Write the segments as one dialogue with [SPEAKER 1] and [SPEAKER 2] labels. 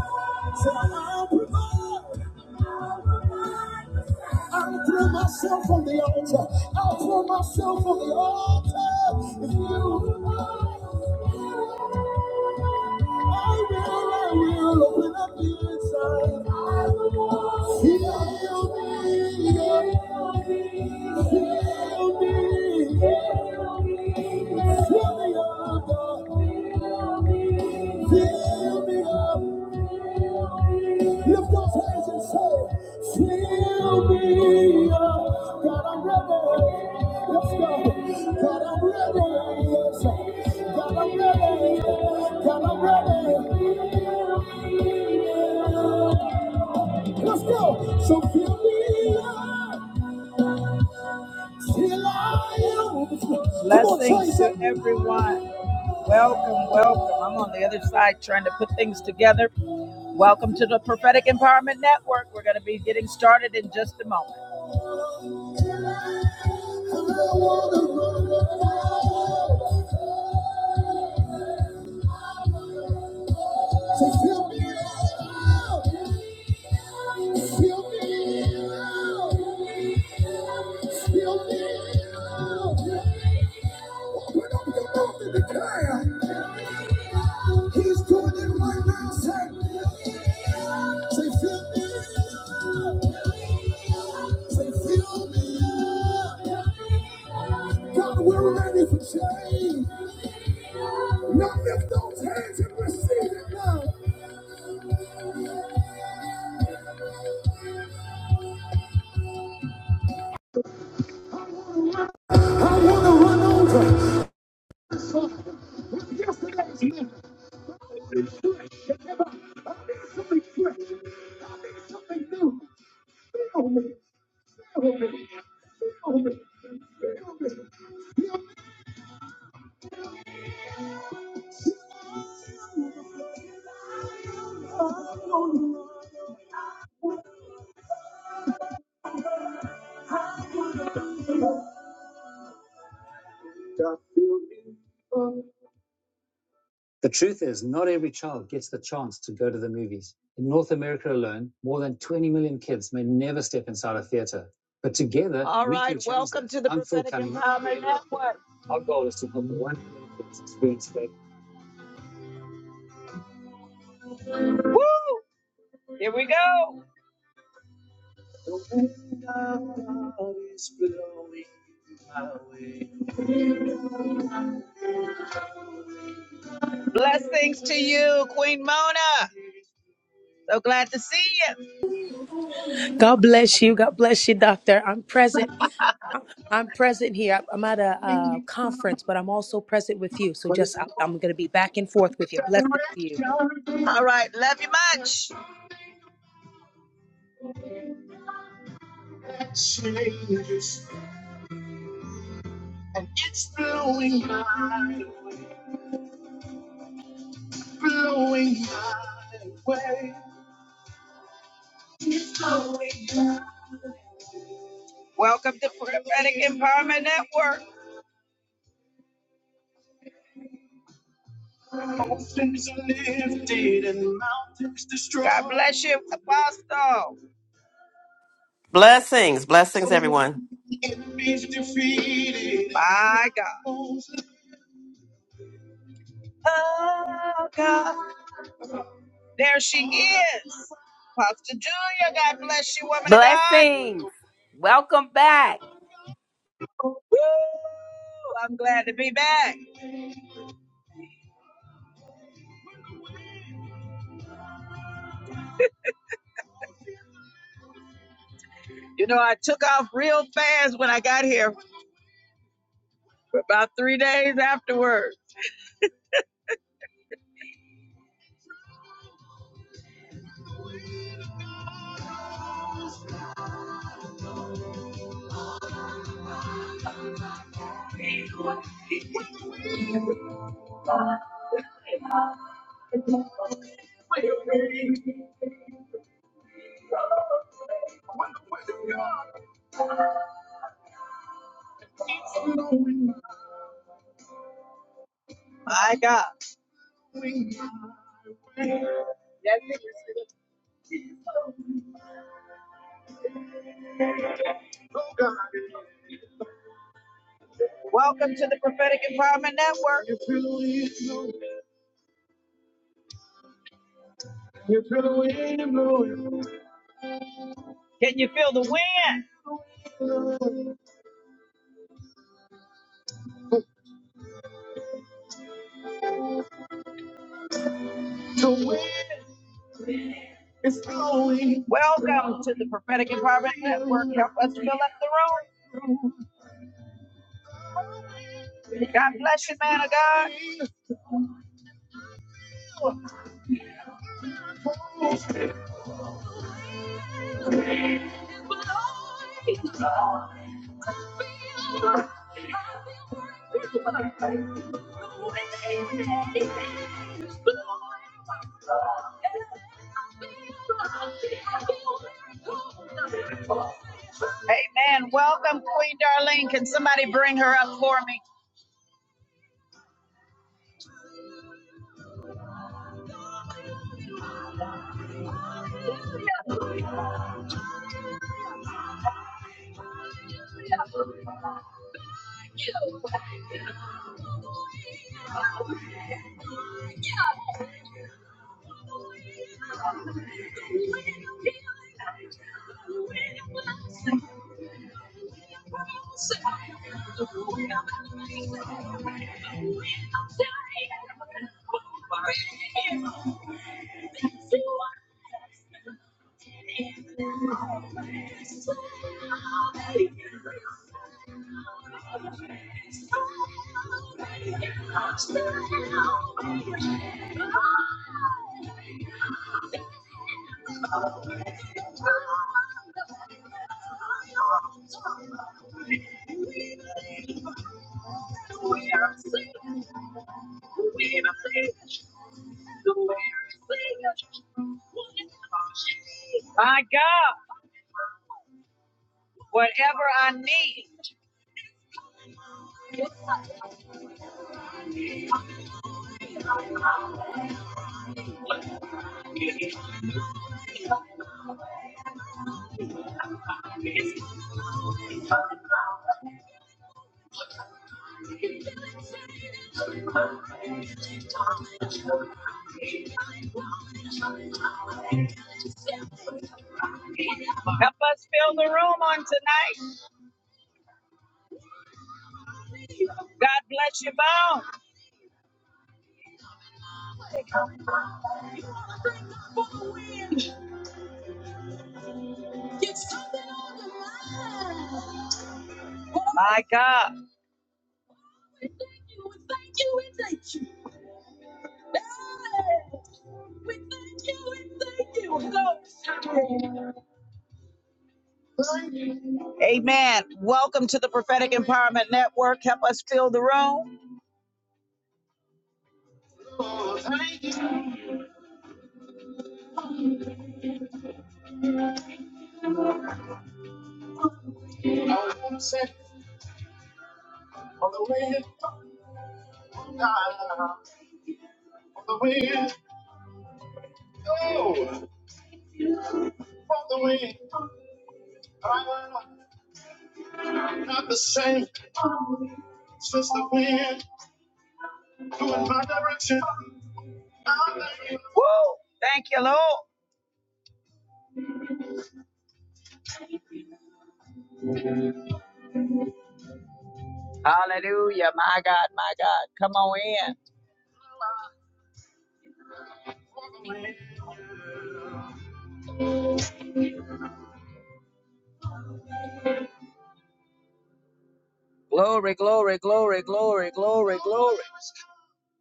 [SPEAKER 1] Say, I'll provide. I'll throw myself on the altar. I'll throw myself on the altar. If you provide, I will, I will open up the inside. Heal me. Heal me, heal me, Lift those hands and say, Fill me up, God, I'm ready. Let's go. God, I'm ready. Yes, God, i God, I'm ready. Let's go. So fill me up. Blessings to everyone. Welcome, welcome. I'm on the other side trying to put things together. Welcome to the Prophetic Empowerment Network. We're going to be getting started in just a moment fill fill fill me me me up, up, up, up. Open up your mouth and declare. He's doing it right now, say, say, fill me up. Say, fill me up. God, we're ready for change. Now lift those hands and receive it now. There's nothing. I need flesh. I need something fresh. I need something new. Fill me. Fill me. Fill me. Fill me. God, fill me. The truth is, not every child gets the chance to go to the movies. In North America alone, more than 20 million kids may never step inside a theater. But together, All we right, can right, change welcome that. to the I'm Prophetic Empowerment Network. Our goal is to help 1 million kids experience faith. Here we go. Blessings to you, Queen Mona. So glad to see you.
[SPEAKER 2] God bless you. God bless you, Doctor. I'm present. I'm present here. I'm at a uh, conference, but I'm also present with you. So just I- I'm going to be back and forth with you. Blessings to you.
[SPEAKER 1] All right, love you much. And it's blowing my way, blowing my way. Welcome to Prophetic Empowerment Network. Mountains are lifted and mountains destroyed. God bless you, Apostle.
[SPEAKER 3] Blessings, blessings, everyone.
[SPEAKER 1] Enemies defeated. My God. Oh, God. There she is. Pastor Julia, God bless you, woman of God.
[SPEAKER 4] Blessings. Welcome back.
[SPEAKER 1] Woo! I'm glad to be back. You know, I took off real fast when I got here for about three days afterwards. My God. That's Welcome to the Prophetic Empowerment Network. Can you feel the wind? The wind is blowing. Welcome to the Prophetic Empowerment Network. Help us fill up the room. God bless you, man of God. Amen. Welcome, Queen Darlene. Can somebody bring her up for me? My God, whatever I need. Help us fill the room on tonight. God bless you both. My God. Amen. Welcome to the Prophetic Empowerment Network. Help us fill the room. Woo! Thank you, Lord. Hallelujah. My God, my God. Come on in. great glory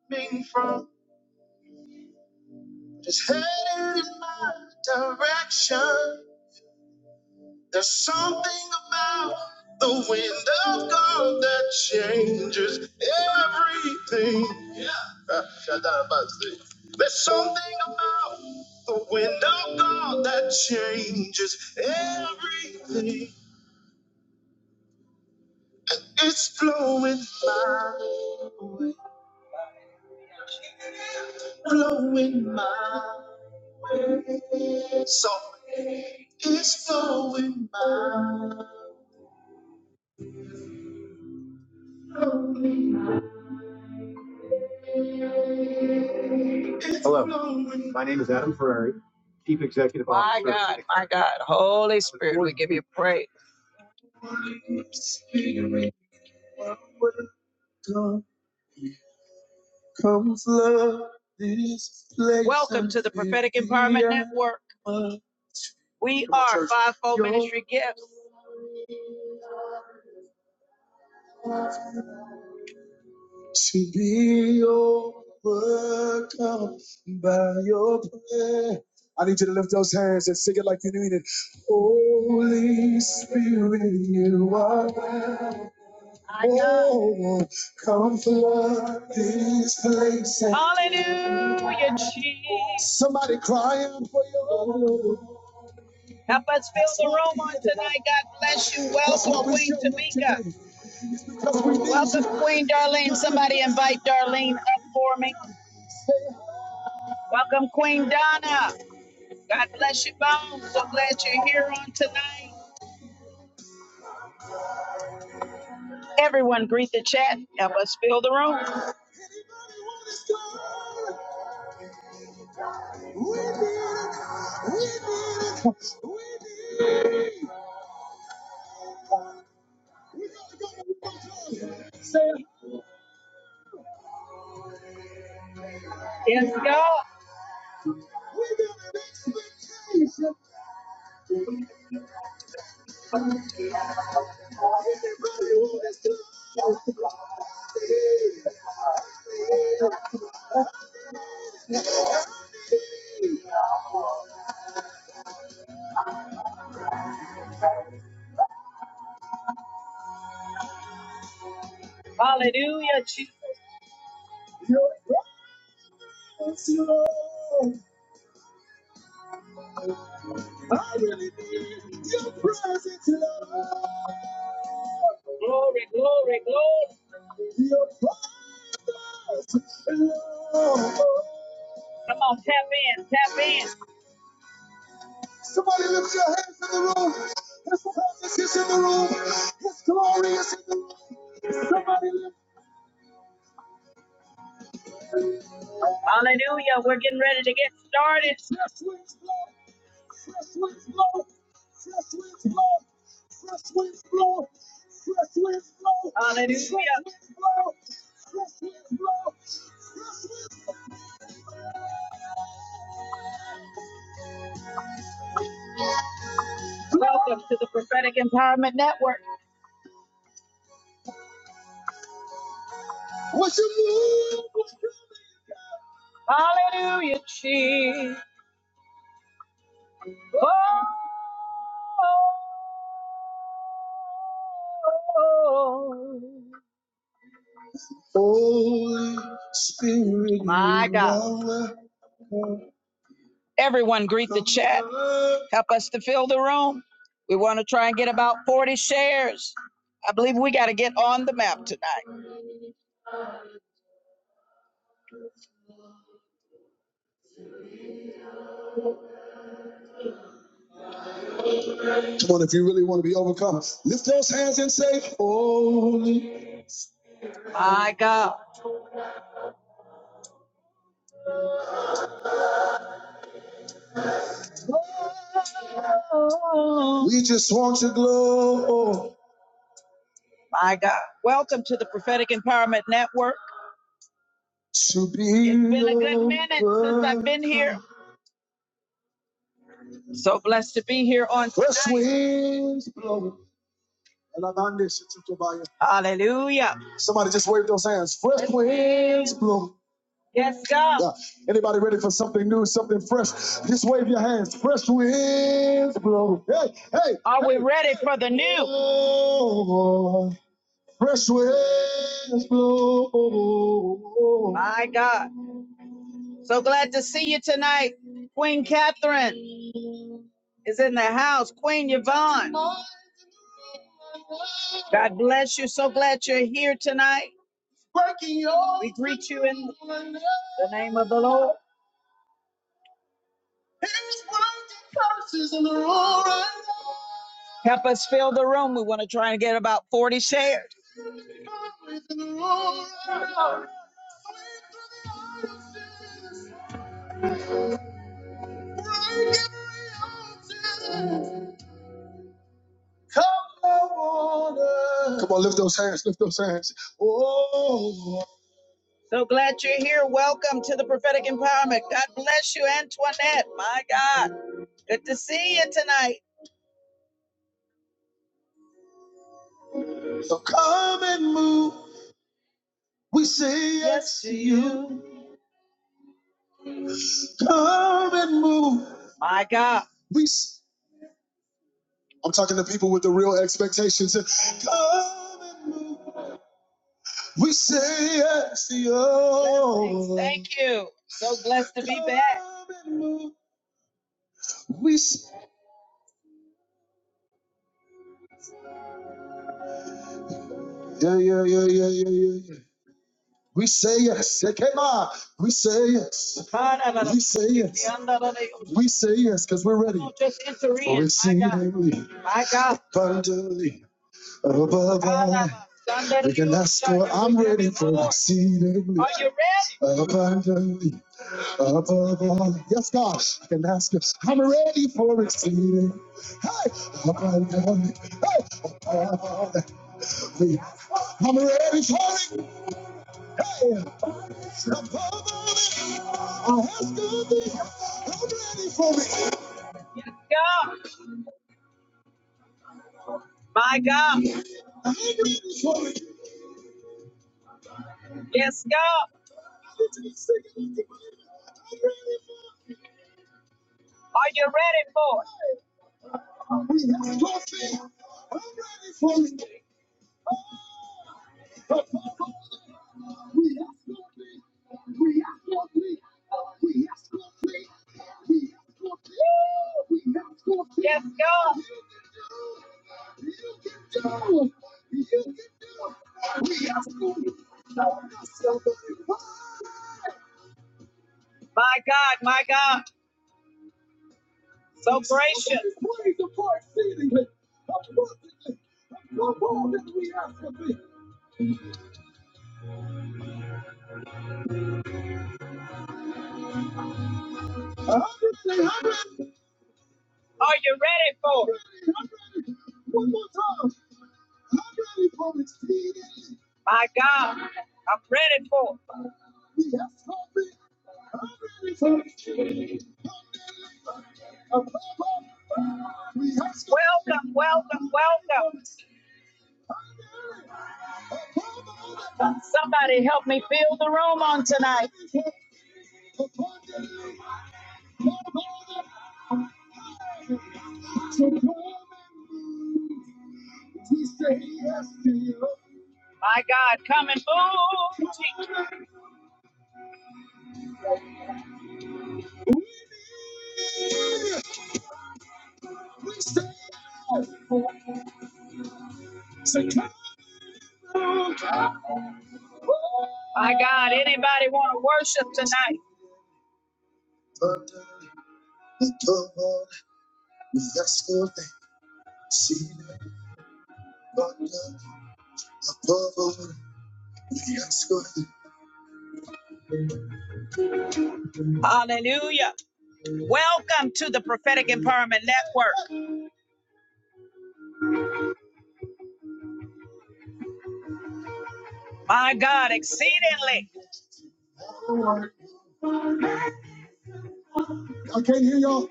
[SPEAKER 1] coming from is headed in my direction. There's something about the wind of God that changes everything. Yeah. Uh, There's something about the wind of God that changes everything. And It's blowing my way. Blowing my way. So it's blowing my way. Chief Executive Officer. My God, my God. Holy Spirit, we give you praise. Welcome to the Prophetic Empowerment Network. We are fivefold ministry gifts. Be overcome by your prayer. I need you to lift those hands and sing it like you mean it. Holy Spirit, you are. Oh, come flood this place. Hallelujah, Jesus. Somebody crying for you. Help us fill the room on tonight. God bless you. Welcome, Queen Tamika. Welcome, Queen Darlene. Somebody invite Darlene up for me. Welcome, Queen Donna. God bless you, Bones. So glad you're here on tonight. Everyone, greet the chat. Help us fill the room. Yes, God. Hallelujah, Jesus. Glory, glory, glory. Your father's love. Come on, tap in, tap in. Somebody lift your hands in the room. His presence is in the room. His glory is in the room. Somebody lift Hallelujah. We're getting ready to get started. fresh winds blow. Fresh winds blow. Fresh winds blow. Fresh winds blow. Fresh winds blow. Fresh Hallelujah. Fresh winds blow. Fresh winds Blow. Welcome to the Prophetic Empowerment Network. Hallelujah, Jesus. Holy Spirit. My you God. are welcome. Everyone greet the chat. Help us to fill the room. We want to try and get about 40 shares. I believe we got to get on the map tonight. My God. We- are My God. Welcome to the Prophetic Empowerment Network. It's in been a good your minute since I've been here. presence. So blessed to be here on The tonight. winds blow. Hallelujah. Somebody just wave those hands. Fresh winds blow. Yes, God. Yeah. Anybody ready for something new, something fresh? Just wave your hands. Fresh winds blow. Hey, hey, Are hey, we hey, ready hey. for the new? Oh, fresh winds blow. My God. So glad to see you tonight. Queen Catherine is in the house. Queen Yvonne. God bless you. So glad you're here tonight. Working all We greet you in the name of the Lord. Help us fill the room. We want to try and get about 40 shares. Come on, lift those hands, lift those hands. Oh. So glad you're here. Welcome to the prophetic empowerment. God bless you, Antoinette. My God, good to see you tonight. So come and move. We say yes, yes to you. Come and move. My God. We, i I'm talking to people with the real expectations. Come and move. We say yes to you. Thank you. So blessed to be back. Come and move. We s- yeah yeah yeah yeah yeah yeah. yeah. We say yes. Say, Come on. We say yes. We say yes. We say yes because we're ready on, just enter in. for in. My see God. exceedingly My God. abundantly. Above all, we can ask for, I'm ready for exceedingly. Are you ready? abundantly above all. Yes, God, I can ask you. I'm ready for exceeding. Hey, abundantly. Hey, above all that we I'm ready for it. Hey, above all that I ask of thee. I'm ready for it. Yes, God. My God. I'm ready for it. Yes, God. Are you ready for it? We have something. I'm ready for it. We have something. We have something. We have something. We have something. We have something. Yes, God. You can do it. You can do it. We have something. My God, my God. So gracious. Are you ready for it? One more time. I'm ready for it. My God, I'm ready for it. Welcome, welcome, welcome. Somebody help me fill the room on tonight. So yes My God, come and move. yes. My God, anybody want to worship tonight? Hallelujah. Welcome to the Prophetic Empowerment Network. My God, exceedingly. I can't hear y'all.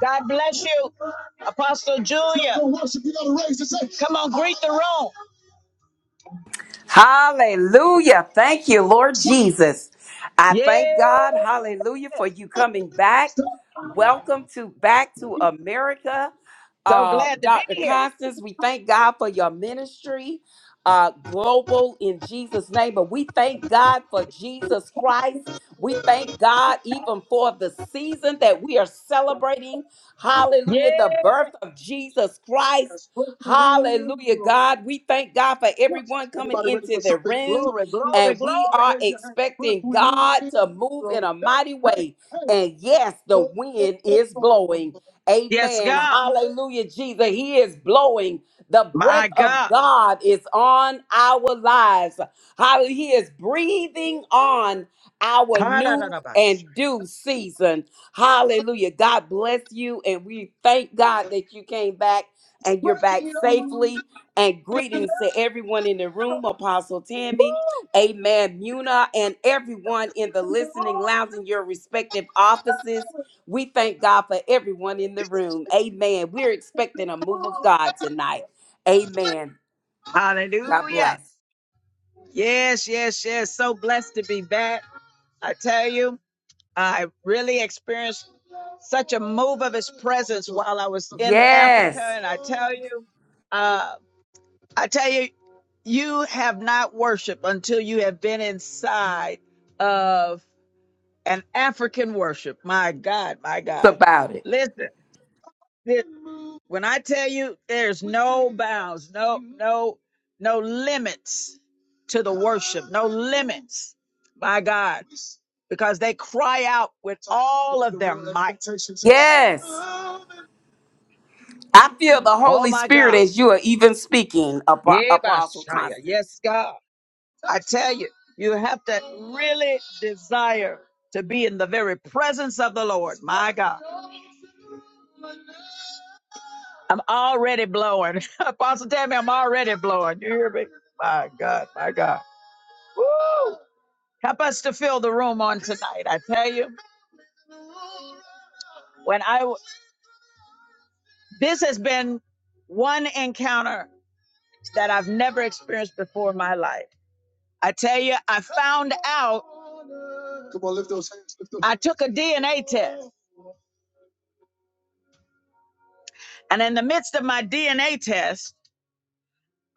[SPEAKER 1] God bless you, Apostle Julia. Come on, greet the room.
[SPEAKER 4] Hallelujah. Thank you, Lord Jesus. I thank
[SPEAKER 1] Yes.
[SPEAKER 4] God, hallelujah, for you coming back. Welcome to back to America.
[SPEAKER 1] So
[SPEAKER 4] Uh,
[SPEAKER 1] glad to be
[SPEAKER 4] Dr.
[SPEAKER 1] here.
[SPEAKER 4] Constance, we thank God for your ministry, uh, global in Jesus' name. But we thank God for Jesus Christ. We thank God even for the season that we are celebrating.
[SPEAKER 1] Yes.
[SPEAKER 4] Hallelujah, the birth of Jesus Christ.
[SPEAKER 1] Glory,
[SPEAKER 4] Hallelujah, God. We thank God for everyone coming into the room.
[SPEAKER 1] glory, glory.
[SPEAKER 4] And we are
[SPEAKER 1] Wave your hands. Press
[SPEAKER 4] expecting
[SPEAKER 1] within.
[SPEAKER 4] God to move in a mighty
[SPEAKER 1] Hey,
[SPEAKER 4] way.
[SPEAKER 1] hey,
[SPEAKER 4] And yes, the wind
[SPEAKER 1] hey.
[SPEAKER 4] is blowing.
[SPEAKER 1] Yes,
[SPEAKER 4] Amen.
[SPEAKER 1] God.
[SPEAKER 4] Hallelujah, Jesus. He is blowing. The breath
[SPEAKER 1] My
[SPEAKER 4] of
[SPEAKER 1] God.
[SPEAKER 4] God is on our lives. Hallelujah. He is breathing on our new and
[SPEAKER 1] Hallelujah.
[SPEAKER 4] due season. Hallelujah. God bless you. And we thank God that you came back and you're back safely. And greetings to everyone in the room, Apostle Tammy, Amen, Muna, and everyone in the listening lounge in your respective offices. We thank God for everyone in the room. Amen. We're expecting a move of God tonight. Amen. God bless.
[SPEAKER 1] Yes, yes, yes. So blessed to be back. I tell you, I really experienced such a move of his presence while I was in Africa.
[SPEAKER 4] Yes.
[SPEAKER 1] And I tell you, uh, I tell you, you have not worshiped until you have been inside of an African worship. My God, my
[SPEAKER 4] It's
[SPEAKER 1] God.
[SPEAKER 4] About it.
[SPEAKER 1] Listen. This- When I tell you there's no bounds, no, no, no limits to the worship, no limits my God, because they cry out with all of their might.
[SPEAKER 4] Yes. I feel the
[SPEAKER 1] Oh
[SPEAKER 4] Holy
[SPEAKER 1] my
[SPEAKER 4] Spirit
[SPEAKER 1] God.
[SPEAKER 4] as you are even speaking, Apo-
[SPEAKER 1] Yeah,
[SPEAKER 4] Apostle
[SPEAKER 1] Bashaya.
[SPEAKER 4] Constance.
[SPEAKER 1] Yes, God. I tell you, you have to really desire to be in the very presence of the Lord. My God. I'm already blowing. Apostle Tammy, I'm already blowing. You hear me? My God, my God. Woo! Help us to fill the room on tonight. I tell you, when I w- this has been one encounter that I've never experienced before in my life. I tell you, I found out. Come on, lift those hands. Lift those. I took a DNA test, and in the midst of my DNA test,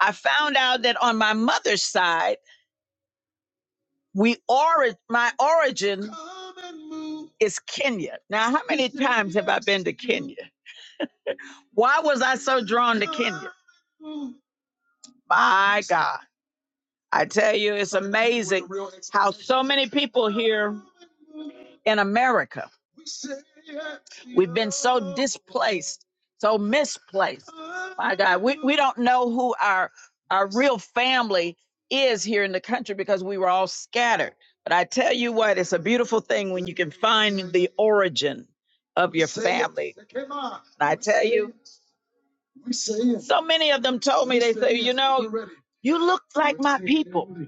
[SPEAKER 1] I found out that on my mother's side. We ori- my origin is Kenya. Now, how many times have I been to Kenya? Why was I so drawn to Kenya? My God. I tell you, it's amazing how so many people here in America, we've been so displaced, so misplaced. My God, we, we don't know who our our real family is here in the country because we were all scattered. But I tell you what, it's a beautiful thing when you can find the origin of your family. And I tell you, so many of them told me, they say, you know, you look like my people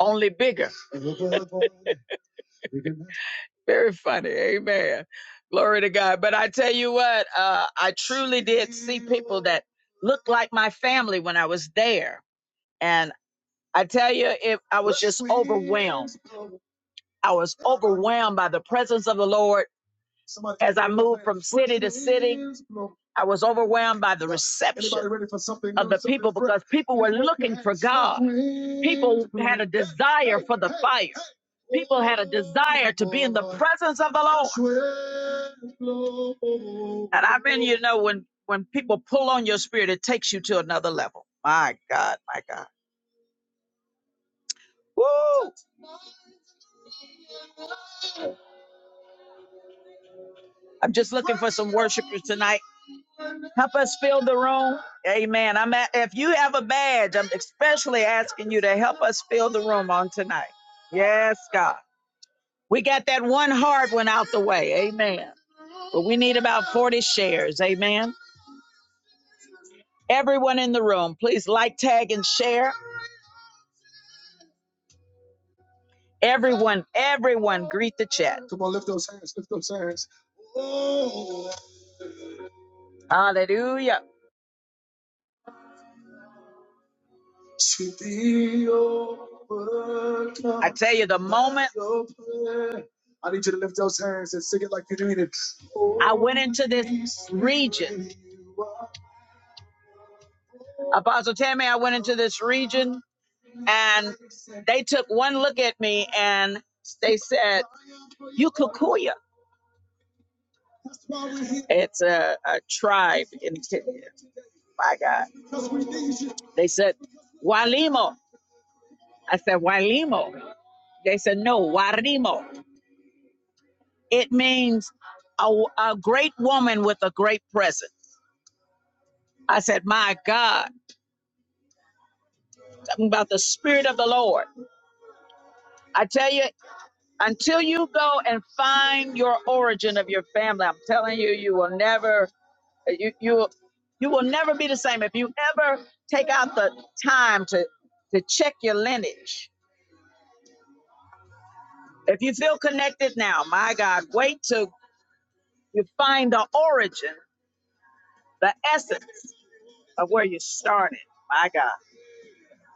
[SPEAKER 1] only bigger. Very funny. Amen. Glory to God. But I tell you what, uh, I truly did see people that looked like my family when I was there. And I tell you, if I was just overwhelmed. I was overwhelmed by the presence of the Lord as I moved from city to city, I was overwhelmed by the reception of the people because people were looking for God. People had a desire for the fire. People had a desire to be in the presence of the Lord. And I mean, you know, when when people pull on your spirit, it takes you to another level. My God, my God. Woo! I'm just looking for some worshipers tonight. Help us fill the room. Amen. I'm at, if you have a badge, I'm especially asking you to help us fill the room on tonight. Yes, God. We got that one hard one out the way. Amen. But we need about 40 shares. Amen. Everyone in the room, please like, tag, and share. Everyone, everyone, greet the chat. Come on, lift those hands, lift those hands. Oh. Hallelujah. I tell you, the moment I need you to lift those hands and sing it like you mean it. I went into this region. Apostle Tammy, I went into this region and they took one look at me and they said, You Kikuya. It's a, a tribe in Kenya. My God. They said, Walimo. I said, Walimo. They said, No, Warimo. It means a, a great woman with a great presence. I said, My God, talking about the Spirit of the Lord. I tell you, until you go and find your origin of your family, I'm telling you, you will never, you, you, you will never be the same. If you ever take out the time to, to check your lineage, if you feel connected now, my God, wait till you find the origin, the essence of where you started. My God.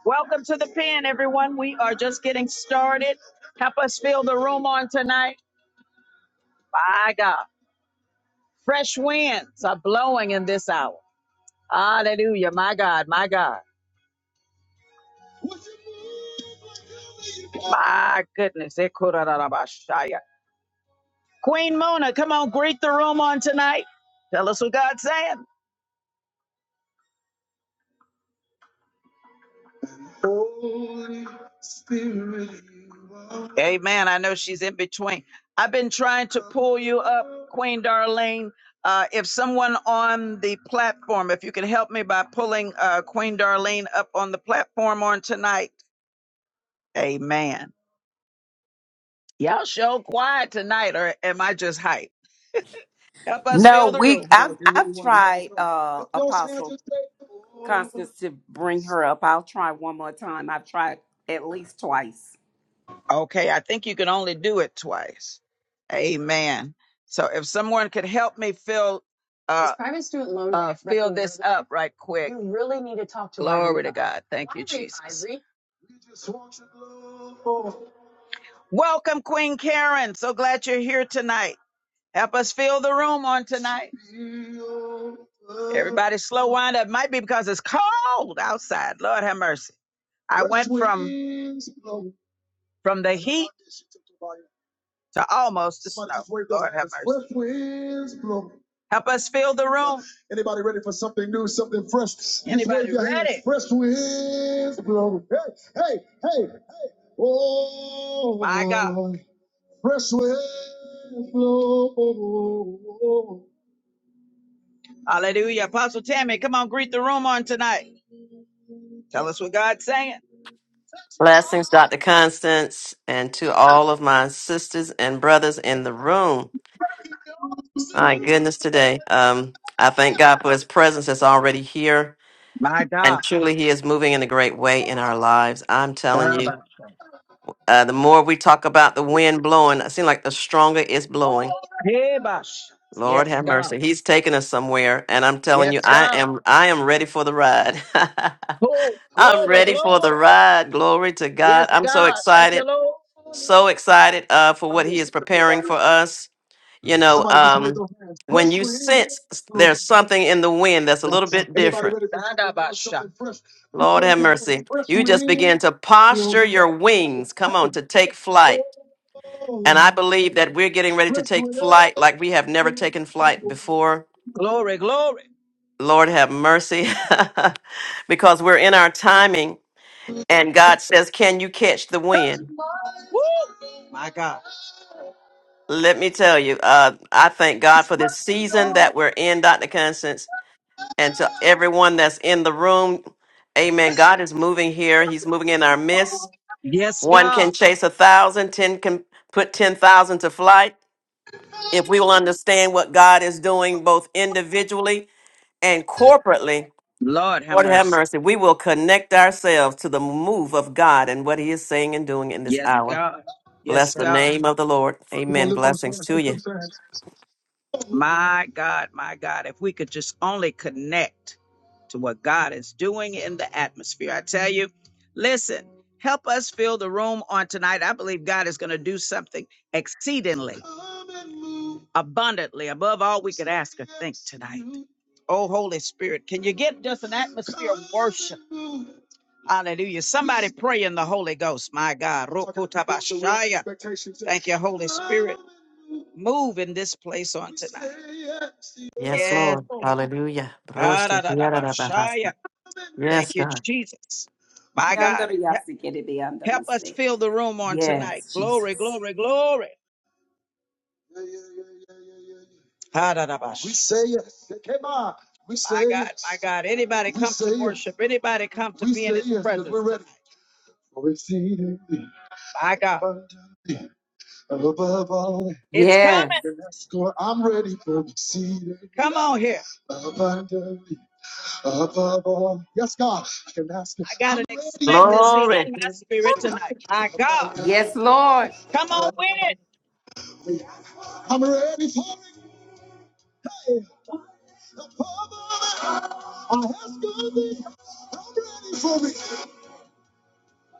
[SPEAKER 1] Welcome to the pen, everyone. We are just getting started. Help us fill the room on tonight. My God. Fresh winds are blowing in this hour. Hallelujah. My God. My God. My goodness. Ekurarabashaya. Queen Mona, come on, greet the room on tonight. Tell us what God's saying. Holy Spirit, you are. Amen. I know she's in between. I've been trying to pull you up, Queen Darlene. Uh, if someone on the platform, if you can help me by pulling uh, Queen Darlene up on the platform on tonight. Amen. Y'all show quiet tonight, or am I just hype? Help us
[SPEAKER 4] No,
[SPEAKER 1] fill the
[SPEAKER 4] we
[SPEAKER 1] room. Come on,
[SPEAKER 4] I've
[SPEAKER 1] if you really
[SPEAKER 4] I've
[SPEAKER 1] want to be on
[SPEAKER 4] tried uh
[SPEAKER 1] Just don't say I
[SPEAKER 4] Apostle
[SPEAKER 1] just say.
[SPEAKER 4] Constance to bring her up. I'll try one more time. I've tried at least twice.
[SPEAKER 1] Okay, I think you can only do it twice. Amen. So if someone could help me fill This uh uh fill this recommendation, up right quick. Glory to Irene God. Thank you, Jesus. Ivory. Welcome, Queen Karen. So glad you're here tonight. Help us fill the room on tonight. Everybody slow wind up. Might be because it's cold outside. Lord have mercy. I went from from the heat to almost the snow. Lord have mercy. Help us fill the room. Anybody ready for something new, something fresh? Anybody ready? Fresh winds blow. Hey, hey, hey. Oh, My God. Oh, fresh winds blow. Hallelujah. Apostle Tammy, come on, greet the room on tonight. Tell us what God's saying.
[SPEAKER 3] Blessings, Dr. Constance, and to all of my sisters and brothers in the room. My goodness, today. Um, I thank God for his presence that's already here,
[SPEAKER 1] My
[SPEAKER 3] and
[SPEAKER 1] God.
[SPEAKER 3] truly, he is moving in a great way in our lives. I'm telling you,
[SPEAKER 1] Dabash.
[SPEAKER 3] uh, the more we talk about the wind blowing, I seem like the stronger it's blowing.
[SPEAKER 1] Hebash.
[SPEAKER 3] Lord
[SPEAKER 1] Yes,
[SPEAKER 3] have
[SPEAKER 1] God.
[SPEAKER 3] mercy. He's taking us somewhere, and I'm telling you,
[SPEAKER 1] Yes,
[SPEAKER 3] I
[SPEAKER 1] God.
[SPEAKER 3] am I am ready for the ride.
[SPEAKER 1] Oh,
[SPEAKER 3] I'm
[SPEAKER 1] glory,
[SPEAKER 3] ready for the
[SPEAKER 1] glory.
[SPEAKER 3] ride. Glory to God.
[SPEAKER 1] Yes,
[SPEAKER 3] I'm so
[SPEAKER 1] God. Thank
[SPEAKER 3] excited.
[SPEAKER 1] you, Lord.
[SPEAKER 3] so excited uh, for
[SPEAKER 1] I
[SPEAKER 3] what
[SPEAKER 1] mean,
[SPEAKER 3] he
[SPEAKER 1] shit
[SPEAKER 3] is
[SPEAKER 1] just go by
[SPEAKER 3] preparing
[SPEAKER 1] here.
[SPEAKER 3] for us. You know,
[SPEAKER 1] Somebody just raise
[SPEAKER 3] um,
[SPEAKER 1] their hands.
[SPEAKER 3] when
[SPEAKER 1] Fresh
[SPEAKER 3] you
[SPEAKER 1] with him.
[SPEAKER 3] sense s- there's something in the wind that's a
[SPEAKER 1] Yeah.
[SPEAKER 3] little bit
[SPEAKER 1] Anybody
[SPEAKER 3] different,
[SPEAKER 1] ready for something? God, Dadabasha. something fresh. Just
[SPEAKER 3] Lord
[SPEAKER 1] wave
[SPEAKER 3] have
[SPEAKER 1] your hands.
[SPEAKER 3] mercy,
[SPEAKER 1] Fresh
[SPEAKER 3] you
[SPEAKER 1] with
[SPEAKER 3] just begin
[SPEAKER 1] him.
[SPEAKER 3] to posture your wings, come
[SPEAKER 1] Hey.
[SPEAKER 3] on, to take flight. And I
[SPEAKER 1] Oh,
[SPEAKER 3] believe that we're getting ready to
[SPEAKER 1] fresh
[SPEAKER 3] take
[SPEAKER 1] wind.
[SPEAKER 3] flight like we have never taken flight
[SPEAKER 1] blow.
[SPEAKER 3] before.
[SPEAKER 1] Glory, glory.
[SPEAKER 3] Lord have mercy, because we're in our timing, and God says, Can you catch the wind?
[SPEAKER 1] My God.
[SPEAKER 3] Let me tell you, uh, I thank God for this season that we're in, Dr. Constance and to everyone that's in the room. Amen. God is moving here. He's moving in our midst.
[SPEAKER 1] Yes,
[SPEAKER 3] One can
[SPEAKER 1] God.
[SPEAKER 3] chase a thousand, ten can put ten thousand to flight. If we will understand what God is doing, both individually and corporately,
[SPEAKER 1] Lord have
[SPEAKER 3] Lord have
[SPEAKER 1] mercy.
[SPEAKER 3] mercy, we will connect ourselves to the move of God and what He is saying and doing in this
[SPEAKER 1] Yes,
[SPEAKER 3] hour.
[SPEAKER 1] God.
[SPEAKER 3] Bless
[SPEAKER 1] Yes,
[SPEAKER 3] the
[SPEAKER 1] God.
[SPEAKER 3] name of the Lord.
[SPEAKER 1] Come on,
[SPEAKER 3] Amen.
[SPEAKER 1] lift those
[SPEAKER 3] Blessings
[SPEAKER 1] hands.
[SPEAKER 3] to
[SPEAKER 1] Lift
[SPEAKER 3] you.
[SPEAKER 1] those hands. My God, my God, if we could just only connect to what God is doing in the atmosphere. I tell you, listen, help us fill the room on tonight. I believe God is going to do something exceedingly, abundantly, above all we could ask or think tonight. Oh, Holy Spirit, can you get just an atmosphere of worship? Hallelujah. Somebody pray in the Holy Ghost, my God. Rokotabashaya. Thank you, Holy Spirit. Move in this place on tonight.
[SPEAKER 3] Yes,
[SPEAKER 1] Yes,
[SPEAKER 3] Lord.
[SPEAKER 1] God.
[SPEAKER 3] Hallelujah.
[SPEAKER 1] Ah-da-da-da-bashaya. Thank
[SPEAKER 3] Yes,
[SPEAKER 1] you,
[SPEAKER 3] God.
[SPEAKER 1] Jesus. My God, he- help us
[SPEAKER 4] Yandariyasikidiyandarusi.
[SPEAKER 1] fill the room on tonight.
[SPEAKER 4] Yes,
[SPEAKER 1] Glory,
[SPEAKER 4] Jesus.
[SPEAKER 1] glory, glory. Yeah, yeah, yeah, yeah, yeah, yeah, yeah. We ha say yes. Shekema. We My say God, my yes. God. Anybody We come to say yes. worship, anybody come to We be in say his yes because presence we're ready. tonight. For exceedingly My God. abundantly above all It's coming.
[SPEAKER 4] Yes.
[SPEAKER 1] we can ask I'm ready for exceeding. Come on here. abundantly above all. Yes, God, I can ask you. I got I'm an ready for expectancy in
[SPEAKER 3] Glory.
[SPEAKER 1] my exceedingly spirit tonight. My God.
[SPEAKER 4] Yes,
[SPEAKER 1] abundantly.
[SPEAKER 4] Lord.
[SPEAKER 1] Come on with it. above all. I'm ready for it.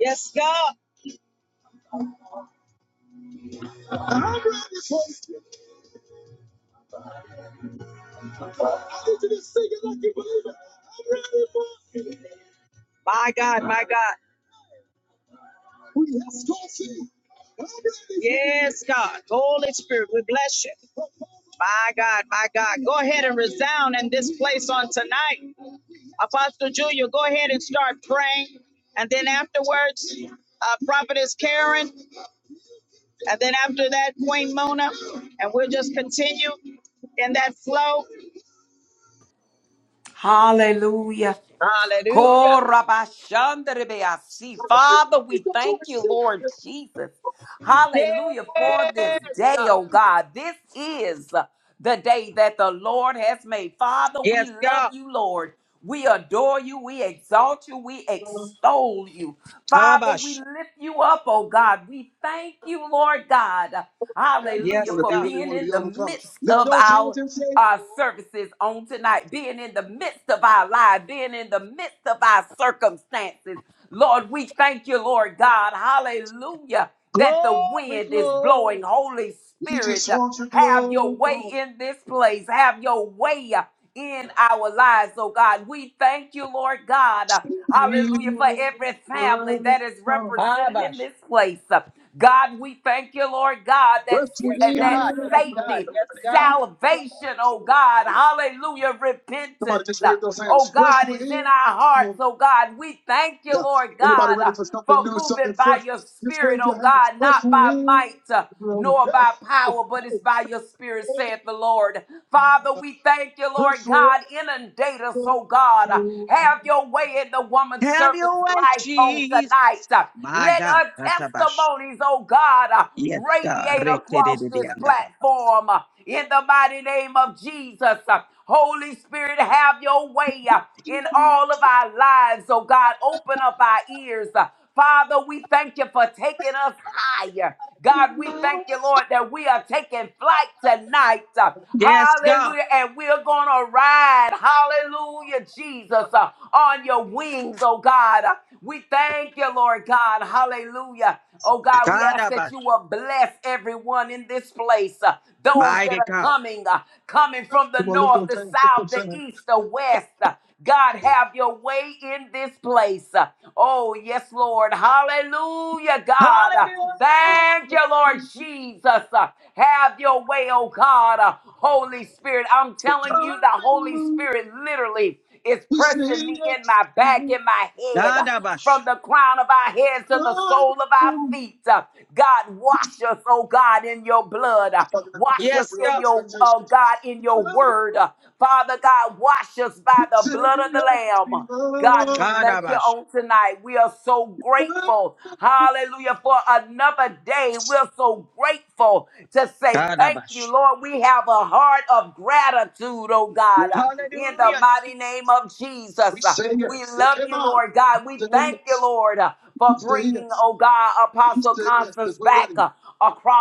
[SPEAKER 1] Yes, God. My God, my God. Yes, God. Holy Spirit, we bless you. My God, my God. Go ahead and resound in this place on tonight. Apostle Julia, go ahead and start praying. And then afterwards, uh, Prophetess Karen, And then after that, Queen Mona, and we'll just continue in that flow.
[SPEAKER 4] Hallelujah.
[SPEAKER 1] Hallelujah.
[SPEAKER 4] Korabashandarebeasi. Father, we thank you, Lord Jesus. Hallelujah for this day, oh God. This is the day that the Lord has made. Father, we
[SPEAKER 1] Yes,
[SPEAKER 4] love
[SPEAKER 1] God.
[SPEAKER 4] you, Lord. We adore you. We exalt you. We extol you. Father, we
[SPEAKER 1] Kabash.
[SPEAKER 4] lift you up, oh God. We thank you, Lord God.
[SPEAKER 1] Yes,
[SPEAKER 4] Hallelujah
[SPEAKER 1] Well, if you
[SPEAKER 4] for
[SPEAKER 1] God. really
[SPEAKER 4] being
[SPEAKER 1] want to
[SPEAKER 4] in
[SPEAKER 1] be
[SPEAKER 4] the
[SPEAKER 1] overcome,
[SPEAKER 4] midst
[SPEAKER 1] lift
[SPEAKER 4] of
[SPEAKER 1] those
[SPEAKER 4] our
[SPEAKER 1] hands and say,
[SPEAKER 4] uh, services on tonight, being in the midst of our lives, being in the midst of our circumstances. Lord, we thank you, Lord God. Hallelujah. That the
[SPEAKER 1] Glory,
[SPEAKER 4] wind is
[SPEAKER 1] glory.
[SPEAKER 4] blowing. Holy
[SPEAKER 1] We just
[SPEAKER 4] Spirit, uh,
[SPEAKER 1] want your
[SPEAKER 4] have your
[SPEAKER 1] glory
[SPEAKER 4] way in this place. Have your way uh, in our lives, oh God. We thank you, Lord God. uh,
[SPEAKER 1] to be
[SPEAKER 4] Hallelujah for every family
[SPEAKER 1] overcome.
[SPEAKER 4] that is represented
[SPEAKER 1] Kabash.
[SPEAKER 4] in this place. uh, God, we thank you, Lord God, that
[SPEAKER 1] Just to Yes,
[SPEAKER 4] that
[SPEAKER 1] God. Yes, God.
[SPEAKER 4] safety,
[SPEAKER 1] Yes, God. overcome.
[SPEAKER 4] salvation, oh God, hallelujah,
[SPEAKER 1] Somebody
[SPEAKER 4] repentance,
[SPEAKER 1] just
[SPEAKER 4] uh,
[SPEAKER 1] wave those
[SPEAKER 4] oh
[SPEAKER 1] hands. Fresh
[SPEAKER 4] God, is in our
[SPEAKER 1] wind.
[SPEAKER 4] hearts, oh God. We thank you,
[SPEAKER 1] Yeah.
[SPEAKER 4] Lord
[SPEAKER 1] Anybody
[SPEAKER 4] God,
[SPEAKER 1] ready
[SPEAKER 4] uh,
[SPEAKER 1] for something
[SPEAKER 4] for
[SPEAKER 1] new, something
[SPEAKER 4] moving by
[SPEAKER 1] fresh?
[SPEAKER 4] your
[SPEAKER 1] Just
[SPEAKER 4] spirit,
[SPEAKER 1] wave your
[SPEAKER 4] oh
[SPEAKER 1] hands.
[SPEAKER 4] God,
[SPEAKER 1] Press
[SPEAKER 4] not by
[SPEAKER 1] with.
[SPEAKER 4] might. uh, nor by power, but it's by your spirit, saith the Lord. Father, we thank you, Lord
[SPEAKER 1] Press with.
[SPEAKER 4] God. Inundate us, oh God. Have your way in the woman's
[SPEAKER 1] Have
[SPEAKER 4] servant's
[SPEAKER 1] your way,
[SPEAKER 4] life on
[SPEAKER 1] Jesus.
[SPEAKER 4] tonight.
[SPEAKER 1] My
[SPEAKER 4] Let
[SPEAKER 1] God.
[SPEAKER 4] her
[SPEAKER 1] Ratabash.
[SPEAKER 4] testimonies, oh God,
[SPEAKER 1] Yes, God.
[SPEAKER 4] radiate
[SPEAKER 1] re
[SPEAKER 4] across this platform in the mighty name of Jesus. Holy Spirit, have your way in all of our lives, oh God. Open up our ears. Father, we thank you for taking us higher. God, we thank you, Lord, that we are taking flight tonight. Uh,
[SPEAKER 1] Yes, God.
[SPEAKER 4] Hallelujah. And we're going to ride, hallelujah, Jesus, uh, on your wings, oh God. Uh, We thank you, Lord God. Hallelujah. Oh God, we ask that
[SPEAKER 1] Kadabash.
[SPEAKER 4] you will bless everyone in this place. uh, those that
[SPEAKER 1] Mighty
[SPEAKER 4] are
[SPEAKER 1] God.
[SPEAKER 4] coming, uh, coming from the
[SPEAKER 1] Come on, lift
[SPEAKER 4] north,
[SPEAKER 1] those
[SPEAKER 4] the
[SPEAKER 1] hands, lift
[SPEAKER 4] south,
[SPEAKER 1] those
[SPEAKER 4] the
[SPEAKER 1] hands.
[SPEAKER 4] east, the west. Uh, God, have your way in this place. Uh, Oh, yes, Lord. Hallelujah, God. Uh, Thank you,
[SPEAKER 1] Hallelujah,
[SPEAKER 4] Lord
[SPEAKER 1] Jesus.
[SPEAKER 4] Jesus. Uh, Have your way, oh God. Uh, Holy Spirit, I'm telling you, the Holy
[SPEAKER 1] Hallelujah,
[SPEAKER 4] Spirit literally is
[SPEAKER 1] We say
[SPEAKER 4] pressing me in
[SPEAKER 1] yes
[SPEAKER 4] my
[SPEAKER 1] to
[SPEAKER 4] back,
[SPEAKER 1] you.
[SPEAKER 4] in my head, uh,
[SPEAKER 1] Kadabash.
[SPEAKER 4] from the crown of our heads to the sole of our
[SPEAKER 1] Hallelujah.
[SPEAKER 4] feet. Uh, God, wash us, oh God, in your blood. Uh, Wash
[SPEAKER 1] Yes,
[SPEAKER 4] us in
[SPEAKER 1] God.
[SPEAKER 4] your, oh God, in your word. Uh, Father God, wash us by the blood of the Lamb. God, we thank you
[SPEAKER 1] Kadabash.
[SPEAKER 4] on tonight. We are so grateful. Hallelujah. For another day. We're so grateful to say thank you,
[SPEAKER 1] Kadabash.
[SPEAKER 4] Lord. We have a heart of gratitude, oh God. In the
[SPEAKER 1] Hallelujah,
[SPEAKER 4] mighty
[SPEAKER 1] Jesus.
[SPEAKER 4] name of
[SPEAKER 1] We
[SPEAKER 4] Jesus.
[SPEAKER 1] say
[SPEAKER 4] We
[SPEAKER 1] yes. Say,
[SPEAKER 4] love
[SPEAKER 1] come
[SPEAKER 4] you,
[SPEAKER 1] on.
[SPEAKER 4] Lord God.
[SPEAKER 1] We
[SPEAKER 4] We
[SPEAKER 1] say
[SPEAKER 4] thank you,
[SPEAKER 1] yes.
[SPEAKER 4] Lord,
[SPEAKER 1] We
[SPEAKER 4] for
[SPEAKER 1] say
[SPEAKER 4] bringing,
[SPEAKER 1] yes.
[SPEAKER 4] oh God,
[SPEAKER 1] We
[SPEAKER 4] Apostle
[SPEAKER 1] say yes because
[SPEAKER 4] Constance
[SPEAKER 1] we're
[SPEAKER 4] back
[SPEAKER 1] ready.
[SPEAKER 4] uh,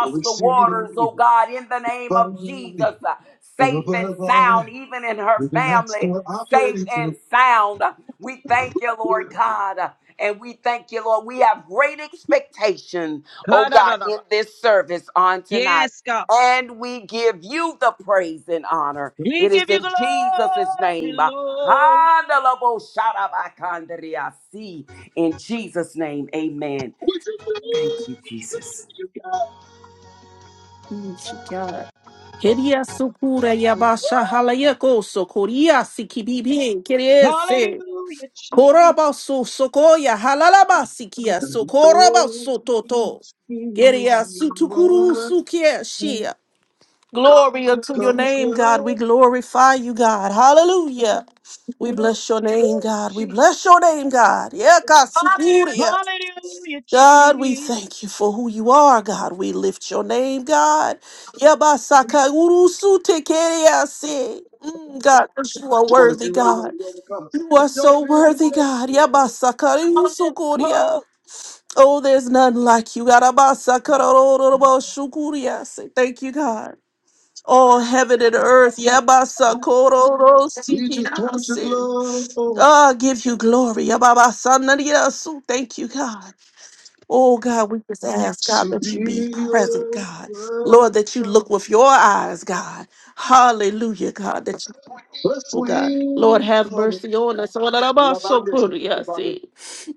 [SPEAKER 1] For
[SPEAKER 4] the
[SPEAKER 1] exceeding
[SPEAKER 4] waters, oh God, in the name of Jesus,
[SPEAKER 1] abundantly
[SPEAKER 4] uh, safe and
[SPEAKER 1] above all
[SPEAKER 4] sound,
[SPEAKER 1] that
[SPEAKER 4] even in her
[SPEAKER 1] we can ask
[SPEAKER 4] family,
[SPEAKER 1] or
[SPEAKER 4] safe
[SPEAKER 1] operating
[SPEAKER 4] and
[SPEAKER 1] for.
[SPEAKER 4] sound. We thank you, Lord God, uh, and we thank you, Lord. We have great expectation, oh God, in
[SPEAKER 1] Kadadadaba.
[SPEAKER 4] this service on tonight.
[SPEAKER 1] Yes, God.
[SPEAKER 4] And we give you the praise and honor.
[SPEAKER 1] We
[SPEAKER 4] It is
[SPEAKER 1] give you
[SPEAKER 4] in Jesus'
[SPEAKER 1] glory,
[SPEAKER 4] name. uh, Handalabo-shadabakandriasi. In Jesus' name, amen.
[SPEAKER 1] Lord.
[SPEAKER 4] Thank you, Jesus.
[SPEAKER 5] God. Keria sukura yabasha halaya koso sikibibi keriese.
[SPEAKER 1] Hallelujah,
[SPEAKER 5] Koraba
[SPEAKER 1] Jesus.
[SPEAKER 5] so sokoya halalaba sikia sokoraba
[SPEAKER 1] Oh,
[SPEAKER 5] sototo.
[SPEAKER 1] Spirit,
[SPEAKER 5] Keria
[SPEAKER 1] you
[SPEAKER 5] sutukuru
[SPEAKER 1] are
[SPEAKER 5] sukia
[SPEAKER 1] welcome.
[SPEAKER 5] shia. Glory unto your
[SPEAKER 1] Come
[SPEAKER 5] name, God. We
[SPEAKER 1] flow.
[SPEAKER 5] glorify you, God. Hallelujah. We bless your name,
[SPEAKER 1] Oh,
[SPEAKER 5] God. We bless
[SPEAKER 1] Jesus.
[SPEAKER 5] your name, God. Yeah,
[SPEAKER 1] Hallelujah,
[SPEAKER 5] God, we
[SPEAKER 1] Jesus.
[SPEAKER 5] thank you for who you are, God. We lift your name, God. Yabasaka urusu tekeriase. Mm, God, 'cause you are
[SPEAKER 1] Come on, if
[SPEAKER 5] worthy,
[SPEAKER 1] you really want
[SPEAKER 5] God.
[SPEAKER 1] to be overcome,
[SPEAKER 5] You are
[SPEAKER 1] lift those
[SPEAKER 5] so
[SPEAKER 1] hands and
[SPEAKER 5] worthy,
[SPEAKER 1] say,
[SPEAKER 5] God.
[SPEAKER 1] Oh,
[SPEAKER 5] Yabasaka urusu
[SPEAKER 1] oh.
[SPEAKER 5] koria. Oh, there's none like you. Yarabasaka rororobo shukuriase. Thank you, God. All heaven and earth. Yabasaka
[SPEAKER 1] we just want your
[SPEAKER 5] rororosikiriase.
[SPEAKER 1] glow
[SPEAKER 5] Ah, give you glory. Yababasana riasu. Thank you, God. Oh God, we just ask God
[SPEAKER 1] to
[SPEAKER 5] that you be
[SPEAKER 1] be
[SPEAKER 5] present, God. Lord, that you look
[SPEAKER 1] overcome.
[SPEAKER 5] with your eyes, God. Hallelujah, God. That you,
[SPEAKER 1] Bless
[SPEAKER 5] oh God, Lord,
[SPEAKER 1] wings,
[SPEAKER 5] have
[SPEAKER 1] Lord.
[SPEAKER 5] mercy on us. Oh, that I'm
[SPEAKER 1] And
[SPEAKER 5] also
[SPEAKER 1] about this,
[SPEAKER 5] good,
[SPEAKER 1] lift up your
[SPEAKER 5] yes,
[SPEAKER 1] body.
[SPEAKER 5] eh.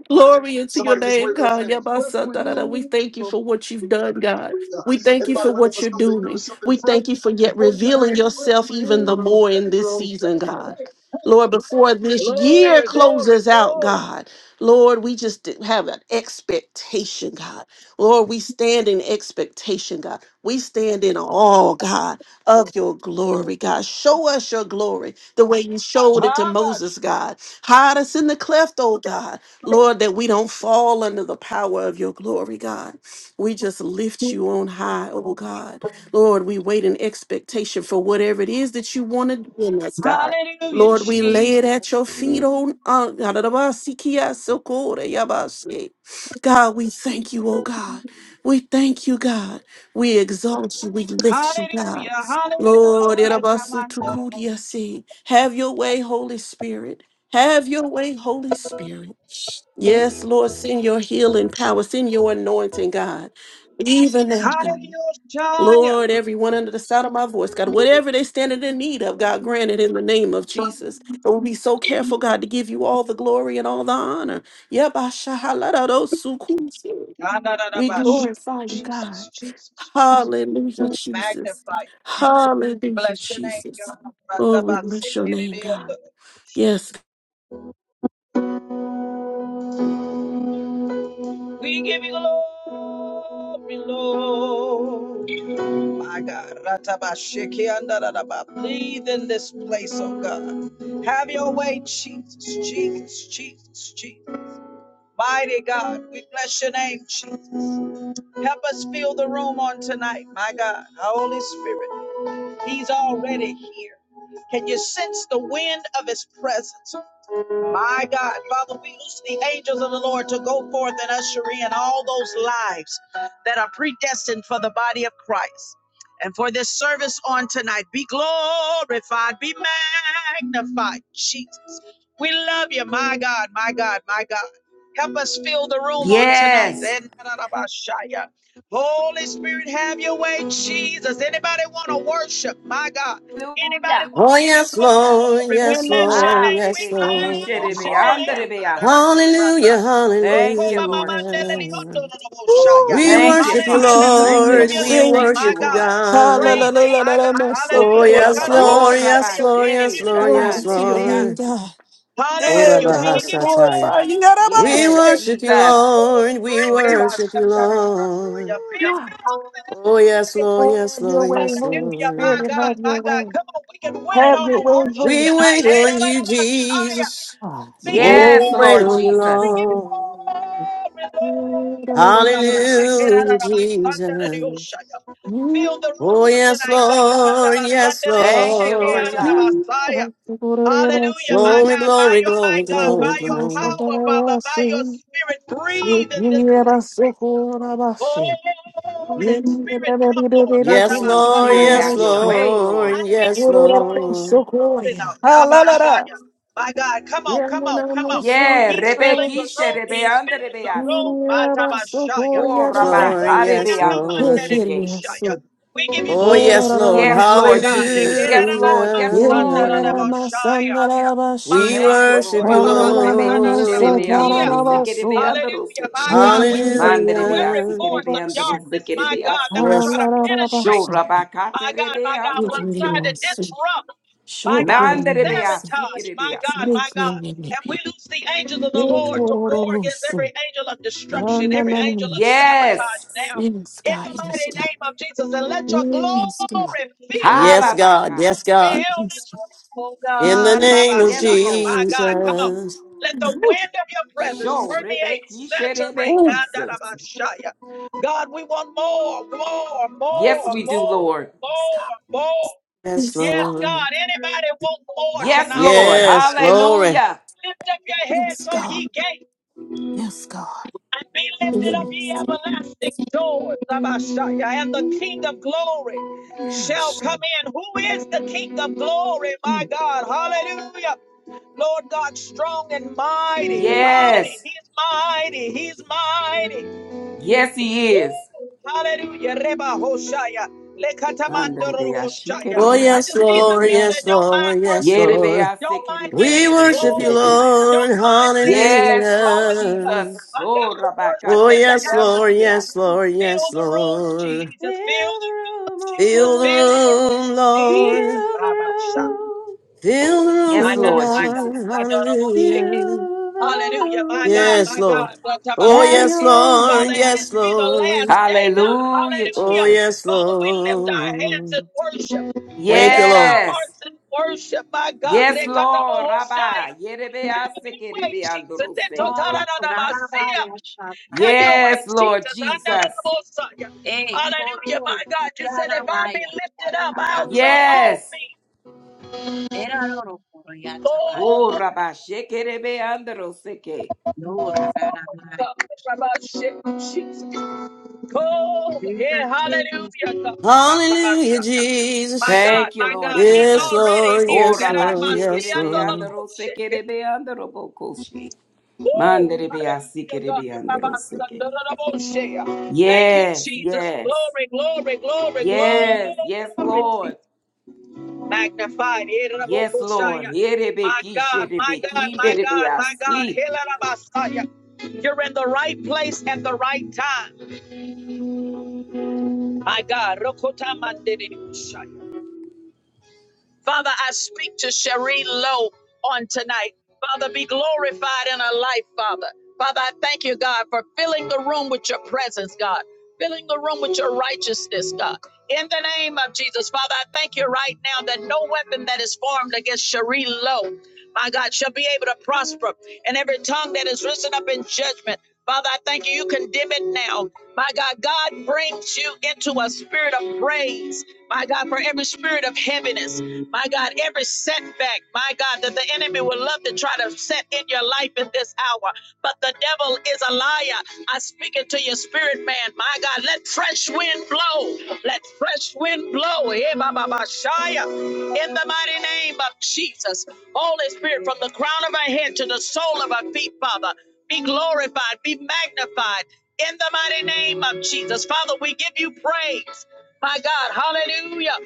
[SPEAKER 5] Glory into your
[SPEAKER 1] Somebody just
[SPEAKER 5] name,
[SPEAKER 1] wave those
[SPEAKER 5] God.
[SPEAKER 1] hands. Bless
[SPEAKER 5] Yabasatadada. We
[SPEAKER 1] wings.
[SPEAKER 5] thank you for what you've done, God. We thank you for
[SPEAKER 1] Everybody ready for
[SPEAKER 5] what you're
[SPEAKER 1] something new,
[SPEAKER 5] doing.
[SPEAKER 1] something
[SPEAKER 5] We
[SPEAKER 1] fresh.
[SPEAKER 5] thank you for
[SPEAKER 1] Just
[SPEAKER 5] yet
[SPEAKER 1] wave your
[SPEAKER 5] revealing
[SPEAKER 1] hands. Fresh
[SPEAKER 5] yourself even the
[SPEAKER 1] wind.
[SPEAKER 5] more in this
[SPEAKER 1] blow.
[SPEAKER 5] season,
[SPEAKER 1] Hey,
[SPEAKER 5] God.
[SPEAKER 1] hey, hey.
[SPEAKER 5] Lord, before this year
[SPEAKER 1] Glory, glory,
[SPEAKER 5] closes out,
[SPEAKER 1] glory.
[SPEAKER 5] God, Lord, we just have an expectation, God. Lord, we stand in expectation, God. We stand in awe, God, of your glory, God. Show us your glory the way you showed it to
[SPEAKER 1] How
[SPEAKER 5] Moses,
[SPEAKER 1] much?
[SPEAKER 5] God. Hide us in the cleft, oh God. Lord, that we don't fall under the power of your glory, God. We just lift you on high, oh God. Lord, we wait in expectation for whatever it is that you want to do in us, God.
[SPEAKER 1] Hallelujah,
[SPEAKER 5] Lord, we lay it at
[SPEAKER 1] Jesus.
[SPEAKER 5] your feet on uh, God, we thank you, oh God. We thank you, God. We exalt you. We lift you, God.
[SPEAKER 1] Hallelujah,
[SPEAKER 5] Lord,
[SPEAKER 1] hallelujah,
[SPEAKER 5] have
[SPEAKER 1] Ramando.
[SPEAKER 5] your way, Holy Spirit. Have your way, Holy Spirit. Yes, Lord, send your healing power, send your anointing, God. Even now, God.
[SPEAKER 1] Hallelujah,
[SPEAKER 5] Lord, everyone under the sound of my voice, God, whatever they stand in need of, God, grant it in the name of Jesus. And we'll be so careful, God, to give you all the glory and all the honor. Yabashahaladadosukun. We
[SPEAKER 1] Adadadabasha.
[SPEAKER 5] glorify you, God.
[SPEAKER 1] Jesus, Jesus, Jesus.
[SPEAKER 5] Hallelujah, Jesus.
[SPEAKER 1] Magnify you, Jesus. We
[SPEAKER 5] Hallelujah,
[SPEAKER 1] bless your name,
[SPEAKER 5] Jesus.
[SPEAKER 1] God.
[SPEAKER 5] Oh, we bless your name, God.
[SPEAKER 1] Ratabase,
[SPEAKER 5] Yes,
[SPEAKER 1] We give you glory, Lord. My God, Ratabashiki andararaba. breathe in this place, oh God. Have your way, Jesus, Jesus, Jesus, Jesus. Mighty God, we bless your name, Jesus. Help us fill the room on tonight, my God. Holy Spirit, He's already here. Can you sense the wind of His presence? My God, Father, we loose the angels of the Lord to go forth and usher in all those lives that are predestined for the body of Christ. And for this service on tonight, be glorified, be magnified, Jesus. We love you, my God, my God, my God. Help us fill the room on tonight.
[SPEAKER 4] Yes.
[SPEAKER 1] Holy Spirit, have your way, Jesus. Anybody want to worship? My God. Anybody
[SPEAKER 4] Hallelujah.
[SPEAKER 1] want
[SPEAKER 3] Oh,
[SPEAKER 1] to give him
[SPEAKER 3] yes, Lord,
[SPEAKER 1] glory? We
[SPEAKER 5] Ooh,
[SPEAKER 3] yes,
[SPEAKER 1] bless
[SPEAKER 5] yes,
[SPEAKER 1] your
[SPEAKER 4] Ah,
[SPEAKER 3] Lord,
[SPEAKER 1] name. We
[SPEAKER 3] yes,
[SPEAKER 4] rebekishe
[SPEAKER 1] bless
[SPEAKER 3] Lord.
[SPEAKER 1] your name.
[SPEAKER 4] rebeanderebeasi.
[SPEAKER 3] Hallelujah,
[SPEAKER 4] Thank you, Lord Jesus.
[SPEAKER 3] hallelujah. We
[SPEAKER 4] Thank you,
[SPEAKER 3] worship you,
[SPEAKER 5] thank
[SPEAKER 1] Hallelujah.
[SPEAKER 5] you,
[SPEAKER 4] Father.
[SPEAKER 1] Let the
[SPEAKER 4] Thank
[SPEAKER 1] fruit
[SPEAKER 4] you,
[SPEAKER 1] of
[SPEAKER 5] Lord,
[SPEAKER 3] Lord.
[SPEAKER 1] your
[SPEAKER 3] We
[SPEAKER 4] Lord.
[SPEAKER 1] lips,
[SPEAKER 5] say,
[SPEAKER 4] Thank
[SPEAKER 1] my
[SPEAKER 4] you,
[SPEAKER 3] worship you,
[SPEAKER 4] Lord.
[SPEAKER 1] God,
[SPEAKER 3] God.
[SPEAKER 1] praise you,
[SPEAKER 5] hallelujah,
[SPEAKER 1] my God.
[SPEAKER 3] Oh,
[SPEAKER 1] Hallelujah.
[SPEAKER 3] yes, Lord, yes,
[SPEAKER 1] Dekararabashaya. We
[SPEAKER 3] Lord,
[SPEAKER 1] give
[SPEAKER 3] yes,
[SPEAKER 4] Korabashe,
[SPEAKER 1] you
[SPEAKER 3] Lord,
[SPEAKER 5] Glory
[SPEAKER 3] yes,
[SPEAKER 4] raban,
[SPEAKER 1] glory.
[SPEAKER 5] to your name,
[SPEAKER 3] Lord.
[SPEAKER 5] God.
[SPEAKER 3] Oh,
[SPEAKER 5] Dear
[SPEAKER 1] Hallelujah.
[SPEAKER 3] Rabba
[SPEAKER 1] We
[SPEAKER 5] God,
[SPEAKER 1] give you
[SPEAKER 3] Hasataya.
[SPEAKER 5] glorify
[SPEAKER 1] glory.
[SPEAKER 5] you.
[SPEAKER 3] We
[SPEAKER 5] Yarabase.
[SPEAKER 4] Yes,
[SPEAKER 3] worship you,
[SPEAKER 4] Jesus.
[SPEAKER 3] Lord. We
[SPEAKER 5] Ooh,
[SPEAKER 3] worship you, Lord.
[SPEAKER 5] God.
[SPEAKER 1] Fill this
[SPEAKER 3] Oh, yes, Lord, yes,
[SPEAKER 5] Have your
[SPEAKER 3] Lord,
[SPEAKER 5] way,
[SPEAKER 3] yes,
[SPEAKER 5] Holy
[SPEAKER 1] Hallelujah, my
[SPEAKER 3] Lord.
[SPEAKER 5] Spirit.
[SPEAKER 1] God,
[SPEAKER 5] Have
[SPEAKER 1] my
[SPEAKER 5] your
[SPEAKER 1] God.
[SPEAKER 5] way.
[SPEAKER 1] Come on, we can win it
[SPEAKER 5] Have
[SPEAKER 1] on
[SPEAKER 5] your
[SPEAKER 1] a
[SPEAKER 5] way,
[SPEAKER 1] worship
[SPEAKER 5] Holy
[SPEAKER 3] We
[SPEAKER 1] tonight.
[SPEAKER 3] wait
[SPEAKER 1] Eh, da,
[SPEAKER 3] on
[SPEAKER 1] da,
[SPEAKER 3] you,
[SPEAKER 1] da, da, shia.
[SPEAKER 3] Jesus.
[SPEAKER 5] God.
[SPEAKER 1] We give
[SPEAKER 5] Yeah,
[SPEAKER 1] you
[SPEAKER 4] Yes,
[SPEAKER 3] Oh,
[SPEAKER 5] my
[SPEAKER 3] wait
[SPEAKER 4] Lord
[SPEAKER 5] soul.
[SPEAKER 3] on you,
[SPEAKER 1] glory, we
[SPEAKER 4] Jesus.
[SPEAKER 1] give you
[SPEAKER 3] Lord.
[SPEAKER 1] glory, Lord. Da, ba, shiki, da, da,
[SPEAKER 3] Hallelujah,
[SPEAKER 1] da, ba, sanda, da, di, oh,
[SPEAKER 3] Jesus.
[SPEAKER 1] shia. Fill the room
[SPEAKER 3] Oh,
[SPEAKER 1] on
[SPEAKER 3] yes,
[SPEAKER 1] tonight, God. Ra, da,
[SPEAKER 3] Lord.
[SPEAKER 1] ba, sanda,
[SPEAKER 3] Yes,
[SPEAKER 1] da, di, oh,
[SPEAKER 4] Thank you,
[SPEAKER 1] shiki,
[SPEAKER 3] Lord.
[SPEAKER 4] Lord
[SPEAKER 1] ah, da, da, ba,
[SPEAKER 4] God.
[SPEAKER 1] shia. Hallelujah, my
[SPEAKER 3] Glory,
[SPEAKER 1] God, by
[SPEAKER 3] glory,
[SPEAKER 1] your, my
[SPEAKER 3] glory,
[SPEAKER 1] God,
[SPEAKER 3] glory,
[SPEAKER 1] by your
[SPEAKER 3] glory.
[SPEAKER 1] power, Father, by your
[SPEAKER 5] Mm,
[SPEAKER 1] spirit, breathe in
[SPEAKER 5] Hallelujah.
[SPEAKER 1] this place. Oh, Holy Spirit, come, Lord.
[SPEAKER 3] Yes,
[SPEAKER 4] Holy
[SPEAKER 3] Lord.
[SPEAKER 4] Spirit,
[SPEAKER 3] Yes,
[SPEAKER 4] have your
[SPEAKER 1] Ratabasandariyushaya.
[SPEAKER 4] way,
[SPEAKER 3] Lord.
[SPEAKER 4] Lord.
[SPEAKER 1] And we
[SPEAKER 3] Yes,
[SPEAKER 1] give you
[SPEAKER 3] Lord.
[SPEAKER 1] glory now. Rabashaya. My God, come on, come on, come on.
[SPEAKER 4] Yeah,
[SPEAKER 1] He's filling the
[SPEAKER 4] rebekishe,
[SPEAKER 1] room. He's
[SPEAKER 4] rebeanda,
[SPEAKER 1] filling the room.
[SPEAKER 4] rebeasi.
[SPEAKER 1] Batabashaya.
[SPEAKER 3] Yes, Lord. Yes, Lord.
[SPEAKER 1] Rekoranadabandariyushaya. We give you
[SPEAKER 3] Oh, yes, Lord.
[SPEAKER 4] Yes,
[SPEAKER 1] glory, my
[SPEAKER 4] Lord
[SPEAKER 1] God.
[SPEAKER 4] Jesus. Yes, Lord. Yes, Lord.
[SPEAKER 3] Hallelujah.
[SPEAKER 1] Rekeranadabasandarabashaya. My
[SPEAKER 3] We
[SPEAKER 4] Thank
[SPEAKER 1] God,
[SPEAKER 4] you,
[SPEAKER 1] Roko
[SPEAKER 3] worship
[SPEAKER 4] Lord.
[SPEAKER 3] you,
[SPEAKER 1] Baba
[SPEAKER 4] Oh, rebekishe rebe
[SPEAKER 1] Tatana
[SPEAKER 4] andro
[SPEAKER 3] Lord.
[SPEAKER 4] seke rebe andro
[SPEAKER 1] Hallelujah, my
[SPEAKER 4] seke.
[SPEAKER 1] God. We break
[SPEAKER 4] Mande
[SPEAKER 1] through
[SPEAKER 4] rebe
[SPEAKER 1] every
[SPEAKER 4] asi
[SPEAKER 3] Hallelujah.
[SPEAKER 4] ke
[SPEAKER 1] force
[SPEAKER 4] rebe
[SPEAKER 1] of
[SPEAKER 4] andro
[SPEAKER 1] darkness,
[SPEAKER 4] seke
[SPEAKER 1] my
[SPEAKER 4] rebe
[SPEAKER 1] God, that
[SPEAKER 4] asi.
[SPEAKER 1] would try
[SPEAKER 3] Yes.
[SPEAKER 1] to
[SPEAKER 4] Sho
[SPEAKER 1] penetrate.
[SPEAKER 5] Alarabasa,
[SPEAKER 1] My
[SPEAKER 4] rabakate
[SPEAKER 1] God,
[SPEAKER 4] rebe
[SPEAKER 1] my God, will
[SPEAKER 4] andro
[SPEAKER 1] try
[SPEAKER 4] seke.
[SPEAKER 1] to
[SPEAKER 5] Vigiliasi,
[SPEAKER 1] disrupt. My God,
[SPEAKER 4] Mande rebe
[SPEAKER 5] Shokuranisi,
[SPEAKER 4] asi
[SPEAKER 1] sabotage. My God, my God. And we
[SPEAKER 5] Vigilinipi,
[SPEAKER 1] lose the angels of the Lord to war against
[SPEAKER 5] Vigilorosu,
[SPEAKER 1] every angel of destruction, every angel of
[SPEAKER 5] Anananis,
[SPEAKER 1] sabotage
[SPEAKER 4] Yes.
[SPEAKER 1] now. In
[SPEAKER 5] Sinska,
[SPEAKER 1] the mighty
[SPEAKER 5] Inska,
[SPEAKER 1] name of Jesus, and let your
[SPEAKER 5] Inska,
[SPEAKER 1] glory fill the
[SPEAKER 3] Yes,
[SPEAKER 1] room.
[SPEAKER 3] God.
[SPEAKER 4] Harabaka.
[SPEAKER 3] Yes,
[SPEAKER 1] Fill
[SPEAKER 3] God.
[SPEAKER 1] this
[SPEAKER 5] Inska.
[SPEAKER 1] room, oh
[SPEAKER 3] In the
[SPEAKER 1] God,
[SPEAKER 3] name of
[SPEAKER 4] Yes,
[SPEAKER 1] Rabashaya,
[SPEAKER 4] Lord.
[SPEAKER 1] my God, come on.
[SPEAKER 3] Jesus.
[SPEAKER 1] Let the wind of your presence
[SPEAKER 4] Show
[SPEAKER 1] permeate,
[SPEAKER 4] rebekishe
[SPEAKER 1] saturate.
[SPEAKER 5] Oh,
[SPEAKER 1] ah, da,
[SPEAKER 4] rebekise.
[SPEAKER 1] da, ba, God, we want more, more,
[SPEAKER 4] Yes,
[SPEAKER 1] more,
[SPEAKER 4] we
[SPEAKER 5] yes,
[SPEAKER 4] do,
[SPEAKER 1] more,
[SPEAKER 4] Lord.
[SPEAKER 5] God.
[SPEAKER 1] more, more.
[SPEAKER 3] Yes,
[SPEAKER 5] Yes,
[SPEAKER 1] Yes,
[SPEAKER 5] God.
[SPEAKER 3] Lord.
[SPEAKER 1] God, anybody want more
[SPEAKER 4] Yes,
[SPEAKER 1] tonight? Eh,
[SPEAKER 4] Lord.
[SPEAKER 1] da, da, ba,
[SPEAKER 3] Yes, glory.
[SPEAKER 4] Hallelujah.
[SPEAKER 1] Lift up your
[SPEAKER 5] Yes,
[SPEAKER 1] heads, oh
[SPEAKER 5] God.
[SPEAKER 1] ye gates
[SPEAKER 5] Yes, God.
[SPEAKER 1] and be
[SPEAKER 5] Yes,
[SPEAKER 1] lifted up, ye
[SPEAKER 5] God.
[SPEAKER 1] everlasting doors. Abashaya. And the King of glory shall
[SPEAKER 5] Yes,
[SPEAKER 1] come in. Who is the King of glory?
[SPEAKER 5] God.
[SPEAKER 1] My God. Hallelujah. Lord God, strong and mighty, mighty.
[SPEAKER 4] Yes.
[SPEAKER 1] He's mighty. He's mighty.
[SPEAKER 4] Yes, He is.
[SPEAKER 1] Hallelujah. Reba Hoshaya.
[SPEAKER 4] Andere
[SPEAKER 1] Lekatamandoro
[SPEAKER 4] be ashike
[SPEAKER 1] Hoshaya.
[SPEAKER 3] Oh,
[SPEAKER 4] rebe
[SPEAKER 1] I
[SPEAKER 3] yes,
[SPEAKER 1] just need
[SPEAKER 4] asike
[SPEAKER 1] some
[SPEAKER 3] Lord.
[SPEAKER 4] rebe
[SPEAKER 1] people that
[SPEAKER 3] Yes,
[SPEAKER 4] ase.
[SPEAKER 1] don't mind
[SPEAKER 3] Lord. Yes,
[SPEAKER 1] worshiping,
[SPEAKER 3] Lord.
[SPEAKER 4] Yerebease,
[SPEAKER 1] don't mind
[SPEAKER 3] We
[SPEAKER 1] giving him
[SPEAKER 4] kerebeandrose,
[SPEAKER 3] worship you,
[SPEAKER 1] glory,
[SPEAKER 4] kerebease.
[SPEAKER 3] Lord.
[SPEAKER 1] don't mind lifting up.
[SPEAKER 4] Yes, Lord
[SPEAKER 1] Hallelujah.
[SPEAKER 3] Hallelujah.
[SPEAKER 4] Jesus.
[SPEAKER 1] I got
[SPEAKER 4] Oh,
[SPEAKER 1] to
[SPEAKER 4] Rabaka,
[SPEAKER 1] worship
[SPEAKER 3] Oh,
[SPEAKER 1] in the
[SPEAKER 3] yes, Lord.
[SPEAKER 1] atmosphere.
[SPEAKER 4] terebeandrebease.
[SPEAKER 3] Yes, Lord.
[SPEAKER 1] Fill
[SPEAKER 3] Yes,
[SPEAKER 1] the room,
[SPEAKER 3] Lord.
[SPEAKER 1] Jesus. Fill
[SPEAKER 4] Fill the
[SPEAKER 1] the room,
[SPEAKER 4] room, oh
[SPEAKER 1] Jesus.
[SPEAKER 3] Fill the
[SPEAKER 1] Fill
[SPEAKER 4] God.
[SPEAKER 1] the room,
[SPEAKER 3] room,
[SPEAKER 1] Jesus.
[SPEAKER 3] Lord.
[SPEAKER 4] Fill the
[SPEAKER 1] Baba Sha.
[SPEAKER 4] room.
[SPEAKER 3] Fill the
[SPEAKER 4] Yes,
[SPEAKER 1] My
[SPEAKER 3] room, oh
[SPEAKER 1] God,
[SPEAKER 4] Lord
[SPEAKER 1] my God,
[SPEAKER 4] Jesus.
[SPEAKER 3] God.
[SPEAKER 1] my God, I won't shake it.
[SPEAKER 3] Hallelujah.
[SPEAKER 4] Fill the
[SPEAKER 1] Hallelujah. My God,
[SPEAKER 3] Yes,
[SPEAKER 1] my
[SPEAKER 4] room.
[SPEAKER 1] God.
[SPEAKER 3] Lord.
[SPEAKER 1] What am I
[SPEAKER 3] Oh,
[SPEAKER 4] Have
[SPEAKER 3] yes,
[SPEAKER 4] your
[SPEAKER 1] thinking?
[SPEAKER 4] way,
[SPEAKER 1] Father,
[SPEAKER 3] Lord.
[SPEAKER 1] if
[SPEAKER 4] Lord.
[SPEAKER 1] this
[SPEAKER 3] Yes,
[SPEAKER 1] be the last
[SPEAKER 3] Lord.
[SPEAKER 1] day, God,
[SPEAKER 4] Hallelujah,
[SPEAKER 3] Oh,
[SPEAKER 1] hallelujah.
[SPEAKER 4] Jesus.
[SPEAKER 3] yes,
[SPEAKER 1] Father, we lift our hands in
[SPEAKER 3] Lord.
[SPEAKER 1] worship. We
[SPEAKER 3] Thank you,
[SPEAKER 1] lift
[SPEAKER 3] Lord.
[SPEAKER 1] our
[SPEAKER 4] Yes.
[SPEAKER 1] hearts in worship, my God.
[SPEAKER 4] Yes, Lord.
[SPEAKER 1] Rekatabohoshaya.
[SPEAKER 4] Rabba.
[SPEAKER 1] Have
[SPEAKER 4] Yerebease,
[SPEAKER 1] your way, Jesus.
[SPEAKER 4] kerebeandrose.
[SPEAKER 6] Oh,
[SPEAKER 1] Etotaranadabasia.
[SPEAKER 6] Ranamaya
[SPEAKER 1] Have your
[SPEAKER 6] Shataba.
[SPEAKER 1] way,
[SPEAKER 4] Yes, Lord
[SPEAKER 1] Jesus.
[SPEAKER 4] Jesus.
[SPEAKER 1] Andaranabosaya.
[SPEAKER 6] Eh,
[SPEAKER 1] Hallelujah,
[SPEAKER 6] Koto,
[SPEAKER 1] my God. You said if I be
[SPEAKER 6] Ranamaya
[SPEAKER 1] lifted up,
[SPEAKER 6] Shataba.
[SPEAKER 1] I'll draw all
[SPEAKER 4] Yes.
[SPEAKER 1] me.
[SPEAKER 6] Eraro Koryataba.
[SPEAKER 4] Oh,
[SPEAKER 1] Oh,
[SPEAKER 4] Rabba Shekerebe Androseke.
[SPEAKER 6] No, Ranamaya.
[SPEAKER 1] God. Rabbi Jesus. Oh,
[SPEAKER 6] Jesus,
[SPEAKER 1] yeah,
[SPEAKER 6] Jesus.
[SPEAKER 1] hallelujah, God.
[SPEAKER 3] Hallelujah,
[SPEAKER 1] Ratabashaka. My
[SPEAKER 3] Jesus.
[SPEAKER 1] God,
[SPEAKER 4] Thank you,
[SPEAKER 1] my
[SPEAKER 4] Lord
[SPEAKER 1] God, He's
[SPEAKER 3] Yes,
[SPEAKER 4] Jesus.
[SPEAKER 1] already
[SPEAKER 3] Lord.
[SPEAKER 1] here.
[SPEAKER 4] Oh,
[SPEAKER 3] Yes,
[SPEAKER 4] Rabba
[SPEAKER 3] Lord. Yes,
[SPEAKER 4] Shekerebe
[SPEAKER 3] Lord.
[SPEAKER 4] Androsekerebe Androbokoshi.
[SPEAKER 1] Woo!
[SPEAKER 4] Manderebe
[SPEAKER 1] Hallelujah, God.
[SPEAKER 4] Asikerebe Androseke.
[SPEAKER 1] Ratabashakandoroboshe. Thank you,
[SPEAKER 4] Yes,
[SPEAKER 1] Jesus.
[SPEAKER 4] yes,
[SPEAKER 1] Glory, glory, glory, glory.
[SPEAKER 4] yes, yes, Lord.
[SPEAKER 1] Magnified.
[SPEAKER 4] Yes, Lord.
[SPEAKER 1] Erabokoshaya.
[SPEAKER 4] Yerebe
[SPEAKER 1] My God, my
[SPEAKER 4] Kisherebe
[SPEAKER 1] God, my
[SPEAKER 4] Kinderebe
[SPEAKER 1] God, my God.
[SPEAKER 4] Asi.
[SPEAKER 1] Hilarabasaya. You're in the right place at the right time. My God. Father, I speak to Cherie Lowe on tonight. Father, be glorified in her life, Father. Father, I thank you, God, for filling the room with your presence, God, filling the room with your righteousness, God. In the name of Jesus, Father, I thank you right now that no weapon that is formed against Cherie Lowe, my God, shall be able to prosper. And every tongue that is risen up in judgment, Father, I thank you. You condemn it now. My God, God brings you into a spirit of praise my God, for every spirit of heaviness, my God, every setback, my God, that the enemy would love to try to set in your life in this hour. But the devil is a liar. I speak it to your spirit, man. My God, let fresh wind blow. Let fresh wind blow. Eh, ba, ba, ba, shia. In the mighty name of Jesus, Holy Spirit, from the crown of our head to the sole of our feet, Father, be glorified, be magnified. In the mighty name of Jesus, Father, we give you praise. My God, hallelujah.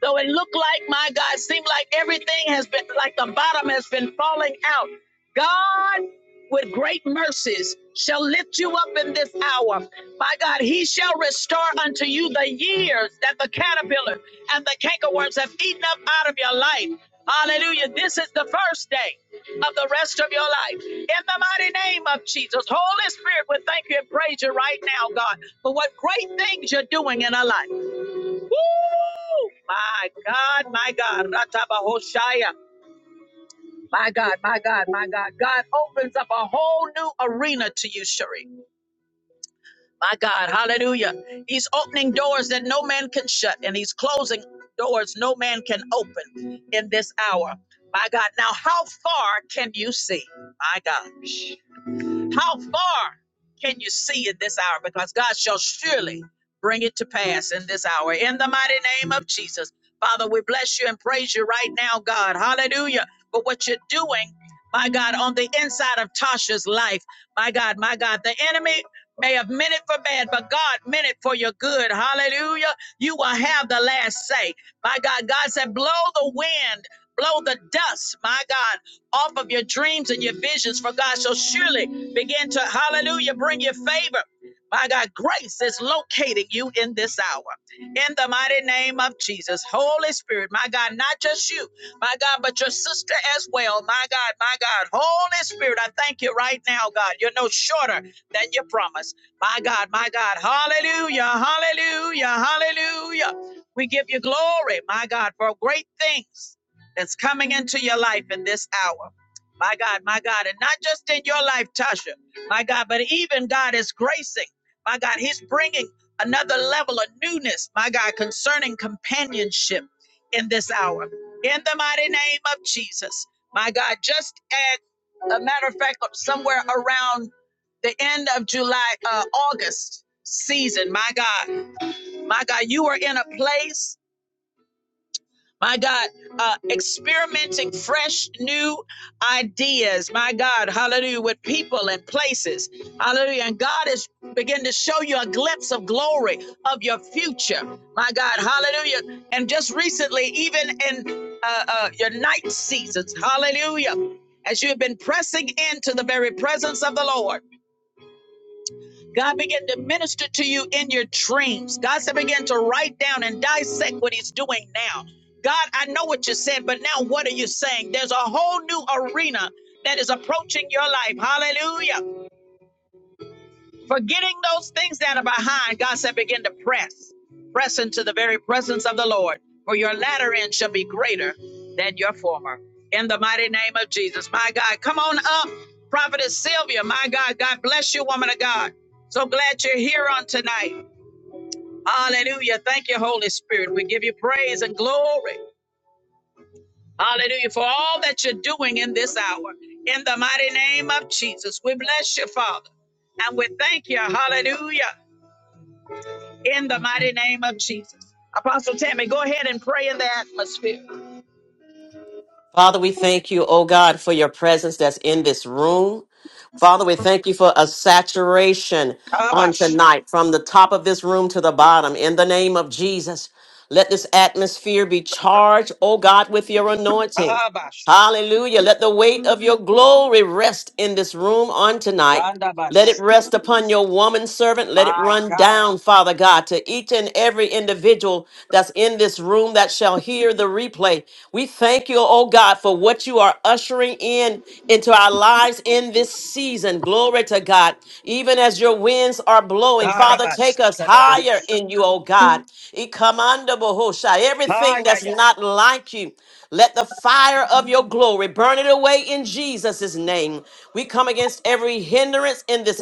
[SPEAKER 1] Though it looked like, my God, seemed like everything has been, like the bottom has been falling out. God, with great mercies, shall lift you up in this hour. My God, he shall restore unto you the years that the caterpillar and the cankerworms have eaten up out of your life. Hallelujah. This is the first day of the rest of your life. In the mighty name of Jesus, Holy Spirit, we thank you and praise you right now, God, for what great things you're doing in our life. My God, my God, Ratabahoshaya. My God, my God, my God. God opens up a whole new arena to you, Sherry. My God, hallelujah. He's opening doors that no man can shut, and he's closing doors no man can open in this hour. My God, now how far can you see? My God. How far can you see in this hour? Because God shall surely bring it to pass in this hour. In the mighty name of Jesus. Father, we bless you and praise you right now, God. Hallelujah. For what you're doing, my God, on the inside of Tasha's life. My God, my God, the enemy may have meant it for bad, but God meant it for your good. Hallelujah. You will have the last say. My God, God said, blow the wind, blow the dust, my God, off of your dreams and your visions, for God shall surely Begin to, hallelujah, bring your favor. My God, grace is locating you in this hour. In the mighty name of Jesus. Holy Spirit, my God, not just you, my God, but your sister as well. My God, my God. Holy Spirit, I thank you right now, God. You're no shorter than your promise. My God, my God. Hallelujah, hallelujah, hallelujah. We give you glory, my God, for great things that's coming into your life in this hour. My God, my God. And not just in your life, Tasha, my God, but even God is gracing. My God, He's bringing another level of newness, my God, concerning companionship in this hour. In the mighty name of Jesus, my God, just at a matter of fact, somewhere around the end of July, uh, August season, my God, my God, you are in a place my God, uh, experimenting fresh new ideas, my God, hallelujah, with people and places, hallelujah. And God is begin to show you a glimpse of glory of your future, my God, hallelujah. And just recently, even in uh, uh, your night seasons, hallelujah, as you have been pressing into the very presence of the Lord. God began to minister to you in your dreams. God said, begin to write down and dissect what He's doing now. God, I know what you said, but now what are you saying? There's a whole new arena that is approaching your life. Hallelujah. Forgetting those things that are behind, God said, begin to press, press into the very presence of the Lord, for your latter end shall be greater than your former. In the mighty name of Jesus, my God, come on up, Prophetess Sylvia, my God, God bless you, woman of God. So glad you're here on tonight. Hallelujah. Thank you, Holy Spirit. We give you praise and glory. Hallelujah. For all that you're doing in this hour. In the mighty name of Jesus, we bless you, Father. And we thank you. Hallelujah. in the mighty name of Jesus. Apostle Tammy, go ahead and pray in the atmosphere.
[SPEAKER 3] Father, we thank you, oh God, for your presence that's in this room. Father, we thank you for a saturation on
[SPEAKER 1] Kabash,
[SPEAKER 3] tonight from the top of this room to the bottom. In the name of Jesus, let this atmosphere be charged, oh God, with your anointing.
[SPEAKER 1] Kabash,
[SPEAKER 3] Hallelujah. Let the weight of your glory rest in this room on tonight. Let it
[SPEAKER 1] Dandabash,
[SPEAKER 3] rest upon your woman servant. Let it
[SPEAKER 1] my
[SPEAKER 3] run
[SPEAKER 1] God,
[SPEAKER 3] down, Father God, to each and every individual that's in this room that shall hear the replay. We thank you, oh God, for what you are ushering in into our lives in this season. Glory to God. Even as your winds are blowing, Father,
[SPEAKER 1] Dandabash,
[SPEAKER 3] take us higher in
[SPEAKER 1] kadabush.
[SPEAKER 3] you, oh God. Ikamanda bohosha.
[SPEAKER 1] Ah,
[SPEAKER 3] Everything
[SPEAKER 1] yeah,
[SPEAKER 3] that's not like you. Let the fire of your glory burn it away in Jesus' name. We come against every hindrance in this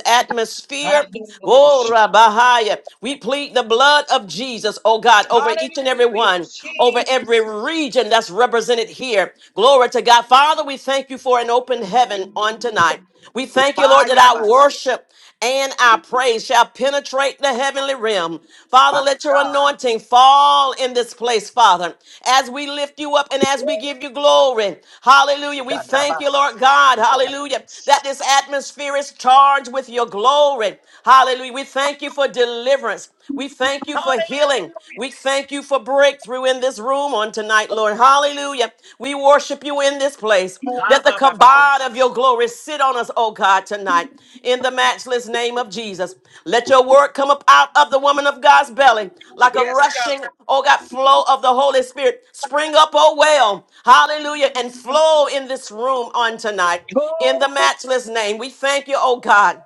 [SPEAKER 1] Ayaya,
[SPEAKER 3] atmosphere. Oh,
[SPEAKER 1] Dandabosh,
[SPEAKER 3] Rabahaya. We plead the blood of Jesus, oh God, over each and every
[SPEAKER 1] Hallelujah,
[SPEAKER 3] one, over every
[SPEAKER 1] Jesus,
[SPEAKER 3] region that's represented here. Glory to God. Father, we thank you for an open heaven on tonight. We thank you,
[SPEAKER 1] ah
[SPEAKER 3] Lord, that
[SPEAKER 1] yeah
[SPEAKER 3] our
[SPEAKER 1] bash,
[SPEAKER 3] worship and our praise shall penetrate the heavenly realm. Father,
[SPEAKER 1] my
[SPEAKER 3] let your
[SPEAKER 1] God,
[SPEAKER 3] anointing fall in this place, Father, as we lift you up and as we give you glory. Hallelujah. We thank you,
[SPEAKER 1] Shatabas,
[SPEAKER 3] Lord God. Hallelujah.
[SPEAKER 1] Hallelujah,
[SPEAKER 3] That this atmosphere is charged with your glory. Hallelujah. We thank you for deliverance. We thank you
[SPEAKER 1] ah
[SPEAKER 3] for healing. We thank you for breakthrough in this room on tonight, Lord. Hallelujah. We worship you in this place. Let the kabod
[SPEAKER 1] Abababash,
[SPEAKER 3] of your glory sit on us, oh God, tonight, in the matchless name of Jesus. Let your word come up out of the woman of God's belly like a
[SPEAKER 1] yes, God,
[SPEAKER 3] rushing, oh God, flow of the Holy Spirit. Spring up, oh well. Hallelujah. And flow in this room on tonight,
[SPEAKER 1] Oh,
[SPEAKER 3] in the matchless name. We thank you, oh God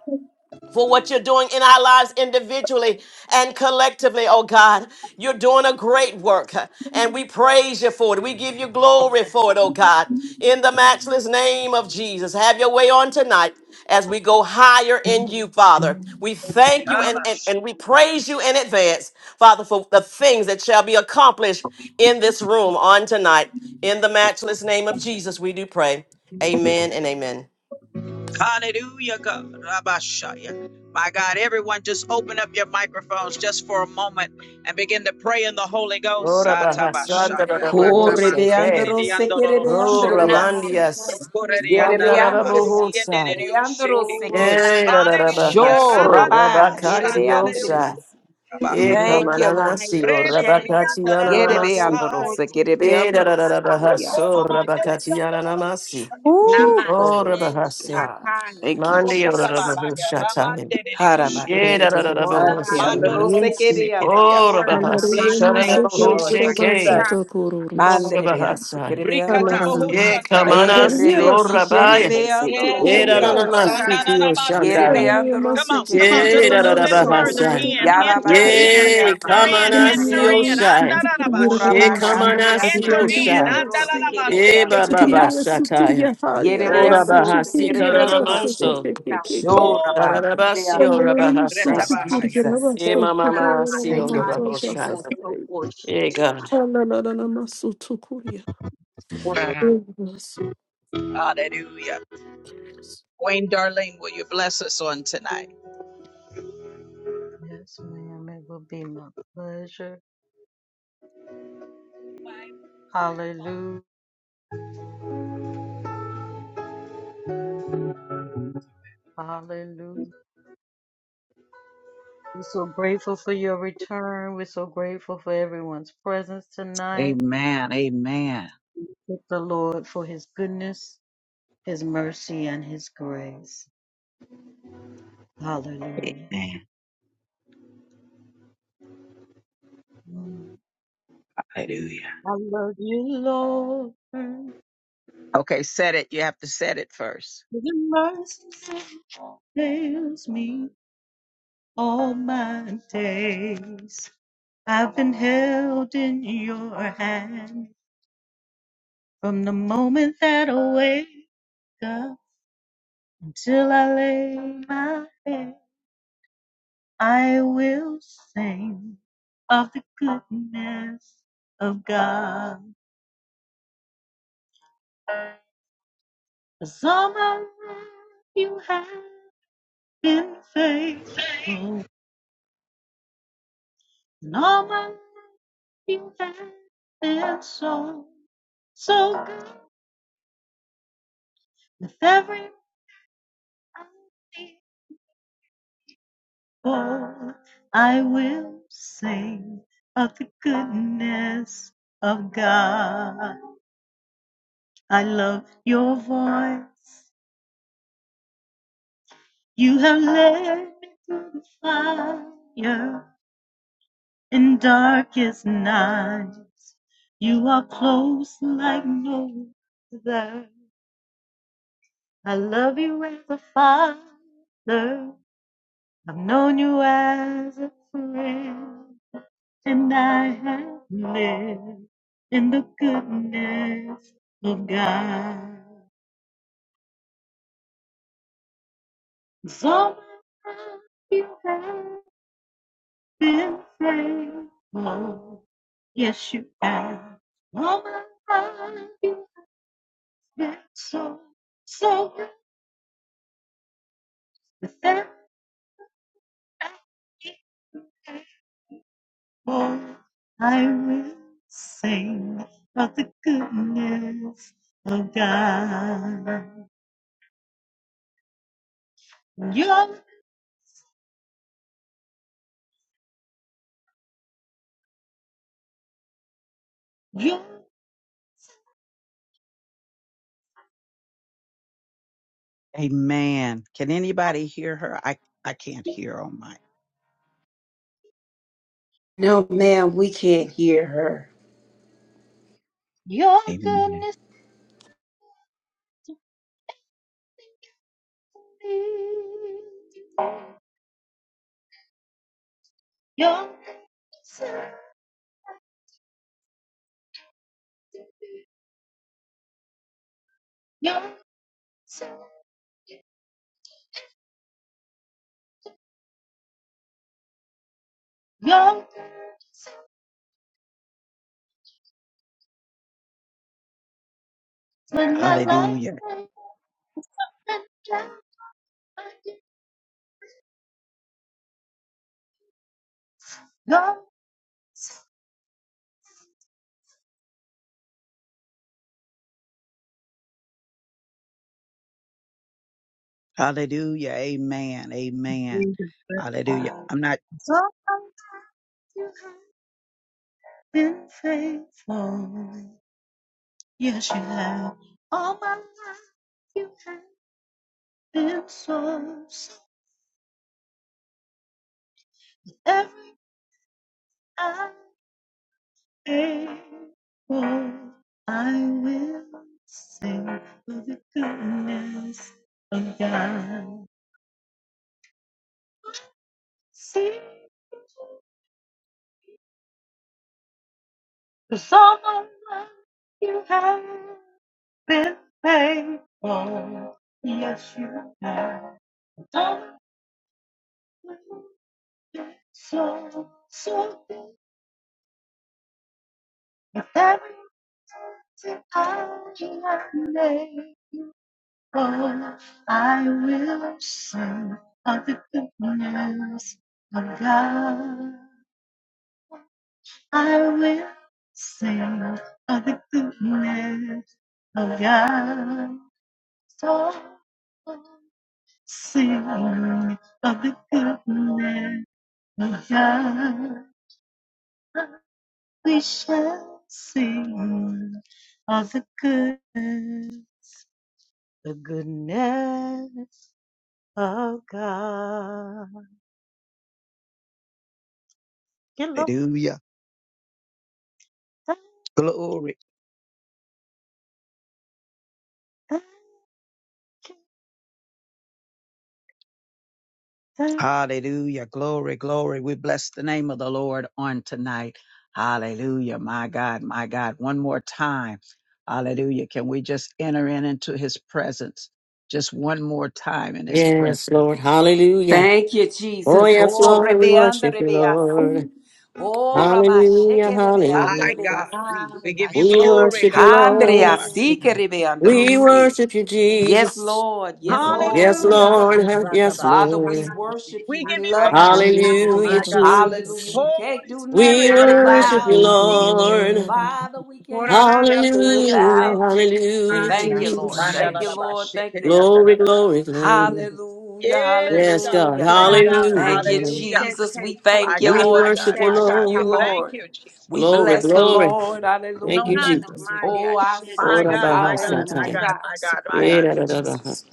[SPEAKER 3] for what you're doing in our lives individually and collectively, oh God. You're doing a great work, huh, and we praise you for it. We give you glory for it, oh God. In the matchless name of Jesus, have your way on tonight as we go higher in you, Father. We thank you and, and,
[SPEAKER 1] Kabash,
[SPEAKER 3] and we praise you in advance, Father, for the things that shall be accomplished in this room on tonight. In the matchless name of Jesus, we do pray. Amen and amen.
[SPEAKER 1] Hallelujah, God. Rabashaya. My God, everyone, just open up your microphones just for a moment and begin to pray in the Holy Ghost.
[SPEAKER 3] Ora bahasanda da
[SPEAKER 1] Satabashaya,
[SPEAKER 3] da da bo se
[SPEAKER 4] Korebe
[SPEAKER 3] te.
[SPEAKER 4] Androsekerebe
[SPEAKER 3] Ro
[SPEAKER 4] Andrebe
[SPEAKER 1] ratamasikiridiandororobushiki,
[SPEAKER 6] Ranamaya
[SPEAKER 4] Asi.
[SPEAKER 3] Ramandias.
[SPEAKER 4] Yerebe
[SPEAKER 6] Shekovaya.
[SPEAKER 4] Andrebe Asi.
[SPEAKER 3] Andarabohosai.
[SPEAKER 4] Kere
[SPEAKER 1] rokoridiandalalabasiyendeririushiki.
[SPEAKER 6] Oh,
[SPEAKER 4] Androseke.
[SPEAKER 3] Yay,
[SPEAKER 6] Ranamaya
[SPEAKER 1] Hallelujah.
[SPEAKER 4] Sure,
[SPEAKER 3] Rarabahaso,
[SPEAKER 4] Rabbi.
[SPEAKER 6] Shataba Shatiki.
[SPEAKER 3] Rabakatiosai.
[SPEAKER 1] Ranananamashandalayosukarabas.
[SPEAKER 4] Yerebeyanderebeasi.
[SPEAKER 3] E
[SPEAKER 4] Thank
[SPEAKER 6] Lola
[SPEAKER 4] you, Lord.
[SPEAKER 3] Kamananasi,
[SPEAKER 6] Maya
[SPEAKER 3] O
[SPEAKER 6] Shela
[SPEAKER 4] Yerebe
[SPEAKER 6] Kotolobo
[SPEAKER 3] Rabakatianamasi.
[SPEAKER 1] Reniriandalalabashaya.
[SPEAKER 4] Andorose, kerebe
[SPEAKER 6] Kotiki
[SPEAKER 3] E
[SPEAKER 4] kerebeyanderose,
[SPEAKER 6] Kitaba.
[SPEAKER 4] kerebeasi,
[SPEAKER 3] Rarabahaso,
[SPEAKER 1] Rokomamande
[SPEAKER 4] kerebeasi.
[SPEAKER 3] Rabakatianamasi.
[SPEAKER 1] Riandarabushakash.
[SPEAKER 4] Ooh,
[SPEAKER 3] O
[SPEAKER 4] glory to
[SPEAKER 6] Namaste
[SPEAKER 3] Rabahasi.
[SPEAKER 4] God.
[SPEAKER 6] Takaya.
[SPEAKER 4] Thank you,
[SPEAKER 3] Mandi, O
[SPEAKER 4] Jesus.
[SPEAKER 1] Rokotabahaga
[SPEAKER 3] Rabahoshatai.
[SPEAKER 1] Ramande Ribush.
[SPEAKER 5] Security, security,
[SPEAKER 4] Harabaka.
[SPEAKER 3] E
[SPEAKER 6] Ne korora la
[SPEAKER 5] hurry,
[SPEAKER 6] pa,
[SPEAKER 3] Rarabahoshai.
[SPEAKER 4] Arebeyanderose,
[SPEAKER 1] Mandorobo
[SPEAKER 3] O
[SPEAKER 1] Sikirias.
[SPEAKER 4] kereyanderose.
[SPEAKER 6] kola la
[SPEAKER 1] Bless
[SPEAKER 3] Rabahasi,
[SPEAKER 1] your
[SPEAKER 6] mala
[SPEAKER 1] name,
[SPEAKER 4] Thank you,
[SPEAKER 6] master
[SPEAKER 4] Lord
[SPEAKER 1] Jesus.
[SPEAKER 3] Karabohosheke.
[SPEAKER 6] takika,
[SPEAKER 4] Jesus.
[SPEAKER 6] pa,
[SPEAKER 3] O
[SPEAKER 4] Manderebeasi,
[SPEAKER 3] Rabahasai.
[SPEAKER 6] ora la
[SPEAKER 4] kerebeyanderose.
[SPEAKER 3] ye
[SPEAKER 6] masa
[SPEAKER 1] Rikatabohoshandarabasa.
[SPEAKER 3] Kamanasi,
[SPEAKER 6] takika
[SPEAKER 3] O Rabaya.
[SPEAKER 6] basta,
[SPEAKER 1] Yes,
[SPEAKER 4] Berebekisherebeyanderose,
[SPEAKER 3] Yera da da,
[SPEAKER 1] God.
[SPEAKER 3] na
[SPEAKER 4] korabai.
[SPEAKER 6] ora la
[SPEAKER 3] siki yo
[SPEAKER 6] mala
[SPEAKER 1] Rananamaste,
[SPEAKER 3] shanda.
[SPEAKER 1] God. Come
[SPEAKER 4] Yerebeyanderose,
[SPEAKER 1] on, come on, just a
[SPEAKER 3] Yera da
[SPEAKER 1] little
[SPEAKER 3] da
[SPEAKER 1] bit
[SPEAKER 3] da
[SPEAKER 4] kereyanderose,
[SPEAKER 6] so
[SPEAKER 1] further
[SPEAKER 6] pa
[SPEAKER 3] hasan.
[SPEAKER 1] in. Enter in,
[SPEAKER 6] basta
[SPEAKER 3] Yay,
[SPEAKER 6] pa
[SPEAKER 1] enter
[SPEAKER 3] come
[SPEAKER 6] ya
[SPEAKER 3] on
[SPEAKER 1] in,
[SPEAKER 6] sa,
[SPEAKER 3] us
[SPEAKER 1] enter
[SPEAKER 3] yo
[SPEAKER 1] in.
[SPEAKER 4] Yarabanderebeyasekerebeyandereyase.
[SPEAKER 3] shai. Yay,
[SPEAKER 1] Andarabashaya.
[SPEAKER 6] ora
[SPEAKER 3] come
[SPEAKER 6] la
[SPEAKER 3] on
[SPEAKER 6] la la
[SPEAKER 3] us
[SPEAKER 1] Enter
[SPEAKER 3] yo
[SPEAKER 6] maya
[SPEAKER 1] in.
[SPEAKER 3] shai.
[SPEAKER 6] se so so
[SPEAKER 3] Yay, ba
[SPEAKER 1] Andarabaseke.
[SPEAKER 6] basta,
[SPEAKER 3] ba ba
[SPEAKER 4] Urabakandereyasekerebeyanderosekerebeyandreyasi.
[SPEAKER 3] shataya.
[SPEAKER 5] hurry,
[SPEAKER 6] na
[SPEAKER 3] Ora ba
[SPEAKER 5] security, security,
[SPEAKER 6] este
[SPEAKER 3] hasi
[SPEAKER 6] se
[SPEAKER 3] karana
[SPEAKER 4] Yerebeyanderosekerebeyandrose.
[SPEAKER 3] manso.
[SPEAKER 6] kobo
[SPEAKER 5] security,
[SPEAKER 6] sa
[SPEAKER 5] security.
[SPEAKER 6] tiki,
[SPEAKER 3] Karana basi
[SPEAKER 4] Shorabandereyasi.
[SPEAKER 3] ora
[SPEAKER 1] my
[SPEAKER 5] Hallelujah.
[SPEAKER 3] ba
[SPEAKER 1] God.
[SPEAKER 4] Thank
[SPEAKER 3] hasa.
[SPEAKER 4] you,
[SPEAKER 1] Retabahaya.
[SPEAKER 4] Jesus.
[SPEAKER 3] Yay,
[SPEAKER 6] o
[SPEAKER 3] mama
[SPEAKER 6] kala
[SPEAKER 3] mama si
[SPEAKER 4] Thank
[SPEAKER 3] ora
[SPEAKER 4] you,
[SPEAKER 6] masa
[SPEAKER 3] ba
[SPEAKER 4] Lord
[SPEAKER 3] hoshai.
[SPEAKER 6] tiko
[SPEAKER 4] Jesus.
[SPEAKER 6] so boshi
[SPEAKER 3] Yay, God.
[SPEAKER 6] tiki, ora la,
[SPEAKER 1] Hallelujah. Queen Darlene, will you bless us on tonight?
[SPEAKER 7] Yes, ma'am. It will be my pleasure. Hallelujah. Hallelujah. We're so grateful for your return. We're so grateful for everyone's presence tonight.
[SPEAKER 1] Amen. Amen.
[SPEAKER 7] We Thank the Lord for his goodness, his mercy, and his grace. Hallelujah. Mm. I love you, Lord. for
[SPEAKER 1] Okay, set it. You have to set it first.
[SPEAKER 7] The mercy fails me all my days. I've been held in your hand From the moment that I wake up until I lay my head, I will sing of the goodness of God. 'Cause all my life you have been faithful, and all my life you have been so, so good. With every breath Oh, I will sing of the goodness of God. I love your voice. You have led me through the fire in darkest nights. You are close like no other. I love you as a father. I've known you as a friend. and I have lived in the goodness of God. So all my life you have been faithful. Yes, you have. All my life you have been so, so good. Without equal, I will sing of the goodness of God. Your, your
[SPEAKER 1] Amen. Can anybody hear her? I, I can't hear on my.
[SPEAKER 4] No, ma'am, we can't hear her.
[SPEAKER 7] Your
[SPEAKER 1] Amen.
[SPEAKER 7] goodness and your goodness, and your goodness, and your goodness is when my life
[SPEAKER 1] Hallelujah.
[SPEAKER 7] went and down. I did not
[SPEAKER 1] Hallelujah. Amen. Amen.
[SPEAKER 7] realize.
[SPEAKER 1] Hallelujah. I'm not.
[SPEAKER 7] so sometimes you have been faithful. Yes, you have. All my life you have been so, so every hour. Faithful, I will sing of the goodness of God. Sing the song of love you have been faithful. Yes, you have done it so, so good. With every breath that I am Oh, I will sing of the goodness of God. I will sing of the goodness of God. So sing of the goodness of God. We shall sing of the good, the goodness of God. Get low.
[SPEAKER 1] Hallelujah. Glory.
[SPEAKER 7] I can tell
[SPEAKER 1] Hallelujah. Glory, glory. We bless the name of the Lord on tonight. Hallelujah. My God, my God. One more time. Hallelujah. Can we just enter in into his presence? Just one more time in his
[SPEAKER 3] Yes,
[SPEAKER 1] presence.
[SPEAKER 3] Lord. Hallelujah.
[SPEAKER 4] Thank you,
[SPEAKER 3] Oh,
[SPEAKER 4] Jesus.
[SPEAKER 3] yes,
[SPEAKER 4] Oh,
[SPEAKER 3] Lord. We worship you,
[SPEAKER 4] rebeanderebeyasi.
[SPEAKER 3] Lord.
[SPEAKER 4] Oh,
[SPEAKER 3] Hallelujah.
[SPEAKER 1] My
[SPEAKER 3] Hallelujah.
[SPEAKER 1] God.
[SPEAKER 4] rabashekerebeyandereyasi.
[SPEAKER 6] ah
[SPEAKER 1] We
[SPEAKER 6] ya
[SPEAKER 1] give you
[SPEAKER 6] se
[SPEAKER 3] We
[SPEAKER 1] glory,
[SPEAKER 3] worship you,
[SPEAKER 1] God.
[SPEAKER 6] takaba
[SPEAKER 3] Lord.
[SPEAKER 1] Ratabash.
[SPEAKER 3] We
[SPEAKER 4] Handreyasikerebeyanderose.
[SPEAKER 3] worship you,
[SPEAKER 4] Yes,
[SPEAKER 3] Jesus.
[SPEAKER 4] Lord. Yes,
[SPEAKER 6] Oh,
[SPEAKER 4] Lord.
[SPEAKER 3] Yes,
[SPEAKER 4] Yes,
[SPEAKER 1] Hallelujah, God.
[SPEAKER 4] Lord.
[SPEAKER 3] Lord. Yes,
[SPEAKER 6] Takabashuza,
[SPEAKER 1] Ratabash.
[SPEAKER 4] Father, we
[SPEAKER 3] Lord.
[SPEAKER 6] Kamase,
[SPEAKER 4] worship you.
[SPEAKER 1] We
[SPEAKER 4] We
[SPEAKER 1] give you
[SPEAKER 4] love
[SPEAKER 1] glory,
[SPEAKER 4] you,
[SPEAKER 6] Takaya,
[SPEAKER 4] Jesus.
[SPEAKER 1] my
[SPEAKER 3] Hallelujah,
[SPEAKER 6] Kaya,
[SPEAKER 1] God.
[SPEAKER 4] Hallelujah.
[SPEAKER 3] Jesus.
[SPEAKER 4] We can't
[SPEAKER 1] Holy
[SPEAKER 4] do
[SPEAKER 3] We
[SPEAKER 1] Spirit,
[SPEAKER 4] nothing
[SPEAKER 1] your
[SPEAKER 6] Nanana
[SPEAKER 1] presence
[SPEAKER 3] worship you,
[SPEAKER 4] without.
[SPEAKER 1] is
[SPEAKER 6] Maya,
[SPEAKER 1] here.
[SPEAKER 3] Lord.
[SPEAKER 4] Father, we can't do
[SPEAKER 6] Kurana
[SPEAKER 4] nothing
[SPEAKER 6] Maya,
[SPEAKER 3] Hallelujah,
[SPEAKER 4] without you.
[SPEAKER 6] Chete,
[SPEAKER 3] hallelujah,
[SPEAKER 4] Thank
[SPEAKER 6] Kumaya,
[SPEAKER 4] you, Lord.
[SPEAKER 3] Jesus.
[SPEAKER 4] Thank
[SPEAKER 6] Saya,
[SPEAKER 4] you, Lord.
[SPEAKER 1] Bandalarabash.
[SPEAKER 4] Thank you, Lord.
[SPEAKER 3] Glory, glory, glory.
[SPEAKER 4] Hallelujah.
[SPEAKER 1] Yes,
[SPEAKER 3] Yes,
[SPEAKER 1] God,
[SPEAKER 3] God.
[SPEAKER 1] we
[SPEAKER 4] Hallelujah.
[SPEAKER 1] thank
[SPEAKER 6] Kurana
[SPEAKER 1] God.
[SPEAKER 3] Hallelujah,
[SPEAKER 4] Thank you,
[SPEAKER 6] Maya,
[SPEAKER 3] hallelujah.
[SPEAKER 1] Hallelujah.
[SPEAKER 4] Jesus.
[SPEAKER 6] Chete,
[SPEAKER 4] We thank
[SPEAKER 1] My
[SPEAKER 4] you,
[SPEAKER 1] God,
[SPEAKER 3] We
[SPEAKER 1] my
[SPEAKER 6] Kotaba,
[SPEAKER 4] Lord. We
[SPEAKER 1] God,
[SPEAKER 3] worship you,
[SPEAKER 1] my
[SPEAKER 6] Cheta,
[SPEAKER 4] worship
[SPEAKER 1] God,
[SPEAKER 4] you,
[SPEAKER 1] we
[SPEAKER 3] Lord.
[SPEAKER 6] Kaba,
[SPEAKER 1] thank
[SPEAKER 4] Lord.
[SPEAKER 1] you,
[SPEAKER 4] We
[SPEAKER 1] Jesus.
[SPEAKER 3] Glory,
[SPEAKER 4] bless the
[SPEAKER 3] glory.
[SPEAKER 4] Lord.
[SPEAKER 3] Thank you,
[SPEAKER 4] Hallelujah.
[SPEAKER 6] Nonana
[SPEAKER 3] Jesus.
[SPEAKER 6] Maya,
[SPEAKER 4] Oh, our
[SPEAKER 1] My
[SPEAKER 6] Chete,
[SPEAKER 3] Ora
[SPEAKER 4] souls.
[SPEAKER 1] God,
[SPEAKER 3] baha
[SPEAKER 1] my God,
[SPEAKER 6] Kobaya,
[SPEAKER 1] my
[SPEAKER 4] Hallelujah.
[SPEAKER 3] satai.
[SPEAKER 1] God,
[SPEAKER 6] Sa,
[SPEAKER 1] my God, my God.
[SPEAKER 4] Thank
[SPEAKER 3] Era
[SPEAKER 4] you,
[SPEAKER 3] da da da
[SPEAKER 4] Jesus.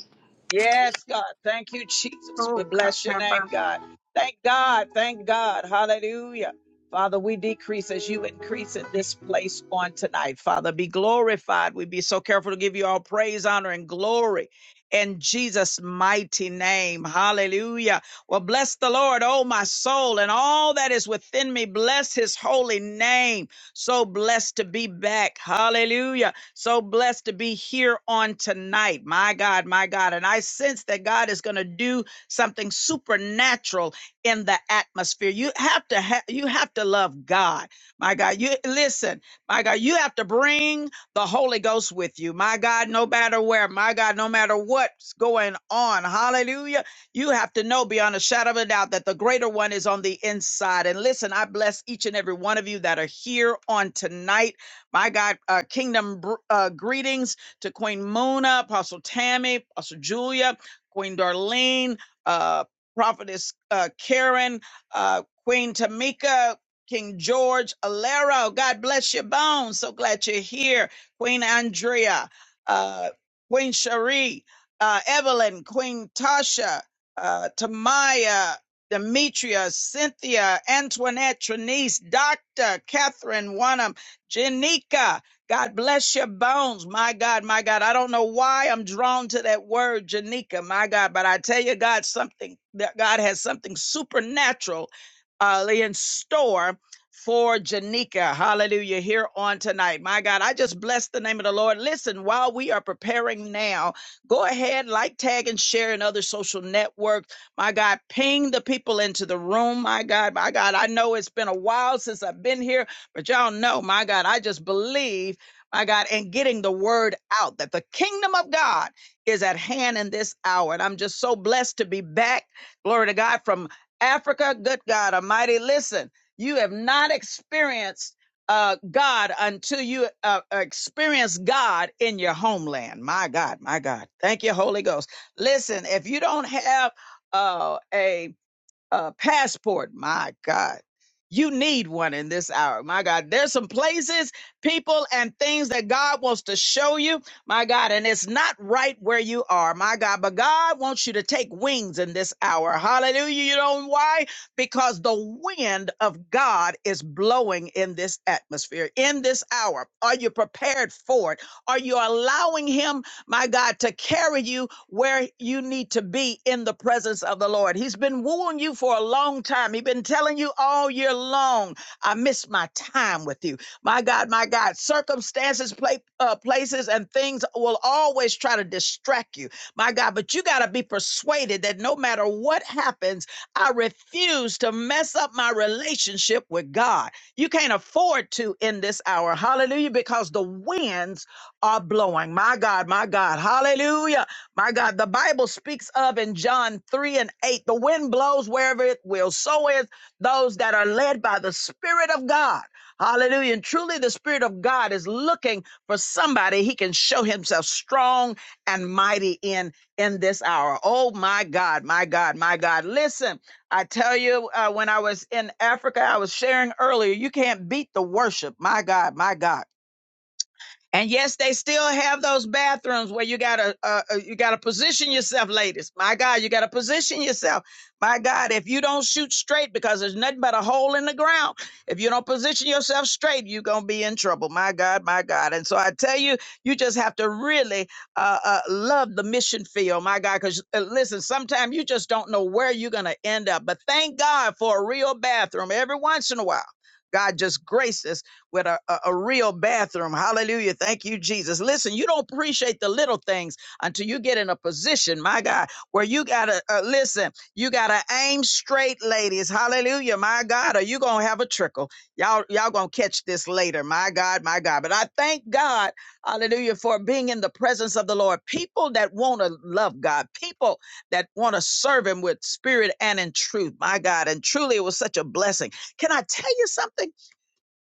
[SPEAKER 1] Yes, God. Thank you, Jesus. We
[SPEAKER 6] Oh,
[SPEAKER 1] bless your name,
[SPEAKER 6] Kataba.
[SPEAKER 1] God. Thank God. Thank God. Hallelujah. Father, we decrease as you increase in this place on tonight. Father, be glorified. We be so careful to give you all praise, honor, and glory in Jesus' mighty name. Hallelujah. Well, bless the Lord, oh my soul, and all that is within me. Bless his holy name. So blessed to be back. Hallelujah. So blessed to be here on tonight. My God, my God. And I sense that God is going to do something supernatural in the atmosphere. You have to have, you have to love God. My God, you listen. My God, you have to bring the Holy Ghost with you. My God, no matter where. My God, no matter what's going on. Hallelujah. You have to know beyond a shadow of a doubt that the greater one is on the inside. And listen, I bless each and every one of you that are here on tonight. My God, uh, kingdom uh, greetings to Queen Mona, Apostle Tammy, Apostle Julia, Queen Darlene, uh, Prophetess uh, Karen, uh, Queen Tamika, King George Alero. God bless your bones. So glad you're here. Queen Andrea, uh, Queen Cherie, uh, Evelyn, Queen Tasha, uh, Tamaya, Demetria, Cynthia, Antoinette, Trinice, Dr. Catherine Wanham, Janika, God bless your bones. My God, my God. I don't know why I'm drawn to that word, Janika, my God, but I tell you, God, something that God has something supernatural uh, in store for Janika. Hallelujah. Here on tonight. My God, I just bless the name of the Lord. Listen, while we are preparing now, go ahead, like, tag, and share in other social networks. My God, ping the people into the room. My God, my God, I know it's been a while since I've been here. But y'all know, my God, I just believe, my God, in getting the word out that the kingdom of God is at hand in this hour. And I'm just so blessed to be back. Glory to God from Africa. Good God Almighty. Listen, you have not experienced uh, God until you uh, experience God in your homeland. My God, my God. Thank you, Holy Ghost. Listen, if you don't have uh, a a passport. My God, you need one in this hour. My God, there's some places, people, and things that God wants to show you. My God, and it's not right where you are. My God, but God wants you to take wings in this hour. Hallelujah. You know why? Because the wind of God is blowing in this atmosphere, in this hour. Are you prepared for it? Are you allowing Him? my God, to carry you where you need to be in the presence of the Lord. He's been wooing you for a long time. He's been telling you all year long, I miss my time with you. My God, my God, circumstances, pla- uh, places, and things will always try to distract you. My God, but you got to be persuaded that no matter what happens, I refuse to mess up my relationship with God. You can't afford to in this hour. Hallelujah, because the winds are blowing. My God, my God. Hallelujah. My God, the Bible speaks of in John 3 and 8 the wind blows wherever it will. So is those that are led by the Spirit of God. Hallelujah. And truly, the Spirit of God is looking for somebody he can show himself strong and mighty in in this hour. Oh, my God, my God, my God. Listen, I tell you, uh, when I was in Africa, I was sharing earlier, you can't beat the worship. My God, my God. And yes, they still have those bathrooms where you gotta uh, uh, you gotta position yourself, ladies. My God, you gotta position yourself. My God, if you don't shoot straight because there's nothing but a hole in the ground, if you don't position yourself straight, you're gonna be in trouble. My God, my God. And so I tell you, you just have to really uh, uh, love the mission field, my God. Because uh, listen, sometimes you just don't know where you're gonna end up. But thank God for a real bathroom every once in a while. God just graces with a, a, a real bathroom. Hallelujah. Thank you, Jesus. Listen, you don't appreciate the little things until you get in a position, my God, where you got to uh, listen, you got to aim straight, ladies. Hallelujah, my God, or you going to have a trickle. Y'all, y'all going to catch this later. My God, my God. But I thank God, hallelujah, for being in the presence of the Lord. People that want to love God, people that want to serve Him with spirit and in truth, my God. And truly, it was such a blessing. Can I tell you something?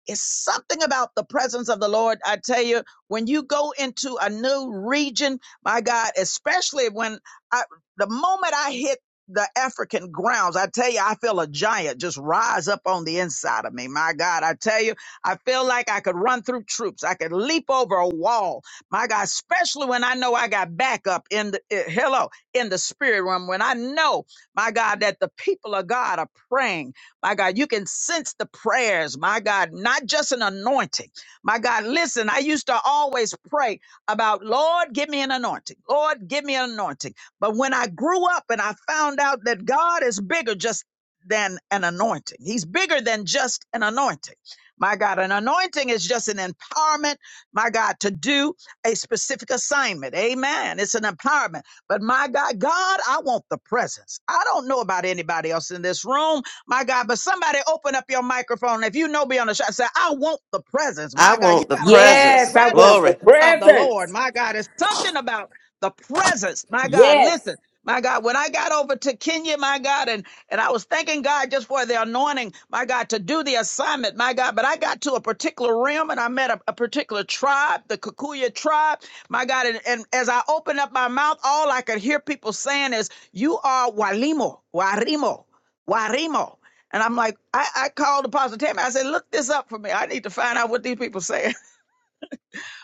[SPEAKER 1] It's something about the presence of the Lord. I tell you, when you go into a new region, my God, especially when I, the moment I hit the African grounds, I tell you, I feel a giant just rise up on the inside of me. My God, I tell you, I feel like I could run through troops. I could leap over a wall. My God, especially when I know I got backup in the, eh, hello, in the spirit realm, when I know, my God, that the people of God are praying my God, you can sense the prayers. My God, not just an anointing. My God, listen, I used to always pray about, Lord, give me an anointing. Lord, give me an anointing. But when I grew up and I found out that God is bigger just than an anointing, He's bigger than just an anointing. My God, an anointing is just an empowerment, my God, to do a specific assignment. Amen. It's an empowerment. But my God, God, I want the presence. I don't know about anybody else in this room, my God, but somebody open up your microphone. If you know beyond the shot, say, I want the presence.
[SPEAKER 3] I
[SPEAKER 1] My God, you
[SPEAKER 3] want the
[SPEAKER 1] gotta want the
[SPEAKER 4] Yes,
[SPEAKER 3] presence.
[SPEAKER 4] I want
[SPEAKER 1] presence
[SPEAKER 4] the
[SPEAKER 3] Glory.
[SPEAKER 1] of the Lord.
[SPEAKER 4] presence.
[SPEAKER 1] My God, it's something about the presence. My God,
[SPEAKER 4] Yes.
[SPEAKER 1] listen. My God, when I got over to Kenya, my God, and, and I was thanking God just for the anointing, my God, to do the assignment, my God, but I got to a particular realm and I met a, a particular tribe, the Kikuyu tribe, my God, and, and as I opened up my mouth, all I could hear people saying is, you are Walimo, Warimo, Warimo. And I'm like, I, I called Apostle Tammy. I said, look this up for me. I need to find out what these people say.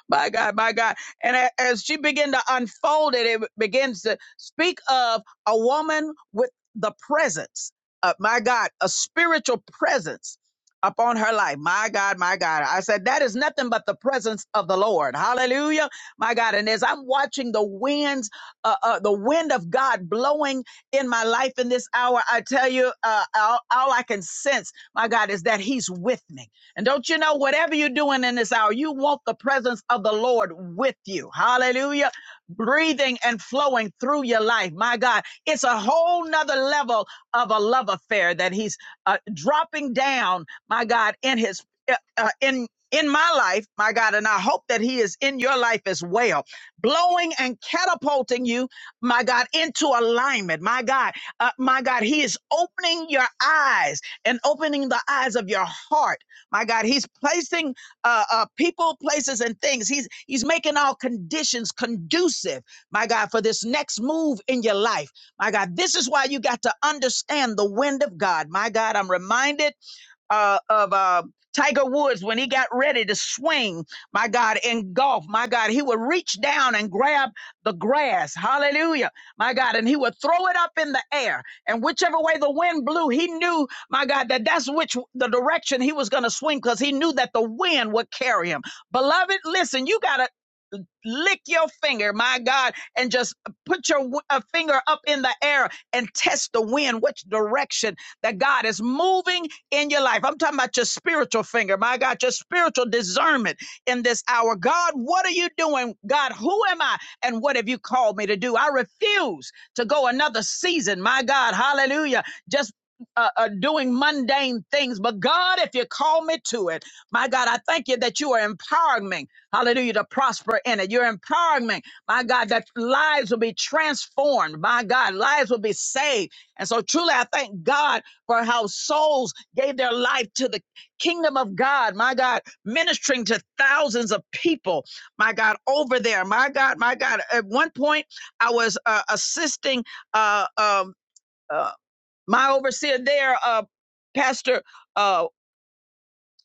[SPEAKER 1] My God, my God. And a- as she began to unfold it, it begins to speak of a woman with the presence of, my God, a spiritual presence upon her life. My God, my God. I said, that is nothing but the presence of the Lord. Hallelujah. My God. And as I'm watching the winds, uh, uh, the wind of God blowing in my life in this hour, I tell you, uh, all, all I can sense, my God, is that He's with me. And don't you know, whatever you're doing in this hour, you want the presence of the Lord with you. Hallelujah. Breathing and flowing through your life. My God, it's a whole nother level of a love affair that he's uh, dropping down, my God, in his, uh, uh, in, in my life, my God, and I hope that He is in your life as well, blowing and catapulting you, my God, into alignment. My God, uh, my God, He is opening your eyes and opening the eyes of your heart my God, He's placing uh, uh, people, places, and things. He's He's making all conditions conducive, my God, for this next move in your life. My God, this is why you got to understand the wind of God. My God, I'm reminded uh, of uh, Tiger Woods when he got ready to swing, my God, in golf, my God, he would reach down and grab the grass, hallelujah, my God, and he would throw it up in the air. And whichever way the wind blew, he knew, my God, that that's which the direction he was going to swing because he knew that the wind would carry him. Beloved, listen, you got to lick your finger, my God, and just put your w- uh, finger up in the air and test the wind, which direction that God is moving in your life. I'm talking about your spiritual finger, my God, your spiritual discernment in this hour. God, what are you doing? God, who am I? And what have you called me to do? I refuse to go another season, my God, hallelujah, just uh, uh, doing mundane things. But God, if you call me to it, my God, I thank you that you are empowering me Hallelujah, to prosper in it. Your empowerment, my God, that lives will be transformed. My God, lives will be saved. And so truly, I thank God for how souls gave their life to the kingdom of God. My God, ministering to thousands of people. My God, over there. My God, my God. At one point, I was uh, assisting uh, um, uh, my overseer there, uh, Pastor. Uh,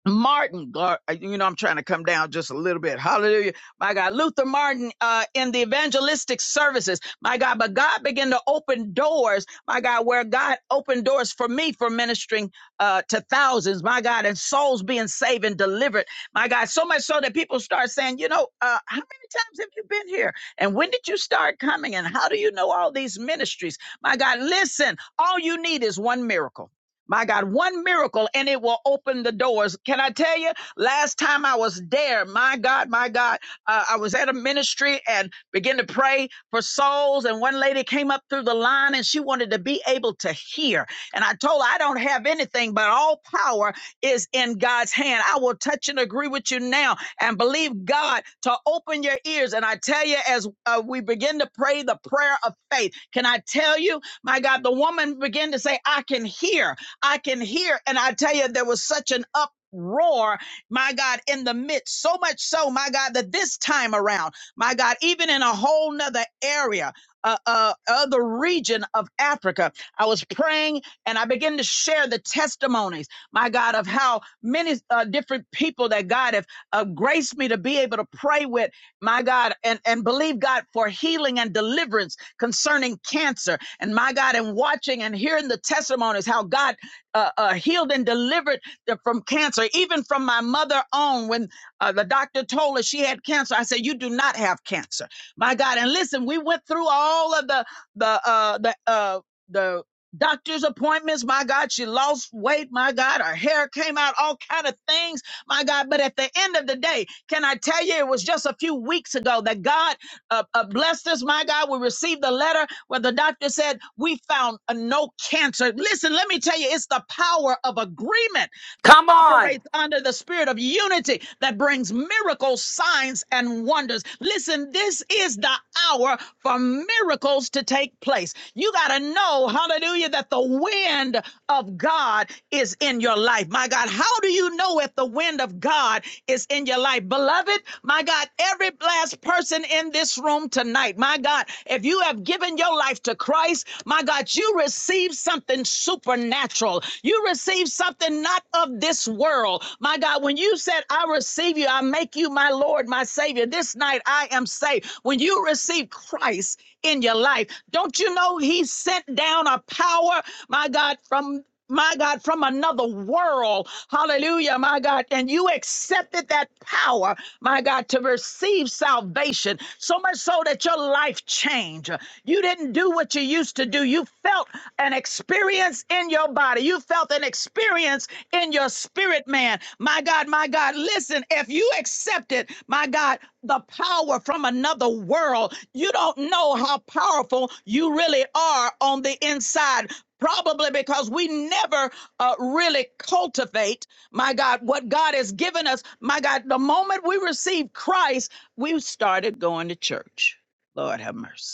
[SPEAKER 1] Martin, God, you know, I'm trying to come down just a little bit. Hallelujah. My God, Luther Martin, uh, in the evangelistic services. My God, but God began to open doors. My God, where God opened doors for me for ministering, uh, to thousands. My God, and souls being saved and delivered. My God, so much so that people start saying, you know, uh, how many times have you been here? And when did you start coming? And how do you know all these ministries? My God, listen, all you need is one miracle. My God, one miracle and it will open the doors. Can I tell you? Last time I was there, my God, my God, uh, I was at a ministry and began to pray for souls. And one lady came up through the line and she wanted to be able to hear. And I told her, I don't have anything, but all power is in God's hand. I will touch and agree with you now and believe God to open your ears. And I tell you, as uh, we begin to pray the prayer of faith, can I tell you, my God, the woman began to say, I can hear. I can hear, and I tell you, there was such an uproar, my God, in the midst, so much so, my God, that this time around, my God, even in a whole nother area, uh, uh, other region of Africa, I was praying and I began to share the testimonies, my God, of how many uh, different people that God have uh, graced me to be able to pray with, my God, and, and believe God for healing and deliverance concerning cancer. And my God, and watching and hearing the testimonies, how God uh, uh, healed and delivered from cancer, even from my mother on. When uh, the doctor told her she had cancer, I said, "You do not have cancer, my God." And listen, we went through all of the the uh, the uh, the doctor's appointments. My God, she lost weight. My God, her hair came out. All kind of things. My God, but at the end of the day, can I tell you, it was just a few weeks ago that God uh, uh, blessed us. My God, we received the letter where the doctor said, We found uh, no cancer. Listen, let me tell you, it's the power of agreement
[SPEAKER 4] Come on.
[SPEAKER 1] operates under the spirit of unity that brings miracles, signs, and wonders. Listen, this is the hour for miracles to take place. You got to know, hallelujah, that the wind of God is in your life. My God, how do you know if the wind of God is in your life? Beloved, my God, every last person in this room tonight, my God, if you have given your life to Christ, my God, you receive something supernatural world. You receive something not of this world. My God, when you said, I receive you, I make you my Lord, my Savior, this night I am saved. When you receive Christ in your life, don't you know He sent down a power, my God, from my God, from another world. Hallelujah, my God. And you accepted that power, my God, to receive salvation so much so that your life changed. You didn't do what you used to do. You felt an experience in your body. You felt an experience in your spirit, man. My God, my God, listen, if you accepted, my God, the power from another world, you don't know how powerful you really are on the inside. Probably because we never uh, really cultivate, my God, what God has given us. My God, the moment we received Christ, we started going to church. Lord have mercy.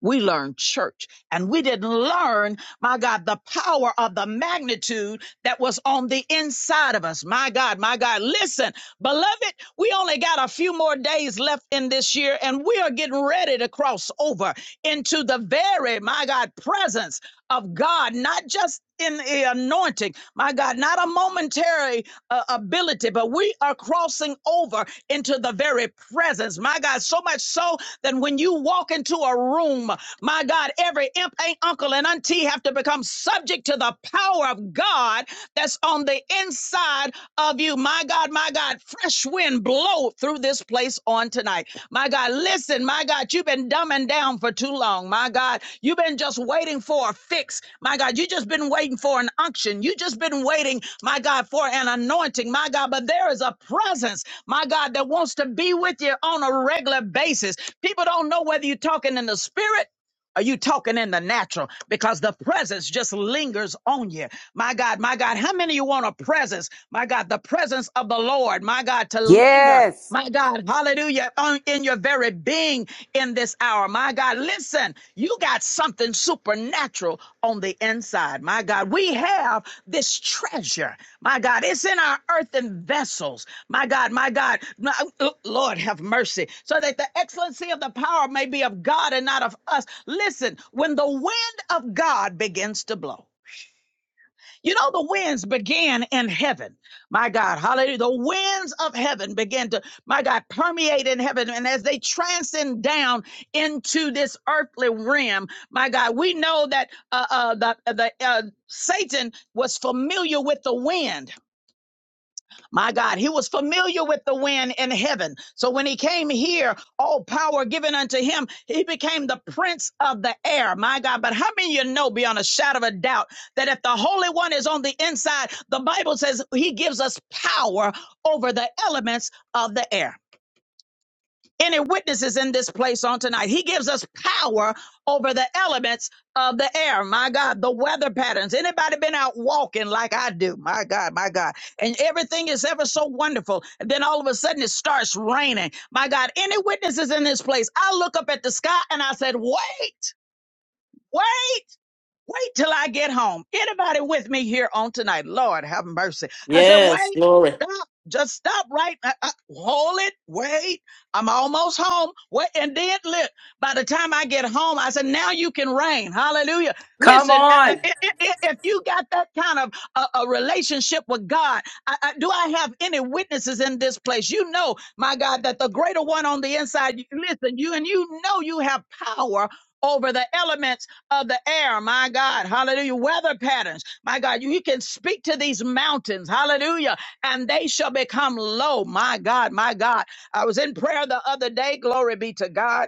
[SPEAKER 1] We learned church and we didn't learn, my God, the power of the magnitude that was on the inside of us. My God, my God, listen, beloved, we only got a few more days left in this year and we are getting ready to cross over into the very, my God, presence of God, not just in the anointing, my God, not a momentary uh, ability, but we are crossing over into the very presence. My God, so much so that when you walk into a room, my God, every imp, ain't uncle, and auntie have to become subject to the power of God that's on the inside of you. My God, my God, fresh wind blow through this place us on tonight. My God, listen, my God, you've been dumbing down for too long. My God, you've been just waiting for a fix. My God, you just been waiting for an unction. You just been waiting, my God, for an anointing. My God, but there is a presence, my God, that wants to be with you on a regular basis. People don't know whether you're talking in the spirit are you talking in the natural? Because the presence just lingers on you. My God, my God, how many of you want a presence? My God, the presence of the Lord, my God, to linger.
[SPEAKER 4] Yes.
[SPEAKER 1] My God, hallelujah, on, in your very being in this hour. My God, listen, you got something supernatural on the inside. My God, we have this treasure. My God, it's in our earthen vessels. My God, my God, my- Lord have mercy, so that the excellency of the power may be of God and not of us Listen, when the wind of God begins to blow, you know, the winds began in heaven. My God, hallelujah. The winds of heaven began to, my God, permeate in heaven. And as they transcend down into this earthly realm, my God, we know that uh, uh, the, the uh, Satan was familiar with the winds. My God, he was familiar with the wind in heaven. So when he came here, all power given unto him, he became the prince of the air. My God, but how many of you know beyond a shadow of a doubt that if the Holy One is on the inside, the Bible says he gives us power over the elements of the air any witnesses in this place on tonight. He gives us power over the elements of the air. My God, the weather patterns. Anybody been out walking like I do? My God, my God. And everything is ever so wonderful. And then all of a sudden it starts raining. My God, any witnesses in this place? I look up at the sky and I said, wait, wait. Wait till I get home. Anybody with me here on tonight? Lord have mercy. I said,
[SPEAKER 3] Yes,
[SPEAKER 1] wait,
[SPEAKER 3] glory.
[SPEAKER 1] stop, just stop right. uh, uh, hold it, wait. I'm almost home. Wait, and then look, by the time I get home, I said, now you can reign. Hallelujah.
[SPEAKER 4] Come
[SPEAKER 1] Listen, uh, uh,
[SPEAKER 4] on.
[SPEAKER 1] i- i- i- if you got that kind of a, a relationship with God, I, I, do I have any witnesses in this place? You know, my God, that the greater one on the inside, you- listen, you and you know you have power over the elements of the air, my God, hallelujah, weather patterns, my God, you, you can speak to these mountains, hallelujah, and they shall become low, my God, my God. I was in prayer the other day, glory be to God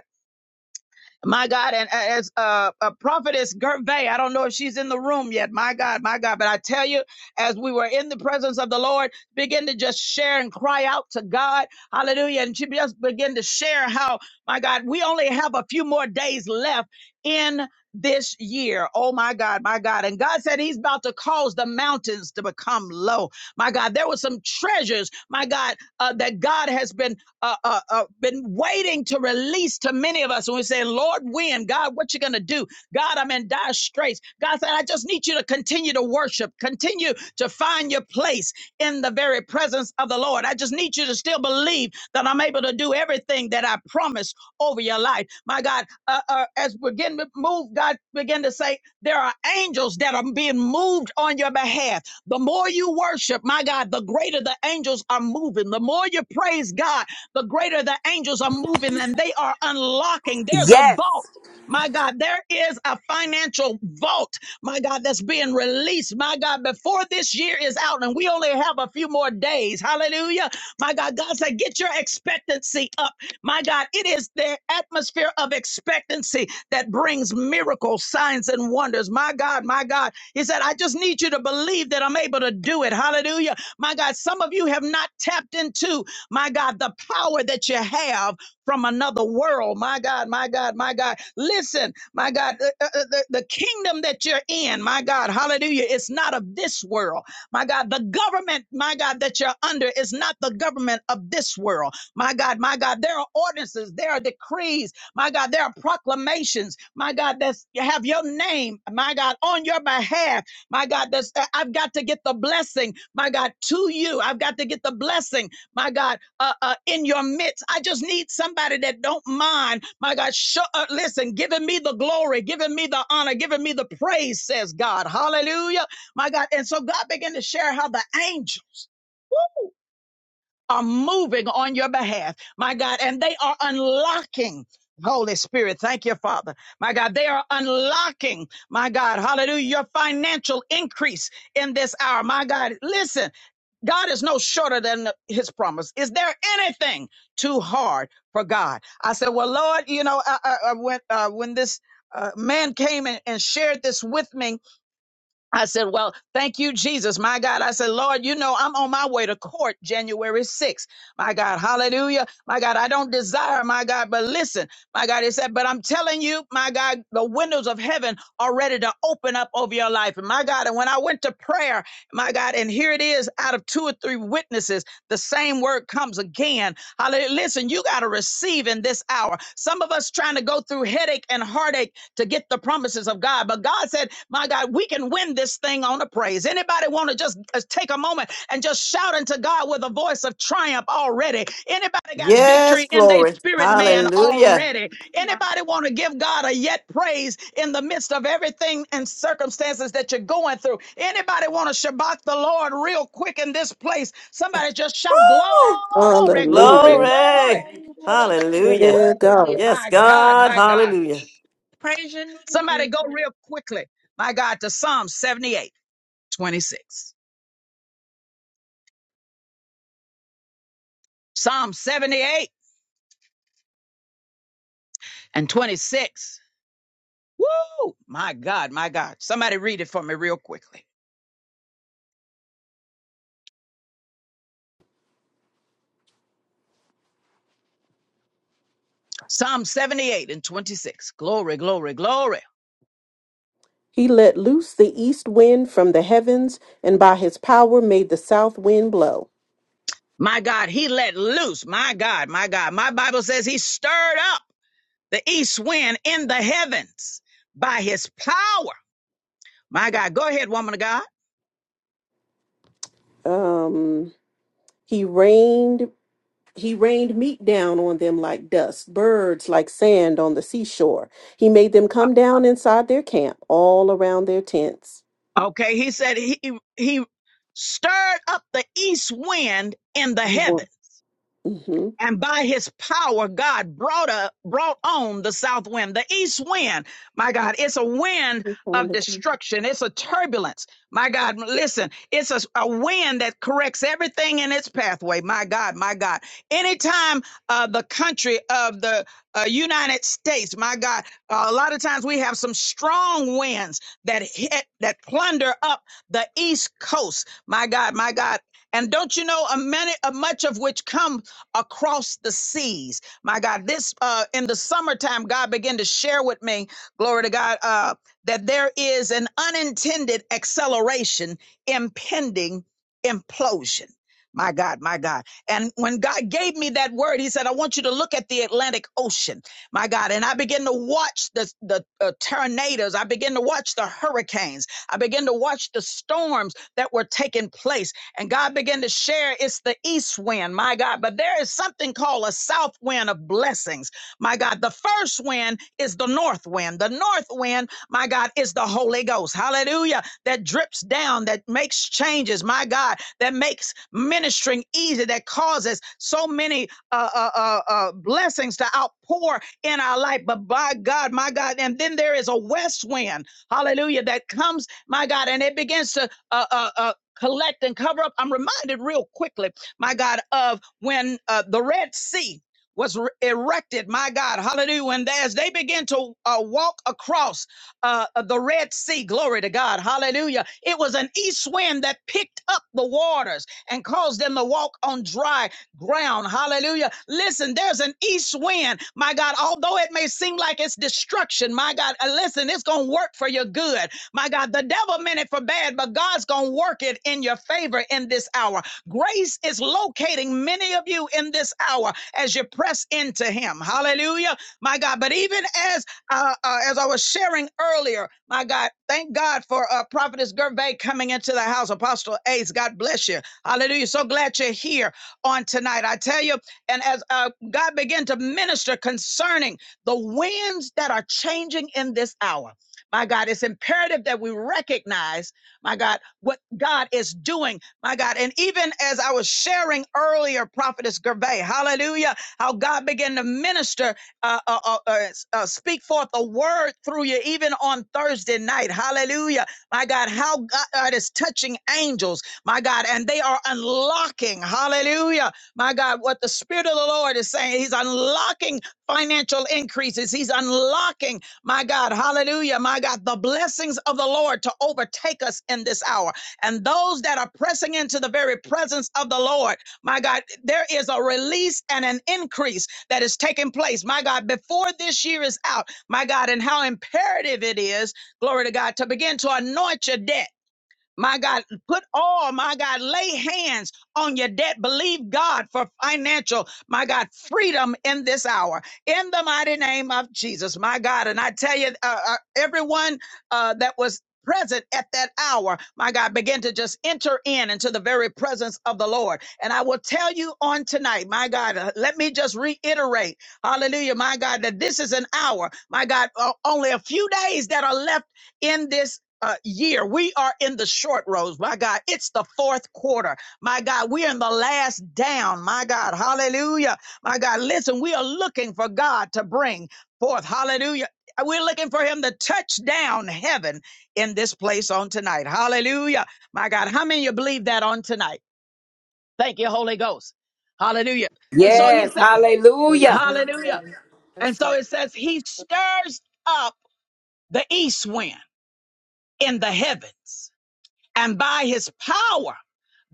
[SPEAKER 1] my God, and as uh, a prophetess Gervais, I don't know if she's in the room yet. My God, my God, but I tell you, as we were in the presence of the Lord, begin to just share and cry out to God, Hallelujah! And she just begin to share how, my God, we only have a few more days left in this year. Oh my God, my God, and God said He's about to cause the mountains to become low. My God, there were some treasures, my God, uh, that God has been uh, uh, uh, been waiting to release to many of us. And we say, Lord, when? God, what you going to do? God, I'm in dire straits. God said, I just need you to continue to worship, continue to find your place in the very presence of the Lord. I just need you to still believe that I'm able to do everything that I promised over your life. My God, uh, uh, as we begin to move, God began to say, there are angels that are being moved on your behalf. The more you worship, my God, the greater the angels are moving. The more you praise God, but greater the angels are moving and they are unlocking. There's a
[SPEAKER 4] Yes.
[SPEAKER 1] vault. My God, there is a financial vault, my God, that's being released. My God, before this year is out and we only have a few more days. Hallelujah. My God, God said, get your expectancy up. My God, it is the atmosphere of expectancy that brings miracles, signs, and wonders. My God, my God. He said, I just need you to believe that I'm able to do it. Hallelujah. My God, some of you have not tapped into my God, the power that you have from another world. My God, my God, my God. Listen, my God, the, the, the the kingdom that you're in, my God, hallelujah, it's not of this world. My God, the government, my God, that you're under is not the government of this world. My God, my God, there are ordinances, there are decrees, my God, there are proclamations, my God, that's have your name, my God, on your behalf. My God, that's uh, I've got to get the blessing, my God, to you. I've got to get the blessing, my God uh, uh, in your midst. I just need somebody that don't mind, my God, show, uh, listen, giving me the glory, giving me the honor, giving me the praise, says God. Hallelujah, my God. And so God began to share how the angels, are moving on your behalf, my God, and they are unlocking. Holy Spirit, thank you, Father. My God, they are unlocking, my God, hallelujah, your financial increase in this hour. My God, listen, God is no shorter than his promise. Is there anything too hard for God? I said, well, Lord, you know, I, I, I went, uh, when this uh, man came and, and shared this with me, I said, Well, thank you, Jesus. My God. I said, Lord, you know, I'm on my way to court January 6th. My God. Hallelujah. My God. I don't desire, my God, but listen, my God. He said, But I'm telling you, my God, the windows of heaven are ready to open up over your life. And my God. And when I went to prayer, my God, and here it is out of two or three witnesses, the same word comes again. Hallelujah. Listen, you got to receive in this hour. Some of us trying to go through headache and heartache to get the promises of God. But God said, my God, we can win this thing on a praise. Anybody want to just uh, take a moment and just shout unto God with a voice of triumph already? Anybody got
[SPEAKER 3] Yes,
[SPEAKER 1] victory in their
[SPEAKER 3] glory.
[SPEAKER 1] spirit,
[SPEAKER 6] Hallelujah,
[SPEAKER 1] man,
[SPEAKER 3] Hallelujah.
[SPEAKER 1] already? Anybody want to give God a yet praise in the midst of everything and circumstances that you're going through? Anybody want to Shabbat the Lord real quick in this place? Somebody just shout
[SPEAKER 3] Woo!
[SPEAKER 1] glory,
[SPEAKER 6] hallelujah,
[SPEAKER 1] glory, glory.
[SPEAKER 3] Glory.
[SPEAKER 6] hallelujah,
[SPEAKER 1] Woo!
[SPEAKER 3] Hallelujah.
[SPEAKER 5] Yeah,
[SPEAKER 6] hallelujah,
[SPEAKER 5] God.
[SPEAKER 6] hallelujah.
[SPEAKER 3] Yes,
[SPEAKER 1] My God,
[SPEAKER 3] God.
[SPEAKER 1] my God.
[SPEAKER 3] Hallelujah.
[SPEAKER 6] Praise your name,
[SPEAKER 1] Somebody go
[SPEAKER 6] Jesus.
[SPEAKER 1] real quickly, my God, to Psalm 78, 26. Psalm 78 and 26. Woo! My God, my God. Somebody read it for me real quickly. Psalm 78 and 26. Glory, glory, glory.
[SPEAKER 5] He let loose the east wind from the heavens, and by his power made the south wind blow.
[SPEAKER 1] My God, he let loose. My God, my God. My Bible says he stirred up the east wind in the heavens by his power. My God, go ahead, woman of God.
[SPEAKER 5] Um, he rained he rained meat down on them like dust, birds like sand on the seashore. He made them come down inside their camp, all around their tents.
[SPEAKER 1] Okay, he said he he stirred up the east wind in the
[SPEAKER 5] We
[SPEAKER 1] heavens
[SPEAKER 5] want- mhm.
[SPEAKER 1] and by his power god brought up brought on the south wind the east wind my god it's a wind
[SPEAKER 5] We found
[SPEAKER 1] of
[SPEAKER 5] the camp.
[SPEAKER 1] destruction it's a turbulence my god listen it's a, a wind that corrects everything in its pathway my god my god anytime uh, the country of the uh, united states my god uh, a lot of times we have some strong winds that hit that plunder up the east coast my god my god and don't you know a many a much of which come across the seas. My God, this uh, in the summertime, God began to share with me, glory to God, uh, that there is an unintended acceleration impending implosion. My God, my God. And when God gave me that word, He said, I want you to look at the Atlantic Ocean my God. And I began to watch the, the uh, tornadoes. I began to watch the hurricanes. I began to watch the storms that were taking place. And God began to share it's the east wind, my God. But there is something called a south wind of blessings, my God. The first wind is the north wind. The north wind, my God, is the Holy Ghost. Hallelujah. That drips down, that makes changes, my God, that makes ministering easy, that causes so many uh, uh, uh, uh, blessings to outpour in our life. But by God, my God, and then there is a west wind, hallelujah, that comes, my God, and it begins to uh, uh, uh, collect and cover up. I'm reminded real quickly, my God, of when uh, the Red Sea was re- erected, my God, hallelujah. And as they began to uh, walk across uh, the Red Sea, glory to God, hallelujah, it was an east wind that picked up the waters and caused them to walk on dry ground, hallelujah. Listen, there's an east wind, my God, although it may seem like it's destruction, my God, uh, listen, it's going to work for your good my God, the devil meant it for bad, but God's going to work it in your favor in this hour. Grace is locating many of you in this hour as you press into Him. Hallelujah, my God. But even as uh, uh, as I was sharing earlier, my God, thank God for uh, Prophetess Gervais coming into the house. Apostle Ace, God bless you. Hallelujah. So glad you're here on tonight. I tell you, and as uh, God began to minister concerning the winds that are changing in this hour. My God, it's imperative that we recognize, my God, what God is doing, my God. And even as I was sharing earlier, Prophetess Gervais, hallelujah, how God began to minister, uh, uh, uh, uh, uh, speak forth a word through you, even on Thursday night, hallelujah, my God, how God is touching angels, my God, and they are unlocking, hallelujah, my God, what the Spirit of the Lord is saying. He's unlocking financial increases, He's unlocking my God, hallelujah. My God, the blessings of the Lord to overtake us in this hour. And those that are pressing into the very presence of the Lord, my God, there is a release and an increase that is taking place. My God, before this year is out, my God, and how imperative it is, glory to God, to begin to anoint your debt. My God, put all, my God, lay hands on your debt. Believe God for financial, my God, freedom in this hour. In the mighty name of Jesus, my God. And I tell you, uh, uh, everyone uh, that was present at that hour, my God, begin to just enter in into the very presence of the Lord. And I will tell you on tonight, my God, uh, let me just reiterate, hallelujah, my God, that this is an hour, my God, uh, only a few days that are left in this uh, year. We are in the short rows, my God. It's the fourth quarter, my God. We're in the last down, my God. Hallelujah, my God. Listen, we are looking for God to bring forth, hallelujah. We're looking for him to touch down heaven in this place on tonight. Hallelujah, my God. How many of you believe that on tonight? Thank you, Holy Ghost. Hallelujah. And so he
[SPEAKER 4] Yes.
[SPEAKER 1] said,
[SPEAKER 4] Hallelujah.
[SPEAKER 6] Hallelujah.
[SPEAKER 1] Hallelujah.
[SPEAKER 8] That's
[SPEAKER 1] And so
[SPEAKER 8] the
[SPEAKER 1] it says, He stirs up the east wind in the heavens and by his power,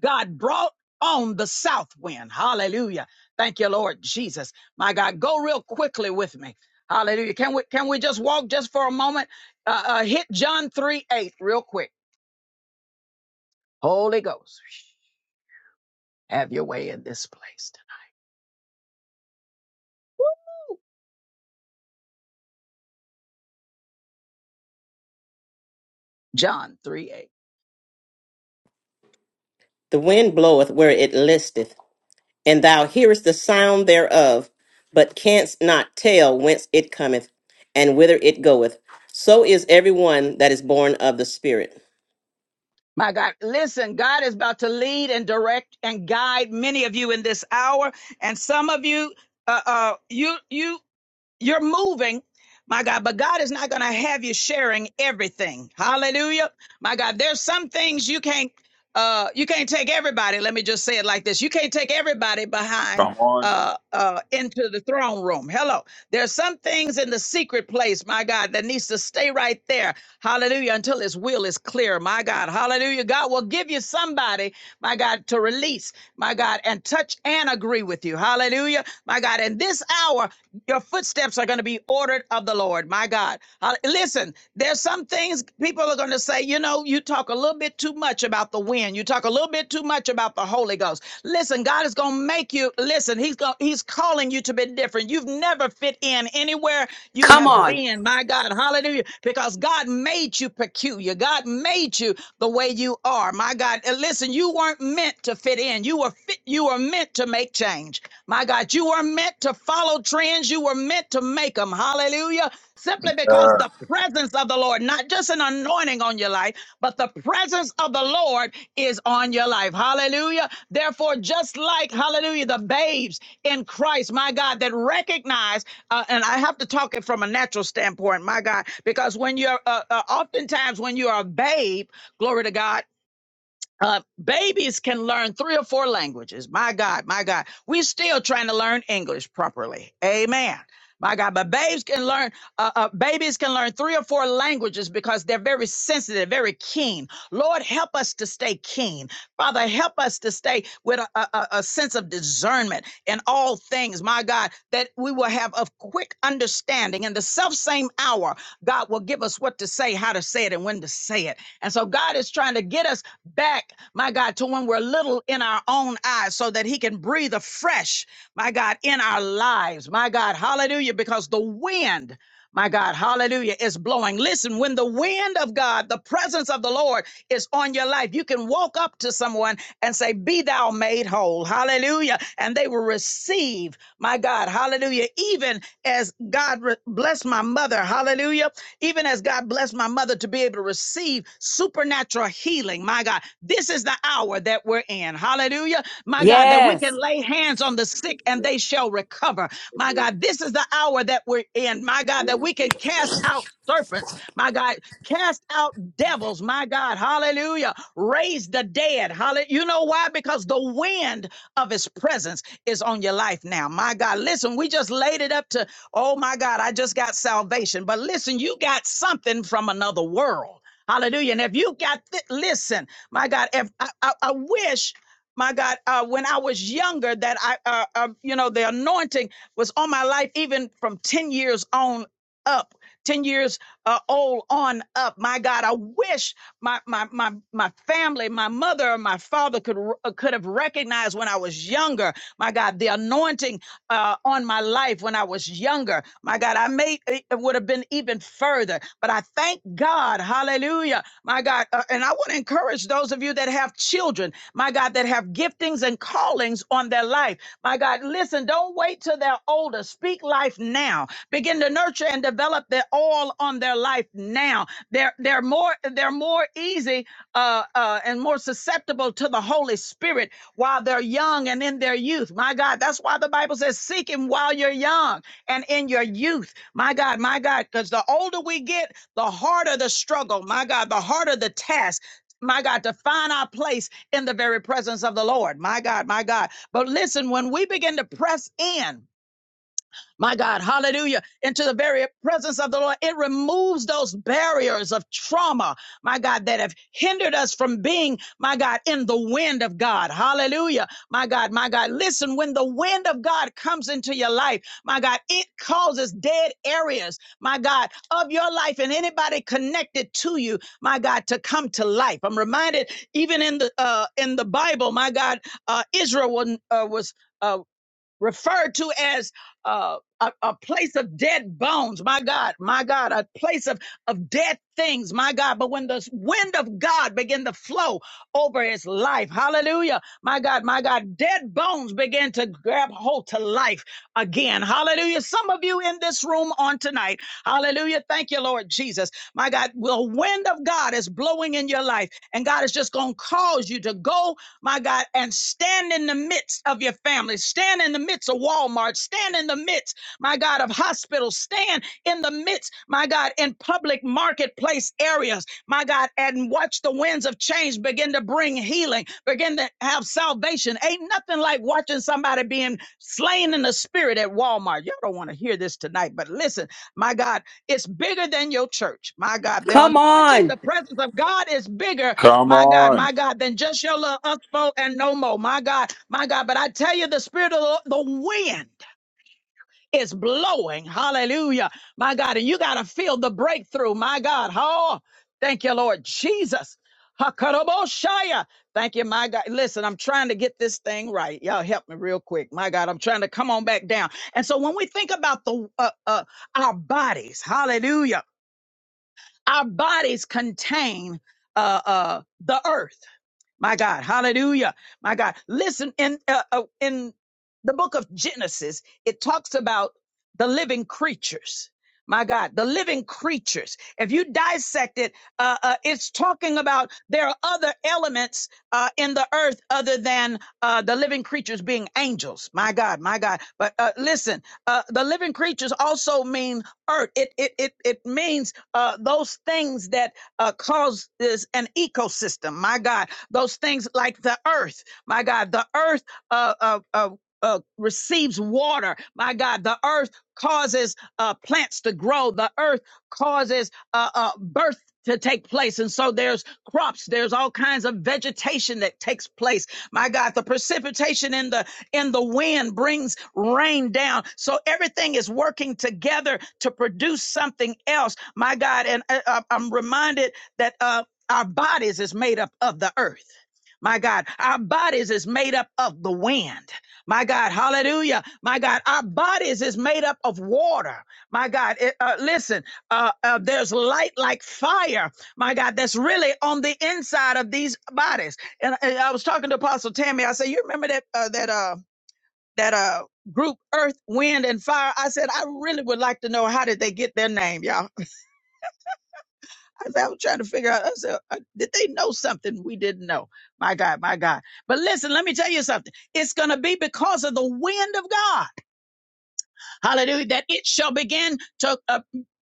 [SPEAKER 1] God brought on the south wind. Hallelujah. Thank you, Lord Jesus. My God, go real quickly with me. Hallelujah. Can we can we just walk just for a moment? Uh, uh, hit John 3 8 real quick. Holy Ghost, have your way in this place. tonight. John 3 8.
[SPEAKER 3] The wind bloweth where it listeth, and thou hearest the sound thereof, but canst not tell whence it cometh and whither it goeth. So is every one that is born of the Spirit.
[SPEAKER 1] My God, listen, God is about to lead and direct and guide many of you in this hour. And some of you, uh, uh, you, you You're moving, my God, but God is not going to have you sharing everything. Hallelujah. My God, there's some things you can't uh you can't take everybody. Let me just say it like this. You can't take everybody behind
[SPEAKER 9] Come on,
[SPEAKER 1] uh uh into the throne room. Hello. There's some things in the secret place, my God, that needs to stay right there. Hallelujah until his will is clear. My God. Hallelujah. God will give you somebody, my God, to release, my God, and touch and agree with you. Hallelujah. My God, in this hour your footsteps are going to be ordered of the Lord, my God. Uh, listen, there's some things people are going to say, you know, you talk a little bit too much about the wind. You talk a little bit too much about the Holy Ghost. Listen, God is going to make you listen. He's going he's calling you to be different. You've never fit in anywhere you
[SPEAKER 4] Come
[SPEAKER 1] have
[SPEAKER 4] on.
[SPEAKER 1] been. My God, Huh. Hallelujah. Because God made you peculiar. God made you the way you are. My God. And listen, you weren't meant to fit in. You were fit, you were meant to make change. My God, you were meant to follow trends. You were meant to make them. Hallelujah. Simply because
[SPEAKER 9] sir.
[SPEAKER 1] the presence of the Lord, not just an anointing on your life, but the presence of the Lord is on your life. Hallelujah. Therefore, just like, hallelujah, the babes in Christ, my God, that recognize, uh, and I have to talk it from a natural standpoint, my God, because when you're, uh, uh, oftentimes when you are a babe, glory to God, uh, babies can learn three or four languages. My God, my God. We're still trying to learn English properly. Amen. My God, but babes can learn, uh, uh, babies can learn three or four languages because they're very sensitive, very keen. Lord, help us to stay keen. Father, help us to stay with a, a, a sense of discernment in all things, my God, that we will have a quick understanding. In the self same hour, God will give us what to say, how to say it, and when to say it. And so God is trying to get us back, my God, to when we're little in our own eyes so that He can breathe afresh, my God, in our lives, my God, hallelujah, because the wind, my God, hallelujah, is blowing. Listen, when the wind of God, the presence of the Lord is on your life, you can walk up to someone and say, Be thou made whole, hallelujah, and they will receive, my God, hallelujah, even as God re- bless my mother, hallelujah. Even as God blessed my mother to be able to receive supernatural healing, my God, this is the hour that we're in. Hallelujah. My God, that we
[SPEAKER 4] Yes.
[SPEAKER 1] can lay hands on the sick and they shall recover. My God, this is the hour that we're in. My God, that we can cast out serpents. My God, cast out devils. My God, hallelujah. Raise the dead. Hallelujah. You know why? Because the wind of his presence is on your life now. My God, listen, we just laid it up to Oh my God, I just got salvation. But listen, you got something from another world. Hallelujah. And if you got, th- listen, my God, if I, I, I wish, my God, uh, when I was younger, that I, uh, uh, you know, the anointing was on my life, even from 10 years on up, 10 years uh, old on up. My God, I wish my, my, my, my family, my mother, my father could, r- could have recognized when I was younger, my God, the anointing uh, on my life when I was younger. My God, I may it would have been even further, but I thank God, Hallelujah, my God. uh, and I want to encourage those of you that have children, my God, that have giftings and callings on their life, my God. Listen, don't wait till they're older. Speak life now. Begin to nurture and develop the all on their life now. They're they're more they're more easy uh, uh, and more susceptible to the Holy Spirit while they're young and in their youth. My God, that's why the Bible says, seek him while you're young and in your youth. My God, my God, because the older we get, the harder the struggle. My God, the harder the task. My God, to find our place in the very presence of the Lord. My God, my God. But listen, when we begin to press in, my God, hallelujah, into the very presence of the Lord. It removes those barriers of trauma, my God, that have hindered us from being, my God, in the wind of God. Hallelujah, my God, my God. Listen, when the wind of God comes into your life, my God, it causes dead areas, my God, of your life and anybody connected to you, my God, to come to life. I'm reminded even in the uh, in the Bible, my God, uh, Israel was, uh, was. Uh, referred to as uh, a, a place of dead bones. My God, my God, a place of, of dead things. My God. But when the wind of God began to flow over his life, hallelujah. My God, my God, dead bones began to grab hold to life again. Hallelujah. Some of you in this room on tonight, hallelujah. Thank you, Lord Jesus. My God, the wind of God is blowing in your life, and God is just going to cause you to go my God, and stand in the midst of your family, stand in the midst of Walmart, stand in the midst, my God, of hospitals, stand in the midst, my God, in public marketplace areas, my God, and watch the winds of change begin to bring healing, begin to have salvation. Ain't nothing like watching somebody being slain in the spirit at Walmart. Y'all don't want to hear this tonight, but listen, my God, it's bigger than your church. My God, the
[SPEAKER 4] Come
[SPEAKER 1] anointing,
[SPEAKER 4] on.
[SPEAKER 1] the presence of God is bigger
[SPEAKER 9] Come
[SPEAKER 1] my God,
[SPEAKER 9] on.
[SPEAKER 1] my God, then just your little us foe and no more. My God, my God. But I tell you, the spirit of the, the wind is blowing. Hallelujah. My God. And you got to feel the breakthrough. My God. Oh, thank you, Lord Jesus. Hakaraboshaya. Thank you, my God. Listen, I'm trying to get this thing right. Y'all help me real quick. My God, I'm trying to come on back down. And so when we think about the uh, uh, our bodies, hallelujah, our bodies contain uh, uh, the earth. My God, hallelujah. My God, listen in uh, uh, in the book of Genesis, it talks about the living creatures. My God, the living creatures. If you dissect it, uh, uh, it's talking about there are other elements uh, in the earth other than uh, the living creatures being angels. My God, my God. But uh, listen, uh, the living creatures also mean earth. It it it it means uh, those things that uh, cause this an ecosystem. My God, those things like the earth, my God, the earth uh, uh, uh, uh, receives water. My God, the earth causes uh, plants to grow. The earth causes uh, uh, birth to take place. And so there's crops, there's all kinds of vegetation that takes place. My God, the precipitation in the in the wind brings rain down. So everything is working together to produce something else. My God, and I, I- I'm reminded that uh, our bodies is made up of the earth. My God, our bodies is made up of the wind. My God, hallelujah. My God, our bodies is made up of water. My God, it- uh, listen, uh, uh, there's light like fire. My God, that's really on the inside of these bodies. And, and I was talking to Apostle Tammy. I said, you remember that uh, that uh, that uh, group Earth, Wind, and Fire? I said, I really would like to know how did they get their name, y'all. I said, I was trying to figure out. I said, uh, did they know something we didn't know? My God, my God. But listen, let me tell you something. It's going to be because of the wind of God hallelujah, that it shall begin to uh,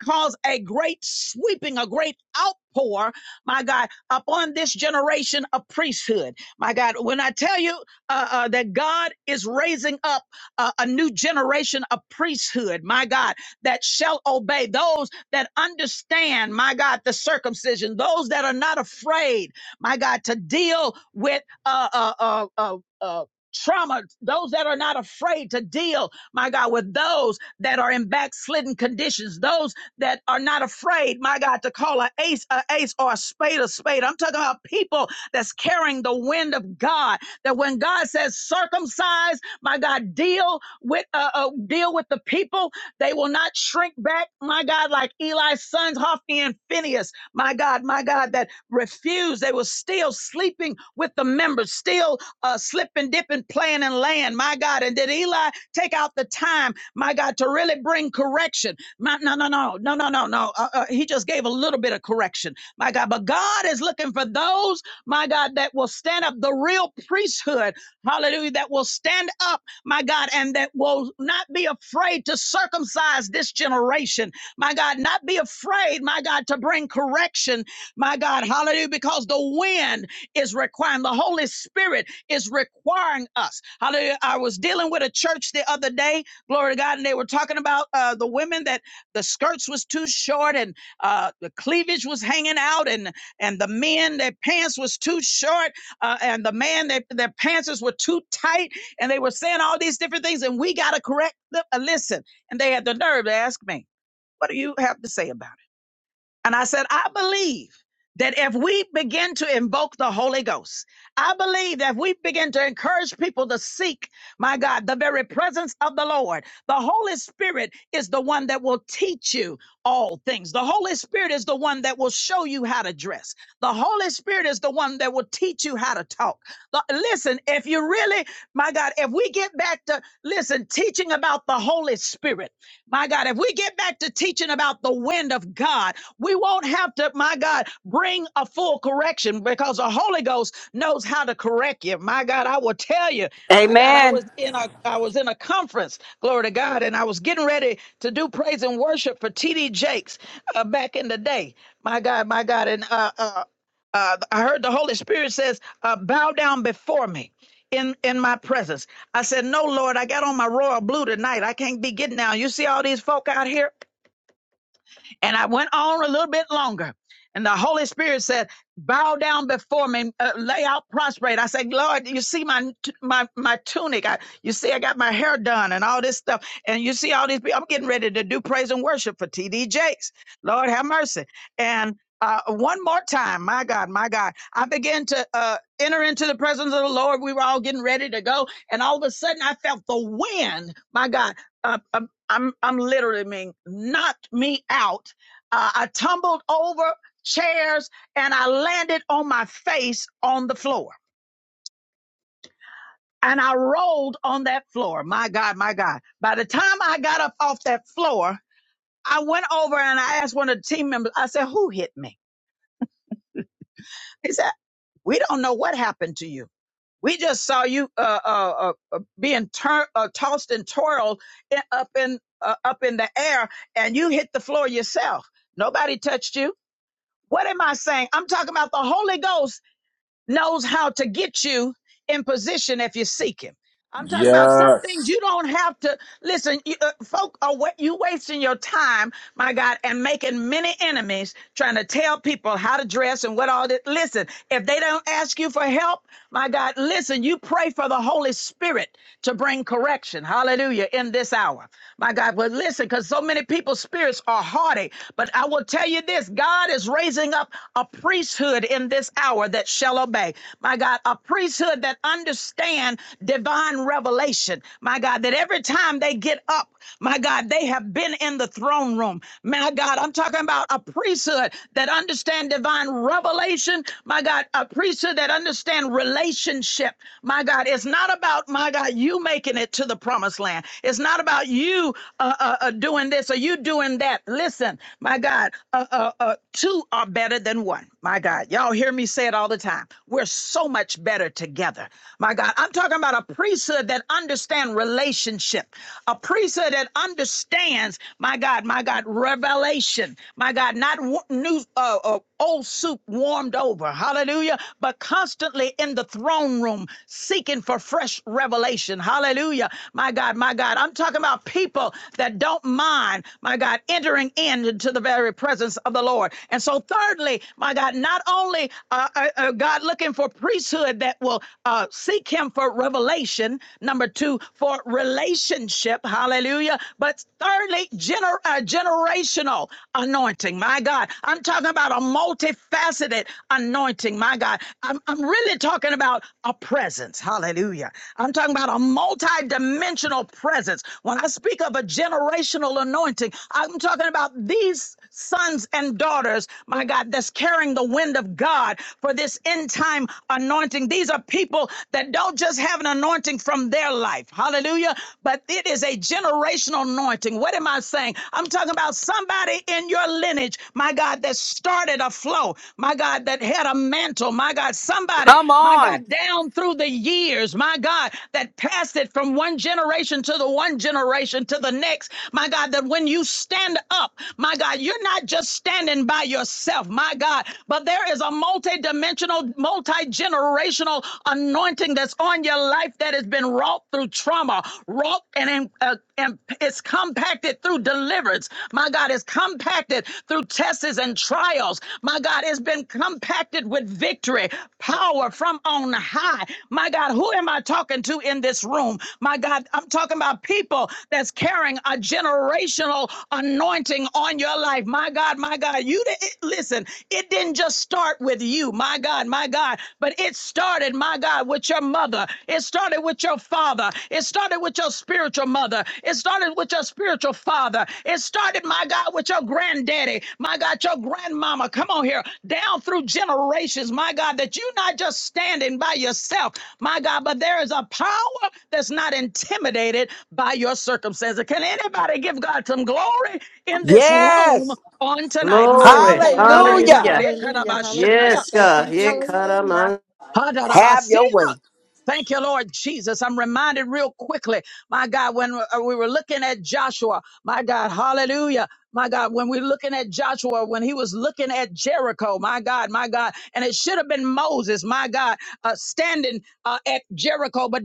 [SPEAKER 1] cause a great sweeping, a great outpour, my God, upon this generation of priesthood. My God, when I tell you uh, uh, that God is raising up uh, a new generation of priesthood, my God, that shall obey those that understand, my God, the circumcision, those that are not afraid, my God, to deal with uh, uh, uh, uh, uh, trauma, those that are not afraid to deal my God, with those that are in backslidden conditions, those that are not afraid, my God, to call an ace a ace or a spade a spade. I'm talking about people that's carrying the wind of God. That when God says circumcise, my God, deal with uh, uh deal with the people. They will not shrink back, my God, like Eli's sons Hophni and Phineas, my God, my God, that refused. They were still sleeping with the members, still uh, slipping, dipping, playing and laying, my God. And did Eli? Take out the time, my God, to really bring correction. My, no, no, no, no, no, no, no. Uh, uh, he just gave a little bit of correction, my God. But God is looking for those, my God, that will stand up, the real priesthood, hallelujah, that will stand up, my God, and that will not be afraid to circumcise this generation, my God, not be afraid, my God, to bring correction, my God, hallelujah, because the wind is requiring the Holy Spirit is requiring us. Hallelujah. I was dealing with a church the other day, glory to God, and they were talking about uh, the women that the skirts was too short and uh, the cleavage was hanging out, and and the men their pants was too short, uh, and the man their their pants were too tight, and they were saying all these different things, and we got to correct them. Uh, listen, and they had the nerve to ask me, "What do you have to say about?" it?" And I said, I believe that if we begin to invoke the Holy Ghost, I believe that if we begin to encourage people to seek, my God, the very presence of the Lord, the Holy Spirit is the one that will teach you all things. The Holy Spirit is the one that will show you how to dress. The Holy Spirit is the one that will teach you how to talk. The- listen, if you really, my God, if we get back to, listen, teaching about the Holy Spirit, my God, if we get back to teaching about the wind of God, we won't have to, my God, bring a full correction because the Holy Ghost knows how to correct you. My God, I will tell you, my God, I
[SPEAKER 4] Amen.
[SPEAKER 1] was in a I was in a conference, glory to God, and I was getting ready to do praise and worship for TD Jakes uh, back in the day. My God, my God, and uh, uh, uh, I heard the Holy Spirit says, uh, "Bow down before me." In, in my presence. I said, No, Lord, I got on my royal blue tonight. I can't be getting down. You see all these folk out here? And I went on a little bit longer. And the Holy Spirit said, bow down before me, uh, lay out prostrate. I said, Lord, you see my, my, my tunic. I, you see, I got my hair done and all this stuff. And you see all these people, I'm getting ready to do praise and worship for TD Jakes. Lord have mercy. And, uh, one more time, my God, my God, I began to, uh, enter into the presence of the Lord. We were all getting ready to go. And all of a sudden I felt the wind, my God, uh, um, I'm, I'm literally mean, knocked me out uh, I tumbled over chairs and I landed on my face on the floor. And I rolled on that floor. My God, my God. By the time I got up off that floor, I went over and I asked one of the team members, I said, who hit me? He said, we don't know what happened to you. We just saw you uh, uh, uh, uh, being tur- uh, tossed and twirled in, up in uh, up in the air, and you hit the floor yourself. Nobody touched you. What am I saying? I'm talking about the Holy Ghost knows how to get you in position if you seek him. I'm talking about some
[SPEAKER 9] Yes.
[SPEAKER 1] things you don't have to. Listen, you, uh, folk are wa- you wasting your time, my God, and making many enemies trying to tell people how to dress and what all this? Listen, if they don't ask you for help, my God, listen, you pray for the Holy Spirit to bring correction. Hallelujah. In this hour, my God, but listen, because so many people's spirits are haughty. But I will tell you this God is raising up a priesthood in this hour that shall obey. My God, a priesthood that understand divine revelation. My God, God, that every time they get up, my God, they have been in the throne room. My God, I'm talking about a priesthood that understand divine revelation. My God, a priesthood that understand relationship. My God, it's not about, my God, you making it to the promised land. It's not about you uh, uh, uh, doing this or you doing that. Listen, my God, uh, uh, uh, two are better than one. My God, y'all hear me say it all the time. We're so much better together. My God, I'm talking about a priesthood that that understand relationship, a priesthood that understands, my God, my God, revelation, my God, not new, uh, uh, old soup warmed over, hallelujah, but constantly in the throne room seeking for fresh revelation, hallelujah, my God, my God. I'm talking about people that don't mind, my God, entering into the very presence of the Lord. And so, thirdly, my God, not only uh, uh, uh, God looking for priesthood that will uh, seek Him for revelation revelation. Number two, for relationship. Hallelujah. But thirdly, gener- uh, generational anointing. My God, I'm talking about a multifaceted anointing. My God, I'm, I'm really talking about a presence. Hallelujah. I'm talking about a multidimensional presence. When I speak of a generational anointing, I'm talking about these sons and daughters, my God, that's carrying the wind of God for this end time anointing. These are people that don't just have an anointing from their life. Hallelujah. But it is a generational anointing. What am I saying? I'm talking about somebody in your lineage, my God, that started a flow, my God, that had a mantle, my God, somebody,
[SPEAKER 4] Come
[SPEAKER 1] my
[SPEAKER 4] on.
[SPEAKER 1] God, down through the years, my God, that passed it from one generation to the one generation to the next, my God, that when you stand up, my God, you're not just standing by yourself, my God, but there is a multi dimensional, multi generational generational anointing that's on your life that has been wrought through trauma, wrought and, uh, and it's compacted through deliverance. My God, it's compacted through tests and trials. My God, it's been compacted with victory, power from on high. My God, who am I talking to in this room? My God, I'm talking about people that's carrying a generational anointing on your life. My God, my God, you di- it- listen, it didn't just start with you. My God, my God. But it started, my God, with your mother. It started with your father. It started with your spiritual mother. It started with your spiritual father. It started, my God, with your granddaddy. My God, your grandmama. Come on here. Down through generations, my God, that you're not just standing by yourself, my God, but there is a power that's not intimidated by your circumstances. Can anybody give God some glory in this room
[SPEAKER 4] Yes.
[SPEAKER 1] on tonight? My
[SPEAKER 3] Glory.
[SPEAKER 8] glory,
[SPEAKER 1] God, my
[SPEAKER 8] glory,
[SPEAKER 1] God.
[SPEAKER 4] Hallelujah.
[SPEAKER 3] Hallelujah.
[SPEAKER 8] hallelujah, hallelujah.
[SPEAKER 1] Ekarabashaya.
[SPEAKER 3] Yes,
[SPEAKER 8] Thank
[SPEAKER 3] God.
[SPEAKER 8] you,
[SPEAKER 3] Yeah,
[SPEAKER 8] Jesus.
[SPEAKER 3] God,
[SPEAKER 6] hello.
[SPEAKER 3] I'm
[SPEAKER 4] Have your
[SPEAKER 1] Hadarabasira.
[SPEAKER 4] way.
[SPEAKER 1] Thank you, Lord Jesus. I'm reminded real quickly, my God, when uh, we were looking at Joshua, my God, hallelujah. My God, when we're looking at Joshua, when he was looking at Jericho, my God, my God, and it should have been Moses, my God, uh, standing uh, at Jericho, but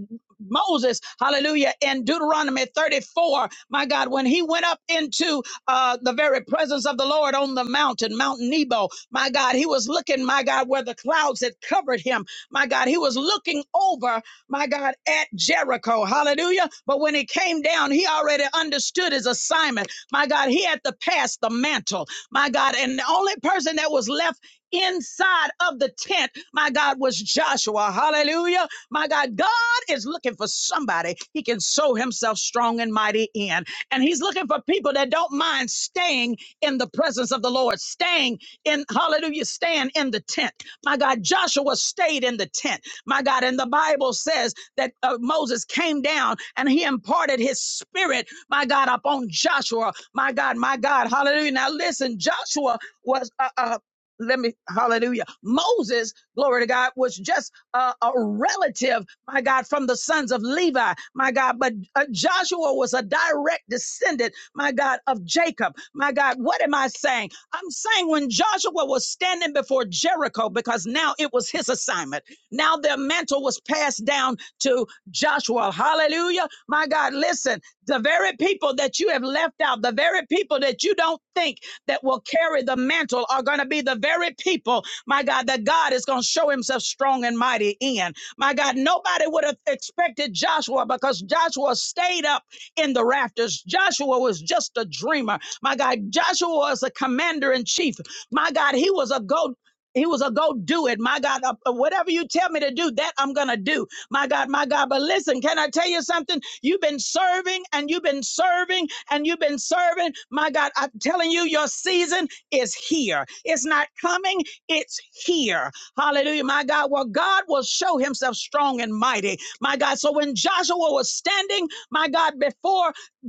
[SPEAKER 1] Moses, hallelujah, in Deuteronomy 34, my God, when he went up into uh, the very presence of the Lord on the mountain, Mount Nebo, my God, he was looking, my God, where the clouds had covered him, my God, he was looking over, my God, at Jericho. Hallelujah. But when he came down, he already understood his assignment. My God, he had to pass the mantle. My God, and the only person that was left inside of the tent, my God, was Joshua. Hallelujah. My God, God is looking for somebody he can sow himself strong and mighty in. And he's looking for people that don't mind staying in the presence of the Lord, staying in, hallelujah, staying in the tent. My God, Joshua stayed in the tent. My God, and the Bible says that uh, Moses came down and he imparted his spirit, my God, upon Joshua. My God, my God, hallelujah. Now listen, Joshua was uh, uh, let me hallelujah moses glory to god was just uh, a relative my god from the sons of levi my god but uh, joshua was a direct descendant my god of jacob my god what am i saying I'm saying when Joshua was standing before Jericho, because now it was his assignment. Now the mantle was passed down to Joshua. Hallelujah. My God, listen, the very people that you have left out, the very people that you don't think that will carry the mantle are going to be the very people, my God, that God is going to show himself strong and mighty in. My God, nobody would have expected Joshua because Joshua stayed up in the rafters. Joshua was just a dreamer. My God, Joshua was a commander in chief. My God, he was a go. He was a go do it. My God, uh, uh, whatever you tell me to do, that I'm going to do. My God, my God. But listen, can I tell you something? You've been serving and you've been serving and you've been serving. My God, I'm telling you, your season is here. It's not coming, it's here. Hallelujah. My God, well, God will show himself strong and mighty. My God, so when Joshua was standing, my God, before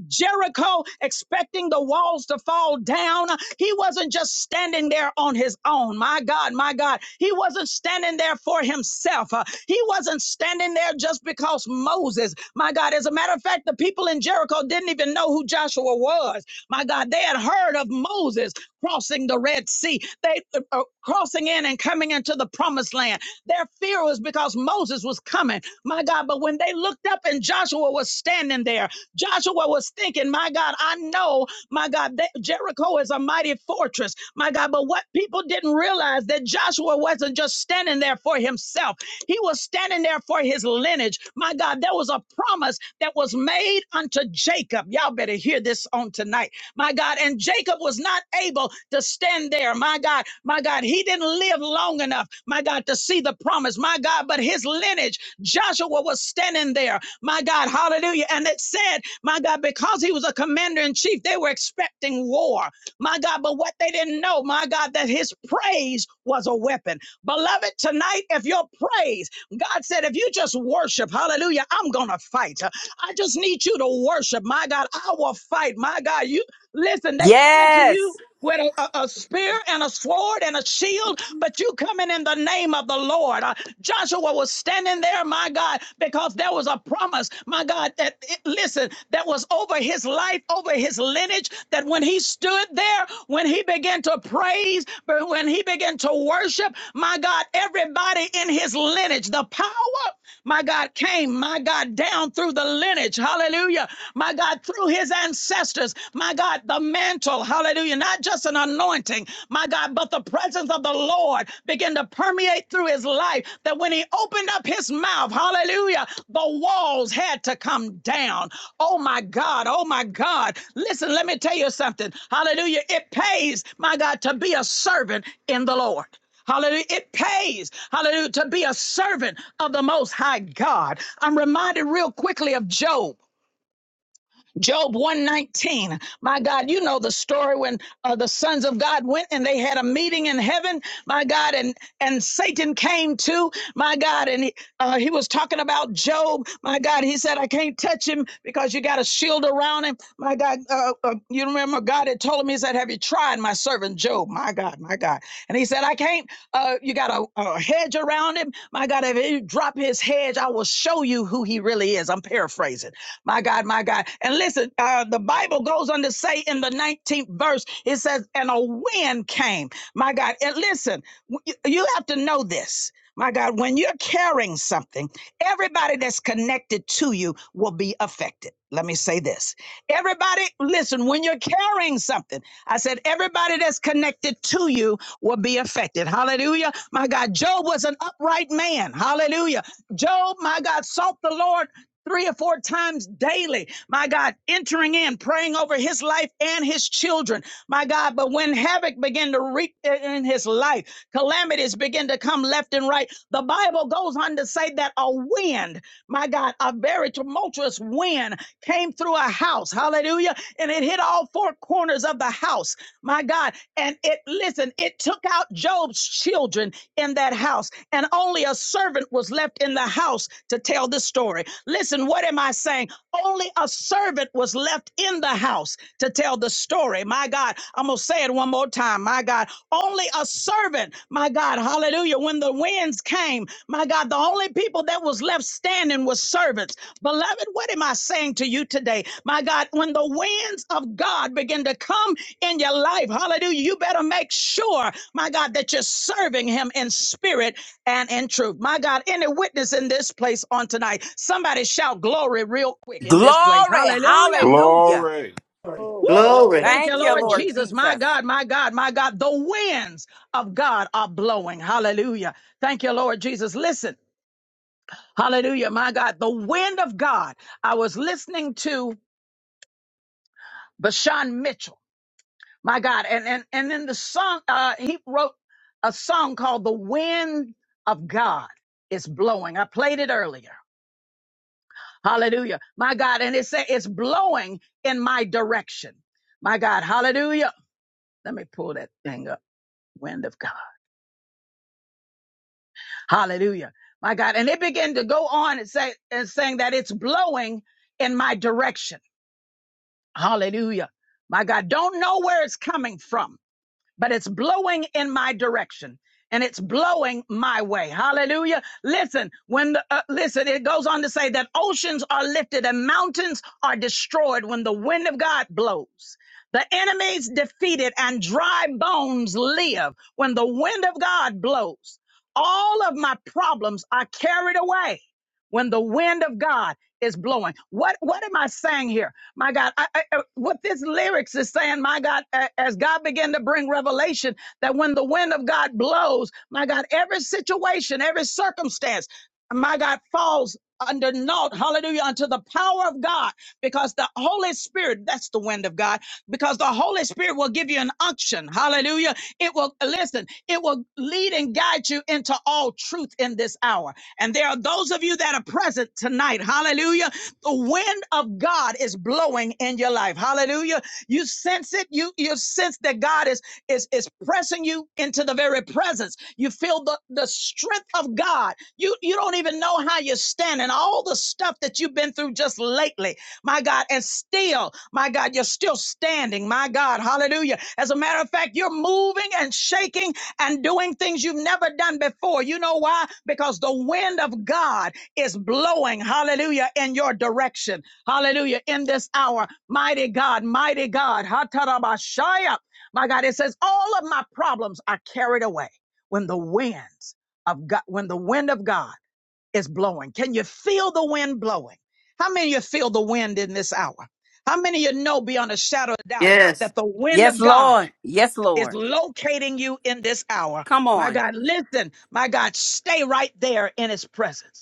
[SPEAKER 1] Jericho expecting the walls to fall down. He wasn't just standing there on his own. My God, my God. He wasn't standing there for himself. Uh, He wasn't standing there just because Moses, my God. As a matter of fact, the people in Jericho didn't even know who Joshua was. My God, they had heard of Moses crossing the Red Sea, they uh, uh, crossing in and coming into the promised land. Their fear was because Moses was coming. My God, but when they looked up and Joshua was standing there, Joshua was thinking, my God, I know, my God, that Jericho is a mighty fortress, my God. But what people didn't realize that Joshua wasn't just standing there for himself, he was standing there for his lineage. My God, there was a promise that was made unto Jacob. Y'all better hear this on tonight, my God. And Jacob was not able to stand there, my God, my God. He didn't live long enough, my God, to see the promise, my God. But his lineage, Joshua was standing there my God, hallelujah. And it said, my God, because he was a commander in chief, they were expecting war, my God. But what they didn't know, my God, that his praise was a weapon. Beloved, tonight, if your praise, God said, if you just worship, hallelujah, I'm going to fight. I just need you to worship, my God. I will fight, my God. You listen, they coming to you
[SPEAKER 4] Yes.
[SPEAKER 1] with a, a- a spear and a sword and a shield, but you coming in the name of the Lord. Uh, Joshua was standing there, my God, because there was a promise, my God, that it, listen, that was over his life, over his lineage, that when he stood there, when he began to praise, but when he began to worship, my God, everybody in his lineage, the power my God, came, my God, down through the lineage, hallelujah, my God, through his ancestors, my God, the mantle, hallelujah, not just an anointing, my God, but the presence of the Lord began to permeate through his life that when he opened up his mouth, hallelujah, the walls had to come down. Oh my God, oh my God. Listen, let me tell you something, hallelujah, it pays, my God, to be a servant in the Lord. Hallelujah. It pays, hallelujah, to be a servant of the Most High God. I'm reminded real quickly of Job. Job 119. My God, you know the story when uh, the sons of God went and they had a meeting in heaven, my God, and and Satan came too, my God, and he, uh, he was talking about Job, my God. He said, I can't touch him because you got a shield around him, my God. Uh, uh, you remember God had told him, He said, Have you tried my servant Job, my God, my God? And he said, I can't, uh, you got a, a hedge around him, my God. If you drop his hedge, I will show you who he really is. I'm paraphrasing. My God, my God. And listen, uh, the Bible goes on to say in the 19th verse, it says, and a wind came. My God. And listen, you you have to know this. My God, when you're carrying something, everybody that's connected to you will be affected. Let me say this. Everybody, listen, when you're carrying something, I said, everybody that's connected to you will be affected. Hallelujah. My God, Job was an upright man. Hallelujah. Job, my God, sought the Lord three or four times daily. My God, entering in, praying over his life and his children. My God, but when havoc began to reap in his life, calamities began to come left and right. The Bible goes on to say that a wind, my God, a very tumultuous wind came through a house. Hallelujah. And it hit all four corners of the house. My God. And it, listen, it took out Job's children in that house, and only a servant was left in the house to tell the story. Listen, what am I saying? Only a servant was left in the house to tell the story. My God, I'm going to say it one more time. My God, only a servant, my God, hallelujah. When the winds came, my God, the only people that was left standing was servants. Beloved, what am I saying to you today? My God, when the winds of God begin to come, in your life. Hallelujah. You better make sure, my God, that you're serving him in spirit and in truth. My God, any witness in this place on tonight, somebody shout glory real quick in
[SPEAKER 4] Glory.
[SPEAKER 1] this place. Hallelujah.
[SPEAKER 4] Hallelujah.
[SPEAKER 9] Glory.
[SPEAKER 3] on.
[SPEAKER 1] Woo!
[SPEAKER 8] Glory,
[SPEAKER 3] Glory.
[SPEAKER 8] glory,
[SPEAKER 1] Thank
[SPEAKER 4] Thank
[SPEAKER 1] you,
[SPEAKER 4] you,
[SPEAKER 1] Lord
[SPEAKER 8] glory.
[SPEAKER 4] Lord
[SPEAKER 1] Jesus. My
[SPEAKER 4] Jesus.
[SPEAKER 1] God, my God, my God. The winds of God are blowing. Hallelujah. Thank you, Lord Jesus. Listen. Hallelujah. My God, the wind of God. I was listening to Bashan Mitchell. my God. And and and then the song uh, he wrote a song called "The Wind of God is Blowing." I played it earlier. Hallelujah, my God. And it said it's blowing in my direction. My God, Hallelujah. Let me pull that thing up. Wind of God, Hallelujah, my God. And it began to go on and say and saying that it's blowing in my direction. Hallelujah, my God. Don't know where it's coming from but it's blowing in my direction and it's blowing my way. Hallelujah. Listen, when the, uh, listen, it goes on to say that oceans are lifted and mountains are destroyed when the wind of God blows. The enemies defeated and dry bones live when the wind of God blows. All of my problems are carried away when the wind of God is blowing. What what am I saying here? My God, I, I, uh, what this lyrics is saying, my God, a- as God began to bring revelation that when the wind of God blows, my God, every situation, every circumstance, my God, falls under naught, hallelujah, unto the power of God, because the Holy Spirit, that's the wind of God, because the Holy Spirit will give you an unction, hallelujah. It will, listen, it will lead and guide you into all truth in this hour. And there are those of you that are present tonight, hallelujah the wind of God is blowing in your life. Hallelujah. You sense it. You you sense that God is is is pressing you into the very presence. You feel the the strength of God. You you don't even know how you're standing. All the stuff that you've been through just lately my God, and still, my God, you're still standing, my God, hallelujah. As a matter of fact, you're moving and shaking and doing things you've never done before. You know why? Because the wind of God is blowing, hallelujah, in your direction, hallelujah, in this hour. Mighty God, mighty God, Hatarabashaya. My God, it says, all of my problems are carried away when the winds of God, when the wind of God is blowing. Can you feel the wind blowing? How many of you feel the wind in this hour? How many of you know beyond a shadow of doubt that the wind
[SPEAKER 4] Yes,
[SPEAKER 1] of God
[SPEAKER 4] Lord. Yes,
[SPEAKER 1] is
[SPEAKER 4] Lord.
[SPEAKER 1] locating you in this hour?
[SPEAKER 4] Come
[SPEAKER 1] My
[SPEAKER 4] on.
[SPEAKER 1] God, listen, my God, stay right there in his presence.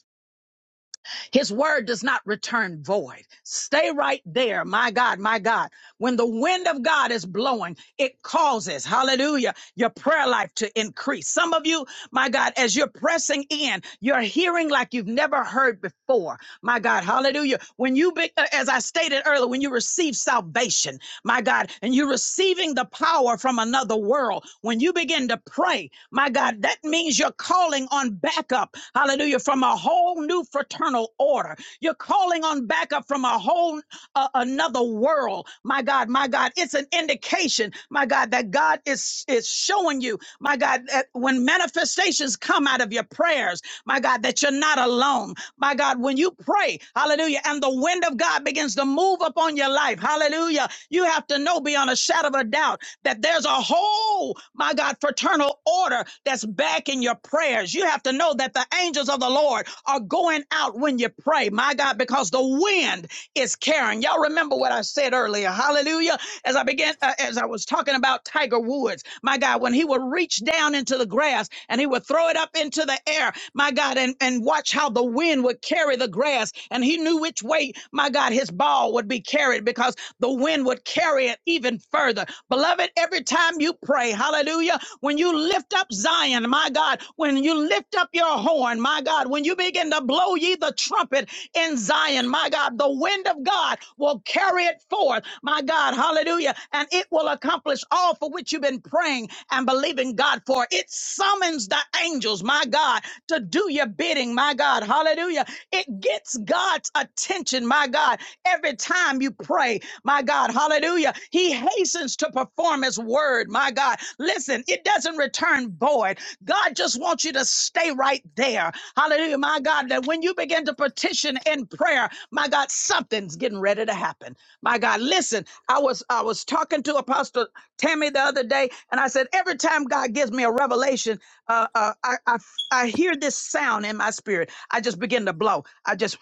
[SPEAKER 1] His word does not return void. Stay right there. My God, my God. When the wind of God is blowing, it causes, hallelujah, your prayer life to increase. Some of you, my God, as you're pressing in, you're hearing like you've never heard before. My God, hallelujah. When you, be, uh, as I stated earlier, when you receive salvation, my God, and you're receiving the power from another world. When you begin to pray, my God, that means you're calling on backup, hallelujah, from a whole new fraternal order. You're calling on backup from a whole uh, another world, my God, my God. It's an indication, my God, that God is is showing you, my God, that when manifestations come out of your prayers, my God, that you're not alone. My God, when you pray, hallelujah, and the wind of God begins to move upon your life, hallelujah. You have to know beyond a shadow of a doubt that there's a whole, my God, fraternal order that's backing your prayers. You have to know that the angels of the Lord are going out when you pray, my God, because the wind is carrying. Y'all remember what I said earlier. Hallelujah. As I began, uh, as I was talking about Tiger Woods, my God, when he would reach down into the grass and he would throw it up into the air, my God, and, and watch how the wind would carry the grass. And he knew which way, my God, his ball would be carried because the wind would carry it even further. Beloved, every time you pray, hallelujah, when you lift up Zion, my God, when you lift up your horn, my God, when you begin to blow ye the trumpet in Zion, my God, the wind of God will carry it forth, my God, hallelujah, and it will accomplish all for which you've been praying and believing God for. It summons the angels, my God, to do your bidding, my God, hallelujah. It gets God's attention, my God, every time you pray. My God, hallelujah. He hastens to perform his word. My God, listen, it doesn't return void. God just wants you to stay right there. Hallelujah. My God, that when you begin to petition in prayer, my God, something's getting ready to happen. My God, listen, I was I was talking to Apostle Tammy the other day, and I said, every time God gives me a revelation, uh, uh, I, I I hear this sound in my spirit. I just begin to blow. I just,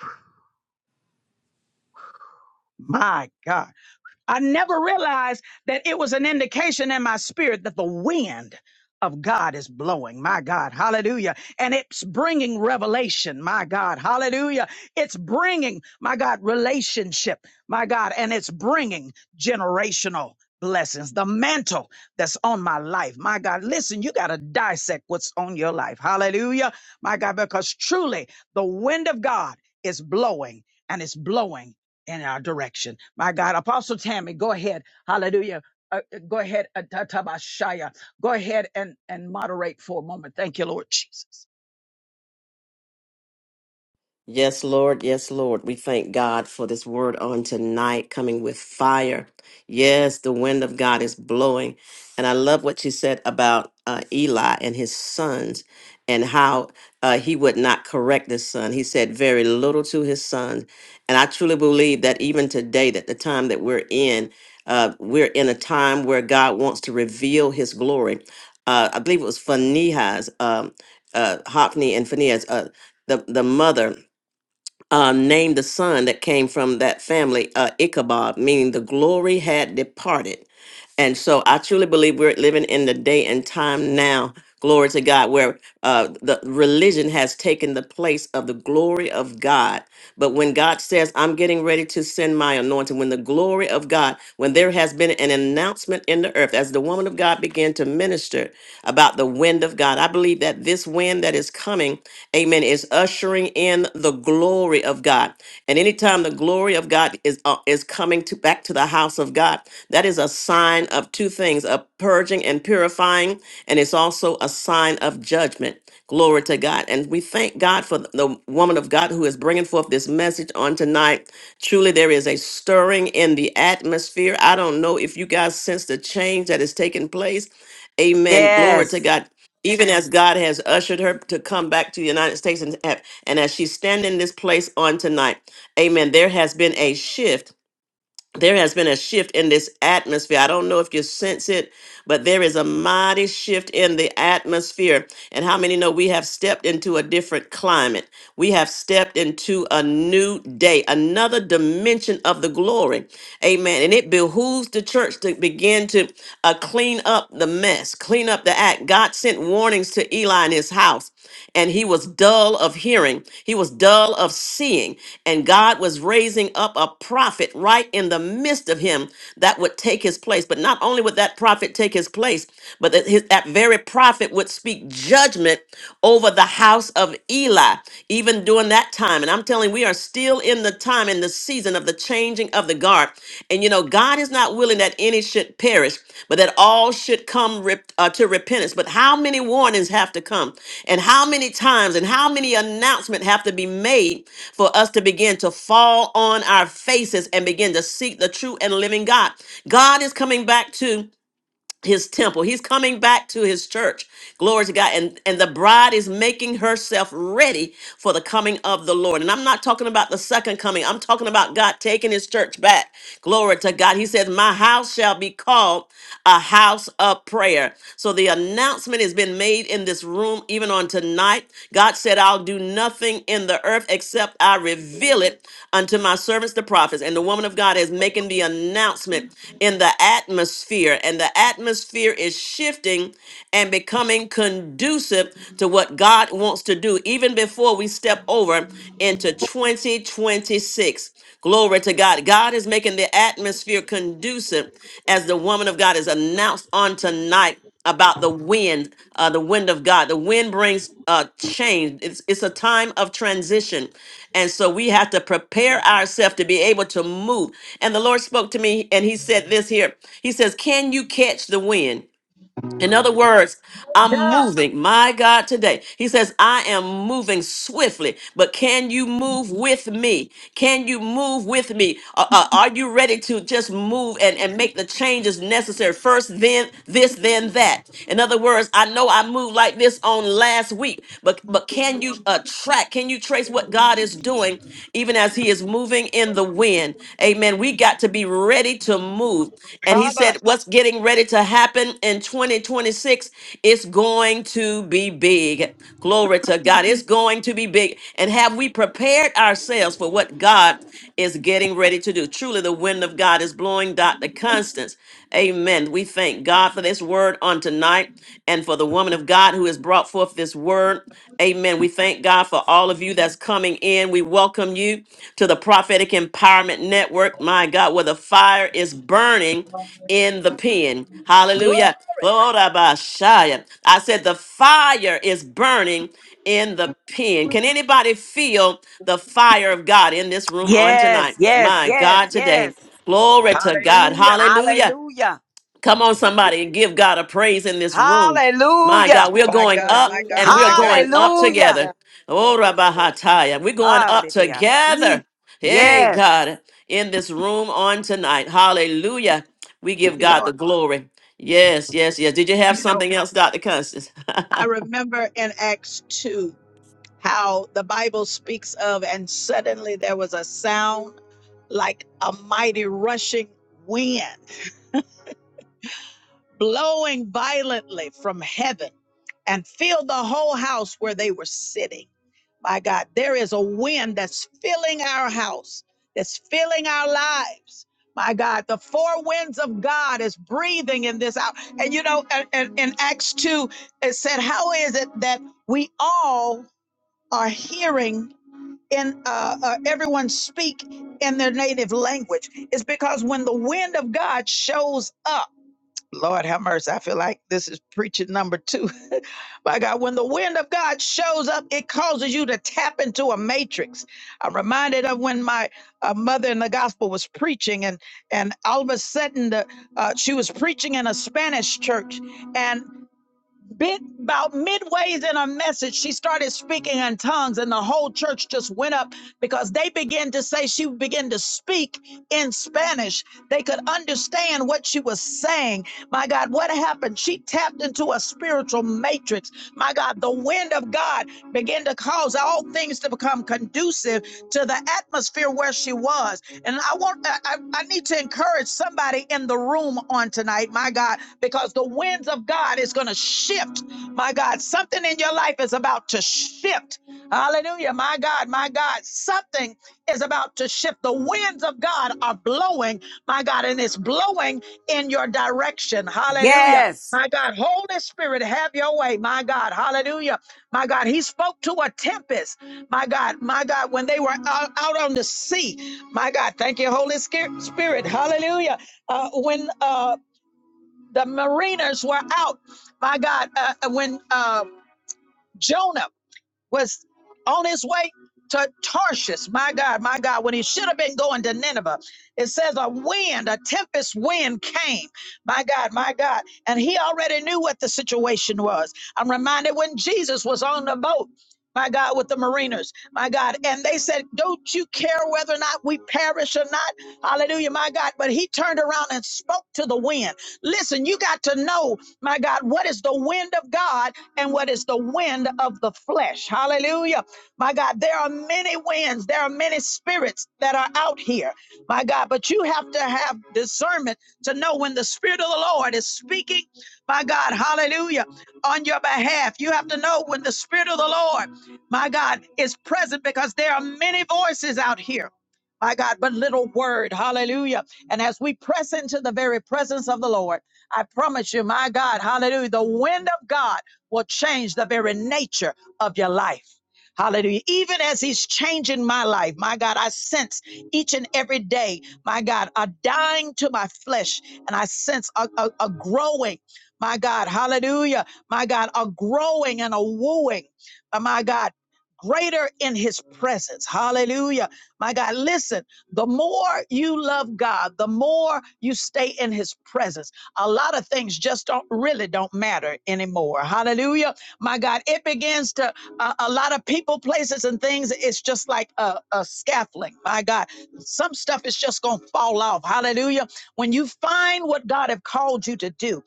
[SPEAKER 1] my God. I never realized that it was an indication in my spirit that the wind of God is blowing. My God, hallelujah. And it's bringing revelation. My God, hallelujah. It's bringing, my God, relationship. My God, and it's bringing generational blessings. The mantle that's on my life. My God, listen, you got to dissect what's on your life. Hallelujah. My God, because truly the wind of God is blowing and it's blowing in our direction. My God, Apostle Tammy, go ahead. Hallelujah. Uh, uh, go ahead, uh, ta- ta- ba- shaya. Go ahead and, and moderate for a moment. Thank you, Lord Jesus.
[SPEAKER 3] Yes, Lord. Yes, Lord. We thank God for this word on tonight coming with fire. Yes, the wind of God is blowing. And I love what you said about uh, Eli and his sons and how uh, he would not correct his son. He said very little to his son. And I truly believe that even today, that the time that we're in, uh, we're in a time where God wants to reveal his glory. Uh, I believe it was Phinehas, um, uh, Hophni and Phinehas, uh, the, the mother uh, named the son that came from that family uh, Ichabod, meaning the glory had departed. And so I truly believe we're living in the day and time now Glory to God, where uh, the religion has taken the place of the glory of God. But when God says, I'm getting ready to send my anointing, when the glory of God, when there has been an announcement in the earth, as the woman of God began to minister about the wind of God, I believe that this wind that is coming, amen, is ushering in the glory of God. And anytime the glory of God is, uh, is coming to back to the house of God, that is a sign of two things a purging and purifying and it's also a sign of judgment. Glory to God. And we thank God for the woman of God who is bringing forth this message on tonight. Truly, there is a stirring in the atmosphere. I don't know if you guys sense the change that is taking place. Amen. Glory to
[SPEAKER 4] Yes.
[SPEAKER 3] God. Even as God has ushered her to come back to the United States and, have- and as she's standing in this place on tonight, amen, there has been a shift there has been a shift in this atmosphere. I don't know if you sense it, but there is a mighty shift in the atmosphere. And how many know we have stepped into a different climate? We have stepped into a new day, another dimension of the glory. Amen. And it behooves the church to begin to uh, clean up the mess, clean up the act. God sent warnings to Eli and his house and he was dull of hearing. He was dull of seeing. And God was raising up a prophet right in the midst of him that would take his place. But not only would that prophet take his place, but that, his, that very prophet would speak judgment over the house of Eli, even during that time. And I'm telling you, we are still in the time in the season of the changing of the guard. And you know, God is not willing that any should perish, but that all should come rep- uh, to repentance. But how many warnings have to come? And how many times and how many announcements have to be made for us to begin to fall on our faces and begin to seek the true and living God? God is coming back too his temple. He's coming back to his church. Glory to God. And and the bride is making herself ready for the coming of the Lord. And I'm not talking about the second coming. I'm talking about God taking his church back. Glory to God. He says, "My house shall be called a house of prayer." So the announcement has been made in this room even on tonight. God said, I'll do nothing in the earth except I reveal it unto my servants, the prophets. And the woman of God is making the announcement in the atmosphere. And the atmosphere is shifting and becoming conducive to what God wants to do, even before we step over into 2026. Glory to God. God is making the atmosphere conducive as the woman of God is announced on tonight about the wind, uh, the wind of God. The wind brings uh, change. It's, it's a time of transition. And so we have to prepare ourselves to be able to move. And the Lord spoke to me and he said this here He says, Can you catch the wind? In other words, I'm moving. My God, today. He says, I am moving swiftly, but can you move with me? Can you move with me? Uh, uh, are you ready to just move and, and make the changes necessary? First, then this, then that. In other words, I know I moved like this on last week, but, but can you uh, track? Can you trace what God is doing even as He is moving? blowing in the wind. Amen. We got to be ready to move. And he
[SPEAKER 1] Rabbah.
[SPEAKER 3] said, What's getting ready to happen in 2026 is going to be big. Glory to God. It's going to be big. And have we prepared ourselves for what God is getting ready to do? Truly, the wind of God is blowing, Dr. Constance. Amen. We thank God for this word on tonight and for the woman of God. God who has brought forth this word. Amen. We thank God for all of you that's coming in. We welcome you to the Prophetic Empowerment Network. My God, where the fire is burning in the pen. Hallelujah. Glory by Shia. I said the fire is burning in the pen. Can anybody feel the fire of God in this room on
[SPEAKER 4] Yes,
[SPEAKER 3] tonight?
[SPEAKER 4] yes,
[SPEAKER 3] My
[SPEAKER 4] yes,
[SPEAKER 3] God, today.
[SPEAKER 4] yes.
[SPEAKER 3] Glory to God.
[SPEAKER 1] Hallelujah.
[SPEAKER 3] Hallelujah.
[SPEAKER 4] Hallelujah.
[SPEAKER 3] Come on, somebody, and give God a praise in this room. My
[SPEAKER 4] Hallelujah.
[SPEAKER 3] God, we're
[SPEAKER 1] My
[SPEAKER 3] going
[SPEAKER 1] God,
[SPEAKER 3] up
[SPEAKER 1] my
[SPEAKER 8] Hallelujah,
[SPEAKER 1] God,
[SPEAKER 3] and we're
[SPEAKER 1] my God.
[SPEAKER 3] going
[SPEAKER 8] hallelujah.
[SPEAKER 3] up
[SPEAKER 8] Thank you,
[SPEAKER 4] Hallelujah.
[SPEAKER 3] together.
[SPEAKER 8] God.
[SPEAKER 3] Oh,
[SPEAKER 8] Thank you, Lord.
[SPEAKER 3] Rabahataya. We're going up
[SPEAKER 4] Hallelujah.
[SPEAKER 3] together. Hey,
[SPEAKER 4] Yes,
[SPEAKER 3] God, in this room on tonight. Hallelujah. We give
[SPEAKER 1] You
[SPEAKER 3] God
[SPEAKER 1] know,
[SPEAKER 3] the glory. Yes, yes, yes. Did you have
[SPEAKER 1] you know,
[SPEAKER 3] something else, Dr. Constance?
[SPEAKER 1] I remember in Acts 2 how the Bible speaks of, and suddenly there was a sound like a mighty rushing wind. blowing violently from heaven and filled the whole house where they were sitting. My God, there is a wind that's filling our house, that's filling our lives. My God, the four winds of God is breathing in this hour. And you know, and, and- in Acts 2, it said, How is it that we all are hearing in uh, uh, everyone speak in their native language? It's because when the wind of God shows up, Lord have mercy. I feel like this is preaching number two. My God, when the wind of God shows up, it causes you to tap into a matrix. I'm reminded of when my uh, mother in the gospel was preaching, and and all of a sudden, the, uh, she was preaching in a Spanish church, and bit about midways in her message, she started speaking in tongues, and the whole church just went up because they began to say she began to speak in Spanish. They could understand what she was saying. My God, what happened? She tapped into a spiritual matrix. My God, the wind of God began to cause all things to become conducive to the atmosphere where she was. And I want I, I I need to encourage somebody in the room on tonight, my God, because the winds of God is going to shift. My God, something in your life is about to shift. Hallelujah. My God, my God, something is about to shift. The winds of God are blowing, my God, and it's blowing in your direction. Hallelujah.
[SPEAKER 4] yes.
[SPEAKER 1] My God, Holy Spirit, have your way. My God, hallelujah. My God, he spoke to a tempest. My God, my God, when they were out, out on the sea. My God, thank you, Holy Spirit. Hallelujah. Uh, when uh, the mariners were out, my God, uh, when uh, Jonah was on his way to Tarshish. My God, my God, when he should have been going to Nineveh. It says a wind, a tempest wind came. My God, my God. And he already knew what the situation was. I'm reminded when Jesus was on the boat. My God, with the mariners, my God. And they said, Don't you care whether or not we perish or not? Hallelujah, my God. But he turned around and spoke to the wind. Listen, you got to know, my God, what is the wind of God and what is the wind of the flesh. Hallelujah. My God, there are many winds, there are many spirits that are out here. My God, but you have to have discernment to know when the Spirit of the Lord is speaking, my God, hallelujah, on your behalf. You have to know when the Spirit of the Lord, my God, is present because there are many voices out here. My God, but little word. Hallelujah. And as we press into the very presence of the Lord, I promise you, my God, hallelujah, the wind of God will change the very nature of your life. Hallelujah. Even as he's changing my life, my God, I sense each and every day, my God, a dying to my flesh, and I sense a, a, a growing, my God, hallelujah, my God, a growing and a wooing, uh, my God, greater in his presence. Hallelujah. My God, listen, the more you love God, the more you stay in his presence a lot of things just don't really don't matter anymore. Hallelujah. My God, it begins to a a lot of people, places, and things. It's just like a, a scaffolding. My God, some stuff is just gonna fall off. Hallelujah. When you find what God have called you to do,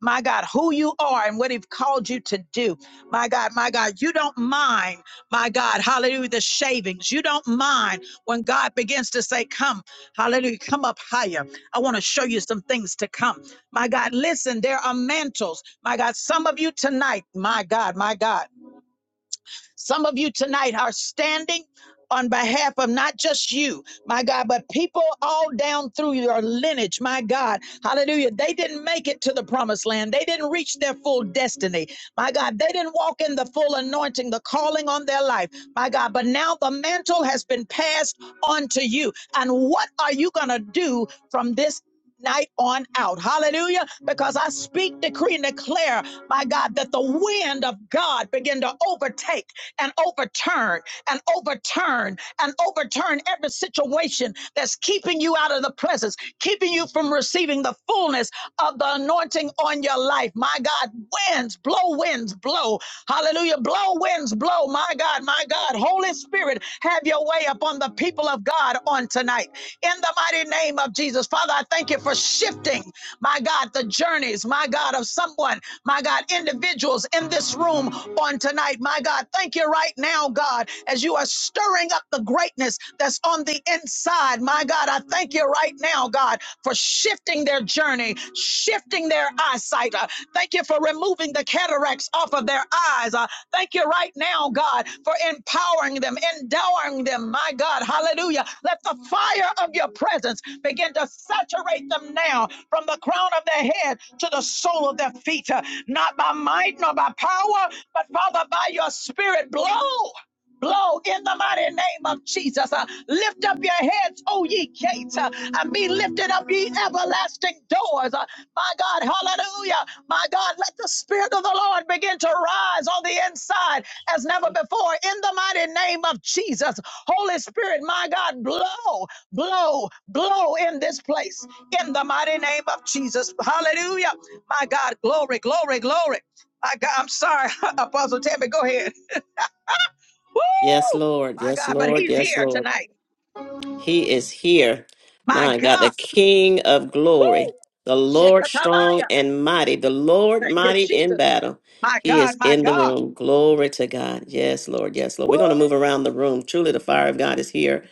[SPEAKER 1] my God, who you are and what He's called you to do. My God, my God, you don't mind, my God, hallelujah, the shavings. You don't mind when God begins to say, Come, hallelujah, come up higher. I want to show you some things to come. My God, listen, there are mantles. My God, some of you tonight, my God, my God. Some of you tonight are standing on behalf of not just you, my God, but people all down through your lineage, my God. Hallelujah. They didn't make it to the promised land. They didn't reach their full destiny. My God, they didn't walk in the full anointing, the calling on their life. My God, but now the mantle has been passed on to you. And what are you going to do from this night on out. Hallelujah. Because I speak, decree, and declare, my God, that the wind of God begin to overtake and overturn and overturn and overturn every situation that's keeping you out of the presence, keeping you from receiving the fullness of the anointing on your life. My God, winds, blow winds, blow. Hallelujah. Blow winds, blow. My God, my God. Holy Spirit, have your way upon the people of God on tonight. In the mighty name of Jesus. Father, I thank you for shifting, my God, the journeys, my God, of someone my God, individuals in this room on tonight. My God, thank you right now, God, as you are stirring up the greatness that's on the inside. My God, I thank you right now, God, for shifting their journey, shifting their eyesight. Uh, thank you for removing the cataracts off of their eyes. Uh, Thank you right now, God, for empowering them, endowing them, my God. Hallelujah. Let the fire of your presence begin to saturate them now from the crown of their head to the sole of their feet. Uh, Not by might nor by power, but Father, by your spirit, blow. Blow in the mighty name of Jesus. Uh, lift up your heads, O ye gates, uh, and be lifted up, ye everlasting doors. Uh, my God, hallelujah. My God, let the Spirit of the Lord begin to rise on the inside as never before in the mighty name of Jesus. Holy Spirit, my God, blow, blow, blow in this place in the mighty name of Jesus. Hallelujah. My God, glory, glory, glory. My God, I'm sorry, Apostle Tammy, go ahead.
[SPEAKER 3] Yes,
[SPEAKER 1] Woo!
[SPEAKER 3] Lord.
[SPEAKER 1] My
[SPEAKER 3] Yes,
[SPEAKER 1] God, but
[SPEAKER 3] Lord.
[SPEAKER 1] he's
[SPEAKER 3] Yes,
[SPEAKER 1] here
[SPEAKER 3] Lord.
[SPEAKER 1] tonight.
[SPEAKER 3] He is here.
[SPEAKER 1] My
[SPEAKER 3] My God, the
[SPEAKER 1] God.
[SPEAKER 3] King of
[SPEAKER 1] Woo!
[SPEAKER 3] glory, the Lord strong
[SPEAKER 1] Shekatabaya.
[SPEAKER 3] and mighty, the Lord
[SPEAKER 1] Thank you,
[SPEAKER 3] mighty in
[SPEAKER 1] Jesus.
[SPEAKER 3] battle.
[SPEAKER 1] My
[SPEAKER 3] He is
[SPEAKER 1] God, my
[SPEAKER 3] in the
[SPEAKER 1] God.
[SPEAKER 3] room. Glory to God. Yes, Lord. Yes, Lord.
[SPEAKER 1] Woo!
[SPEAKER 3] We're going to move around the room. Truly, the fire of God is here.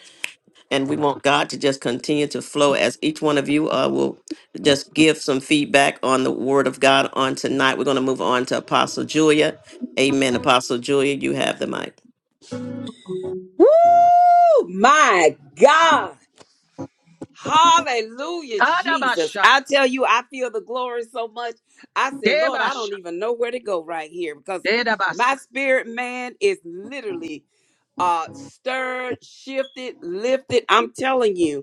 [SPEAKER 3] And we want God to just continue to flow as each one of you uh, will just give some feedback on the word of God on tonight. We're going to move on to Apostle Julia. Amen. Apostle Julia, you have the mic.
[SPEAKER 4] Woo! My God. Hallelujah, Jesus. I tell you, I feel the glory so much. I said, Lord, I don't
[SPEAKER 1] Debasha,
[SPEAKER 4] even know where to go right here because my
[SPEAKER 1] Dedabasa.
[SPEAKER 4] spirit man is literally uh stirred shifted lifted i'm telling you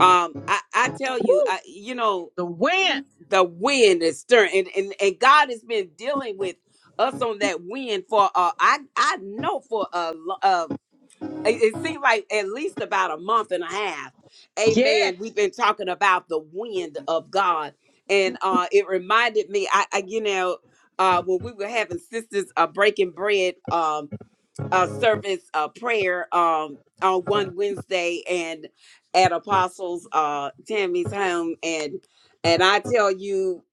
[SPEAKER 4] um i i tell you
[SPEAKER 1] Woo!
[SPEAKER 4] i you know
[SPEAKER 1] The wind.
[SPEAKER 4] the wind is stirring and and, and god has been dealing with us on that wind for uh i i know for a lo- uh it, it seems like at least about a month and a half
[SPEAKER 1] Yes.
[SPEAKER 4] amen we've been talking about the wind of god and uh it reminded me i, I you know uh when we were having sisters uh breaking bread um uh, service uh, prayer um, on one Wednesday and at Apostles uh, Tammy's home, and and I tell you,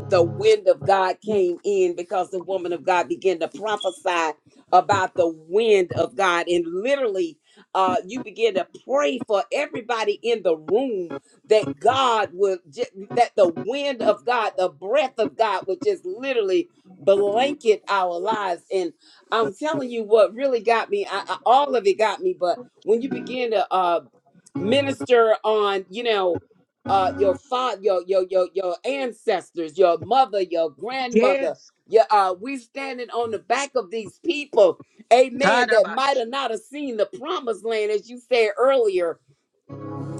[SPEAKER 4] the wind of God came in because the woman of God began to prophesy about the wind of God, and literally, uh, you begin to pray for everybody in the room that God would ju- that the wind of God, the breath of God would just literally blanket our lives I'm telling you what really got me. I, I, all of it got me, but when you begin to uh minister on, you know, uh your father, your your your your ancestors, your mother, your grandmother,
[SPEAKER 1] Yes.
[SPEAKER 4] your uh we standing on the back of these people, amen, that might
[SPEAKER 1] Tadabasha.
[SPEAKER 4] have not have seen the promised land as you said earlier.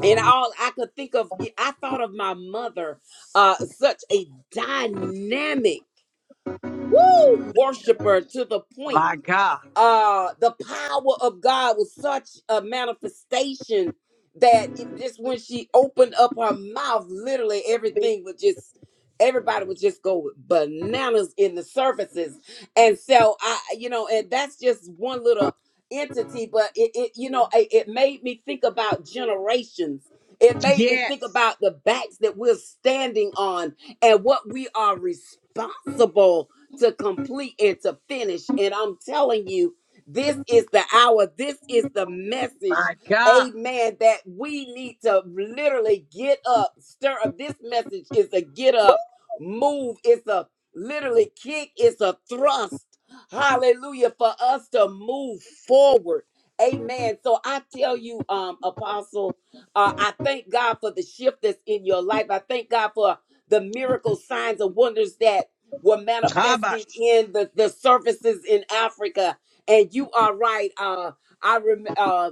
[SPEAKER 4] And all I could think of, I thought of my mother, uh, such a dynamic, woo, worshiper to the point
[SPEAKER 1] My God.
[SPEAKER 4] uh the power of god was such a manifestation that it just when she opened up her mouth literally everything was just everybody would just go bananas in the surfaces and so i you know and that's just one little entity but it, it you know it, it made me think about generations it made me think
[SPEAKER 1] Yes.
[SPEAKER 4] about the backs that we're standing on and what we are responsible to complete and to finish. And I'm telling you, this is the hour, this is the message,
[SPEAKER 1] My God.
[SPEAKER 4] amen, that we need to literally get up, stir up. This message is a get up, move, it's a literally kick, it's a thrust. Hallelujah, for us to move forward. Amen. So I tell you, um, Apostle, uh, I thank God for the shift that's in your life. I thank God for the miracle signs and wonders that were manifested
[SPEAKER 1] Tabash.
[SPEAKER 4] in the, the services in Africa. And you are right. Uh, I remember.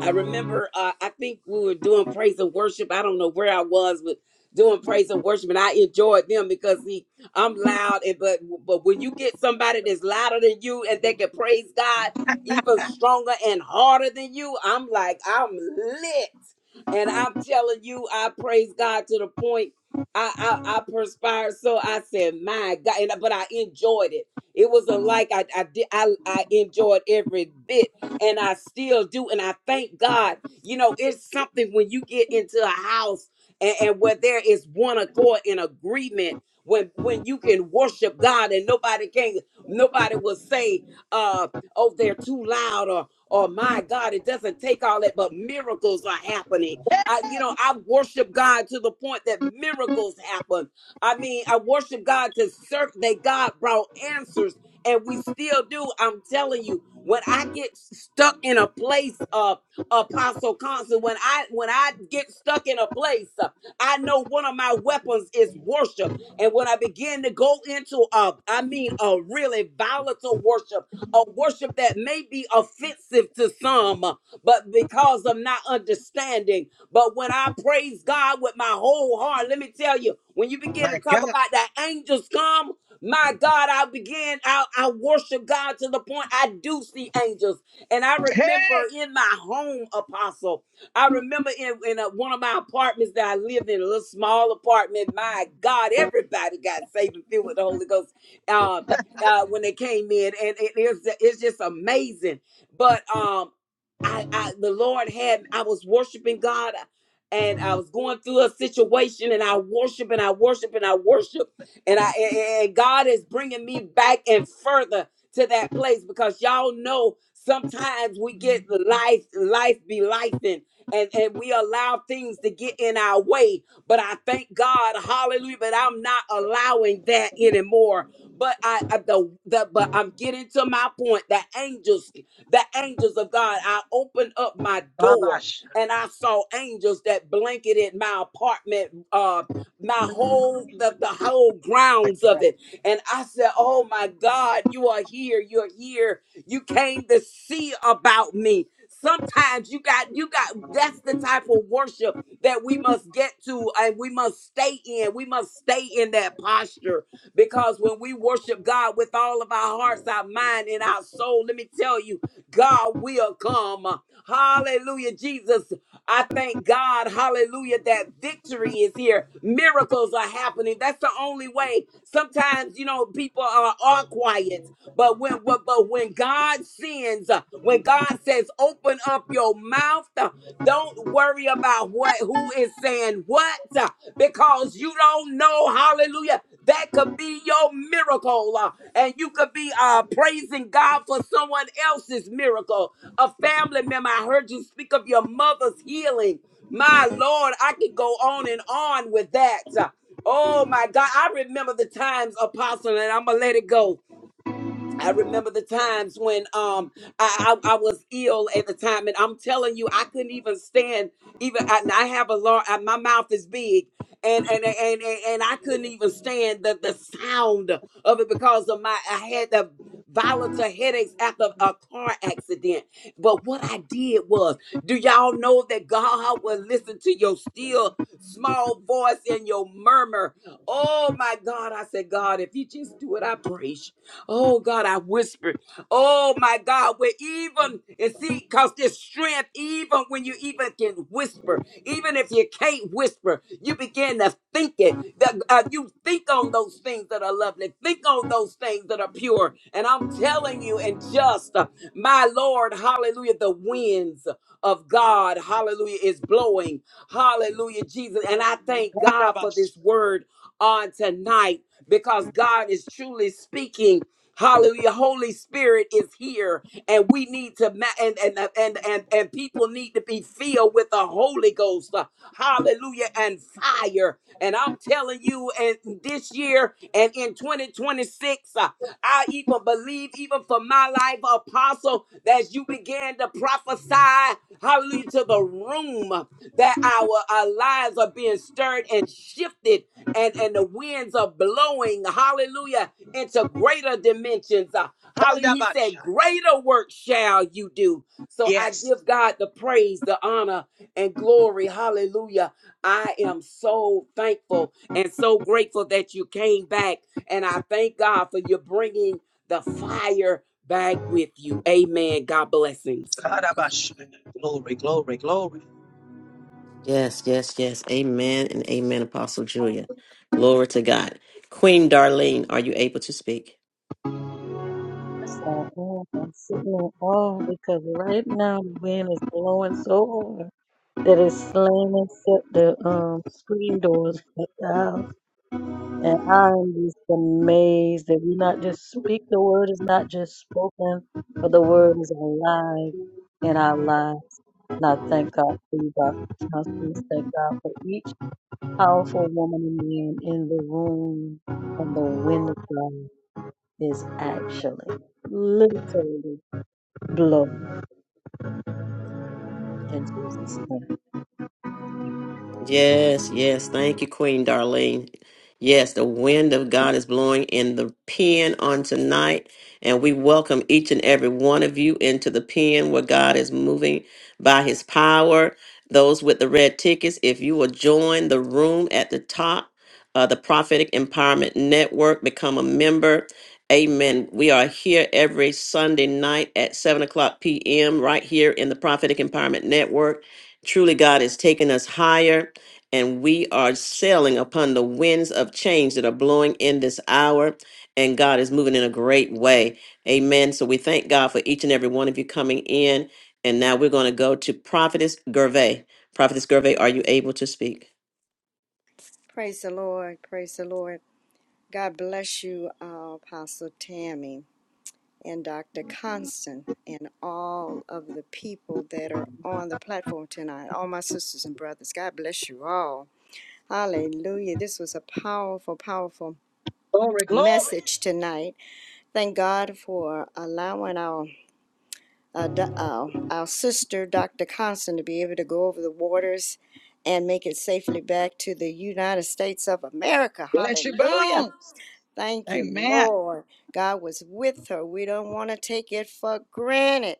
[SPEAKER 4] I remember, uh, I think we were doing praise and worship. I don't know where I was, but doing praise and worship, and I enjoyed them because see, I'm loud, and but but when you get somebody that's louder than you and they can praise God even stronger and harder than you, I'm like I'm lit, and I'm telling you, I praise God to the point I I, I perspired. So I said, my God, and, but I enjoyed it. It was a like I I did I I enjoyed every bit and I still do. And I thank God, you know, it's something when you get into a house and, and where there is one accord in agreement. When, when you can worship God and nobody can nobody will say uh oh they're too loud or or my God it doesn't take all that but miracles are happening I you know I worship God to the point that miracles happen I mean I worship God to certain that God brought answers and we still do. I'm telling you, when I get stuck in a place of apostle constant, when I when I get stuck in a place, uh, I know one of my weapons is worship. And when I begin to go into a, I mean, a really volatile worship, a worship that may be offensive to some, uh, but because of not understanding. But when I praise God with my whole heart, let me tell you, when you begin
[SPEAKER 1] My
[SPEAKER 4] to talk
[SPEAKER 1] God.
[SPEAKER 4] about that angels come. My God, I begin, I, I worship God to the point I do see angels. And I remember
[SPEAKER 1] Hey.
[SPEAKER 4] in my home, Apostle, I remember in, in a, one of my apartments that I lived in, a little small apartment. My God, everybody got saved and filled with the Holy Ghost uh, uh, when they came in. And it is, it's just amazing. But um, I, I, the Lord had, I was worshiping God and I was going through a situation and I worship and I worship and I worship and I and and God is bringing me back and further to that place because y'all know sometimes we get the life life be life and and and we allow things to get in our way but I thank God hallelujah but I'm not allowing that anymore but I, I the, the but I'm getting to my point the angels the angels of God I opened up my door
[SPEAKER 1] Tabash.
[SPEAKER 4] and I saw angels that blanketed my apartment uh, my whole the, the whole grounds of it. And I said, Oh my God, you are here, you're here. You came to see about me. Sometimes you got you got that's the type of worship that we must get to and we must stay in. We must stay in that posture because when we worship God with all of our hearts, our mind, and our soul, let me tell you, God will come. Hallelujah, Jesus. I thank God, hallelujah, that victory is here. Miracles are happening. That's the only way. Sometimes, you know, people are, are quiet, but when but, but when God sends, uh, when God says, open up your mouth, uh, don't worry about what who is saying what, uh, because you don't know, hallelujah, that could be your miracle. uh, and you could be uh, praising God for someone else's miracle a family member. I heard you speak of your mother's healing. My Lord, I could go on and on with that. Oh my God, I remember the times, Apostle, and I'm gonna let it go. I remember the times when um I, I I was ill at the time, and I'm telling you, I couldn't even stand. Even and I have a large. My mouth is big, and and and and, and I couldn't even stand the the sound of it because of my. I had the violent headaches after a car accident. But what I did was, do y'all know that God will listen to your still small voice and your murmur? Oh my God! I said, God, if you just do it, I praise you. Oh God, I whispered. Oh my God, we're even and see, cause this strength, even when you even can whisper, even if you can't whisper, you begin to think it. That uh, you think on those things that are lovely, think on those things that are pure. And I'm telling you, and just uh, my Lord, Hallelujah, the winds of God, Hallelujah, is blowing, Hallelujah, Jesus. And I thank God for
[SPEAKER 1] Tadabash.
[SPEAKER 4] this word on tonight because God is truly speaking Hallelujah. Holy Spirit is here and we need to ma- and and and and and people need to be filled with the Holy Ghost. uh, Hallelujah and fire. And I'm telling you and this year and in 2026 uh, I even believe even for my life apostle that you began to prophesy hallelujah to the room that our, our lives are being stirred and shifted and and the winds are blowing. Hallelujah into greater dimensions. Uh, Holly, he
[SPEAKER 1] Tadabash.
[SPEAKER 4] said, greater work shall you do. So I
[SPEAKER 1] Yes.
[SPEAKER 4] give God the praise, the honor, and glory. Hallelujah. I am so thankful and so grateful that you came back. And I thank God for you bringing the fire back with you. Amen. God blessings.
[SPEAKER 1] Tadabash. Glory, glory, glory.
[SPEAKER 3] Yes, yes, yes. Amen and amen, Apostle Julia. Glory to God. Queen Darlene, are you able to speak?
[SPEAKER 7] That's all. Oh, I'm sitting in awe because right now the wind is blowing so hard that it's slamming shut the um screen doors at the house. And I'm just amazed that we not just speak the word is not just spoken, but the word is alive in our lives. And I thank God for you, Dr. Johnson. Thank God for each powerful woman and man in the room and the wind of God. is actually literally blown in Jesus' name.
[SPEAKER 3] Yes, yes. Thank you, Queen Darlene. Yes, the wind of God is blowing in the pen on tonight, and we welcome each and every one of you into the pen where God is moving by his power. Those with the red tickets, if you will join the room at the top, uh, the Prophetic Empowerment Network, become a member. Amen. We are here every Sunday night at 7 o'clock p.m., right here in the Prophetic Empowerment Network. Truly, God is taking us higher and we are sailing upon the winds of change that are blowing in this hour. And God is moving in a great way. Amen. So we thank God for each and every one of you coming in. And now we're going to go to Prophetess Gervais. Prophetess Gervais, are you able to speak?
[SPEAKER 8] Praise the Lord, praise the Lord. God bless you, uh, Apostle Tammy and Dr. Constant and all of the people that are on the platform tonight, all my sisters and brothers. God bless you all. Hallelujah. This was a powerful, powerful
[SPEAKER 1] Glory, glory.
[SPEAKER 8] message tonight Thank God for allowing our uh, do- our, our sister, Dr. Constant, to be able to go over the waters and make it safely back to the United States of America.
[SPEAKER 1] Bless your
[SPEAKER 8] Hallelujah.
[SPEAKER 1] bones.
[SPEAKER 8] Thank you,
[SPEAKER 1] Amen.
[SPEAKER 8] Lord. God was with her. We don't want to take it for granted.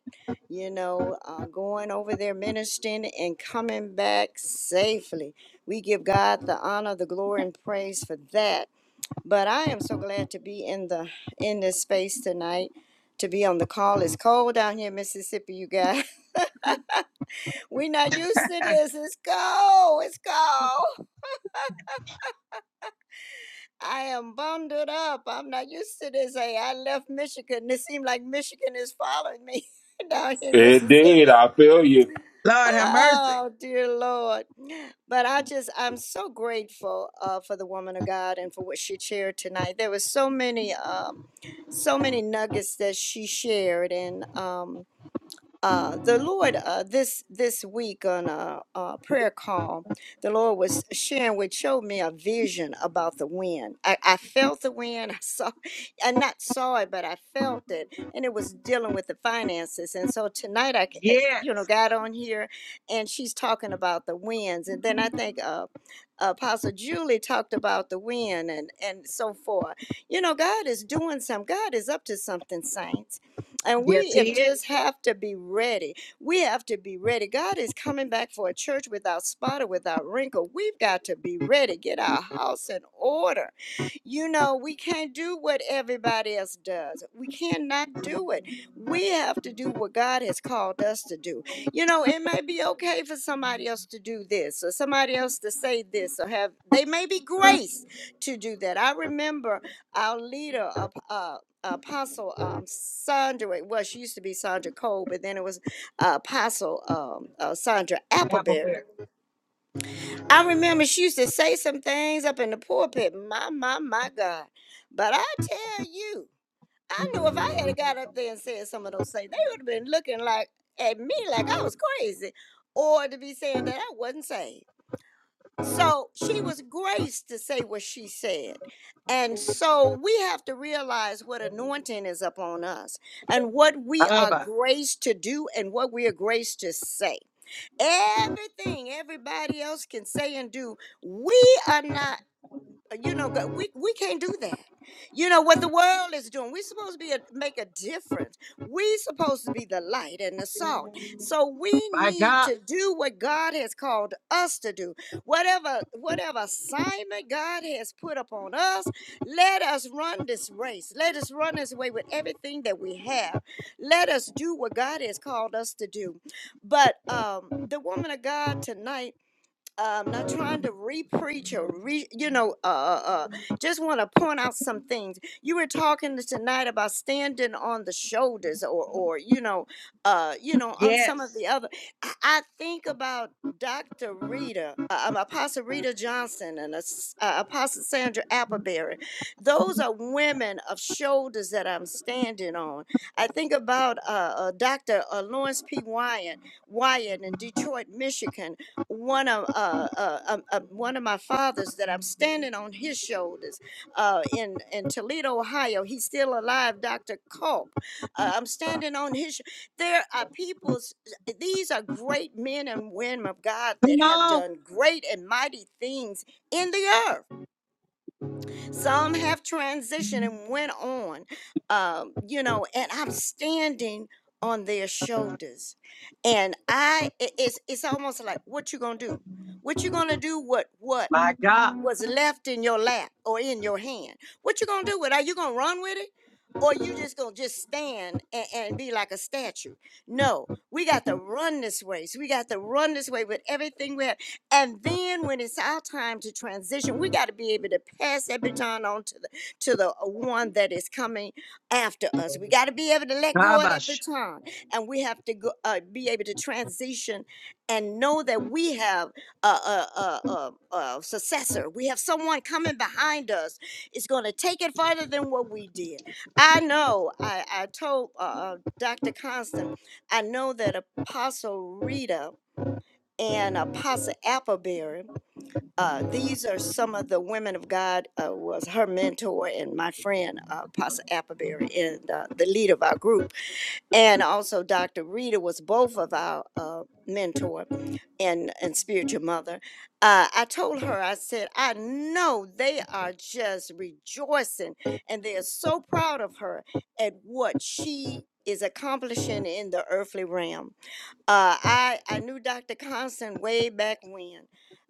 [SPEAKER 8] You know, uh, going over there ministering and coming back safely. We give God the honor, the glory, and praise for that but I am so glad to be in the in this space tonight, to be on the call. It's cold down here in Mississippi, you guys. We're not used to this. It's cold. It's cold. I am bundled up. I'm not used to this. Hey, I left Michigan. It seemed like Michigan is following me down here in
[SPEAKER 9] Indeed.
[SPEAKER 8] Mississippi.
[SPEAKER 9] I feel you.
[SPEAKER 1] Lord have mercy.
[SPEAKER 8] Oh, dear Lord. But I just, I'm so grateful uh, for the woman of God and for what she shared tonight. There was so many, um, so many nuggets that she shared. And, um, uh, the Lord uh, this this week on a, a prayer call, the Lord was sharing which showed me a vision about the wind. I, I felt the wind. I saw, I not saw it, but I felt it, and it was dealing with the finances. And so tonight, I c- I, you know
[SPEAKER 1] Yes.
[SPEAKER 8] got on here, and she's talking about the winds, and then I think. Uh, Apostle Julie talked about the wind and and so forth. You know, God is doing some. God is up to something, saints and
[SPEAKER 1] Yes,
[SPEAKER 8] we
[SPEAKER 1] he
[SPEAKER 8] have
[SPEAKER 1] is.
[SPEAKER 8] just have to be ready. We have to be ready. God is coming back for a church without spot or without wrinkle. We've got to be ready. Get our house in order. You know, we can't do what everybody else does. We cannot do it. We have to do what God has called us to do. You know, it may be okay for somebody else to do this or somebody else to say this or have, they may be grace to do that. I remember our leader, uh, Apostle um, Sandra, well, she used to be Sandra Cole, but then it was uh, Apostle um, uh, Sandra
[SPEAKER 1] Apple
[SPEAKER 8] Appleberry.
[SPEAKER 1] bear.
[SPEAKER 8] I remember she used to say some things up in the pulpit, my, my, my God. But I tell you, I knew if I had got up there and said some of those things, they would have been looking like at me like I was crazy or to be saying that I wasn't saved. So she was graced to say what she said. And so we have to realize what anointing is upon us and what we are
[SPEAKER 1] Abba.
[SPEAKER 8] graced to do and what we are graced to say. Everything everybody else can say and do, we are not uh, you know go- we we can't do that you know what the world is doing we're supposed to be a, make a difference we supposed to be the light and the salt so we
[SPEAKER 1] My
[SPEAKER 8] need
[SPEAKER 1] God.
[SPEAKER 8] to do what god has called us to do whatever whatever assignment god has put upon us let us run this race let us run this way with everything that we have let us do what god has called us to do but um the woman of god tonight I'm not trying to re-preach or re, you know, uh, uh, uh, just want to point out some things. You were talking tonight about standing on the shoulders, or, or you know, uh, you know, on some of
[SPEAKER 1] Yes.
[SPEAKER 8] the other. I, I think about Dr. Rita, uh, um, Apostle Rita Johnson, and As- uh, Apostle Sandra Appleberry. Those are women of shoulders that I'm standing on. I think about uh, uh, Dr. Uh, Lawrence P. Wyatt, Wyatt in Detroit, Michigan one of uh, uh, um, uh, one of my fathers that I'm standing on his shoulders uh, in in Toledo, Ohio. He's still alive, Dr. Culp. Uh, I'm standing on his. sh- There are people These are great men and women of God
[SPEAKER 1] Come
[SPEAKER 8] that have
[SPEAKER 1] on.
[SPEAKER 8] done great and mighty things in the earth some have transitioned and went on, um, you know, and I'm standing on their shoulders. And I, i- it's, it's almost like, what you gonna do? What you gonna do? What, what?
[SPEAKER 1] My God,
[SPEAKER 8] was left in your lap or in your hand. What you gonna do with it? Are you gonna run with it? Or you just gonna just stand and, and be like a statue? No, we got to run this way. So we got to run this way with everything we have. And then when it's our time to transition, we got to be able to pass that baton on to the to the one that is coming after us. We got to be able to let go of that
[SPEAKER 1] Kabash.
[SPEAKER 8] baton, and we have to go, uh, be able to transition and know that we have a, a, a, a, a successor. We have someone coming behind us. It's going to take it farther than what we did. I know. I, I told uh, uh, Dr. Constant, I know that Apostle Rita and Apostle Appleberry, uh, these are some of the women of God, uh, was her mentor and my friend, uh, Apostle Appleberry, and uh, the leader of our group and also Dr. Rita was both of our uh, mentor and and spiritual mother. Uh, I told her, I said, I know they are just rejoicing and they are so proud of her at what she is accomplishing in the earthly realm. Uh, I I knew Dr. Constant way back when,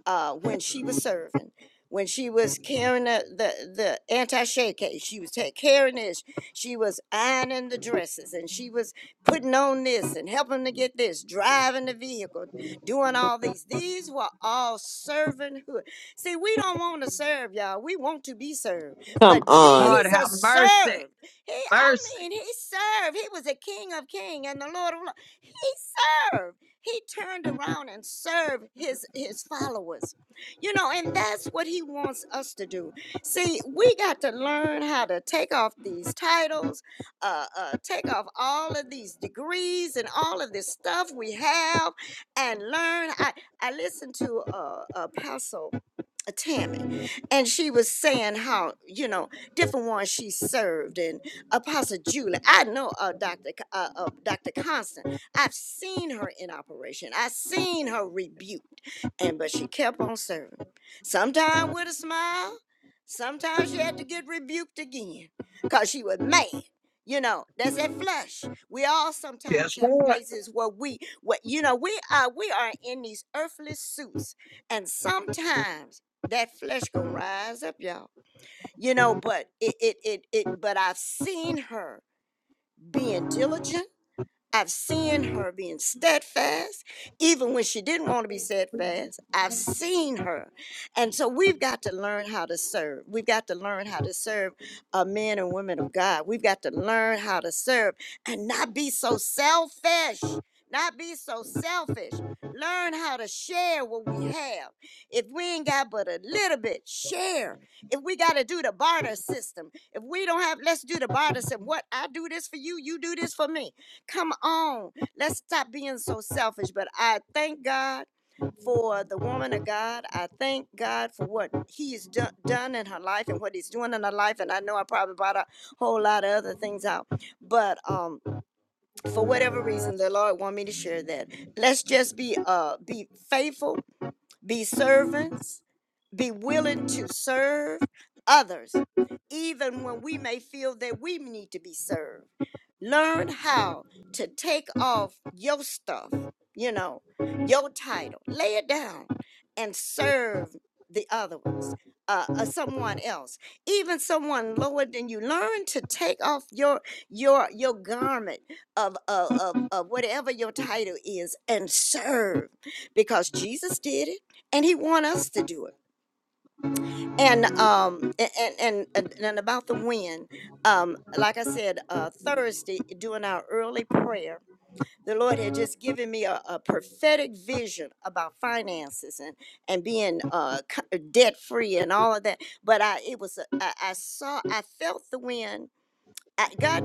[SPEAKER 8] uh, when she was serving, when she was carrying the the, the anti shake case, she was ta- carrying this, she was ironing the dresses, and she was putting on this and helping to get this, driving the vehicle, doing all these. These were all servanthood. See, we don't want to serve y'all. We want to be served,
[SPEAKER 3] Come
[SPEAKER 8] but
[SPEAKER 3] on.
[SPEAKER 1] God have
[SPEAKER 8] Jesus
[SPEAKER 1] mercy,
[SPEAKER 8] served. He, I
[SPEAKER 1] mercy.
[SPEAKER 8] mean, he served. He was the King of King and the Lord of Lords. He serve. He turned around and served his his followers. You know, and that's what he wants us to do. See, we got to learn how to take off these titles, uh, uh, take off all of these degrees and all of this stuff we have, and learn. I I listened to uh, uh, pastor uh, Tammy, and she was saying how you know different ones she served, and Apostle Julie. I know uh, Doctor C- uh, uh, Doctor Constant. I've seen her in operation. I've seen her rebuked, and but she kept on serving. Sometimes with a smile, sometimes she had to get rebuked again, cause she was mad. You know, that's that flesh. We all sometimes
[SPEAKER 1] Yes,
[SPEAKER 8] have
[SPEAKER 1] Lord.
[SPEAKER 8] places where we, what you know, we are we are in these earthly suits, and sometimes that flesh gonna rise up y'all you know but it it it, it but i've seen her being diligent I've seen her being steadfast, even when she didn't want to be steadfast. I've seen her. And so we've got to learn how to serve. We've got to learn how to serve uh, men and women of God. We've got to learn how to serve and not be so selfish. Not be so selfish. Learn how to share what we have. If we ain't got but a little bit, share. If we got to do the barter system, if we don't have, let's do the barter system. What I do this for you, you do this for me Come on. Let's stop being so selfish. But I thank God for the woman of God. I thank God for what He has do- done in her life and what He's doing in her life. And I know I probably brought a whole lot of other things out. But um, for whatever reason, the Lord want me to share that. Let's just be uh be faithful be servants, be willing to serve others, even when we may feel that we need to be served. Learn how to take off your stuff, you know, your title, lay it down and serve the other ones. Uh, uh, someone else, even someone lower than you, learn to take off your your your garment of, of of of whatever your title is and serve, because Jesus did it and he want us to do it and um a- and and and, and about the wind um like i said uh thursday during our early prayer the lord had just given me a, a prophetic vision about finances and and being uh debt free and all of that but i it was a, I, I saw i felt the wind I, God.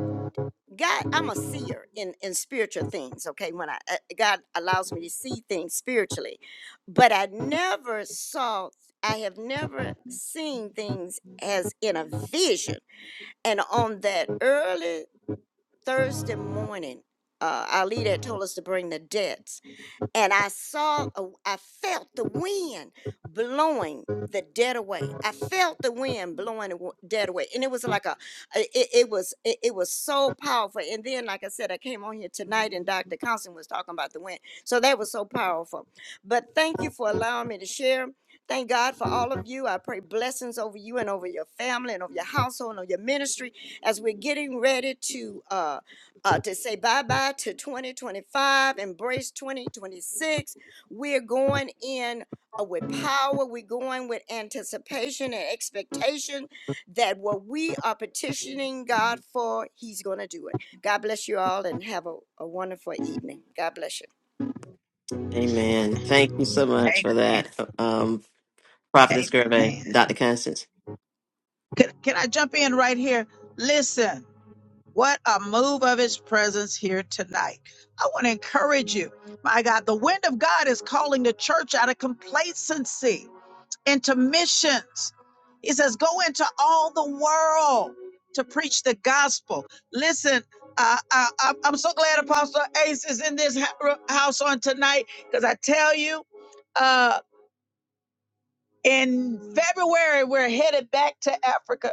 [SPEAKER 8] God, I'm a seer in in spiritual things. Okay, when I uh, God allows me to see things spiritually, but I never saw. I have never seen things as in a vision. And on that early Thursday morning, uh, our leader had told us to bring the debts and I saw, a- I felt the wind blowing the dead away. I felt the wind blowing the w- dead away, and it was like a, a- it, it was, it, it was so powerful. And then, like I said, I came on here tonight, and Dr. Constant was talking about the wind, so that was so powerful. But thank you for allowing me to share. Thank God for all of you. I pray blessings over you and over your family and over your household and over your ministry as we're getting ready to. Uh, uh, to say bye bye to 2025, embrace 2026. We're going in uh, with power, we're going with anticipation and expectation that what we are petitioning God for, He's going to do it. God bless you all and have a, a wonderful evening. God bless you.
[SPEAKER 3] Amen. Thank you so much for that, um, Prophetess Gervais, Dr. Constance.
[SPEAKER 1] You. He's calling the church out of complacency into missions. He says, "Go into all the world to preach the gospel." Listen, uh, I, I, I'm so glad Apostle Ace is in this ha- house on tonight because I tell you, uh, in February we're headed back to Africa.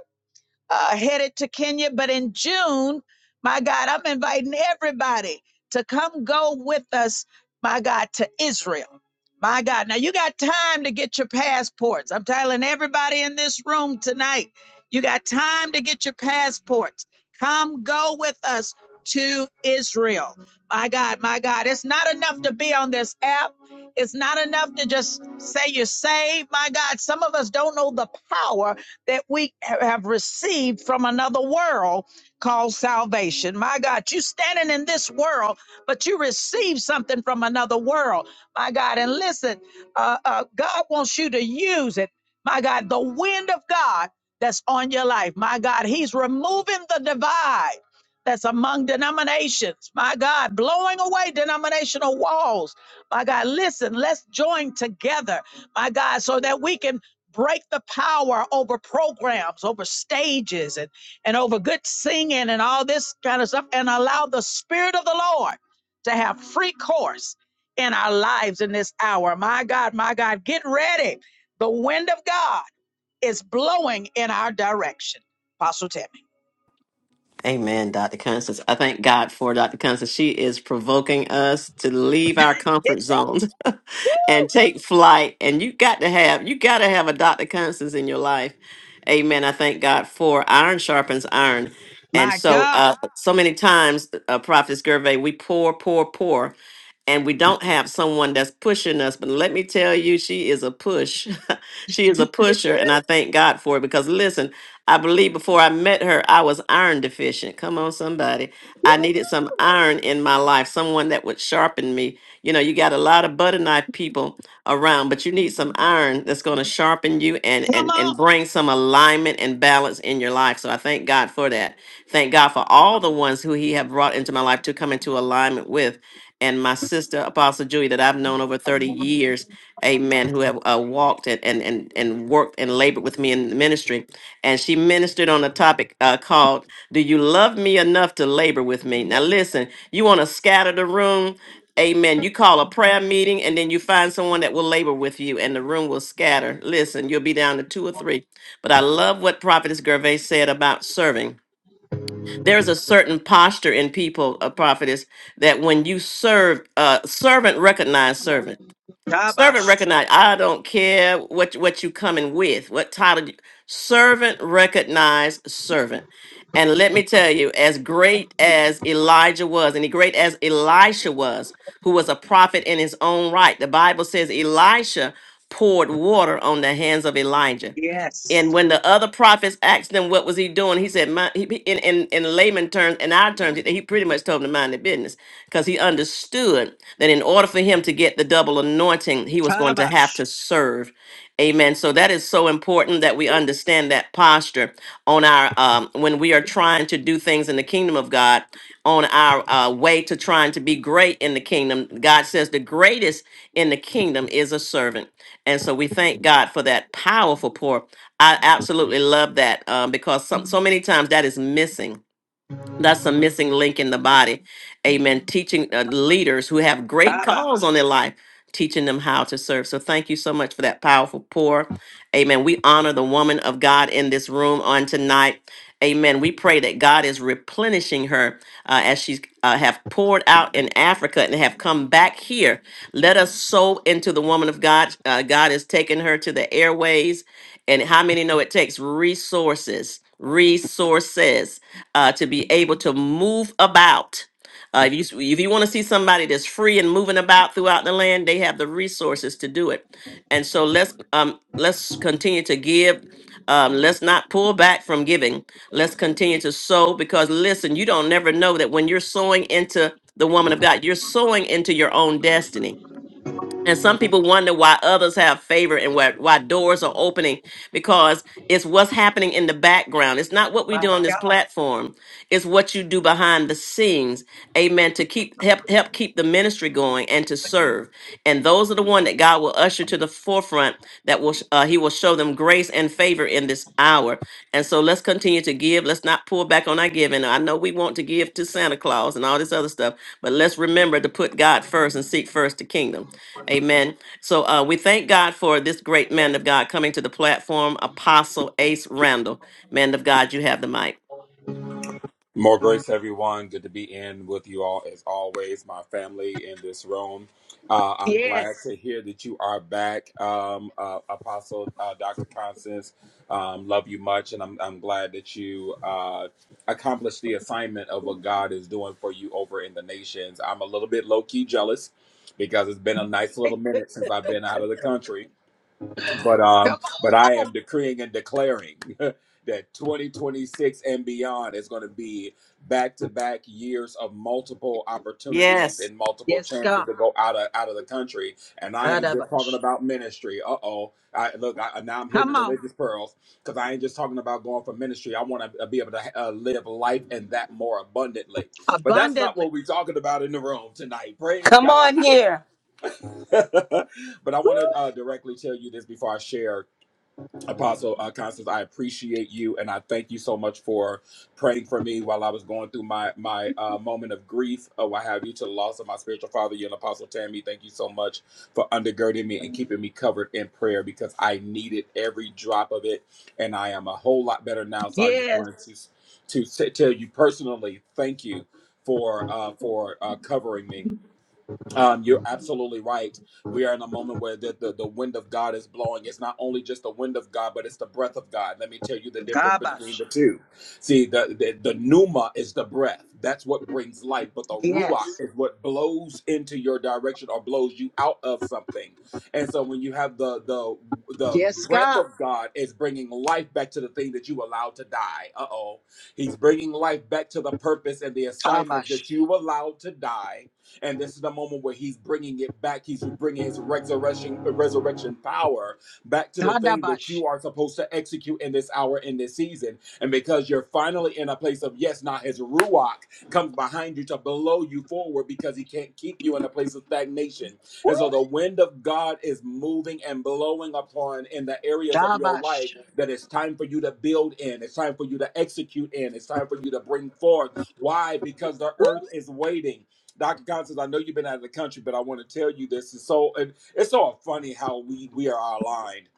[SPEAKER 1] uh, headed to Kenya. But in June, my God, I'm inviting everybody to come go with us, my God, to Israel. My God, now you got time to get your passports. I'm telling everybody in this room tonight, you got time to get your passports. Come go with us to Israel. My God, my God, it's not enough to be on this app. It's not enough to just say you're saved. My God, some of us don't know the power that we have received from another world called salvation. My God, you standing in this world, but you receive something from another world. My God, and listen, uh, uh, God wants you to use it. My God, the wind of God that's on your life. My God, He's removing the divide that's among denominations. My God, blowing away denominational walls. My God, listen, let's join together. My God, so that we can break the power over programs, over stages, and, and over good singing and all this kind of stuff, and allow the Spirit of the Lord to have free course in our lives in this hour. My God, my God, get ready. The wind of God is blowing in our direction. Apostle Tammy.
[SPEAKER 3] Amen, Dr. Constance. I thank God for Dr. Constance. She is provoking us to leave our comfort zones and take flight. And you got to have you got to have a Dr. Constance in your life. Amen. I thank God for iron sharpens iron. And
[SPEAKER 1] My
[SPEAKER 3] so,
[SPEAKER 1] God,
[SPEAKER 3] uh, so many times, uh, Prophet Gervais, we pour, pour, pour and we don't have someone that's pushing us. But let me tell you, she is a push. she is a pusher, and I thank God for it because listen, I believe before I met her, I was iron deficient. Come on, somebody. I needed some iron in my life, someone that would sharpen me. You know, you got a lot of butter knife people around, but you need some iron that's going to sharpen you and,
[SPEAKER 1] come
[SPEAKER 3] and,
[SPEAKER 1] on.
[SPEAKER 3] and bring some alignment and balance in your life. So I thank God for that. Thank God for all the ones who He have brought into my life to come into alignment with and my sister Apostle Julie that I've known over 30 years, amen, who have uh, walked and, and and and worked and labored with me in the ministry. And she ministered on a topic uh, called Do You Love Me Enough to Labor with Me? Now listen, you want to scatter the room, Amen. You call a prayer meeting and then you find someone that will labor with you and the room will scatter. Listen, you'll be down to two or three. But I love what Prophetess Gervais said about serving there's a certain posture in people, a prophetess, that when you serve, uh, servant recognize servant. Servant
[SPEAKER 1] Kabash.
[SPEAKER 3] recognize. I don't care what what you coming with, what title. you- servant recognize servant. And let me tell you, as great as Elijah was, and great as Elisha was, who was a prophet in his own right, the Bible says Elisha poured water on the hands of Elijah. And
[SPEAKER 1] Yes.
[SPEAKER 3] when the other prophets asked him what was he doing, he said, "My," he, in, in in layman terms, in our terms, he pretty much told them to mind their business because he understood that in order for him to get the double anointing, he was going to have
[SPEAKER 1] Kabash.
[SPEAKER 3] to serve. Amen. So that is so important that we understand that posture on our um, when we are trying to do things in the kingdom of God. On our uh, way to trying to be great in the kingdom, God says the greatest in the kingdom is a servant, and so we thank God for that powerful pour. I absolutely love that um, because some, so many times that is missing that's a missing link in the body amen teaching uh, leaders who have great calls
[SPEAKER 1] Kabash.
[SPEAKER 3] on their life teaching them how to serve so thank you so much for that powerful pour amen we honor the woman of god in this room on tonight amen we pray that god is replenishing her uh, as she's uh, have poured out in africa and have come back here let us sow into the woman of god uh, god is taking her to the airways and how many know it takes resources resources uh, to be able to move about. Uh, if you if you want to see somebody that's free and moving about throughout the land, they have the resources to do it. And so let's um, let's continue to give. Um, let's not pull back from giving. Let's continue to sow because listen, you don't never know that when you're sowing into the woman of God, you're sowing into your own destiny and some people wonder why others have favor and why, why doors are opening because it's what's happening in the background. It's not what we
[SPEAKER 1] My
[SPEAKER 3] do on this
[SPEAKER 1] God.
[SPEAKER 3] platform. It's what you do behind the scenes. Amen. To keep help help keep the ministry going and to serve. And those are the one that God will usher to the forefront that will uh, he will show them grace and favor in this hour. And so let's continue to give. Let's not pull back on our giving. I know we want to give to Santa Claus and all this other stuff, but let's remember to put God first and seek first the kingdom. Amen. So uh, we thank God for this great man of God coming to the platform, Apostle Ace Randall. Man of God, you have the mic.
[SPEAKER 9] More grace, everyone. Good to be in with you all as always, my family in this room. Uh, I'm glad
[SPEAKER 1] Yes.
[SPEAKER 9] to hear that you are back, um, uh, Apostle uh, Dr. Constance. Um, love you much, and I'm, I'm glad that you uh, accomplished the assignment of what God is doing for you over in the nations. I'm a little bit low key jealous because it's been a nice little minute since I've been out of the country But um,
[SPEAKER 1] Come
[SPEAKER 9] but I
[SPEAKER 1] on.
[SPEAKER 9] am decreeing and declaring that 2026 and beyond is going to be back to back years of multiple opportunities
[SPEAKER 3] Yes.
[SPEAKER 9] and multiple
[SPEAKER 1] Yes,
[SPEAKER 9] chances
[SPEAKER 1] God.
[SPEAKER 9] to go out of out of the country. And I ain't just talking
[SPEAKER 1] Kadabash.
[SPEAKER 9] about ministry. Uh oh, I look I, now I'm hitting the
[SPEAKER 1] Come on.
[SPEAKER 9] religious pearls because I ain't just talking about going for ministry. I want to be able to uh, live life and that more abundantly. But that's not
[SPEAKER 1] Abundantly.
[SPEAKER 9] what we're talking about in the room tonight. Praise
[SPEAKER 4] Come
[SPEAKER 9] God.
[SPEAKER 4] on here.
[SPEAKER 9] but I want to uh, directly tell you this before I share Apostle uh, Constance, I appreciate you, and I thank you so much for praying for me while I was going through my my uh, moment of grief, or what have you, to the loss of my spiritual father. You and Apostle Tammy, thank you so much for undergirding me and keeping me covered in prayer because I needed every drop of it, and I am a whole lot better now. So I just
[SPEAKER 1] Yes.
[SPEAKER 9] wanted to to say- tell you personally, thank you for uh, for uh, covering me um, you're absolutely right. We are in a moment where the, the, the wind of God is blowing. It's not only just the wind of God, but it's the breath of God. Let me tell you the difference between
[SPEAKER 1] Kabash.
[SPEAKER 9] the two. See, the, the, the pneuma is the breath. That's what brings life. But the ruach
[SPEAKER 1] Yes.
[SPEAKER 9] is what blows into your direction or blows you out of something. And so when you have the the the
[SPEAKER 1] Yes,
[SPEAKER 9] breath
[SPEAKER 1] God.
[SPEAKER 9] of God is bringing life back to the thing that you allowed to die. Uh-oh. He's bringing life back to the purpose and the assignments
[SPEAKER 1] Kabash.
[SPEAKER 9] that you allowed to die and this is the moment where he's bringing it back. He's bringing his resurrection, resurrection power back to the thing that
[SPEAKER 1] Dadabash.
[SPEAKER 9] you are supposed to execute in this hour, in this season. And because you're finally in a place of yes, now his ruach comes behind you to blow you forward because he can't keep you in a place of stagnation.
[SPEAKER 1] Woo.
[SPEAKER 9] And so the wind of God is moving and blowing upon in the areas of your life
[SPEAKER 1] Dabash.
[SPEAKER 9] that it's time for you to build in, it's time for you to execute in, it's time for you to bring forth. Why? Because the
[SPEAKER 1] Woo.
[SPEAKER 9] earth is waiting. Dr. Constance, I know you've been out of the country, but I want to tell you this. It's so and it's so funny how we we are aligned.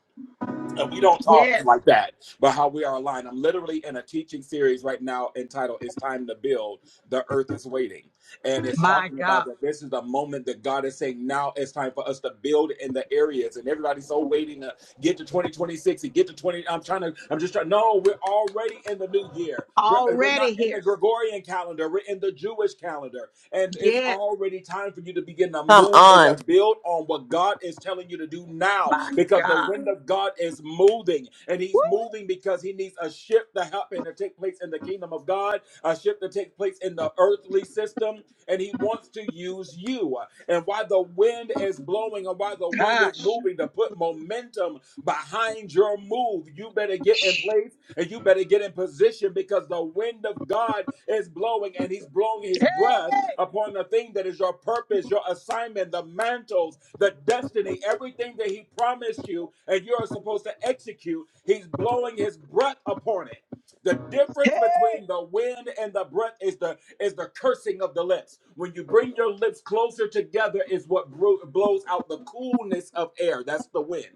[SPEAKER 9] And we don't talk
[SPEAKER 1] Yes.
[SPEAKER 9] like that, but how we are aligned. I'm literally in a teaching series right now entitled It's Time to Build, The Earth is Waiting. And it's
[SPEAKER 1] My
[SPEAKER 9] talking about
[SPEAKER 1] God.
[SPEAKER 9] that this is the moment that God is saying, now it's time for us to build in the areas. And everybody's so waiting to get to 2026 and get to 20. I'm trying to, I'm just trying. No, we're already in the new year. We're, we're
[SPEAKER 1] Already
[SPEAKER 9] not in the
[SPEAKER 1] here.
[SPEAKER 9] Gregorian calendar, we're in the Jewish calendar. And it's
[SPEAKER 1] Yes.
[SPEAKER 9] already time for you to begin to
[SPEAKER 3] Come
[SPEAKER 9] move and to
[SPEAKER 3] on.
[SPEAKER 9] build on what God is telling you to do now
[SPEAKER 1] My
[SPEAKER 9] because the
[SPEAKER 1] God.
[SPEAKER 9] wind of God is moving and
[SPEAKER 1] Woo.
[SPEAKER 9] He's moving because He needs a shift to happen to take place in the kingdom of God, a shift to take place in the earthly system, and He wants to use you. And while the wind is blowing and while the wind is
[SPEAKER 1] Gosh.
[SPEAKER 9] moving to put momentum behind your move, you better get in place and you better get in position because the wind of God is blowing and He's blowing His breath
[SPEAKER 1] Hey.
[SPEAKER 9] upon the thing that is your purpose, your assignment, the mantles, the destiny, everything that He promised you and you are supposed to execute. He's blowing His breath upon it. The difference
[SPEAKER 1] Hey.
[SPEAKER 9] between the wind and the breath is the is the cursing of the lips. When you bring your lips closer together, is what bro- blows out the coolness of air. That's the wind.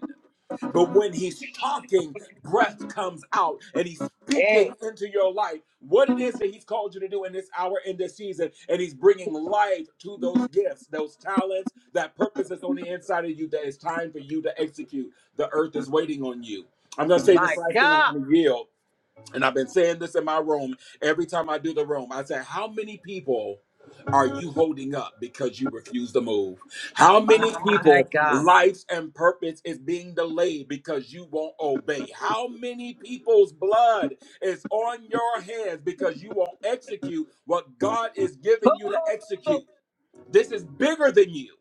[SPEAKER 9] But when he's talking, breath comes out and he's
[SPEAKER 1] hey.
[SPEAKER 9] speaking into your life what it is that he's called you to do in this hour, in this season. And he's bringing life to those gifts, those talents, that purpose that's on the inside of you that it's time for you to execute. The earth is waiting on you. I'm going to say this
[SPEAKER 1] My
[SPEAKER 9] last thing I'm
[SPEAKER 1] God.
[SPEAKER 9] going to yield and I've been saying this in my room every time I do the room. I say, How many people are you holding up because you refuse to move? How many
[SPEAKER 1] My
[SPEAKER 9] people
[SPEAKER 1] God.
[SPEAKER 9] lives and purpose is being delayed because you won't obey? How many people's blood is on your hands because you won't execute what God is giving you to
[SPEAKER 1] Oh.
[SPEAKER 9] execute? This is bigger than you.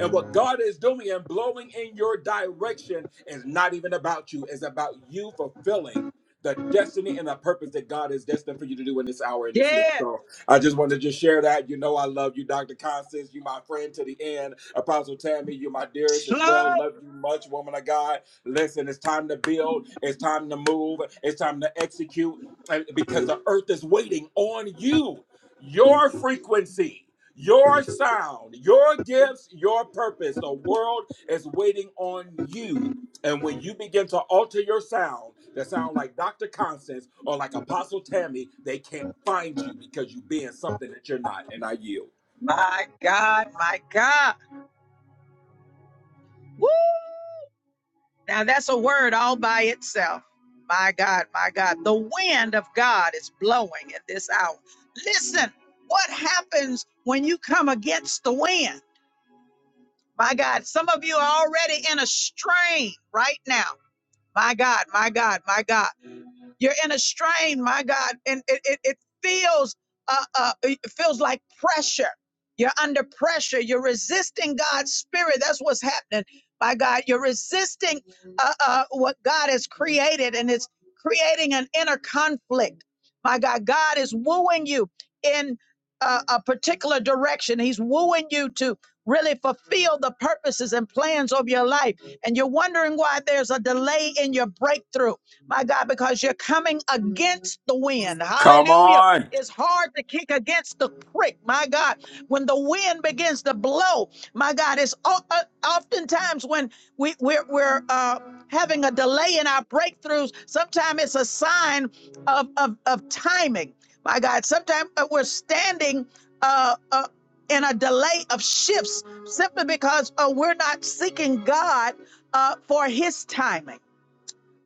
[SPEAKER 9] And what God is doing and blowing in your direction is not even about you, it's about you fulfilling the destiny and the purpose that God is destined for you to do in this hour and this season.
[SPEAKER 1] Yes.
[SPEAKER 9] So I just wanted to just share that. You know, I love you, Dr. Constance. You my friend to the end. Apostle Tammy, you're my dearest as well.
[SPEAKER 1] Slow.
[SPEAKER 9] Love you much, woman of God. Listen, it's time to build, it's time to move, it's time to execute and- because the earth is waiting on you, your frequency. Your sound, your gifts, your purpose. The world is waiting on you. And when you begin to alter your sound, that sound like Dr. Constance or like Apostle Tammy, they can't find you because you being something that you're not. And I yield.
[SPEAKER 1] My God. My God. Woo. Now that's a word all by itself. My God, my God, the wind of God is blowing at this hour. Listen, what happens when you come against the wind? My God, some of you are already in a strain right now. My God, my God, my God. You're in a strain, my God, and it it, it feels uh, uh it feels like pressure. You're under pressure. You're resisting God's spirit. That's what's happening. My God, you're resisting uh, uh, what God has created, and it's creating an inner conflict. My God, God is wooing you in a, a particular direction. He's wooing you to really fulfill the purposes and plans of your life. And you're wondering why there's a delay in your breakthrough my God, because you're coming against the wind.
[SPEAKER 9] Come
[SPEAKER 1] Hallelujah.
[SPEAKER 9] on.
[SPEAKER 1] It's hard to kick against the prick, my God. When the wind begins to blow, my God, it's o- uh, oftentimes when we, we're, we're uh, having a delay in our breakthroughs, sometimes it's a sign of, of, of timing, my God. Sometimes uh, we're standing uh, uh, in a delay of shifts simply because uh, we're not seeking God uh, for his timing.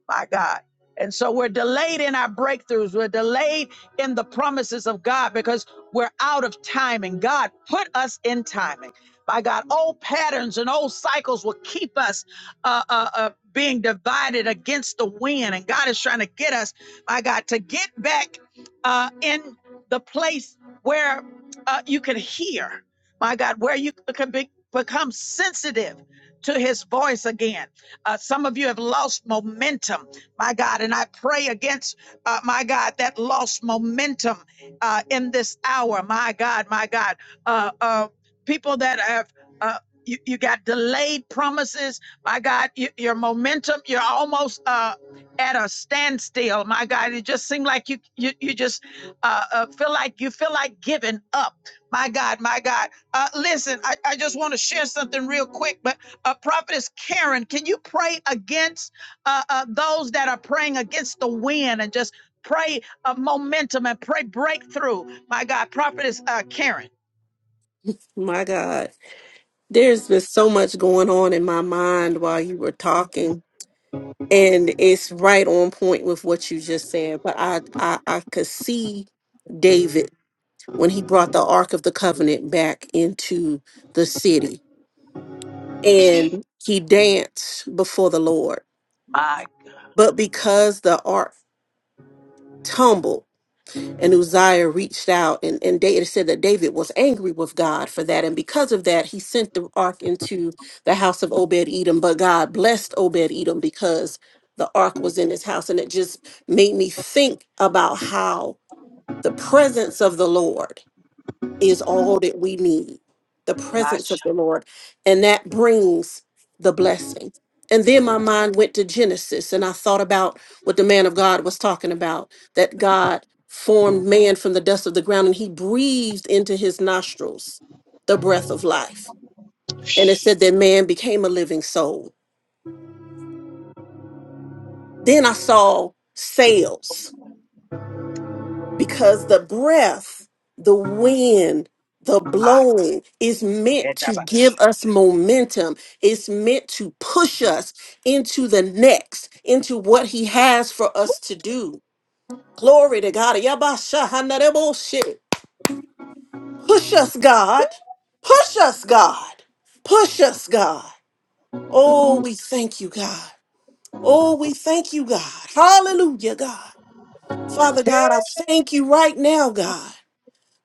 [SPEAKER 1] My God. And so we're delayed in our breakthroughs. We're delayed in the promises of God because we're out of timing. God put us in timing. My God, old patterns and old cycles will keep us uh, uh, uh, being divided against the wind. And God is trying to get us, my God, to get back uh, in the place where uh, you can hear, my God, where you can be, become sensitive to his voice again. Uh, some of you have lost momentum, my God, and I pray against, uh, my God, that lost momentum uh, in this hour, my God, my God. Uh, uh, people that have, uh, you, you got delayed promises, my God, y- your momentum, you're almost uh, at a standstill, my God. It just seemed like you, you, you just uh, uh, feel like you feel like giving up, my God, my God. Uh, listen, I, I just want to share something real quick, but uh, Prophetess Karen, can you pray against uh, uh, those that are praying against the wind and just pray uh, momentum and pray breakthrough? My God, Prophetess uh, Karen.
[SPEAKER 5] My God, there's been so much going on in my mind while you were talking. and it's right on point with what you just said but i i, I could see david when he brought the ark of the covenant back into the city and he danced before the lord
[SPEAKER 1] My
[SPEAKER 5] but because the ark tumbled and Uzziah reached out, and, and David said that David was angry with God for that. And because of that, he sent the ark into the house of Obed Edom. But God blessed Obed Edom because the ark was in his house. And it just made me think about how the presence of the Lord is all that we need the presence
[SPEAKER 1] gosh.
[SPEAKER 5] of the Lord. And that brings the blessing. And then my mind went to Genesis and I thought about what the man of God was talking about that God formed man from the dust of the ground and he breathed into his nostrils the breath of life. And it said that man became a living soul. Then I saw sails because the breath, the wind, the
[SPEAKER 1] Ah,
[SPEAKER 5] blowing is meant to
[SPEAKER 1] etabach.
[SPEAKER 5] give us momentum. It's meant to push us into the next, into what He has for us to do. Glory to God. Yabashahanareboshi. Push us, God. Push us, God. Push us, God. Oh, we thank you, God. Oh, we thank you, God. Hallelujah, God. Father God, I thank you right now, God.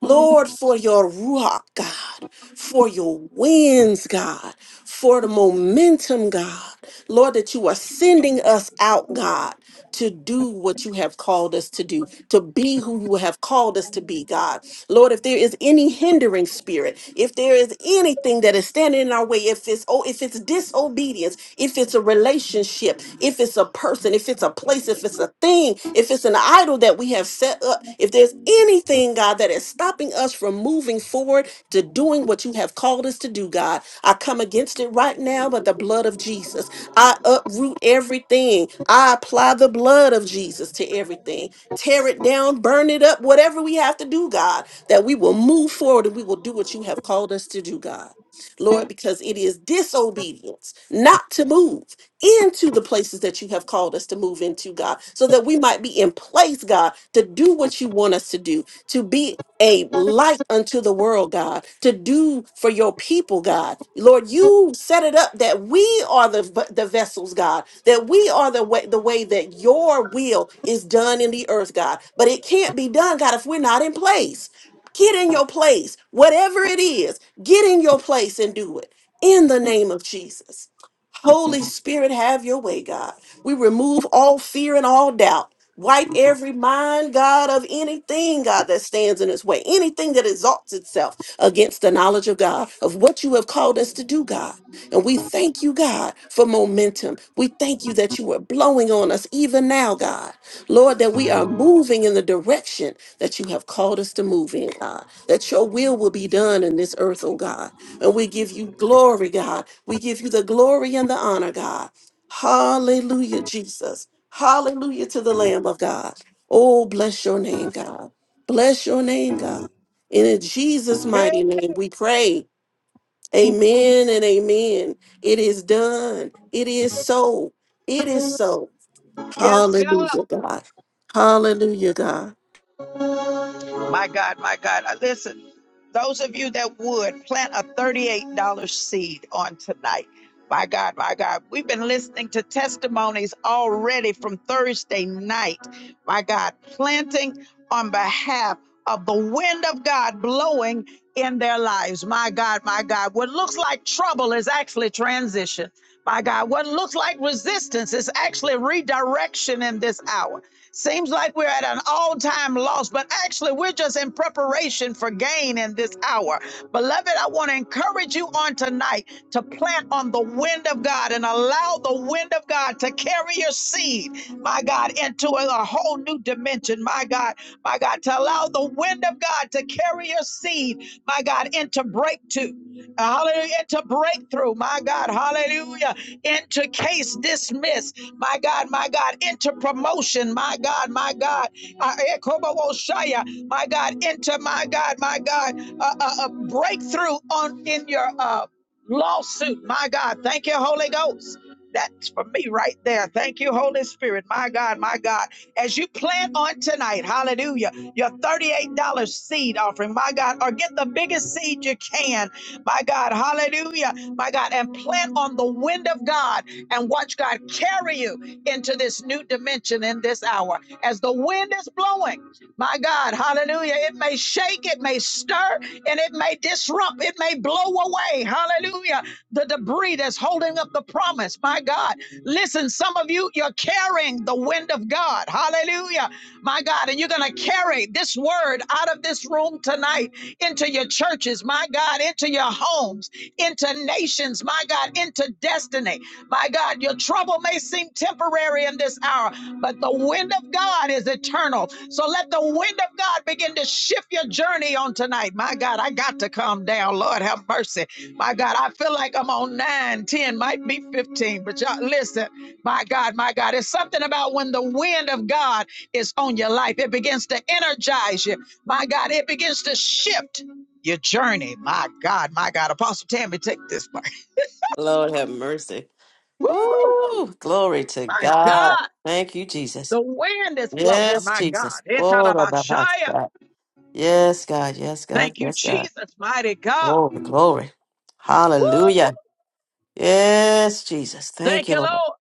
[SPEAKER 5] Lord, for your Ruach, God, for your winds, God, for the momentum, God. Lord, that you are sending us out, God, to do what you have called us to do, to be who you have called us to be, God. Lord, if there is any hindering spirit, if there is anything that is standing in our way, if it's oh, if it's disobedience, if it's a relationship, if it's a person, if it's a place, if it's a thing, if it's an idol that we have set up, if there's anything, God, that is stopping us from moving forward to doing what you have called us to do, God, I come against it right now by the blood of Jesus. I uproot everything. I apply the blood of Jesus to everything. Tear it down, burn it up, whatever we have to do, God, that we will move forward and we will do what you have called us to do, God. Lord, because it is disobedience not to move into the places that you have called us to move into, God, so that we might be in place, God, to do what you want us to do, to be a light unto the world, God, to do for your people, God. Lord, you set it up that we are the, the vessels, God, that we are the way, the way that your will is done in the earth, God. But it can't be done, God, if we're not in place. Get in your place, whatever it is Get in your place and do it in the name of Jesus. Holy Spirit, have your way, God. We remove all fear and all doubt. Wipe every mind, God, of anything, God, that stands in its way, anything that exalts itself against the knowledge of God, of what you have called us to do, God. And we thank you, God, for momentum. We thank you that you are blowing on us even now, God. Lord, that we are moving in the direction that you have called us to move in, God that your will will be done in this earth, oh God. And we give you glory, God. We give you the glory and the honor, God. Hallelujah, Jesus. Hallelujah to the Lamb of God. Oh, bless your name, God. Bless your name, God. And in Jesus'
[SPEAKER 1] Hey,
[SPEAKER 5] mighty name, we pray. Amen and amen. It is done. It is so. It is so.
[SPEAKER 1] Yes, God.
[SPEAKER 5] Hallelujah, God. Hallelujah, God.
[SPEAKER 1] My God, my God. Uh, Listen, those of you that would plant a $38 seed on tonight. My God, my God. We've been listening to testimonies already from Thursday night. My God, planting on behalf of the wind of God blowing in their lives. My God, my God. What looks like trouble is actually transition. My God, what looks like resistance is actually redirection in this hour. Seems like we're at an all time loss, but actually, we're just in preparation for gain in this hour. Beloved, I want to encourage you on tonight to plant on the wind of God and allow the wind of God to carry your seed, my God, into a whole new dimension, my God, my God, to allow the wind of God to carry your seed, my God, into breakthrough. Hallelujah, into breakthrough, my God, hallelujah, into case dismissed. My God, my God, into promotion. My God, my God. Uh, Ekobowoshaya. My God, into my God, my God, uh, uh, uh, breakthrough on in your uh, lawsuit. My God, thank you, Holy Ghost. That's for me right there. Thank you, Holy Spirit. My God, my God. As you plant on tonight, hallelujah, your $38 seed offering, my God, or get the biggest seed you can, my God, hallelujah, my God, and plant on the wind of God and watch God carry you into this new dimension in this hour. As the wind is blowing, my God, hallelujah, it may shake, it may stir, and it may disrupt, it may blow away, hallelujah, the debris that's holding up the promise, my God. Listen, some of you, you're carrying the wind of God, hallelujah, my God, and you're going to carry this word out of this room tonight into your churches, my God, into your homes, into nations, my God, into destiny. My God, your trouble may seem temporary in this hour, but the wind of God is eternal. So let the wind of God begin to shift your journey on tonight. My God, I got to calm down. Lord, have mercy. My God, I feel like I'm on 9, ten, might be 15, but y'all listen. My God, my God, it's something about when the wind of God is on your life, it begins to energize you. My God, it begins to shift your journey. My God, my God. Apostle Tammy, take this part.
[SPEAKER 3] Lord have mercy.
[SPEAKER 1] Woo!
[SPEAKER 3] Ooh, glory to
[SPEAKER 1] My God.
[SPEAKER 3] God. Thank you, Jesus.
[SPEAKER 1] The wind is blowing,
[SPEAKER 3] Yes,
[SPEAKER 1] my God.
[SPEAKER 3] Jesus. Oh, da, da, da,
[SPEAKER 1] Etarabashaya.
[SPEAKER 3] da. Yes, God. Yes, God.
[SPEAKER 1] Thank you,
[SPEAKER 3] Yes, God.
[SPEAKER 1] Jesus, mighty God.
[SPEAKER 3] Glory, glory.
[SPEAKER 1] Woo!
[SPEAKER 3] Hallelujah. Yes, Jesus.
[SPEAKER 1] Thank
[SPEAKER 3] Thank
[SPEAKER 1] you,
[SPEAKER 3] you, Lord.
[SPEAKER 1] Lord.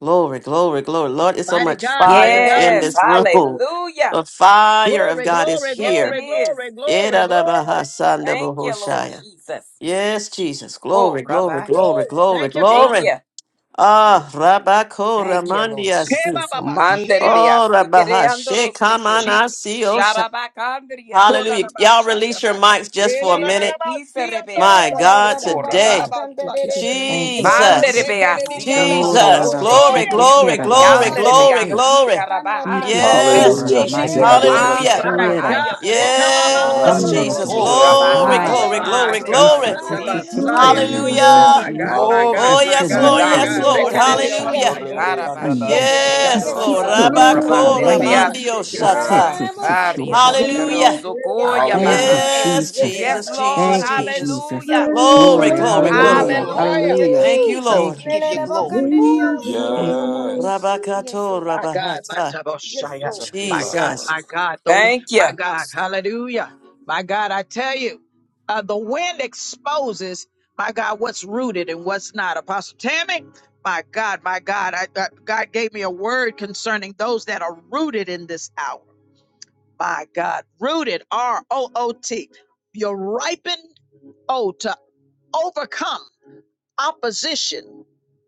[SPEAKER 3] Glory, glory, glory. Lord, it's so
[SPEAKER 1] Mighty
[SPEAKER 3] much
[SPEAKER 1] God, mighty
[SPEAKER 3] fire
[SPEAKER 1] God.
[SPEAKER 3] in
[SPEAKER 4] Yes.
[SPEAKER 3] this room.
[SPEAKER 4] Hallelujah.
[SPEAKER 3] The fire of
[SPEAKER 1] Glory,
[SPEAKER 3] God is
[SPEAKER 1] glory,
[SPEAKER 4] Yes, it
[SPEAKER 3] here.
[SPEAKER 1] glory,
[SPEAKER 4] is.
[SPEAKER 1] glory, glory, glory.
[SPEAKER 4] Thank you, Lord
[SPEAKER 3] Yedadabahasandabohoshaya.
[SPEAKER 4] Jesus.
[SPEAKER 3] Yes, Jesus.
[SPEAKER 4] Oh,
[SPEAKER 3] Glory, glory,
[SPEAKER 4] Rabbi.
[SPEAKER 1] Woo!
[SPEAKER 3] glory, glory,
[SPEAKER 1] Thank you,
[SPEAKER 4] Thank
[SPEAKER 1] Father.
[SPEAKER 3] glory.
[SPEAKER 4] you.
[SPEAKER 3] Ah, Rabako
[SPEAKER 4] Thank you, Lord
[SPEAKER 3] Ramandiasi.
[SPEAKER 4] Jesus.
[SPEAKER 1] Kebababashaya.
[SPEAKER 3] Oh, Rabaha
[SPEAKER 1] Jesus,
[SPEAKER 4] Manderebeasikireandoroseke.
[SPEAKER 1] Jesus,
[SPEAKER 3] Shekamanasi
[SPEAKER 1] Jesus.
[SPEAKER 3] Osha.
[SPEAKER 4] Sharabakandriasi.
[SPEAKER 3] Hallelujah. Y'all release
[SPEAKER 1] Kodadabashaya,
[SPEAKER 3] your
[SPEAKER 1] my God.
[SPEAKER 3] mics just for a minute.
[SPEAKER 1] Eladadadabashaya,
[SPEAKER 3] My
[SPEAKER 8] Samba
[SPEAKER 3] God,
[SPEAKER 8] ba ba ba
[SPEAKER 1] dadadabashaya,
[SPEAKER 8] ba
[SPEAKER 3] today.
[SPEAKER 4] Yerebekiserebeandorosokoraba.
[SPEAKER 8] ba kanda de
[SPEAKER 1] dadadabashaya.
[SPEAKER 8] de de de bo
[SPEAKER 10] Thank you,
[SPEAKER 8] saba.
[SPEAKER 1] Glory,
[SPEAKER 3] Jesus.
[SPEAKER 10] Jesus.
[SPEAKER 8] Anna
[SPEAKER 4] Manderebeasika
[SPEAKER 8] mama
[SPEAKER 10] Ora
[SPEAKER 8] ko
[SPEAKER 10] la
[SPEAKER 3] Jesus.
[SPEAKER 10] la
[SPEAKER 8] na ne mi
[SPEAKER 3] Glory,
[SPEAKER 4] robohosheke.
[SPEAKER 1] kedidiyandadadabashaya.
[SPEAKER 5] Hallelujah.
[SPEAKER 8] ni
[SPEAKER 10] hashete
[SPEAKER 8] ni mu
[SPEAKER 3] glory,
[SPEAKER 8] ma
[SPEAKER 10] kera la
[SPEAKER 8] ne na ma
[SPEAKER 3] glory,
[SPEAKER 8] saba
[SPEAKER 3] glory,
[SPEAKER 8] ba.
[SPEAKER 1] Hallelujah.
[SPEAKER 10] mahashete.
[SPEAKER 4] Yanderebeasika
[SPEAKER 3] glory.
[SPEAKER 1] Jesus,
[SPEAKER 8] Anna na
[SPEAKER 10] Iki
[SPEAKER 8] ma
[SPEAKER 10] to
[SPEAKER 1] Jesus,
[SPEAKER 8] ko
[SPEAKER 3] Yes,
[SPEAKER 10] kora
[SPEAKER 8] ka
[SPEAKER 9] Hallelujah.
[SPEAKER 10] la
[SPEAKER 8] de
[SPEAKER 4] rabahanderebeasi.
[SPEAKER 8] de
[SPEAKER 1] Jesus.
[SPEAKER 3] Jesus.
[SPEAKER 8] de
[SPEAKER 9] Shete
[SPEAKER 8] de de
[SPEAKER 10] mayara
[SPEAKER 8] bo
[SPEAKER 9] adorakata
[SPEAKER 3] Hallelujah.
[SPEAKER 8] saba
[SPEAKER 1] My
[SPEAKER 8] ba ba.
[SPEAKER 10] tatefera la
[SPEAKER 9] andaba.
[SPEAKER 1] God,
[SPEAKER 10] hashu.
[SPEAKER 8] La ba ba ko
[SPEAKER 3] Yes,
[SPEAKER 9] Rande
[SPEAKER 10] Gamnoro to
[SPEAKER 3] Jesus.
[SPEAKER 8] kanda de
[SPEAKER 9] sede
[SPEAKER 8] de
[SPEAKER 1] Rekabamandorobosaya.
[SPEAKER 8] de bo
[SPEAKER 11] Good
[SPEAKER 3] Glory,
[SPEAKER 10] hoshapa.
[SPEAKER 9] adorakata
[SPEAKER 8] se
[SPEAKER 3] glory,
[SPEAKER 8] ma
[SPEAKER 9] ande
[SPEAKER 8] ma
[SPEAKER 1] My
[SPEAKER 3] glory,
[SPEAKER 8] ma ma.
[SPEAKER 1] God,
[SPEAKER 10] Yes,
[SPEAKER 3] glory.
[SPEAKER 9] adodanamandorrakata
[SPEAKER 10] tititi
[SPEAKER 8] Hallelujah
[SPEAKER 9] ba.
[SPEAKER 1] Rakabasaya.
[SPEAKER 10] koya
[SPEAKER 8] Jesus.
[SPEAKER 1] My
[SPEAKER 3] Hallelujah.
[SPEAKER 10] mayati.
[SPEAKER 1] God,
[SPEAKER 8] Hallelujah
[SPEAKER 1] my
[SPEAKER 8] Jesus.
[SPEAKER 4] Glory
[SPEAKER 1] God,
[SPEAKER 3] Oh,
[SPEAKER 4] be
[SPEAKER 10] Yes,
[SPEAKER 9] Hallelujah.
[SPEAKER 1] my
[SPEAKER 3] yes,
[SPEAKER 4] to
[SPEAKER 1] God,
[SPEAKER 10] no
[SPEAKER 3] Lord.
[SPEAKER 1] my
[SPEAKER 4] God.
[SPEAKER 3] Yes,
[SPEAKER 10] kora
[SPEAKER 1] God,
[SPEAKER 10] la
[SPEAKER 3] Lord.
[SPEAKER 8] Yes Lord. Yes
[SPEAKER 10] tahashaka.
[SPEAKER 3] Hallelujah.
[SPEAKER 1] Rekadeosaya.
[SPEAKER 8] Lord.
[SPEAKER 9] Shandorede andaban
[SPEAKER 10] Anoro
[SPEAKER 8] Yes
[SPEAKER 4] Harabasheke
[SPEAKER 1] My
[SPEAKER 8] Lord.
[SPEAKER 9] suki
[SPEAKER 1] God,
[SPEAKER 3] Yes,
[SPEAKER 8] Yes
[SPEAKER 1] my
[SPEAKER 10] tiki
[SPEAKER 3] Lord.
[SPEAKER 9] adoraba.
[SPEAKER 1] God,
[SPEAKER 8] Lord. Yes Lord.
[SPEAKER 10] kora
[SPEAKER 8] Yes
[SPEAKER 3] Rabakora
[SPEAKER 10] maya.
[SPEAKER 8] Lord.
[SPEAKER 3] mandio
[SPEAKER 1] Ukadabashiki.
[SPEAKER 8] Da da
[SPEAKER 10] Yes,
[SPEAKER 8] da
[SPEAKER 9] Yeah.
[SPEAKER 8] da
[SPEAKER 3] shata.
[SPEAKER 8] da bo si de
[SPEAKER 4] Aria
[SPEAKER 8] ba ba
[SPEAKER 10] titi
[SPEAKER 8] ba ba ba.
[SPEAKER 3] Hallelujah.
[SPEAKER 8] Yes
[SPEAKER 1] My
[SPEAKER 4] sikarosokoya
[SPEAKER 8] Lord.
[SPEAKER 10] Thank
[SPEAKER 1] God,
[SPEAKER 10] you,
[SPEAKER 8] Yes
[SPEAKER 9] Hallelujah.
[SPEAKER 4] bahande.
[SPEAKER 8] Lord.
[SPEAKER 3] Yes,
[SPEAKER 8] Yes
[SPEAKER 10] Jesus.
[SPEAKER 1] Arabashaya.
[SPEAKER 4] Yes,
[SPEAKER 3] Jesus,
[SPEAKER 8] Lord.
[SPEAKER 4] Lord.
[SPEAKER 3] Jesus,
[SPEAKER 10] Thank
[SPEAKER 8] Thank
[SPEAKER 10] you,
[SPEAKER 8] you
[SPEAKER 3] Jesus.
[SPEAKER 8] Jesus.
[SPEAKER 10] Jesus.
[SPEAKER 4] Hallelujah.
[SPEAKER 8] Thank you Lord.
[SPEAKER 3] Glory,
[SPEAKER 10] Glory.
[SPEAKER 3] glory, glory.
[SPEAKER 8] Woo!
[SPEAKER 10] Hallelujah.
[SPEAKER 1] Ukabahaya.
[SPEAKER 4] Hallelujah,
[SPEAKER 10] Hallelujah.
[SPEAKER 3] Thank you,
[SPEAKER 4] Jesus. We
[SPEAKER 10] Thank
[SPEAKER 3] Lord.
[SPEAKER 10] you,
[SPEAKER 4] give you
[SPEAKER 10] Jesus.
[SPEAKER 4] glory.
[SPEAKER 3] Woo.
[SPEAKER 10] Thank-
[SPEAKER 9] Yes.
[SPEAKER 8] Yes,
[SPEAKER 3] Rabakato
[SPEAKER 8] Lord.
[SPEAKER 1] My God, my
[SPEAKER 3] rabahata.
[SPEAKER 8] Yes,
[SPEAKER 1] Taboshaya.
[SPEAKER 8] Lord.
[SPEAKER 9] Thank you,
[SPEAKER 1] My
[SPEAKER 4] Thank you,
[SPEAKER 9] Father.
[SPEAKER 1] God,
[SPEAKER 3] Jesus.
[SPEAKER 4] Lord.
[SPEAKER 1] my God, though.
[SPEAKER 4] Thank you.
[SPEAKER 1] My God, hallelujah. My God, I tell you, uh, the wind exposes, my God, what's rooted and what's not. Apostle Tammy, my God, my God, I, I- God gave me a word concerning those that are rooted in this hour. My God, rooted, R O O T. You're ripened, oh, to overcome opposition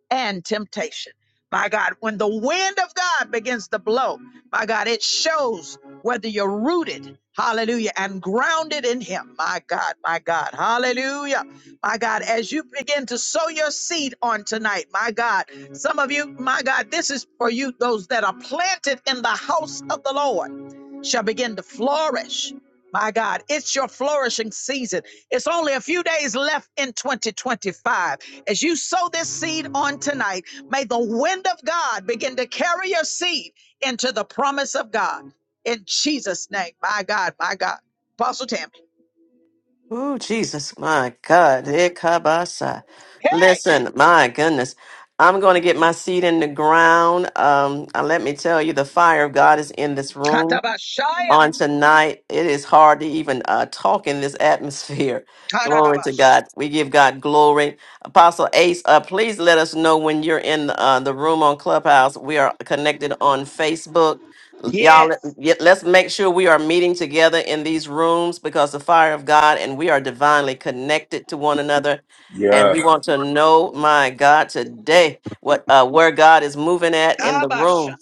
[SPEAKER 1] and temptation. My God, when the wind of God begins to blow, my God, it shows whether you're rooted, hallelujah, and grounded in Him. My God, my God, hallelujah. My God, as you begin to sow your seed on tonight, my God, some of you, my God, this is for you, those that are planted in the house of the Lord shall begin to flourish. My God, it's your flourishing season. It's only a few days left in 2025. As you sow this seed on tonight, may the wind of God begin to carry your seed into the promise of God. In Jesus' name, my God, my God. Apostle Tammy.
[SPEAKER 3] Oh Jesus, my God. Ikabasa. Listen, my goodness. I'm going to get my seed in the ground. Um, and let me tell you, the fire of God is in this room on
[SPEAKER 1] Katabashaya,
[SPEAKER 3] tonight. It is hard to even uh, talk in this atmosphere. Glory to
[SPEAKER 1] tadadabash.
[SPEAKER 3] God. We give God glory. Apostle Ace, uh, please let us know when you're in uh, the room on Clubhouse. We are connected on Facebook. L- Y'all,
[SPEAKER 1] Yes.
[SPEAKER 3] let- y- let's make sure we are meeting together in these rooms because the fire of God and we are divinely connected to one another. And
[SPEAKER 9] Yes.
[SPEAKER 3] we want to know, my God, today what uh, where God is moving at in the
[SPEAKER 1] Tabash.
[SPEAKER 3] room.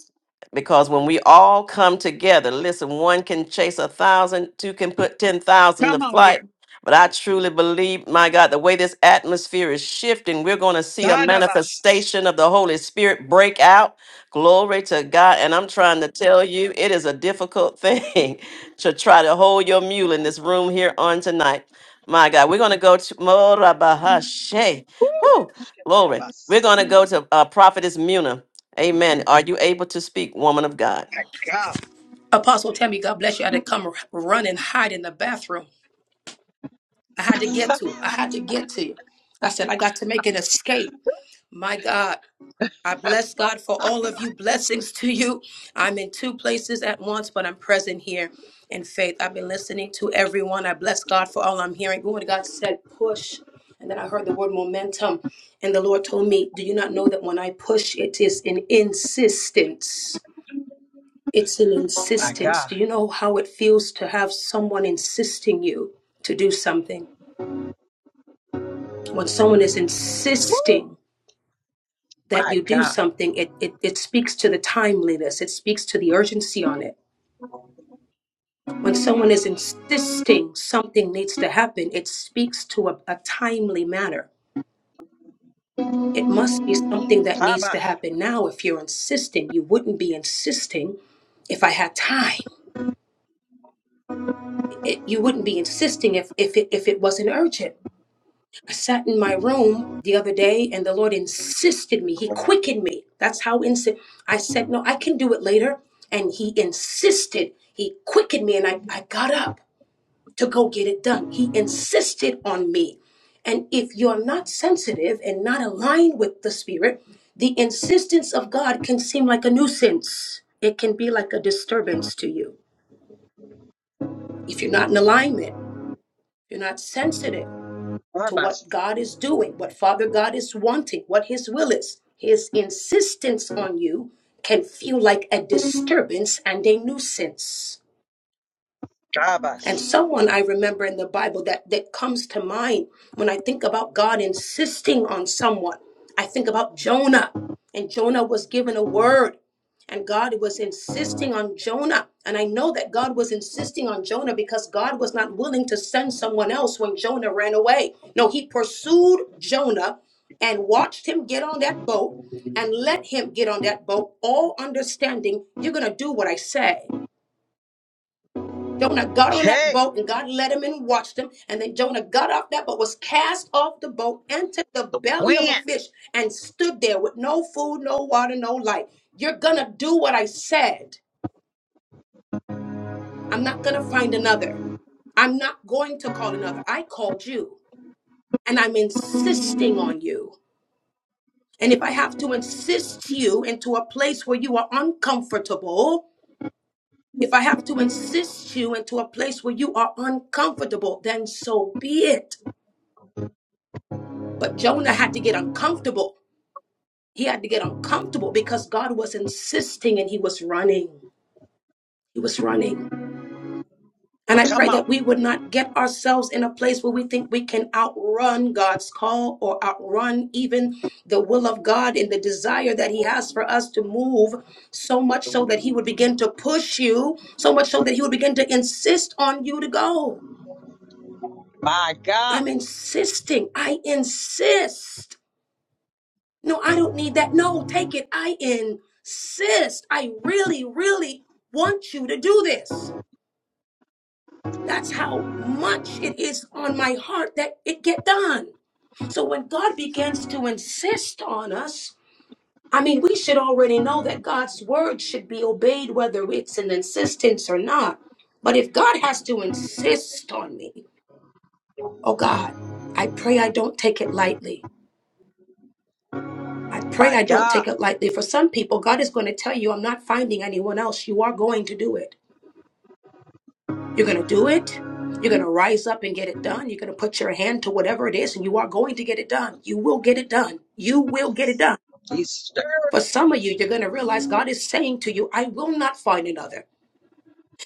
[SPEAKER 3] Because when we all come together, listen, one can chase a thousand, two can put 10,000 to
[SPEAKER 1] Come on
[SPEAKER 3] flight.
[SPEAKER 1] here.
[SPEAKER 3] But I truly believe, my God, the way this atmosphere is shifting, we're going to see a
[SPEAKER 1] Tadabash.
[SPEAKER 3] manifestation of the Holy Spirit break out. Glory to God. And I'm trying to tell you, it is a difficult thing to try to hold your mule in this room here on tonight. My God, we're going to go to Morabahashe. Whew, glory.
[SPEAKER 1] Shatabas.
[SPEAKER 3] We're going to go to uh, Prophetess Muna. Amen. Are you able to speak, woman of God?
[SPEAKER 1] My God,
[SPEAKER 2] Apostle Tammy, God bless you. I had to come r- run and hide in the bathroom. I had to get to him. I had to get to you. I said, I got to make an escape. My God. I bless God for all of you. Blessings to you. I'm in two places at once, but I'm present here in faith. I've been listening to everyone. I bless God for all I'm hearing. Glory to God said, push. And then I heard the word momentum. And the Lord told me, Do you not know that when I push, it is an insistence? It's an
[SPEAKER 1] my
[SPEAKER 2] insistence.
[SPEAKER 1] God,
[SPEAKER 2] Do you know how it feels to have someone insisting you to do something? When someone is insisting, that
[SPEAKER 1] my
[SPEAKER 2] you do
[SPEAKER 1] God.
[SPEAKER 2] something, it, it, it speaks to the timeliness, it speaks to the urgency on it. When someone is insisting something needs to happen, it speaks to a, a timely manner. It must be something that needs to
[SPEAKER 1] Tabash.
[SPEAKER 2] happen now. If you're insisting, you wouldn't be insisting if I had time. It, you wouldn't be insisting if, if, it, if it wasn't urgent. I sat in my room the other day and the Lord insisted me. He quickened me. That's how instant. I said, No, I can do it later. And He insisted. He quickened me and I, I got up to go get it done. He insisted on me. And if you're not sensitive and not aligned with the Spirit, the insistence of God can seem like a nuisance. It can be like a disturbance to you if you're not in alignment, you're not sensitive. to
[SPEAKER 1] Tabash.
[SPEAKER 2] what God is doing, what Father God is wanting, what His will is. His insistence on you can feel like a disturbance and a nuisance.
[SPEAKER 1] Tabash.
[SPEAKER 2] And someone I remember in the Bible that, that comes to mind when I think about God insisting on someone. I think about Jonah, and Jonah was given a word, and God was insisting on Jonah. And I know that God was insisting on Jonah because God was not willing to send someone else when Jonah ran away. No, he pursued Jonah and watched him get on that boat and let him get on that boat, all understanding, you're going to do what I say. Jonah got on that
[SPEAKER 1] Hey,
[SPEAKER 2] boat and God led him and watched him. And then Jonah got off that boat, was cast off the boat, entered the
[SPEAKER 1] the
[SPEAKER 2] belly of a
[SPEAKER 1] wind.
[SPEAKER 2] fish, and stood there with no food, no water, no light. You're going to do what I said. I'm not going to find another. I'm not going to call another. I called you and I'm insisting on you. And if I have to insist you into a place where you are uncomfortable, if I have to insist you into a place where you are uncomfortable, then so be it. But Jonah had to get uncomfortable. He had to get uncomfortable because God was insisting and he was running. He was running. And I
[SPEAKER 1] Come
[SPEAKER 2] pray that we
[SPEAKER 1] on.
[SPEAKER 2] would not get ourselves in a place where we think we can outrun God's call or outrun even the will of God and the desire that He has for us to move so much so that He would begin to push you, so much so that He would begin to insist on you to go.
[SPEAKER 1] My God,
[SPEAKER 2] I'm insisting. I insist. No, I don't need that. No, take it. I insist. I really, really want you to do this. That's how much it is on my heart that it get done. So when God begins to insist on us, I mean, we should already know that God's word should be obeyed, whether it's an insistence or not. But if God has to insist on me, oh God, I pray I don't take it lightly. I pray
[SPEAKER 1] my
[SPEAKER 2] I don't
[SPEAKER 1] God.
[SPEAKER 2] take it lightly. For some people, God is going to tell you, I'm not finding anyone else. You are going to do it. You're going to do it. You're going to rise up and get it done. You're going to put your hand to whatever it is, and you are going to get it done. You will get it done. You will get it done.
[SPEAKER 1] He's stirring.
[SPEAKER 2] For some of you, you're going to realize God is saying to you, I will not find another.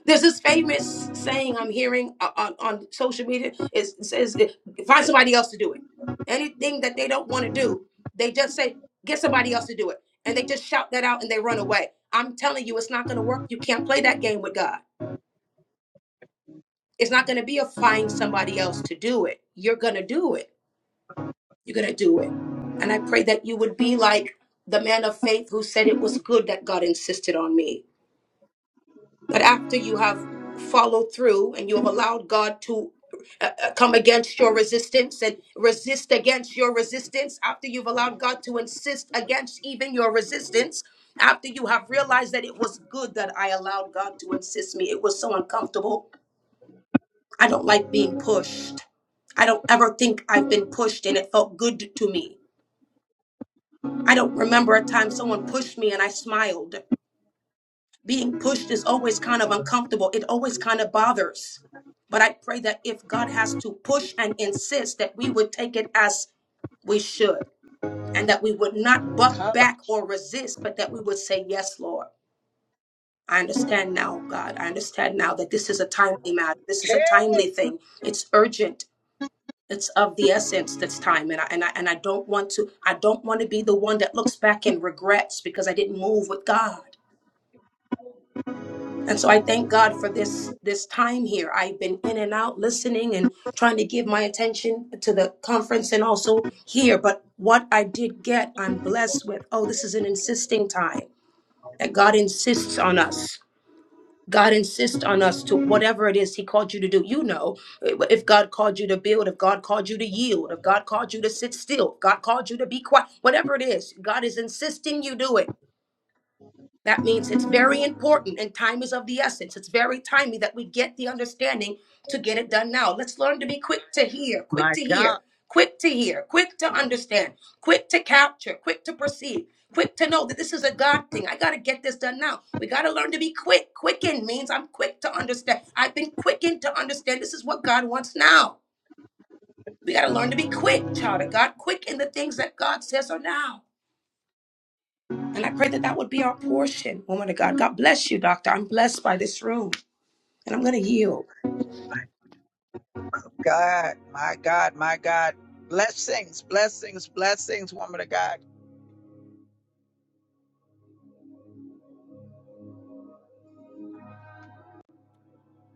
[SPEAKER 2] There's this famous saying I'm hearing o- on, on social media. Is it says it, find somebody else to do it. Anything that they don't want to do, they just say get somebody else to do it, and they just shout that out and they run away. I'm telling you, it's not going to work. You can't play that game with God. It's not going to be a find somebody else to do it. You're going to do it. You're going to do it. And I pray that you would be like the man of faith who said it was good that God insisted on me. But after you have followed through and you have allowed God to uh, uh, come against your resistance and resist against your resistance, after you've allowed God to insist against even your resistance, after you have realized that it was good that I allowed God to insist me, it was so uncomfortable. I don't like being pushed. I don't ever think I've been pushed and it felt good to me. I don't remember a time someone pushed me and I smiled. being pushed is always kind of uncomfortable. It always kind of bothers. But I pray that if God has to push and insist, that we would take it as we should and that we would not buck
[SPEAKER 1] Cover.
[SPEAKER 2] back or resist, but that we would say, Yes, Lord. I understand now, God. I understand now that this is a timely matter. This is a timely
[SPEAKER 1] Hey,
[SPEAKER 2] thing. It's urgent. It's of the essence this time. And I, and I, and I don't want to, I don't want to be the one that looks back and regrets because I didn't move with God. And so I thank God for this this time here. I've been in and out listening and trying to give my attention to the conference and also here, but what I did get, I'm blessed with. Oh, this is an insisting time that God insists on us. God insists on us to whatever it is He called you to do. You know, if God called you to build, if God called you to yield, if God called you to sit still, if God called you to be quiet, whatever it is, God is insisting you do it. That means it's very important and time is of the essence. It's very timely that we get the understanding to get it done now. Let's learn to be quick to hear, quick
[SPEAKER 1] my
[SPEAKER 2] to hear,
[SPEAKER 1] God.
[SPEAKER 2] quick to hear, quick to understand, quick to capture, quick to perceive, quick to know that this is a God thing. I got to get this done now. We got to learn to be quick. Quicken means I'm quick to understand. I've been quickened to understand this is what God wants now. We got to learn to be quick, child of God, quick in the things that God says are now. And I pray that that would be our portion, woman of God. God bless you, doctor. I'm blessed by this room, and I'm going to yield.
[SPEAKER 1] God, my God, my God. Blessings, blessings, blessings, woman of God.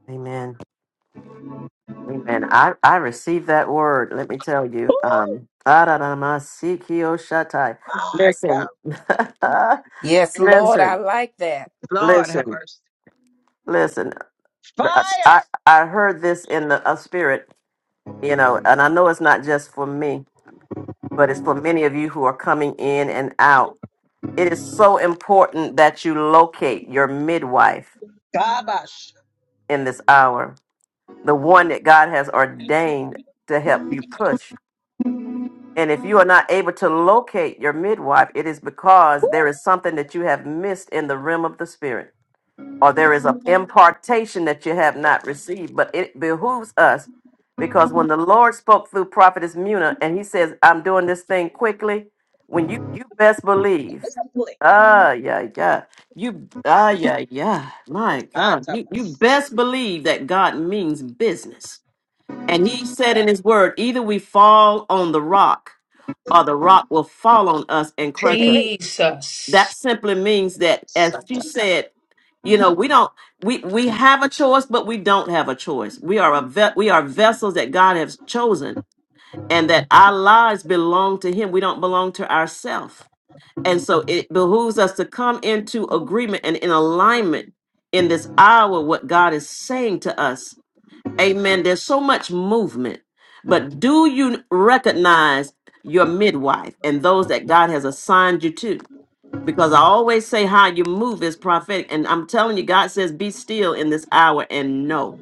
[SPEAKER 3] Amen. Amen. I, I received that word. Let me tell you. Um, Shatai.
[SPEAKER 1] My God.
[SPEAKER 3] Listen,
[SPEAKER 4] Yes, Lord. I
[SPEAKER 3] listen,
[SPEAKER 4] like that.
[SPEAKER 1] Lord have
[SPEAKER 3] listen,
[SPEAKER 1] mercy.
[SPEAKER 3] listen.
[SPEAKER 1] Fire.
[SPEAKER 3] I, I heard this in the uh, spirit, you know, and I know it's not just for me, but it's for many of you who are coming in and out. It is so important that you locate your midwife
[SPEAKER 1] Gabash.
[SPEAKER 3] in this hour the one that God has ordained to help you push. And if you are not able to locate your midwife, it is because there is something that you have missed in the realm of the spirit, or there is an impartation that you have not received. But it behooves us because when the Lord spoke through Prophetess Muna and he says, I'm doing this thing quickly, when you, you best believe, ah, yeah, yeah, you, ah, yeah, yeah, my God, you, you
[SPEAKER 1] Atabash.
[SPEAKER 3] best believe that God means business and he said in
[SPEAKER 1] God.
[SPEAKER 3] his word, either we fall on the rock or the rock will fall on us and crush us.
[SPEAKER 1] Hey.
[SPEAKER 2] Jesus.
[SPEAKER 3] That simply means that, as she
[SPEAKER 1] Sata.
[SPEAKER 3] said, you know, we don't we we have a choice, but we don't have a choice. We are a ve- we are vessels that God has chosen, and that our lives belong to Him. We don't belong to ourselves, and so it behooves us to come into agreement and in alignment in this hour what God is saying to us Amen. There's so much movement, but do you recognize your midwife and those that God has assigned you to? Because I always say how you move is prophetic. And I'm telling you, God says, be still in this hour and know.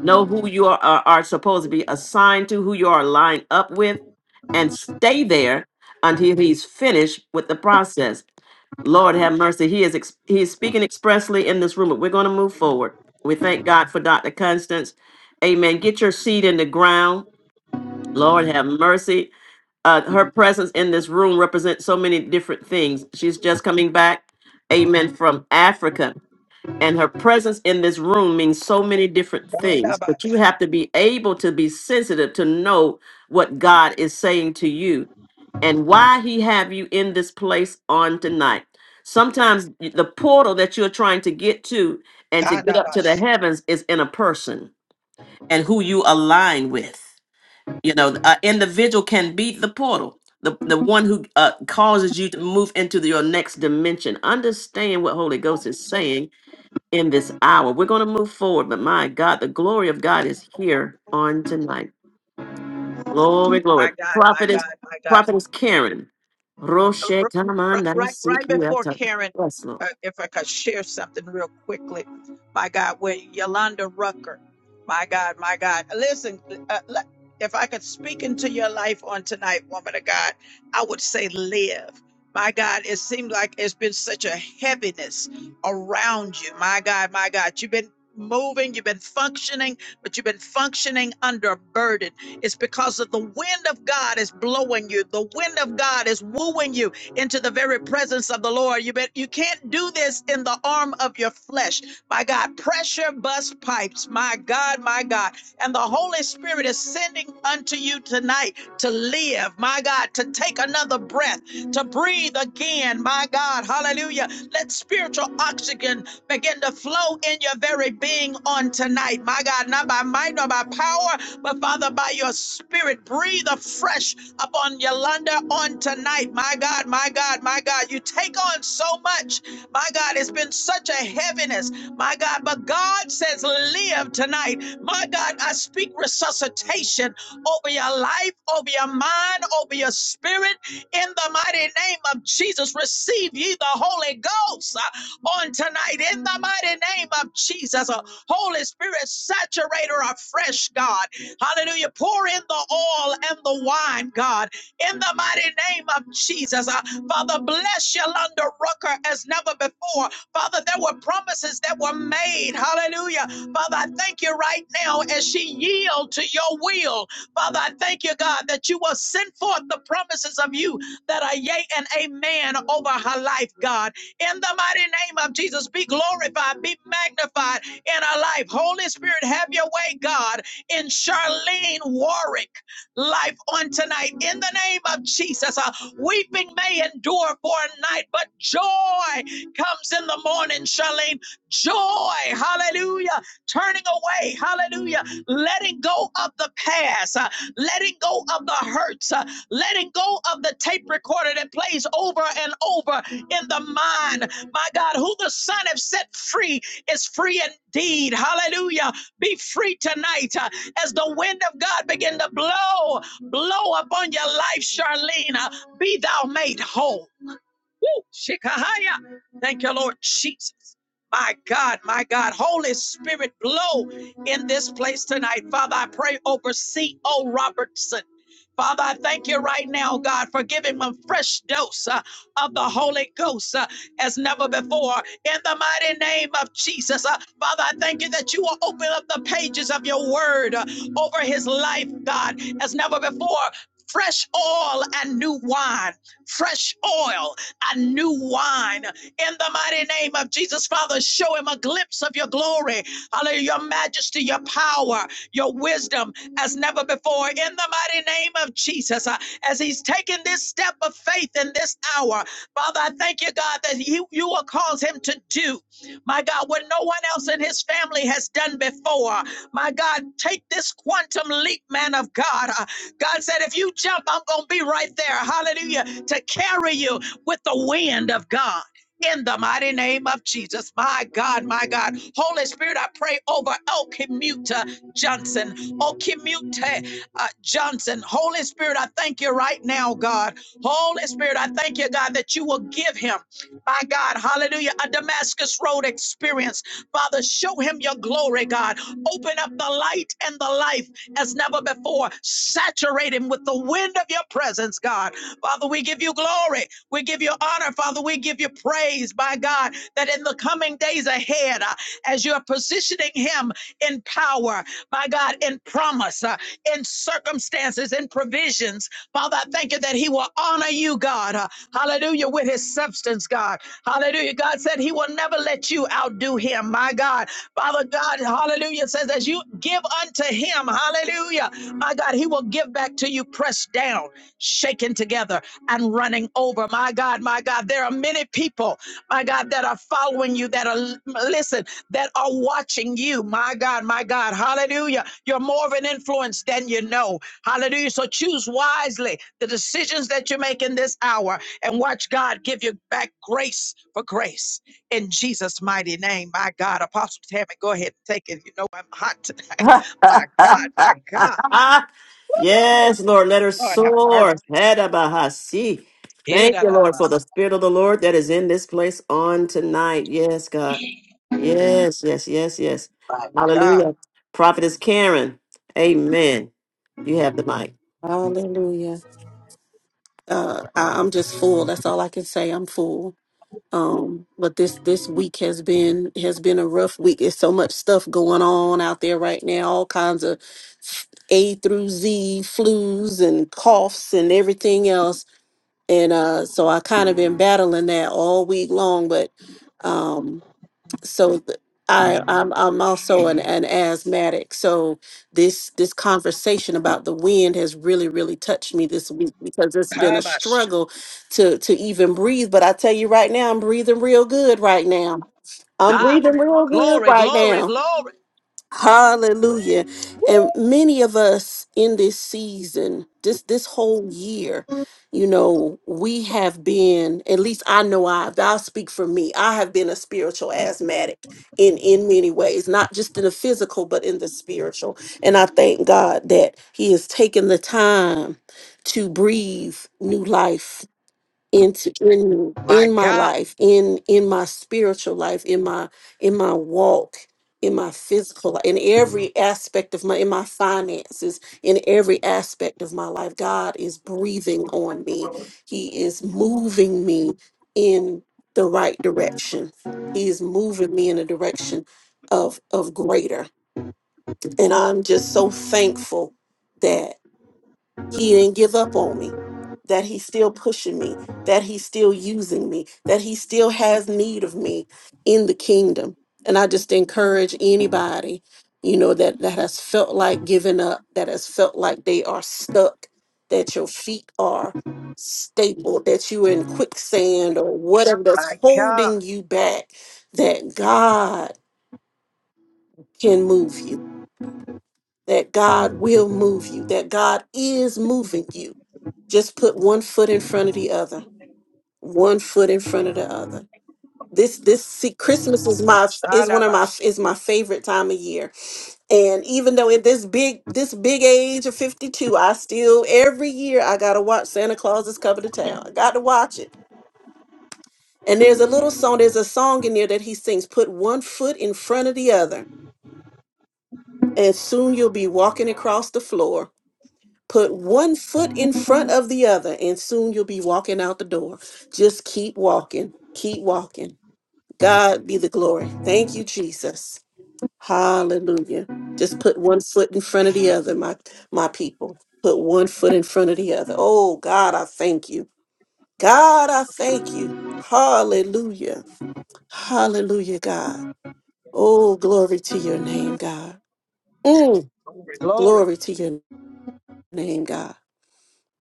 [SPEAKER 3] Know who you are, are, are supposed to be assigned to, who you are lined up with, and stay there until he's finished with the process. Lord have mercy. He is ex- he is speaking expressly in this room, but we're going to move forward. We thank God for Dr. Constance. Amen. Get your seed in the ground. Lord have mercy. Uh, her presence in this room represents so many different things. She's just coming back, amen, from Africa and her presence in this room means so many different things but you
[SPEAKER 1] Gandabash.
[SPEAKER 3] have to be able to be sensitive to know what god is saying to you and why he have you in this place on tonight sometimes y- the portal that you're trying to get to and to get up to the
[SPEAKER 1] Tadabash.
[SPEAKER 3] heavens is in a person and who you align with you know an individual can be the portal the, the one who uh, causes you to move into the- your next dimension understand what holy ghost is saying in this hour. We're going to move forward, but my God, the glory of God is here on tonight. Glory, glory.
[SPEAKER 1] My God, my
[SPEAKER 3] Prophetess,
[SPEAKER 1] God, my God.
[SPEAKER 3] prophetess Karen.
[SPEAKER 1] Uh,
[SPEAKER 3] Roshe
[SPEAKER 1] r- r-
[SPEAKER 3] Kamanda
[SPEAKER 1] right right before
[SPEAKER 3] Sikiata.
[SPEAKER 1] Karen,
[SPEAKER 3] Yes,
[SPEAKER 1] uh,
[SPEAKER 3] Lord.
[SPEAKER 1] if I could share something real quickly, my God, with Yolanda Rucker, my God, my God, listen, uh, le- if I could speak into your life on tonight, woman of God, I would say live. My God, it seems like it's been such a heaviness around you. My God, my God, you've been moving, you've been functioning, but you've been functioning under a burden. It's because of the wind of God is blowing you. The wind of God is wooing you into the very presence of the Lord. You bet you can't do this in the arm of your flesh. My God, pressure bust pipes. My God, my God. And the Holy Spirit is sending unto you tonight to live. My God, to take another breath, to breathe again. My God, hallelujah. Let spiritual oxygen begin to flow in your very being on tonight. My God, not by might nor by power, but Father, by your spirit, breathe afresh upon Yolanda on tonight. My God, my God, my God, you take on so much. My God, it's been such a heaviness. My God, but God says, live tonight. My God, I speak resuscitation over your life, over your mind, over your spirit. In the mighty name of Jesus, receive ye the Holy Ghost uh, on tonight. In the mighty name of Jesus, uh, Holy Spirit, saturate her afresh, God. Hallelujah. Pour in the oil and the wine, God, in the mighty name of Jesus. Uh, Father, bless Yolanda Rucker as never before. Father, there were promises that were made. Hallelujah. Father, I thank you right now as she yields to your will. Father, I thank you, God, that you will send forth the promises of you that are yea and amen over her life, God. In the mighty name of Jesus, be glorified, be magnified in our life. Holy Spirit, have your way, God in Charlene Warwick life on tonight. In the name of Jesus, uh, weeping may endure for a night, but joy comes in the morning, Charlene. Joy, hallelujah. Turning away, hallelujah. Letting go of the past, uh, letting go of the hurts, uh, letting go of the tape recorder that plays over and over in the mind. My God, who the Son has set free is free indeed. Hallelujah. Be free tonight. uh, as the wind of God begin to blow, blow upon your life, Charlene, uh, be thou made whole. Woo! Shikahaya. Thank you, Lord Jesus. My God, my God, Holy Spirit, blow in this place tonight. Father, I pray over C.O. Robertson. Father, I thank you right now, God, for giving him a fresh dose uh, of the Holy Ghost uh, as never before. In the mighty name of Jesus, uh, Father, I thank you that you will open up the pages of your word uh, over his life, God, as never before. Fresh oil and new wine fresh oil a new wine. In the mighty name of Jesus, Father, show him a glimpse of your glory. Hallelujah. Your majesty, your power, your wisdom as never before. In the mighty name of Jesus, uh, as he's taking this step of faith in this hour, Father, I thank you, God, that you, you will cause him to do, my God, what no one else in his family has done before. My God, take this quantum leap, man of God. Uh, God said, if you jump, I'm going to be right there. Hallelujah. To carry you with the wind of God. In the mighty name of Jesus, my God, my God, Holy Spirit, I pray over El Kimuta Johnson, El uh, Johnson. Holy Spirit, I thank you right now, God. Holy Spirit, I thank you, God, that you will give him, my God, hallelujah, a Damascus Road experience. Father, show him your glory, God. Open up the light and the life as never before. Saturate him with the wind of your presence, God. Father, we give you glory. We give you honor, Father. We give you praise, by God, that in the coming days ahead, uh, as you're positioning him in power, by God, in promise, uh, in circumstances, in provisions, Father, I thank you that he will honor you, God. uh, hallelujah, with his substance, God. Hallelujah. God said he will never let you outdo him, my God. Father God, hallelujah, says, as you give unto him, hallelujah, my God, he will give back to you pressed down shaken together and running over. My God, my God, there are many people, my God, that are following you, that are, listen, that are watching you. My God, my God, hallelujah. You're more of an influence than you know. Hallelujah. So choose wisely the decisions that you make in this hour and watch God give you back grace for grace in Jesus' mighty name. My God, Apostle Tammy, go ahead and take it. You know I'm hot tonight. My God, my God.
[SPEAKER 3] yes, Lord. Let her
[SPEAKER 1] Lord have
[SPEAKER 3] soar.
[SPEAKER 1] mercy.
[SPEAKER 3] Hedabahasi. Thank you, Lord, for the Spirit of the Lord that is in this place on tonight. Yes, God. Yes, yes, yes, yes.
[SPEAKER 1] My God.
[SPEAKER 3] Hallelujah. Prophetess Karen. Amen. You have the mic.
[SPEAKER 5] Uh, I, I'm just full. That's all I can say. I'm full. Um, but this this week has been has been a rough week. It's so much stuff going on out there right now. All kinds of A through Z flus and coughs and everything else. and uh so i kind of been battling that all week long but um so th- i i'm, I'm also an, an asthmatic so this this conversation about the wind has really really touched me this week because it's been a
[SPEAKER 1] Kabash.
[SPEAKER 5] struggle to to even breathe but i tell you right now i'm breathing real good right now i'm
[SPEAKER 1] Ah,
[SPEAKER 5] breathing real good
[SPEAKER 1] glory,
[SPEAKER 5] right
[SPEAKER 1] glory,
[SPEAKER 5] now
[SPEAKER 1] glory.
[SPEAKER 5] Hallelujah. And many of us in this season, this this whole year, you know, we have been, at least I know I've, I'll speak for me. I have been a spiritual asthmatic in in many ways, not just in the physical, but in the spiritual. And I thank God that He has taken the time to breathe new life into in
[SPEAKER 1] My
[SPEAKER 5] in my
[SPEAKER 1] God.
[SPEAKER 5] life in in my spiritual life in my in my walk in my physical li- in every aspect of my in my finances in every aspect of my life god is breathing on me he is moving me in the right direction he is moving me in a direction of of greater and i'm just so thankful he didn't give up on me that he's still pushing me that he's still using me that he still has need of me in the kingdom and i just encourage anybody you know that that has felt like giving up that has felt like they are stuck that your feet are stapled that you're in quicksand or whatever that's holding you back that god can move you that god will move you that god is moving you just put one foot in front of the other one foot in front of the other this this see christmas is my is one of my is my favorite time of year and even though at this big this big age of 52 i still every year i gotta watch santa claus is coming to town i gotta watch it and there's a little song there's a song in there that he sings put one foot in front of the other and soon you'll be walking across the floor Put one foot in front of the other, and soon you'll be walking out the door. Just keep walking, keep walking. God be the glory. Thank you, Jesus. Hallelujah. Just put one foot in front of the other, my my people. Put one foot in front of the other. Oh God, I thank you. God, I thank you. Hallelujah. Hallelujah, God. Oh, glory to your name, God. Mm,
[SPEAKER 1] Glory, glory.
[SPEAKER 5] glory to your name, God.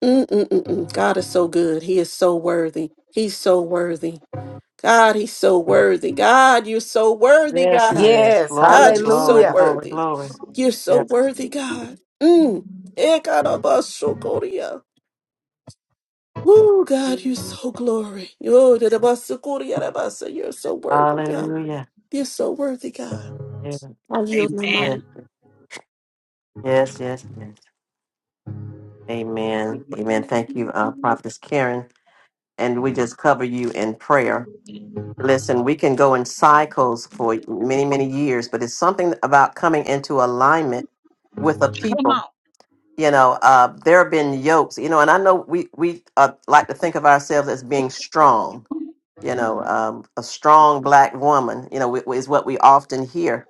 [SPEAKER 5] Mm-mm-mm-mm. God is so good. He is so worthy. He's so worthy. God, he's so worthy. God, you're so worthy,
[SPEAKER 3] Yes, he
[SPEAKER 5] God.
[SPEAKER 3] is.
[SPEAKER 4] Yes.
[SPEAKER 5] God,
[SPEAKER 3] Glory,
[SPEAKER 5] you're
[SPEAKER 3] glory,
[SPEAKER 5] so
[SPEAKER 4] Hallelujah.
[SPEAKER 3] glory,
[SPEAKER 5] worthy.
[SPEAKER 3] glory.
[SPEAKER 5] You're so
[SPEAKER 3] Yes.
[SPEAKER 5] worthy, God. Mm. Ekarabashokoria. Woo, God, you're so glory. Yo, dedabasukoria rabasa. You're so worthy, God.
[SPEAKER 3] Hallelujah.
[SPEAKER 5] You're so worthy, God.
[SPEAKER 3] Yeah.
[SPEAKER 5] I yield my
[SPEAKER 3] Yeah.
[SPEAKER 5] mind.
[SPEAKER 3] Yes, yes, yes. Amen. Amen. Thank you, uh, Prophetess Karen. And we just cover you in prayer. Listen, we can go in cycles for many, many years, but it's something about coming into alignment with a people. You know, uh, there have been yokes, you know, and I know we, we uh, like to think of ourselves as being strong, you know, um, a strong black woman, you know, wi- is what we often hear.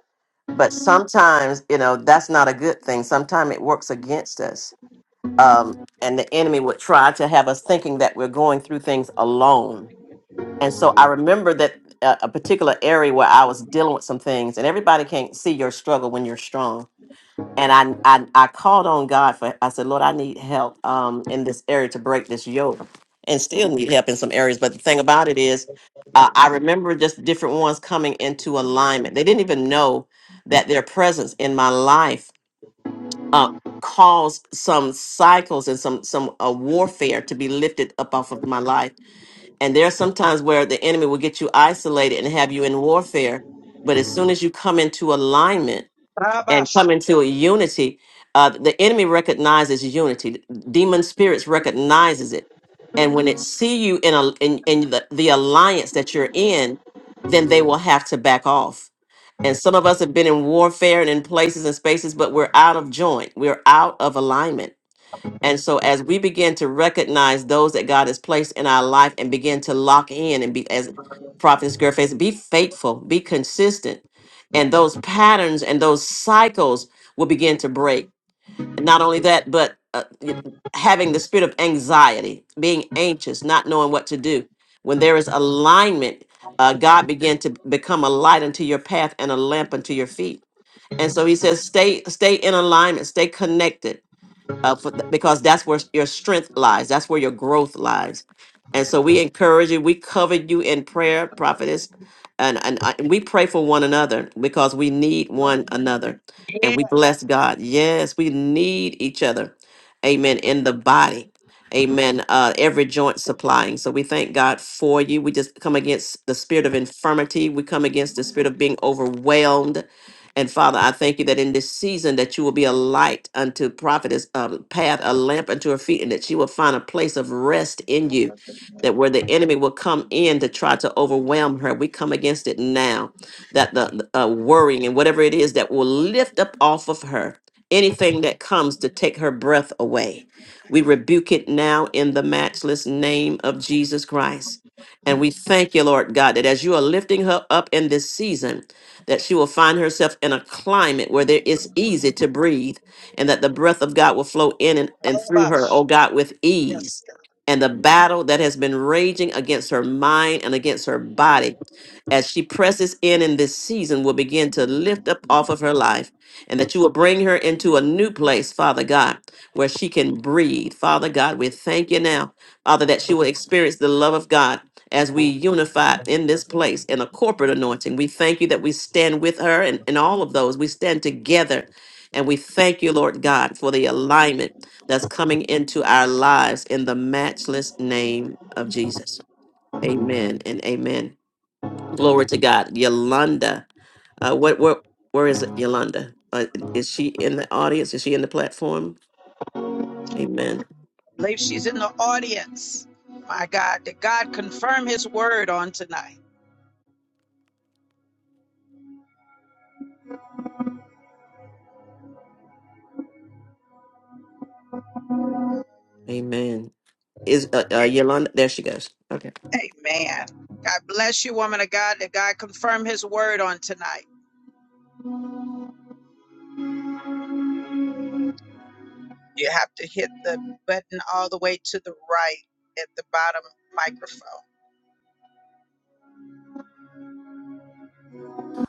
[SPEAKER 3] But sometimes, you know, that's not a good thing. Sometimes it works against us. Um, and the enemy would try to have us thinking that we're going through things alone. And so I remember that uh, a particular area where I was dealing with some things, and everybody can't see your struggle when you're strong and I, I I called on God for I said, Lord, I need help um in this area to break this yoke, and still need help in some areas. But the thing about it is, uh, I remember just different ones coming into alignment. They didn't even know that their presence in my life uh, caused some cycles and some some uh, warfare to be lifted up off of my life. And there are some times where the enemy will get you isolated and have you in warfare. But as soon as you come into alignment and come into a unity. Uh, the enemy recognizes unity. Demon spirits recognizes it, and when it see you in a in, in the, the alliance that you're in, then they will have to back off. And some of us have been in warfare and in places and spaces, but we're out of joint. We're out of alignment and so as we begin to recognize those that God has placed in our life and begin to lock in and be as Prophetess girl says, be faithful, be consistent. And those patterns and those cycles will begin to break. And not only that, but uh, y- having the spirit of anxiety, being anxious, not knowing what to do. When there is alignment, uh, God began to become a light unto your path and a lamp unto your feet. And so he says, stay, stay in alignment, stay connected uh, for th- because that's where s- your strength lies. That's where your growth lies. And so we encourage you. We cover you in prayer, prophetess, and and, I- and we pray for one another because we need one another, and
[SPEAKER 1] Yeah,
[SPEAKER 3] we
[SPEAKER 1] I
[SPEAKER 3] bless God. Yes, we need each other. Amen. In the body. Amen. Uh, every joint supplying. So we thank God for you. We just come against the spirit of infirmity. We come against the spirit of being overwhelmed and Father, I thank you that in this season that you will be a light unto prophetess a path, a lamp unto her feet, and that she will find a place of rest in you. That where the enemy will come in to try to overwhelm her, we come against it now. That the the, uh, worrying and whatever it is that will lift up off of her anything that comes to take her breath away, we rebuke it now in the matchless name of Jesus Christ. And we thank you, Lord God, that as you are lifting her up in this season, that she will find herself in a climate where there is easy to breathe, and that the breath of God will flow in and, and through her, oh God, with ease. And the battle that has been raging against her mind and against her body as she presses in in this season will begin to lift up off of her life and that you will bring her into a new place father god where she can breathe father god we thank you now father that she will experience the love of god as we unify in this place in a corporate anointing. We thank you that we stand with her and, and all of those. We stand together. And we thank you, Lord God, for the alignment that's coming into our lives in the matchless name of Jesus. Amen and amen. Glory to God. Yolanda. Uh, what, what, where is it, Yolanda? Uh, is she in the audience? Is she in the platform? Amen.
[SPEAKER 1] believe she's in the audience. My God, did God confirm his word on tonight?
[SPEAKER 3] Amen. Is uh, uh, Yolanda? There she goes. Okay.
[SPEAKER 1] Amen. God bless you, woman of God. Did God confirm his word on tonight? You have to hit the button all the way to the right at the bottom microphone.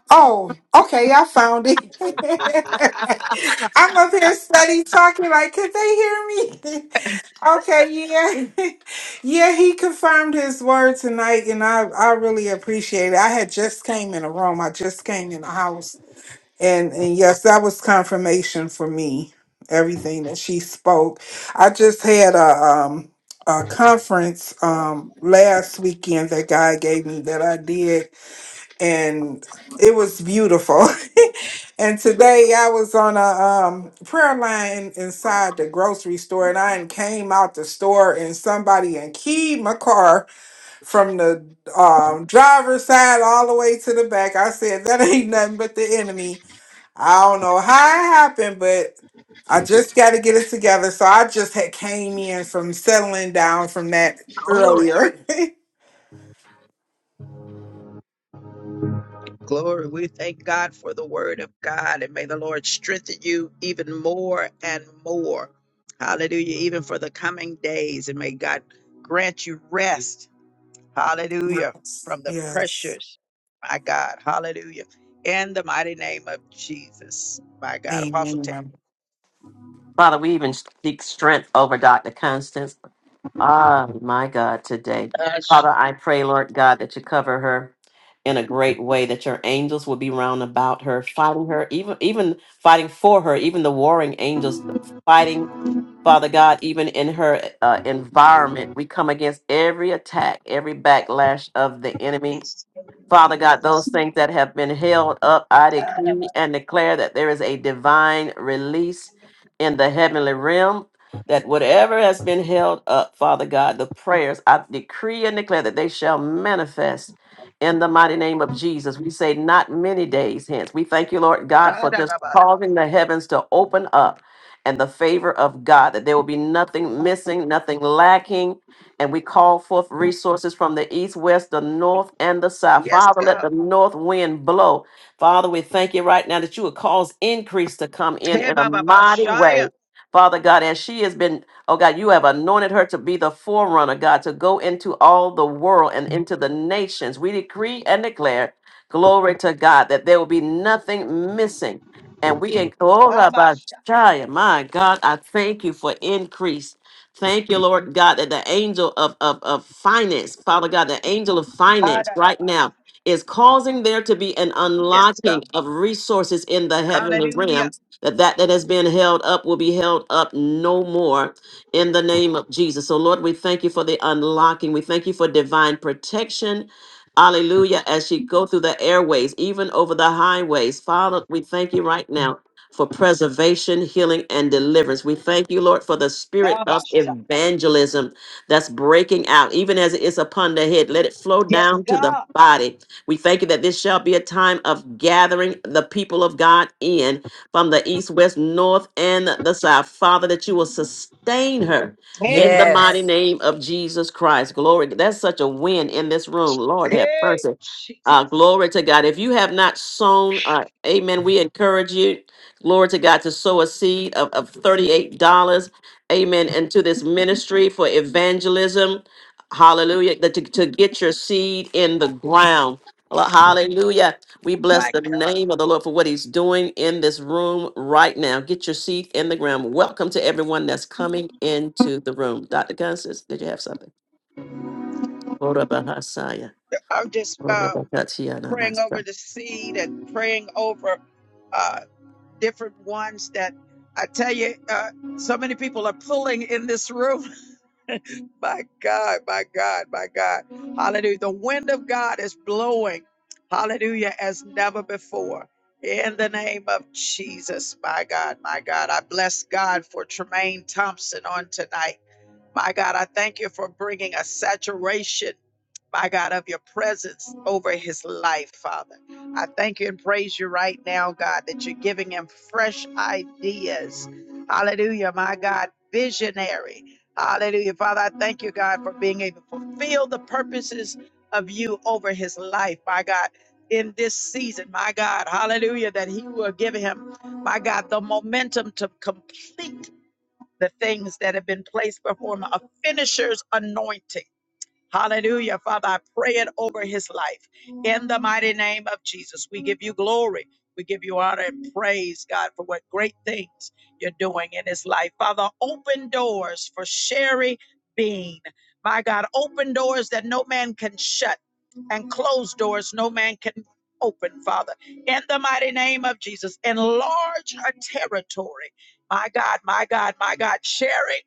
[SPEAKER 12] Oh, okay, I found it. I'm up here study talking like, could they hear me? okay, yeah. yeah, he confirmed his word tonight and I, I really appreciate it. I had just came in a room. I just came in the house and, and yes, that was confirmation for me. Everything that she spoke. I just had a um a conference um last weekend that God gave me that I did and it was beautiful. And today I was on a um, prayer line inside the grocery store, and I came out the store, and somebody and keyed my car from the um, driver's side all the way to the back. I said, "That ain't nothing but the enemy." I don't know how it happened, but I just got to get it together. So I just had came in from settling down from that
[SPEAKER 1] Glory.
[SPEAKER 12] earlier.
[SPEAKER 1] Glory. We thank God for the word of God, and may the Lord strengthen you even more and more. Hallelujah. Even for the coming days, and may God grant you rest. Hallelujah.
[SPEAKER 12] yes.
[SPEAKER 1] From the
[SPEAKER 12] Yes.
[SPEAKER 1] pressures, my God. Hallelujah. In the mighty name of Jesus, my God. Apostle Ted.
[SPEAKER 12] Amen.
[SPEAKER 3] Father, we even speak strength over Dr. Constance. Ah, my God, today. Father, I pray, Lord God, that you cover her in a great way, that your angels will be round about her, fighting her, even even fighting for her, even the warring angels fighting, Father God, even in her uh, environment. We come against every attack, every backlash of the enemy Father God, those things that have been held up, I decree and declare that there is a divine release in the heavenly realm. That whatever has been held up, Father God, the prayers, I decree and declare that they shall manifest in the mighty name of Jesus. We say, not many days hence. We thank you, Lord God, for just
[SPEAKER 1] Da-da-da-ba.
[SPEAKER 3] causing the heavens to open up and the favor of God, that there will be nothing missing, nothing lacking and we call forth resources from the east, west, the north, and the south.
[SPEAKER 1] Yes,
[SPEAKER 3] Father, let
[SPEAKER 1] God.
[SPEAKER 3] the north wind blow. Father, we thank you right now that you would cause increase to come in
[SPEAKER 1] Hey,
[SPEAKER 3] in a
[SPEAKER 1] Baba
[SPEAKER 3] mighty
[SPEAKER 1] Shaya.
[SPEAKER 3] way. Father God, as she has been, oh God, you have anointed her to be the forerunner, God, to go into all the world and into the nations. We decree and declare, glory to God, that there will be nothing missing. And we, in- oh,
[SPEAKER 1] Baba
[SPEAKER 3] Rabbi
[SPEAKER 1] Shaya.
[SPEAKER 3] Shai, my God, I thank you for increase. Thank you, Lord God, that the angel of, of, of finance, Father God, the angel of finance right
[SPEAKER 1] Da-da-da-ba.
[SPEAKER 3] now is causing there to be an
[SPEAKER 1] Yes, God.
[SPEAKER 3] unlocking of resources in the heavenly
[SPEAKER 1] Hallelujah.
[SPEAKER 3] realms, that that that has been held up will be held up no more in the name of Jesus. So, Lord, we thank you for the unlocking. We thank you for divine protection. Hallelujah. As she go through the airways, even over the highways, Father, we thank you right now for preservation, healing, and deliverance. We thank you, Lord, for the spirit
[SPEAKER 1] Baba
[SPEAKER 3] of
[SPEAKER 1] Shaya.
[SPEAKER 3] evangelism that's breaking out, even as it is upon the head. Let it flow
[SPEAKER 1] Yes,
[SPEAKER 3] down to the
[SPEAKER 1] God.
[SPEAKER 3] body. We thank you that this shall be a time of gathering the people of God in from the east, west, north, and the south. Father, that you will sustain her.
[SPEAKER 1] Hey,
[SPEAKER 3] In
[SPEAKER 1] God.
[SPEAKER 3] the mighty
[SPEAKER 4] Yes.
[SPEAKER 3] name of Jesus Christ. Glory. That's such a win in this room. Lord have
[SPEAKER 1] Hey,
[SPEAKER 3] mercy. Uh,
[SPEAKER 1] Jesus.
[SPEAKER 3] glory to God. If you have not sown, uh, amen, we encourage you Glory to God to sow a seed of, of $38. Amen. Into this ministry for evangelism. Hallelujah. That To, to get your seed in the ground. Well, Hallelujah. We bless the name of the Lord for what he's doing in this room right now. Get your seed in the ground. Welcome to everyone that's coming into the room. Dr. Constance, did you have something? Orabahasaya,
[SPEAKER 1] I'm just uh, praying over
[SPEAKER 3] orabakatiyanamasa.
[SPEAKER 1] the seed and praying over uh, different ones that I tell you, uh, so many people are pulling in this room. my God, my God, my God. Hallelujah. The wind of God is blowing. Hallelujah, as never before. In the name of Jesus, my God, my God. I bless God for Tremaine Thompson on tonight. My God, I thank you for bringing a saturation. my God, of your presence over his life, Father. I thank you and praise you right now, God, that you're giving him fresh ideas. Hallelujah, my God, visionary. Hallelujah, Father. I thank you, God, for being able to fulfill the purposes of you over his life, my God. In this season, my God, hallelujah, that He will give him, my God, the momentum to complete the things that have been placed before him, a finisher's anointing Hallelujah. Father, I pray it over his life. In the mighty name of Jesus, we give you glory. We give you honor and praise, God, for what great things you're doing in his life. Father, open doors for Sherry Bean. My God, open doors that no man can shut and close doors no man can open, Father. In the mighty name of Jesus, enlarge her territory. My God, my God, my God, Sherry.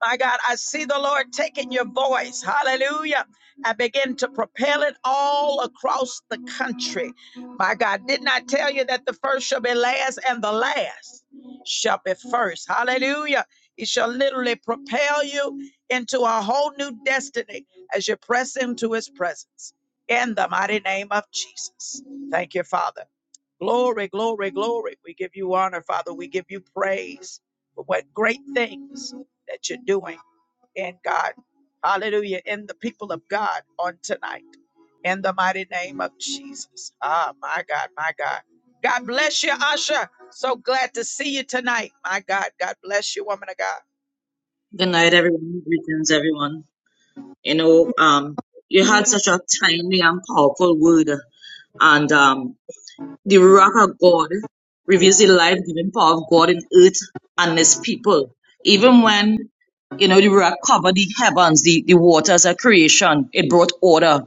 [SPEAKER 1] My God, I see the Lord taking your voice, hallelujah, and begin to propel it all across the country. My God, didn't I tell you that the first shall be last and the last shall be first? Hallelujah. It shall literally propel you into a whole new destiny as you press into his presence in the mighty name of Jesus. Thank you, Father. Glory, glory, glory. We give you honor, Father. We give you praise for what great things that you're doing in God. Hallelujah. In the people of God on tonight. In the mighty name of Jesus. Ah, my God, my God. God bless you, Asha. So glad to see you tonight. My God, God bless you, woman of God.
[SPEAKER 11] night, everyone. Greetings, everyone. You know, um, you had such a timely and powerful word, and um, the Ruach of God reveals the life-giving power of God in earth and His people. Even when You know, the rock covered the heavens, the, the waters of creation. It brought order.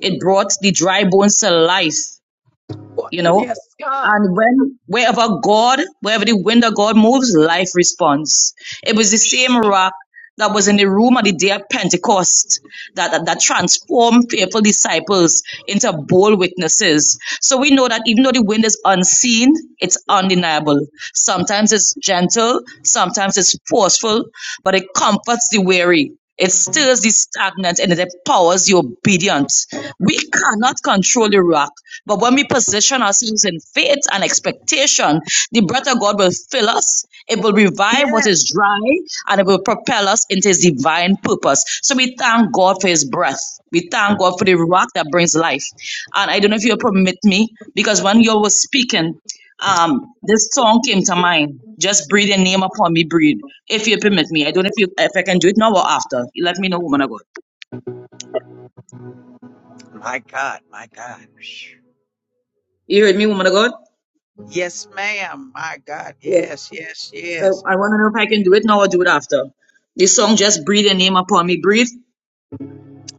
[SPEAKER 11] It brought the dry bones to life,
[SPEAKER 1] What?
[SPEAKER 11] you know.
[SPEAKER 1] Yes, God.
[SPEAKER 11] And when wherever God, wherever the wind of God moves, life responds. It was the same rock that was in the room on the day of Pentecost that, that, that transform fearful disciples into bold witnesses. So we know that even though the wind is unseen, it's undeniable. Sometimes it's gentle, sometimes it's forceful, but it comforts the weary. It stirs the stagnant and it empowers the obedient. We cannot control the rock, but when we position ourselves in faith and expectation, the breath of God will fill us it will
[SPEAKER 1] Yes.
[SPEAKER 11] revive what is dry and it will propel us into his divine purpose. So we thank God for his breath. We thank God for the rock that brings life. And I don't know if you'll permit me, because when you were speaking, um, this song came to mind. Just breathe your name upon me, breathe. If you permit me. I don't know if you if I can do it now or after. You let me know, woman of God.
[SPEAKER 1] My God, my
[SPEAKER 11] You heard me, woman of God?
[SPEAKER 1] God. Yes, ma'am. My God.
[SPEAKER 11] Yeah.
[SPEAKER 1] Yes, yes,
[SPEAKER 11] So
[SPEAKER 1] yes.
[SPEAKER 11] I want to know if I can do it now or do it after. This song, just breathe your name upon me, breathe.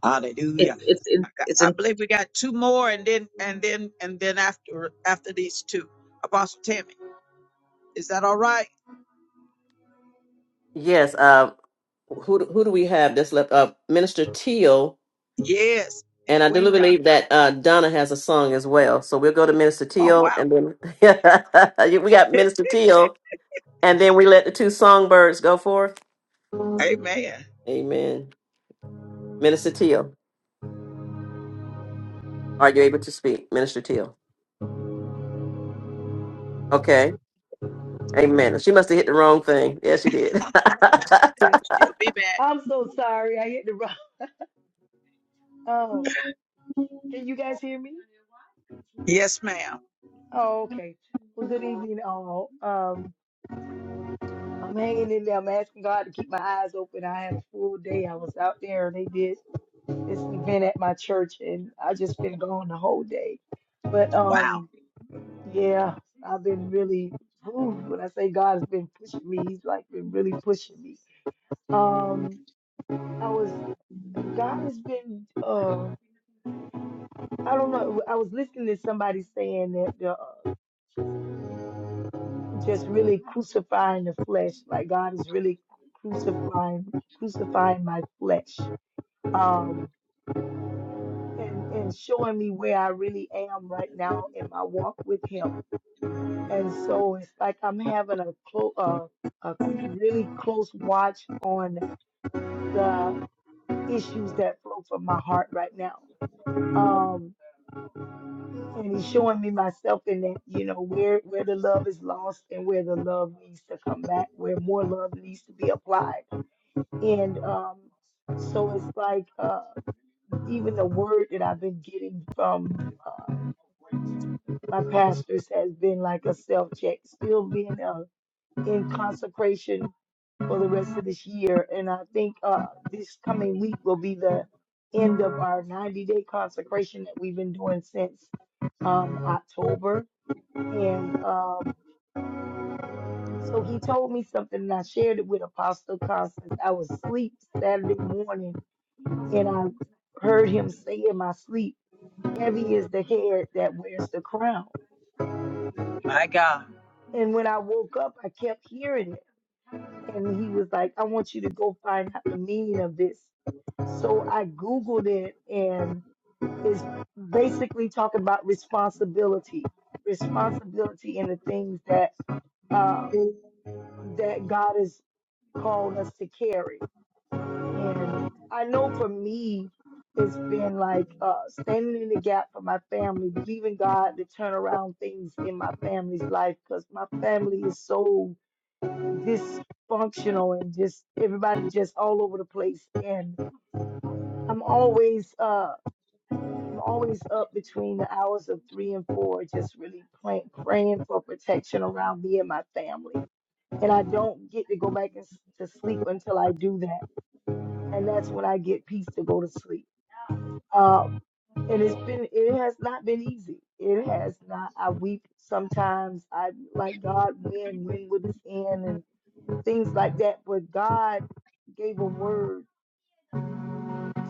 [SPEAKER 1] Hallelujah.
[SPEAKER 11] It's it's in, it's
[SPEAKER 1] I
[SPEAKER 11] in.
[SPEAKER 1] believe we got two more and then and then and then after after these two. Apostle Tammy. Is that all right?
[SPEAKER 3] Yes. Uh, who, do- who do we have that's left? Uh, Minister Teal
[SPEAKER 1] Yes. And
[SPEAKER 3] And I do
[SPEAKER 1] Queen Dot.
[SPEAKER 3] believe that uh, Donna has a song as well. So we'll go to Minister
[SPEAKER 1] Oh
[SPEAKER 3] Teal
[SPEAKER 1] wow.
[SPEAKER 3] and then we got Minister Teal and then we let the two songbirds go forth.
[SPEAKER 1] Amen.
[SPEAKER 3] Amen. Minister Teal, are you able to speak? Minister Teal. Okay. Amen. She must have hit the wrong thing. Yes, she did.
[SPEAKER 1] She'll be back.
[SPEAKER 13] I'm so sorry. I hit the wrong. Um, can you guys hear me?
[SPEAKER 1] Yes, ma'am.
[SPEAKER 13] Oh, okay. Well, good evening, all. Um, I'm hanging in there. I'm asking God to keep my eyes open. I had a full day. I was out there and they did this event at my church, and I just been gone the whole day. But um, yeah, I've been really. Ooh, when I say God has been pushing me, He's like been really pushing me. Um, I was. God has been. Uh, I don't know. I was listening to somebody saying that the, uh, just really crucifying the flesh, like God is really crucifying crucifying my flesh, um, and and showing me where I really am right now in my walk with Him. And so it's like I'm having a close, uh, a really close watch on the issues that flow from my heart right now. Um, and he's showing me myself in that you know where where the love is lost and where the love needs to come back where more love needs to be applied and um so it's like uh even the word that i've been getting from uh my pastors has been like a self check still being uh, in consecration for the rest of this year and i think uh this coming week will be the end of our 90 day consecration that we've been doing since um october and um So he told me something and I shared it with Apostle Constance. I was asleep Saturday morning and I heard him say in my sleep, Heavy is the head that wears the crown.
[SPEAKER 1] My God.
[SPEAKER 13] And when I woke up, I kept hearing it. And he was like, I want you to go find out the meaning of this. So I Googled it and it's basically talking about responsibility, responsibility in the things that uh, that God has called us to carry. And I know for me, it's been like uh, standing in the gap for my family, believing God to turn around things in my family's life because my family is so dysfunctional and just everybody just all over the place. And I'm always uh, I'm always up between the hours of three and four, just really pray- praying for protection around me and my family. And I don't get to go back and s- to sleep until I do that and that's when I get peace to go to sleep. Um, and it's been, it has not been easy. It has not. I weep sometimes. I like God, when, when would this end, and things like that. But God gave a word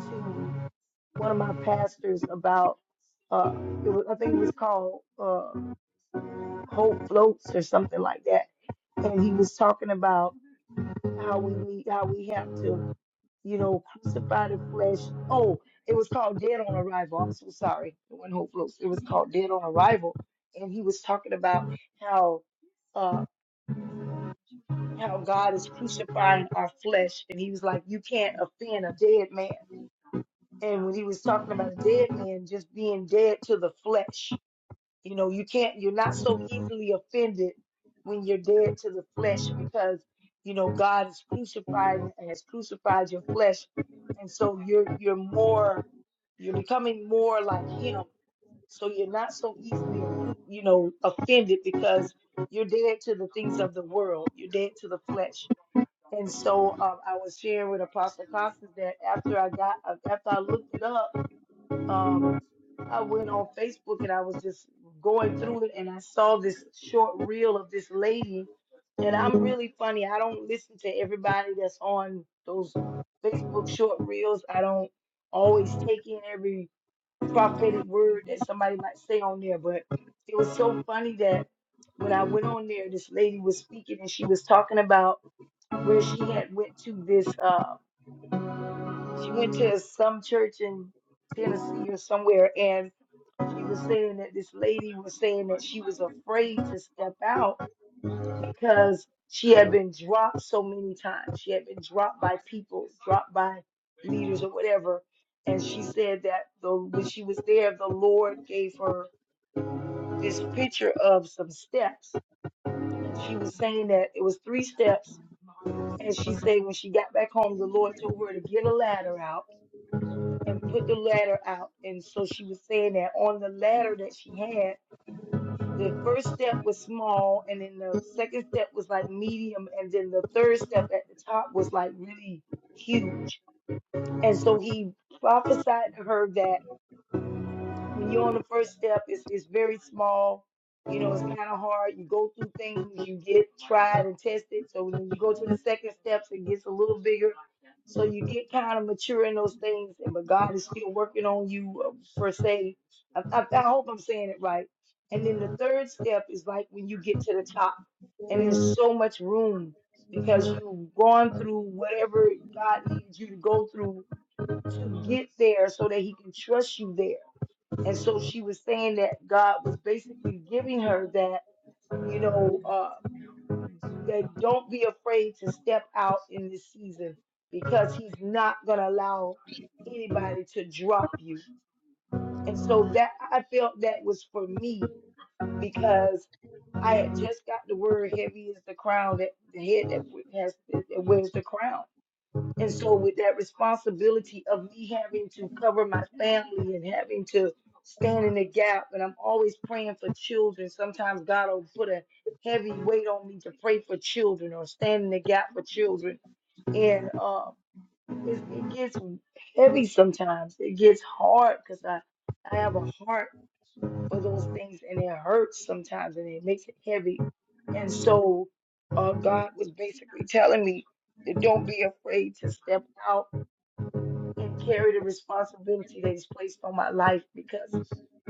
[SPEAKER 13] to one of my pastors about, uh, it was, I think it was called uh, Hope Floats or something like that, and he was talking about how we need, how we have to you know, crucified in flesh. Oh, it was called Dead on Arrival. I'm so sorry. It wasn't Hope Floats. It was called Dead on Arrival. And he was talking about how uh how God is crucifying our flesh. And he was like, You can't offend a dead man. And when he was talking about a dead man just being dead to the flesh, you know, you can't, you're not so easily offended when you're dead to the flesh because, you know, God is crucified and has crucified your flesh. And so you're, you're more, you're becoming more like Him. So you're not so easily, offu- you know, offended because you're dead to the things of the world, you're dead to the flesh. And so um, I was sharing with Apostle Constance that after I got, after I looked it up, um, I went on Facebook and I was just going through it and I saw this short reel of this lady. And I'm really funny. I don't listen to everybody that's on those Facebook short reels. I don't always take in every prophetic word that somebody might say on there. But it was so funny that when I went on there, this lady was speaking and she was talking about where she had went to this uh she went to some church in Tennessee or somewhere and she was saying that this lady was saying that she was afraid to step out because she had been dropped so many times. She had been dropped by people, dropped by leaders or whatever. And she said that the, when she was there, the Lord gave her this picture of some steps. And she was saying that it was three steps. And she said when she got back home, the Lord told her to get a ladder out and put the ladder out. And so she was saying that on the ladder that she had, the first step was small and then the second step was like medium and then the third step at the top was like really huge and so he prophesied to her that when you're on the first step, it's it's very small. You know, it's kind of hard. You go through things, you get tried and tested. So when you go to the second steps, it gets a little bigger. So you get kind of mature in those things, and but God is still working on you uh, per se. I, I, I hope I'm saying it right. And then the third step is like when you get to the top, and there's so much room because you've gone through whatever God needs you to go through to get there, so that He can trust you there and so she was saying that God was basically giving her that, you know, uh, that don't be afraid to step out in this season because he's not going to allow anybody to drop you. And so that I felt that was for me because I had just got the word heavy is the crown that the head that we- has that wears the crown. And so, with that responsibility of me having to cover my family and having to stand in the gap, and I'm always praying for children. Sometimes God will put a heavy weight on me to pray for children or stand in the gap for children. And uh, it, it gets heavy sometimes. It gets hard because I, I have a heart for those things and it hurts sometimes and it makes it heavy. And so, uh, God was basically telling me, that don't be afraid to step out and carry the responsibility that is placed on my life because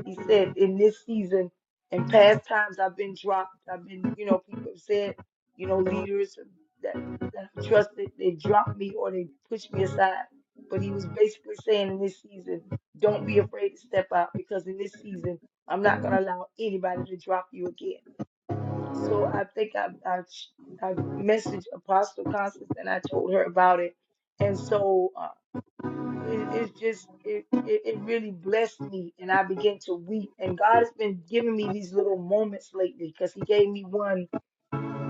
[SPEAKER 13] he said in this season and past times I've been dropped. I've been, you know, people have said, you know, leaders that, that I trusted, they dropped me or they pushed me aside. But he was basically saying in this season, don't be afraid to step out because in this season, I'm not going to allow anybody to drop you again. So I think I, I, I messaged Apostle Constance and I told her about it. And so uh, it, it's just it, it it really blessed me and i began to weep and god has been giving me these little moments lately because he gave me one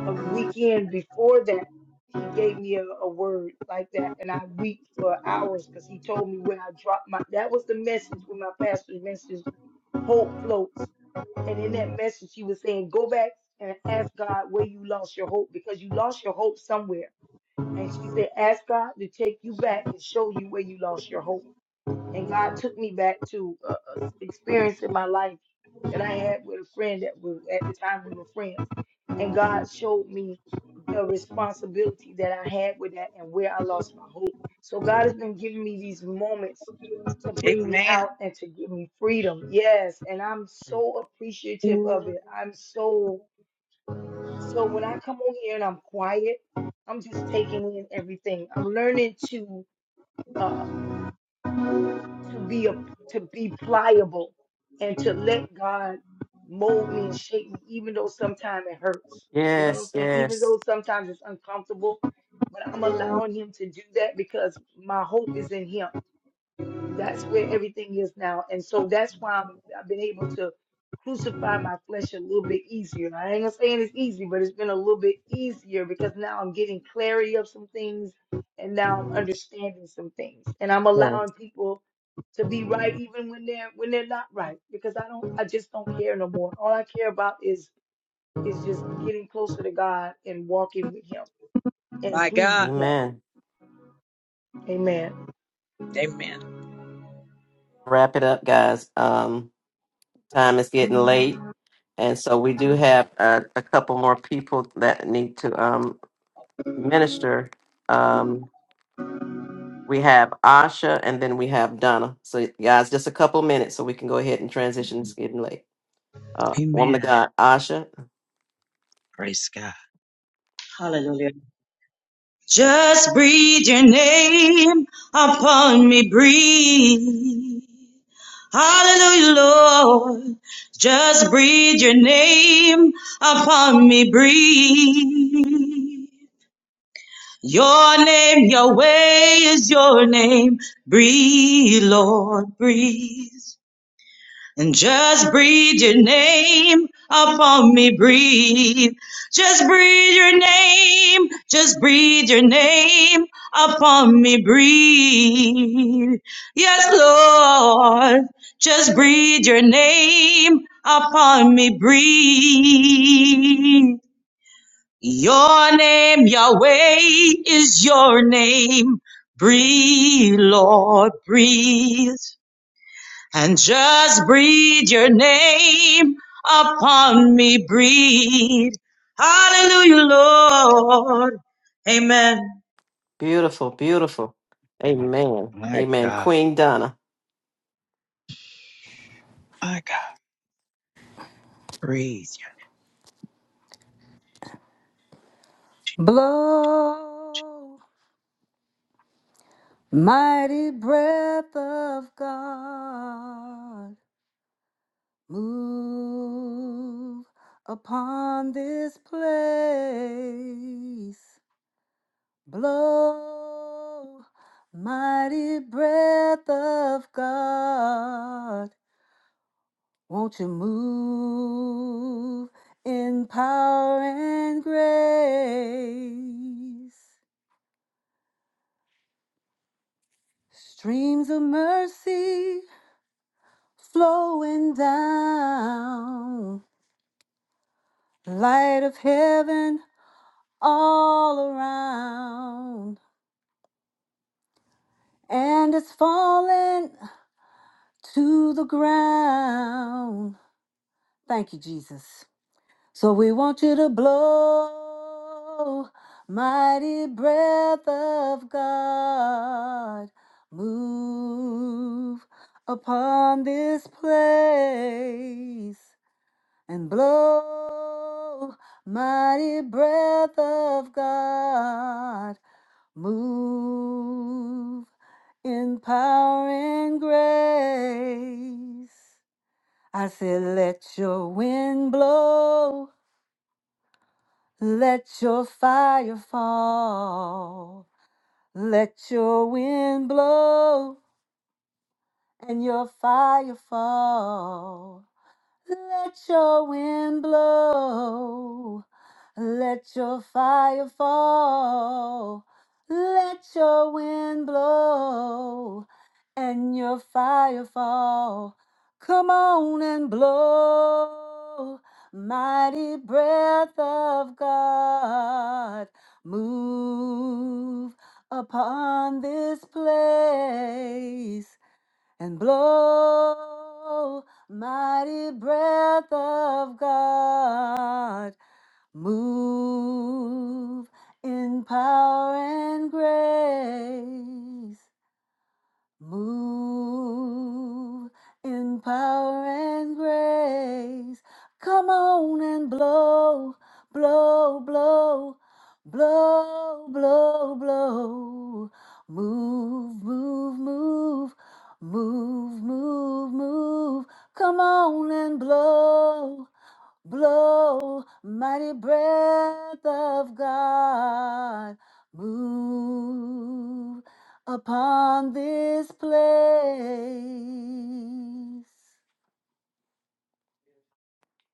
[SPEAKER 13] a weekend before that he gave me a, a word like that and i weep for hours because he told me when i dropped my that was the message when my pastor's message hope floats and in that message he was saying go back and ask god where you lost your hope because you lost your hope somewhere and she said ask god to take you back and show you where you lost your hope and God took me back to uh, a s- experience in my life that I had with a friend that was at the time we were friends, and God showed me the responsibility that I had with that and where I lost my hope. So God has been giving me these moments to bring me out and to give me freedom. Yes, and I'm so appreciative of it. I'm so so when I come on here and I'm quiet, I'm just taking in everything. I'm learning to. uh, to be a, to be pliable and to let God mold me and shape me, even though sometimes it hurts. You know what I'm
[SPEAKER 3] yes,
[SPEAKER 13] saying? Even
[SPEAKER 3] yes,
[SPEAKER 13] though sometimes it's uncomfortable, but I'm allowing Him to do that because my hope is in Him. That's where everything is now. And so that's why I'm, I've been able to crucify my flesh a little bit easier. I ain't gonna saying it's easy, but it's been a little bit easier because now I'm getting clarity of some things and now I'm understanding some things. And I'm
[SPEAKER 3] yes.
[SPEAKER 13] allowing people to be right even when they're when they're not right because I don't I just don't care no more. All I care about is is just getting closer to God and walking with him and
[SPEAKER 1] My God.
[SPEAKER 13] pleasing him.
[SPEAKER 3] Amen.
[SPEAKER 13] Amen.
[SPEAKER 1] Amen.
[SPEAKER 3] Wrap it up, guys. Um, time is getting late. And so we do have uh, a couple more people that need to um, minister. Um, We have Asha, and then we have Donna. So, guys, just a couple minutes so we can go ahead and transition. It's getting late. Uh, woman of God, Asha,
[SPEAKER 11] Hallelujah. Just breathe your name upon me, breathe. Hallelujah, Lord. Just breathe your name upon me, breathe. Your name, your way is your name. Breathe, Lord, breathe. And just breathe your name upon me, breathe. Just breathe your name, just breathe your name upon me, breathe. Yes, Lord, just breathe your name upon me, breathe. Your name, Yahweh, is your name. Breathe, Lord, breathe and just breathe your name upon me. Breathe. Hallelujah, Lord. Amen.
[SPEAKER 3] beautiful, beautiful. Amen. Amen. Queen Donna,
[SPEAKER 10] Blow, mighty breath of God, move upon this place. Blow, mighty breath of God. Won't you move in power and grace? Streams of mercy flowing down, light of heaven all around, and it's falling to the ground. Thank you, Jesus. So we want you to blow, mighty breath of God, move upon this place and blow, mighty breath of God, move in power and grace. I said, let your wind blow. Let your fire fall. Let your wind blow and your fire fall. Let your wind blow. Let your fire fall. Let your wind blow and your fire fall. Come on and blow. Mighty breath of God, move upon this place and blow, mighty breath of God. Move in power and grace. Move in power and grace. Come on and blow, blow, blow, blow, blow, blow. Move, move, move, move, move, move. Come on and blow. Blow, mighty breath of God, move upon this place.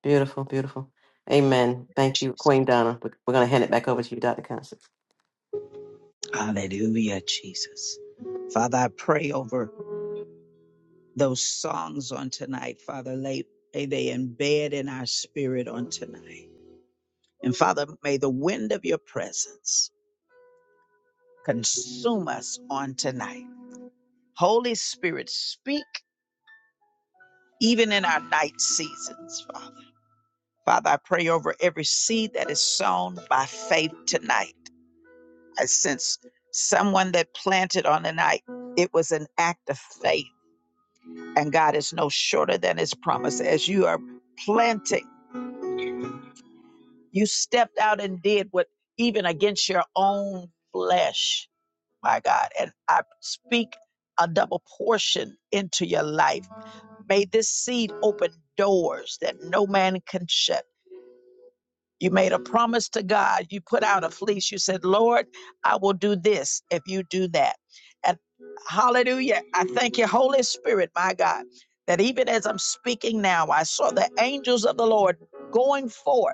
[SPEAKER 3] beautiful, beautiful. Amen. Thank you, Queen Donna. We- We're going to hand it back over to you, Dr. Constance.
[SPEAKER 1] Hallelujah, Jesus. Father, I pray over those songs on tonight. Father, lay, lay they embed in our spirit on tonight. And Father, may the wind of your presence consume us on tonight. Holy Spirit, speak even in our night seasons, Father. Father, I pray over every seed that is sown by faith tonight. I sense someone that planted on the night. It was an act of faith, and God is no shorter than his promise. As you are planting, you stepped out and did what even against your own flesh, my God. And I speak a double portion into your life May this seed open doors that no man can shut. You made a promise to God. You put out a fleece. You said, Lord, I will do this if you do that. And hallelujah. I thank you, Holy Spirit, my God, that even as I'm speaking now, I saw the angels of the Lord going forth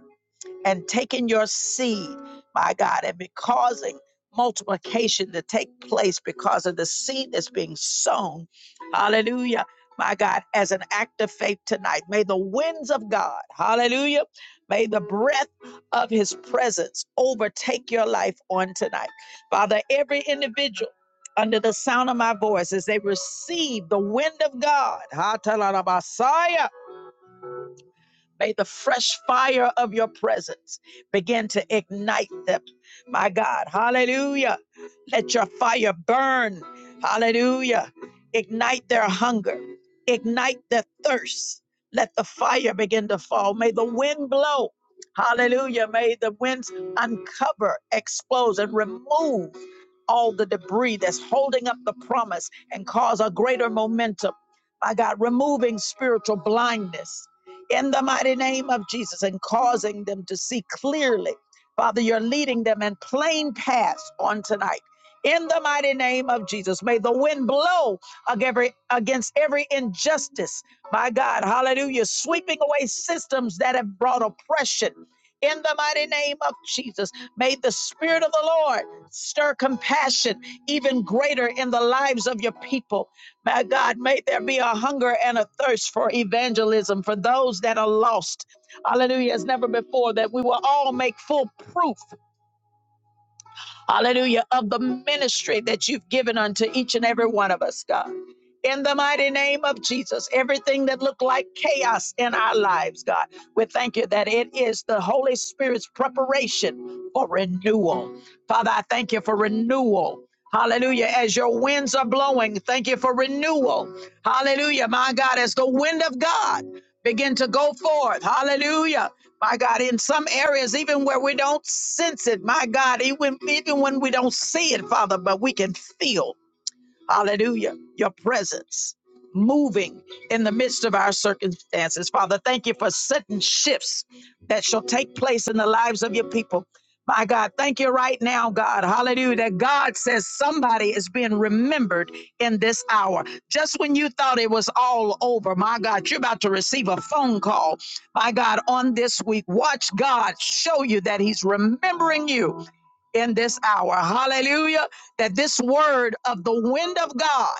[SPEAKER 1] and taking your seed, my God, and be causing multiplication to take place because of the seed that's being sown. Hallelujah. My God, as an act of faith tonight, may the winds of God, hallelujah, may the breath of his presence overtake your life on tonight. Father, every individual under the sound of my voice, as they receive the wind of God, May the fresh fire of your presence begin to ignite them. My God, hallelujah. Let your fire burn. Hallelujah. Ignite their hunger, ignite their thirst. Let the fire begin to fall. May the wind blow. Hallelujah. May the winds uncover, expose, and remove all the debris that's holding up the promise and cause a greater momentum. My God, removing spiritual blindness in the mighty name of Jesus and causing them to see clearly. Father, you're leading them in plain paths on tonight. In the mighty name of Jesus, may the wind blow ag- every- against every injustice. My God, hallelujah, sweeping away systems that have brought oppression. In the mighty name of Jesus, may the Spirit of the Lord Stir compassion even greater in the lives of your people. My God, may there be a hunger and a thirst for evangelism for those that are lost. Hallelujah. As never before, that we will all make full proof hallelujah, of the ministry that you've given unto each and every one of us, God. In the mighty name of Jesus, everything that looked like chaos in our lives, God, we thank you that it is the Holy Spirit's preparation for renewal. Father, I thank you for renewal. Hallelujah. As your winds are blowing, thank you for renewal. Hallelujah. My God, as the wind of God begin to go forth. Hallelujah. My God, in some areas, even where we don't sense it, my God, even, even when we don't see it, Father, but we can feel. Hallelujah. Your presence moving in the midst of our circumstances. Father, thank you for sudden shifts that shall take place in the lives of your people. My God, thank you right now, God. Hallelujah. That God says somebody is being remembered in this hour. Just when you thought it was all over, my God, you're about to receive a phone call, my God, on this week. Watch God show you that He's remembering you in this hour. Hallelujah. That this word of the wind of God,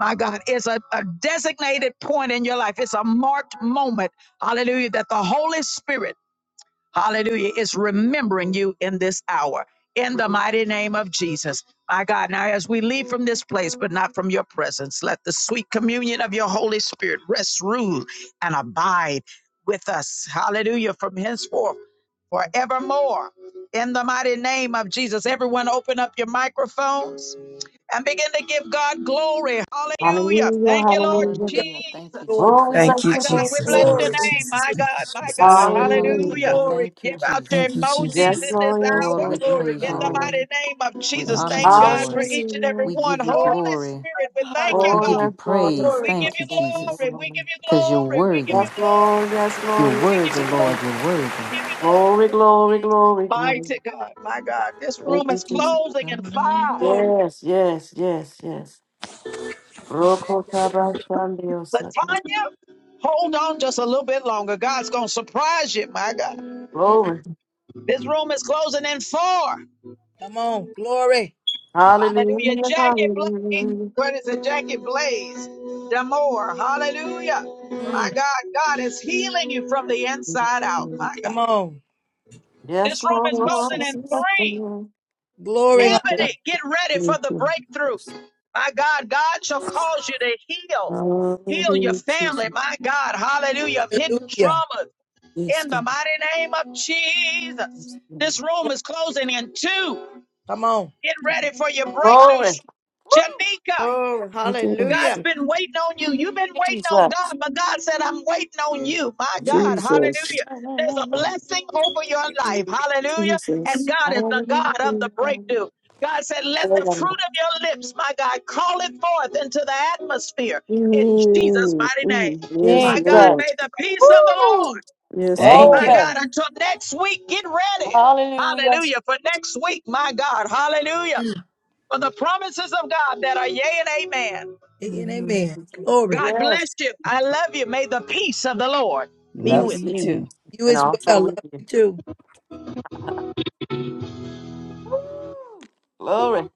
[SPEAKER 1] my God, is a, a designated point in your life. It's a marked moment. Hallelujah. That the Holy Spirit, hallelujah, is remembering you in this hour. In the mighty name of Jesus. My God, now as we leave from this place, but not from your presence, let the sweet communion of your Holy Spirit rest, rule, and abide with us. Hallelujah. From henceforth forevermore. In the mighty name of Jesus, everyone open up your microphones and begin to give God glory. Hallelujah.
[SPEAKER 3] Hallelujah,
[SPEAKER 1] Thank you, Lord
[SPEAKER 3] hallelujah.
[SPEAKER 10] Hallelujah. Thank you,
[SPEAKER 1] Jesus.
[SPEAKER 13] Lord,
[SPEAKER 3] Oh, we
[SPEAKER 4] Thank
[SPEAKER 10] Jesus.
[SPEAKER 3] bless
[SPEAKER 4] you,
[SPEAKER 1] My God,
[SPEAKER 3] your
[SPEAKER 1] we
[SPEAKER 4] Jesus.
[SPEAKER 3] name.
[SPEAKER 1] bless
[SPEAKER 4] Thank
[SPEAKER 1] your
[SPEAKER 13] glory,
[SPEAKER 4] you,
[SPEAKER 10] Glory,
[SPEAKER 3] Jesus.
[SPEAKER 1] name.
[SPEAKER 4] Jesus.
[SPEAKER 1] My
[SPEAKER 4] Thank you,
[SPEAKER 1] God, my
[SPEAKER 4] Jesus.
[SPEAKER 1] God.
[SPEAKER 10] glory,
[SPEAKER 1] Hallelujah.
[SPEAKER 10] hallelujah.
[SPEAKER 13] glory,
[SPEAKER 10] Thank you,
[SPEAKER 1] Give
[SPEAKER 3] Hallelujah.
[SPEAKER 1] out your
[SPEAKER 4] Thank you,
[SPEAKER 10] Jesus.
[SPEAKER 1] emojis
[SPEAKER 3] Yes,
[SPEAKER 1] in
[SPEAKER 4] Jesus.
[SPEAKER 1] this
[SPEAKER 3] Lord, yes,
[SPEAKER 10] Lord,
[SPEAKER 1] hour.
[SPEAKER 3] Lord,
[SPEAKER 10] we
[SPEAKER 3] yes,
[SPEAKER 13] glory,
[SPEAKER 10] praise
[SPEAKER 1] In
[SPEAKER 10] you,
[SPEAKER 1] the
[SPEAKER 13] hallelujah.
[SPEAKER 10] Lord.
[SPEAKER 1] mighty
[SPEAKER 3] Lord.
[SPEAKER 1] name of
[SPEAKER 10] We
[SPEAKER 1] Jesus,
[SPEAKER 4] Thank
[SPEAKER 10] honor
[SPEAKER 4] you,
[SPEAKER 1] thank
[SPEAKER 10] you,
[SPEAKER 1] God for
[SPEAKER 10] Lord.
[SPEAKER 4] Jesus.
[SPEAKER 1] each and every
[SPEAKER 10] We
[SPEAKER 3] Hallelujah.
[SPEAKER 1] one.
[SPEAKER 10] give you
[SPEAKER 1] Holy
[SPEAKER 10] glory.
[SPEAKER 1] Spirit, we thank you,
[SPEAKER 13] Hallelujah.
[SPEAKER 10] We
[SPEAKER 3] Oh,
[SPEAKER 10] give
[SPEAKER 1] God.
[SPEAKER 10] you
[SPEAKER 3] yes, Lord,
[SPEAKER 10] praise.
[SPEAKER 13] Glory,
[SPEAKER 3] yes,
[SPEAKER 1] We give
[SPEAKER 10] Thank you,
[SPEAKER 1] you
[SPEAKER 3] Lord, yes,
[SPEAKER 10] Jesus,
[SPEAKER 1] glory. We
[SPEAKER 3] Lord.
[SPEAKER 1] give you
[SPEAKER 10] because you're
[SPEAKER 1] glory. We give
[SPEAKER 10] worthy.
[SPEAKER 1] you
[SPEAKER 3] Yes, Lord,
[SPEAKER 1] glory.
[SPEAKER 3] yes,
[SPEAKER 10] You're
[SPEAKER 3] Lord,
[SPEAKER 1] We give
[SPEAKER 3] yes,
[SPEAKER 10] worthy,
[SPEAKER 1] you
[SPEAKER 3] Lord.
[SPEAKER 10] Lord. You're
[SPEAKER 1] glory.
[SPEAKER 10] worthy.
[SPEAKER 1] We give you
[SPEAKER 3] Glory,
[SPEAKER 1] glory.
[SPEAKER 3] glory, glory, glory.
[SPEAKER 1] Mighty God, my God, this
[SPEAKER 3] Thank
[SPEAKER 1] room
[SPEAKER 3] you,
[SPEAKER 1] is
[SPEAKER 10] He's
[SPEAKER 3] Jesus.
[SPEAKER 1] closing in
[SPEAKER 10] alive.
[SPEAKER 1] five.
[SPEAKER 13] glory.
[SPEAKER 3] Yes, yes, yes, yes. Roko tabashandio satna.
[SPEAKER 1] Latanya, hold on just a little bit longer. God's going to surprise you, my God.
[SPEAKER 13] Mm,
[SPEAKER 3] Glory.
[SPEAKER 1] This room is closing in four.
[SPEAKER 13] come on. Glory.
[SPEAKER 1] Hallelujah.
[SPEAKER 3] Hallelujah,
[SPEAKER 1] Jackie Blaze,
[SPEAKER 3] hallelujah.
[SPEAKER 1] Where is it? Jackie Blaze, Damore, hallelujah. My
[SPEAKER 13] Mm,
[SPEAKER 1] God, God is healing you from the inside out, my God.
[SPEAKER 13] come on.
[SPEAKER 3] Yes,
[SPEAKER 1] This room is
[SPEAKER 3] Lord,
[SPEAKER 1] closing in
[SPEAKER 3] yes,
[SPEAKER 1] three.
[SPEAKER 3] Lord.
[SPEAKER 13] Glory.
[SPEAKER 3] Jesus.
[SPEAKER 1] Ebony, get ready for the breakthrough. My God, God shall cause you to heal. Heal your family, my God, hallelujah, of hidden
[SPEAKER 13] Hallelujah.
[SPEAKER 1] traumas
[SPEAKER 5] Yes,
[SPEAKER 1] in the
[SPEAKER 5] God.
[SPEAKER 1] mighty name of Jesus. This room is closing in two.
[SPEAKER 13] Come on.
[SPEAKER 1] Get ready
[SPEAKER 5] Jesus,
[SPEAKER 1] for your breakthrough.
[SPEAKER 3] Glory.
[SPEAKER 1] Sh-
[SPEAKER 3] Woo,
[SPEAKER 1] Janika,
[SPEAKER 8] Glory. Hallelujah.
[SPEAKER 1] God's been waiting on you. You've been waiting on
[SPEAKER 3] Jesus.
[SPEAKER 1] God, but God said, I'm waiting on you. My God,
[SPEAKER 5] Jesus,
[SPEAKER 1] hallelujah. There's a blessing over your life. Hallelujah. And
[SPEAKER 5] Jesus.
[SPEAKER 1] God is the God of the breakthrough. God said, Let the
[SPEAKER 3] Hallelujah.
[SPEAKER 1] fruit of your lips, my God, call it forth into the atmosphere in Jesus'
[SPEAKER 5] Mm,
[SPEAKER 1] mighty name.
[SPEAKER 5] mm,
[SPEAKER 13] Mm,
[SPEAKER 5] yes,
[SPEAKER 1] My God,
[SPEAKER 3] Jesus.
[SPEAKER 5] Lord.
[SPEAKER 1] may the peace of the
[SPEAKER 3] Woo!
[SPEAKER 1] Lord,
[SPEAKER 5] Yes,
[SPEAKER 4] Thank
[SPEAKER 5] God.
[SPEAKER 1] my
[SPEAKER 4] you.
[SPEAKER 3] Glory.
[SPEAKER 1] God, until next week, get ready.
[SPEAKER 3] Hallelujah.
[SPEAKER 1] Hallelujah. For next week, my God, hallelujah.
[SPEAKER 13] mm.
[SPEAKER 1] For the promises of God that are yea and amen.
[SPEAKER 13] And
[SPEAKER 5] Mm,
[SPEAKER 13] amen. Glory.
[SPEAKER 1] God bless
[SPEAKER 3] Yes.
[SPEAKER 1] you. I love you. May the peace of the Lord be
[SPEAKER 4] Love
[SPEAKER 1] with
[SPEAKER 5] Yes,
[SPEAKER 4] you
[SPEAKER 1] you.
[SPEAKER 5] Lord.
[SPEAKER 4] too.
[SPEAKER 13] You
[SPEAKER 3] And
[SPEAKER 13] as
[SPEAKER 3] also
[SPEAKER 13] well.
[SPEAKER 3] we
[SPEAKER 13] Love
[SPEAKER 3] give.
[SPEAKER 13] you too.
[SPEAKER 3] Woo! Glory.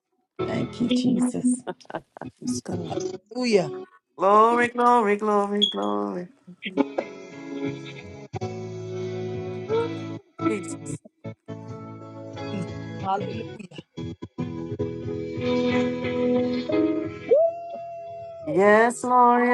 [SPEAKER 4] Thank you, Jesus.
[SPEAKER 5] Yes, God.
[SPEAKER 3] Glory, glory, glory, glory. Woo! Jesus.
[SPEAKER 13] Hallelujah.
[SPEAKER 3] Yes, Lord.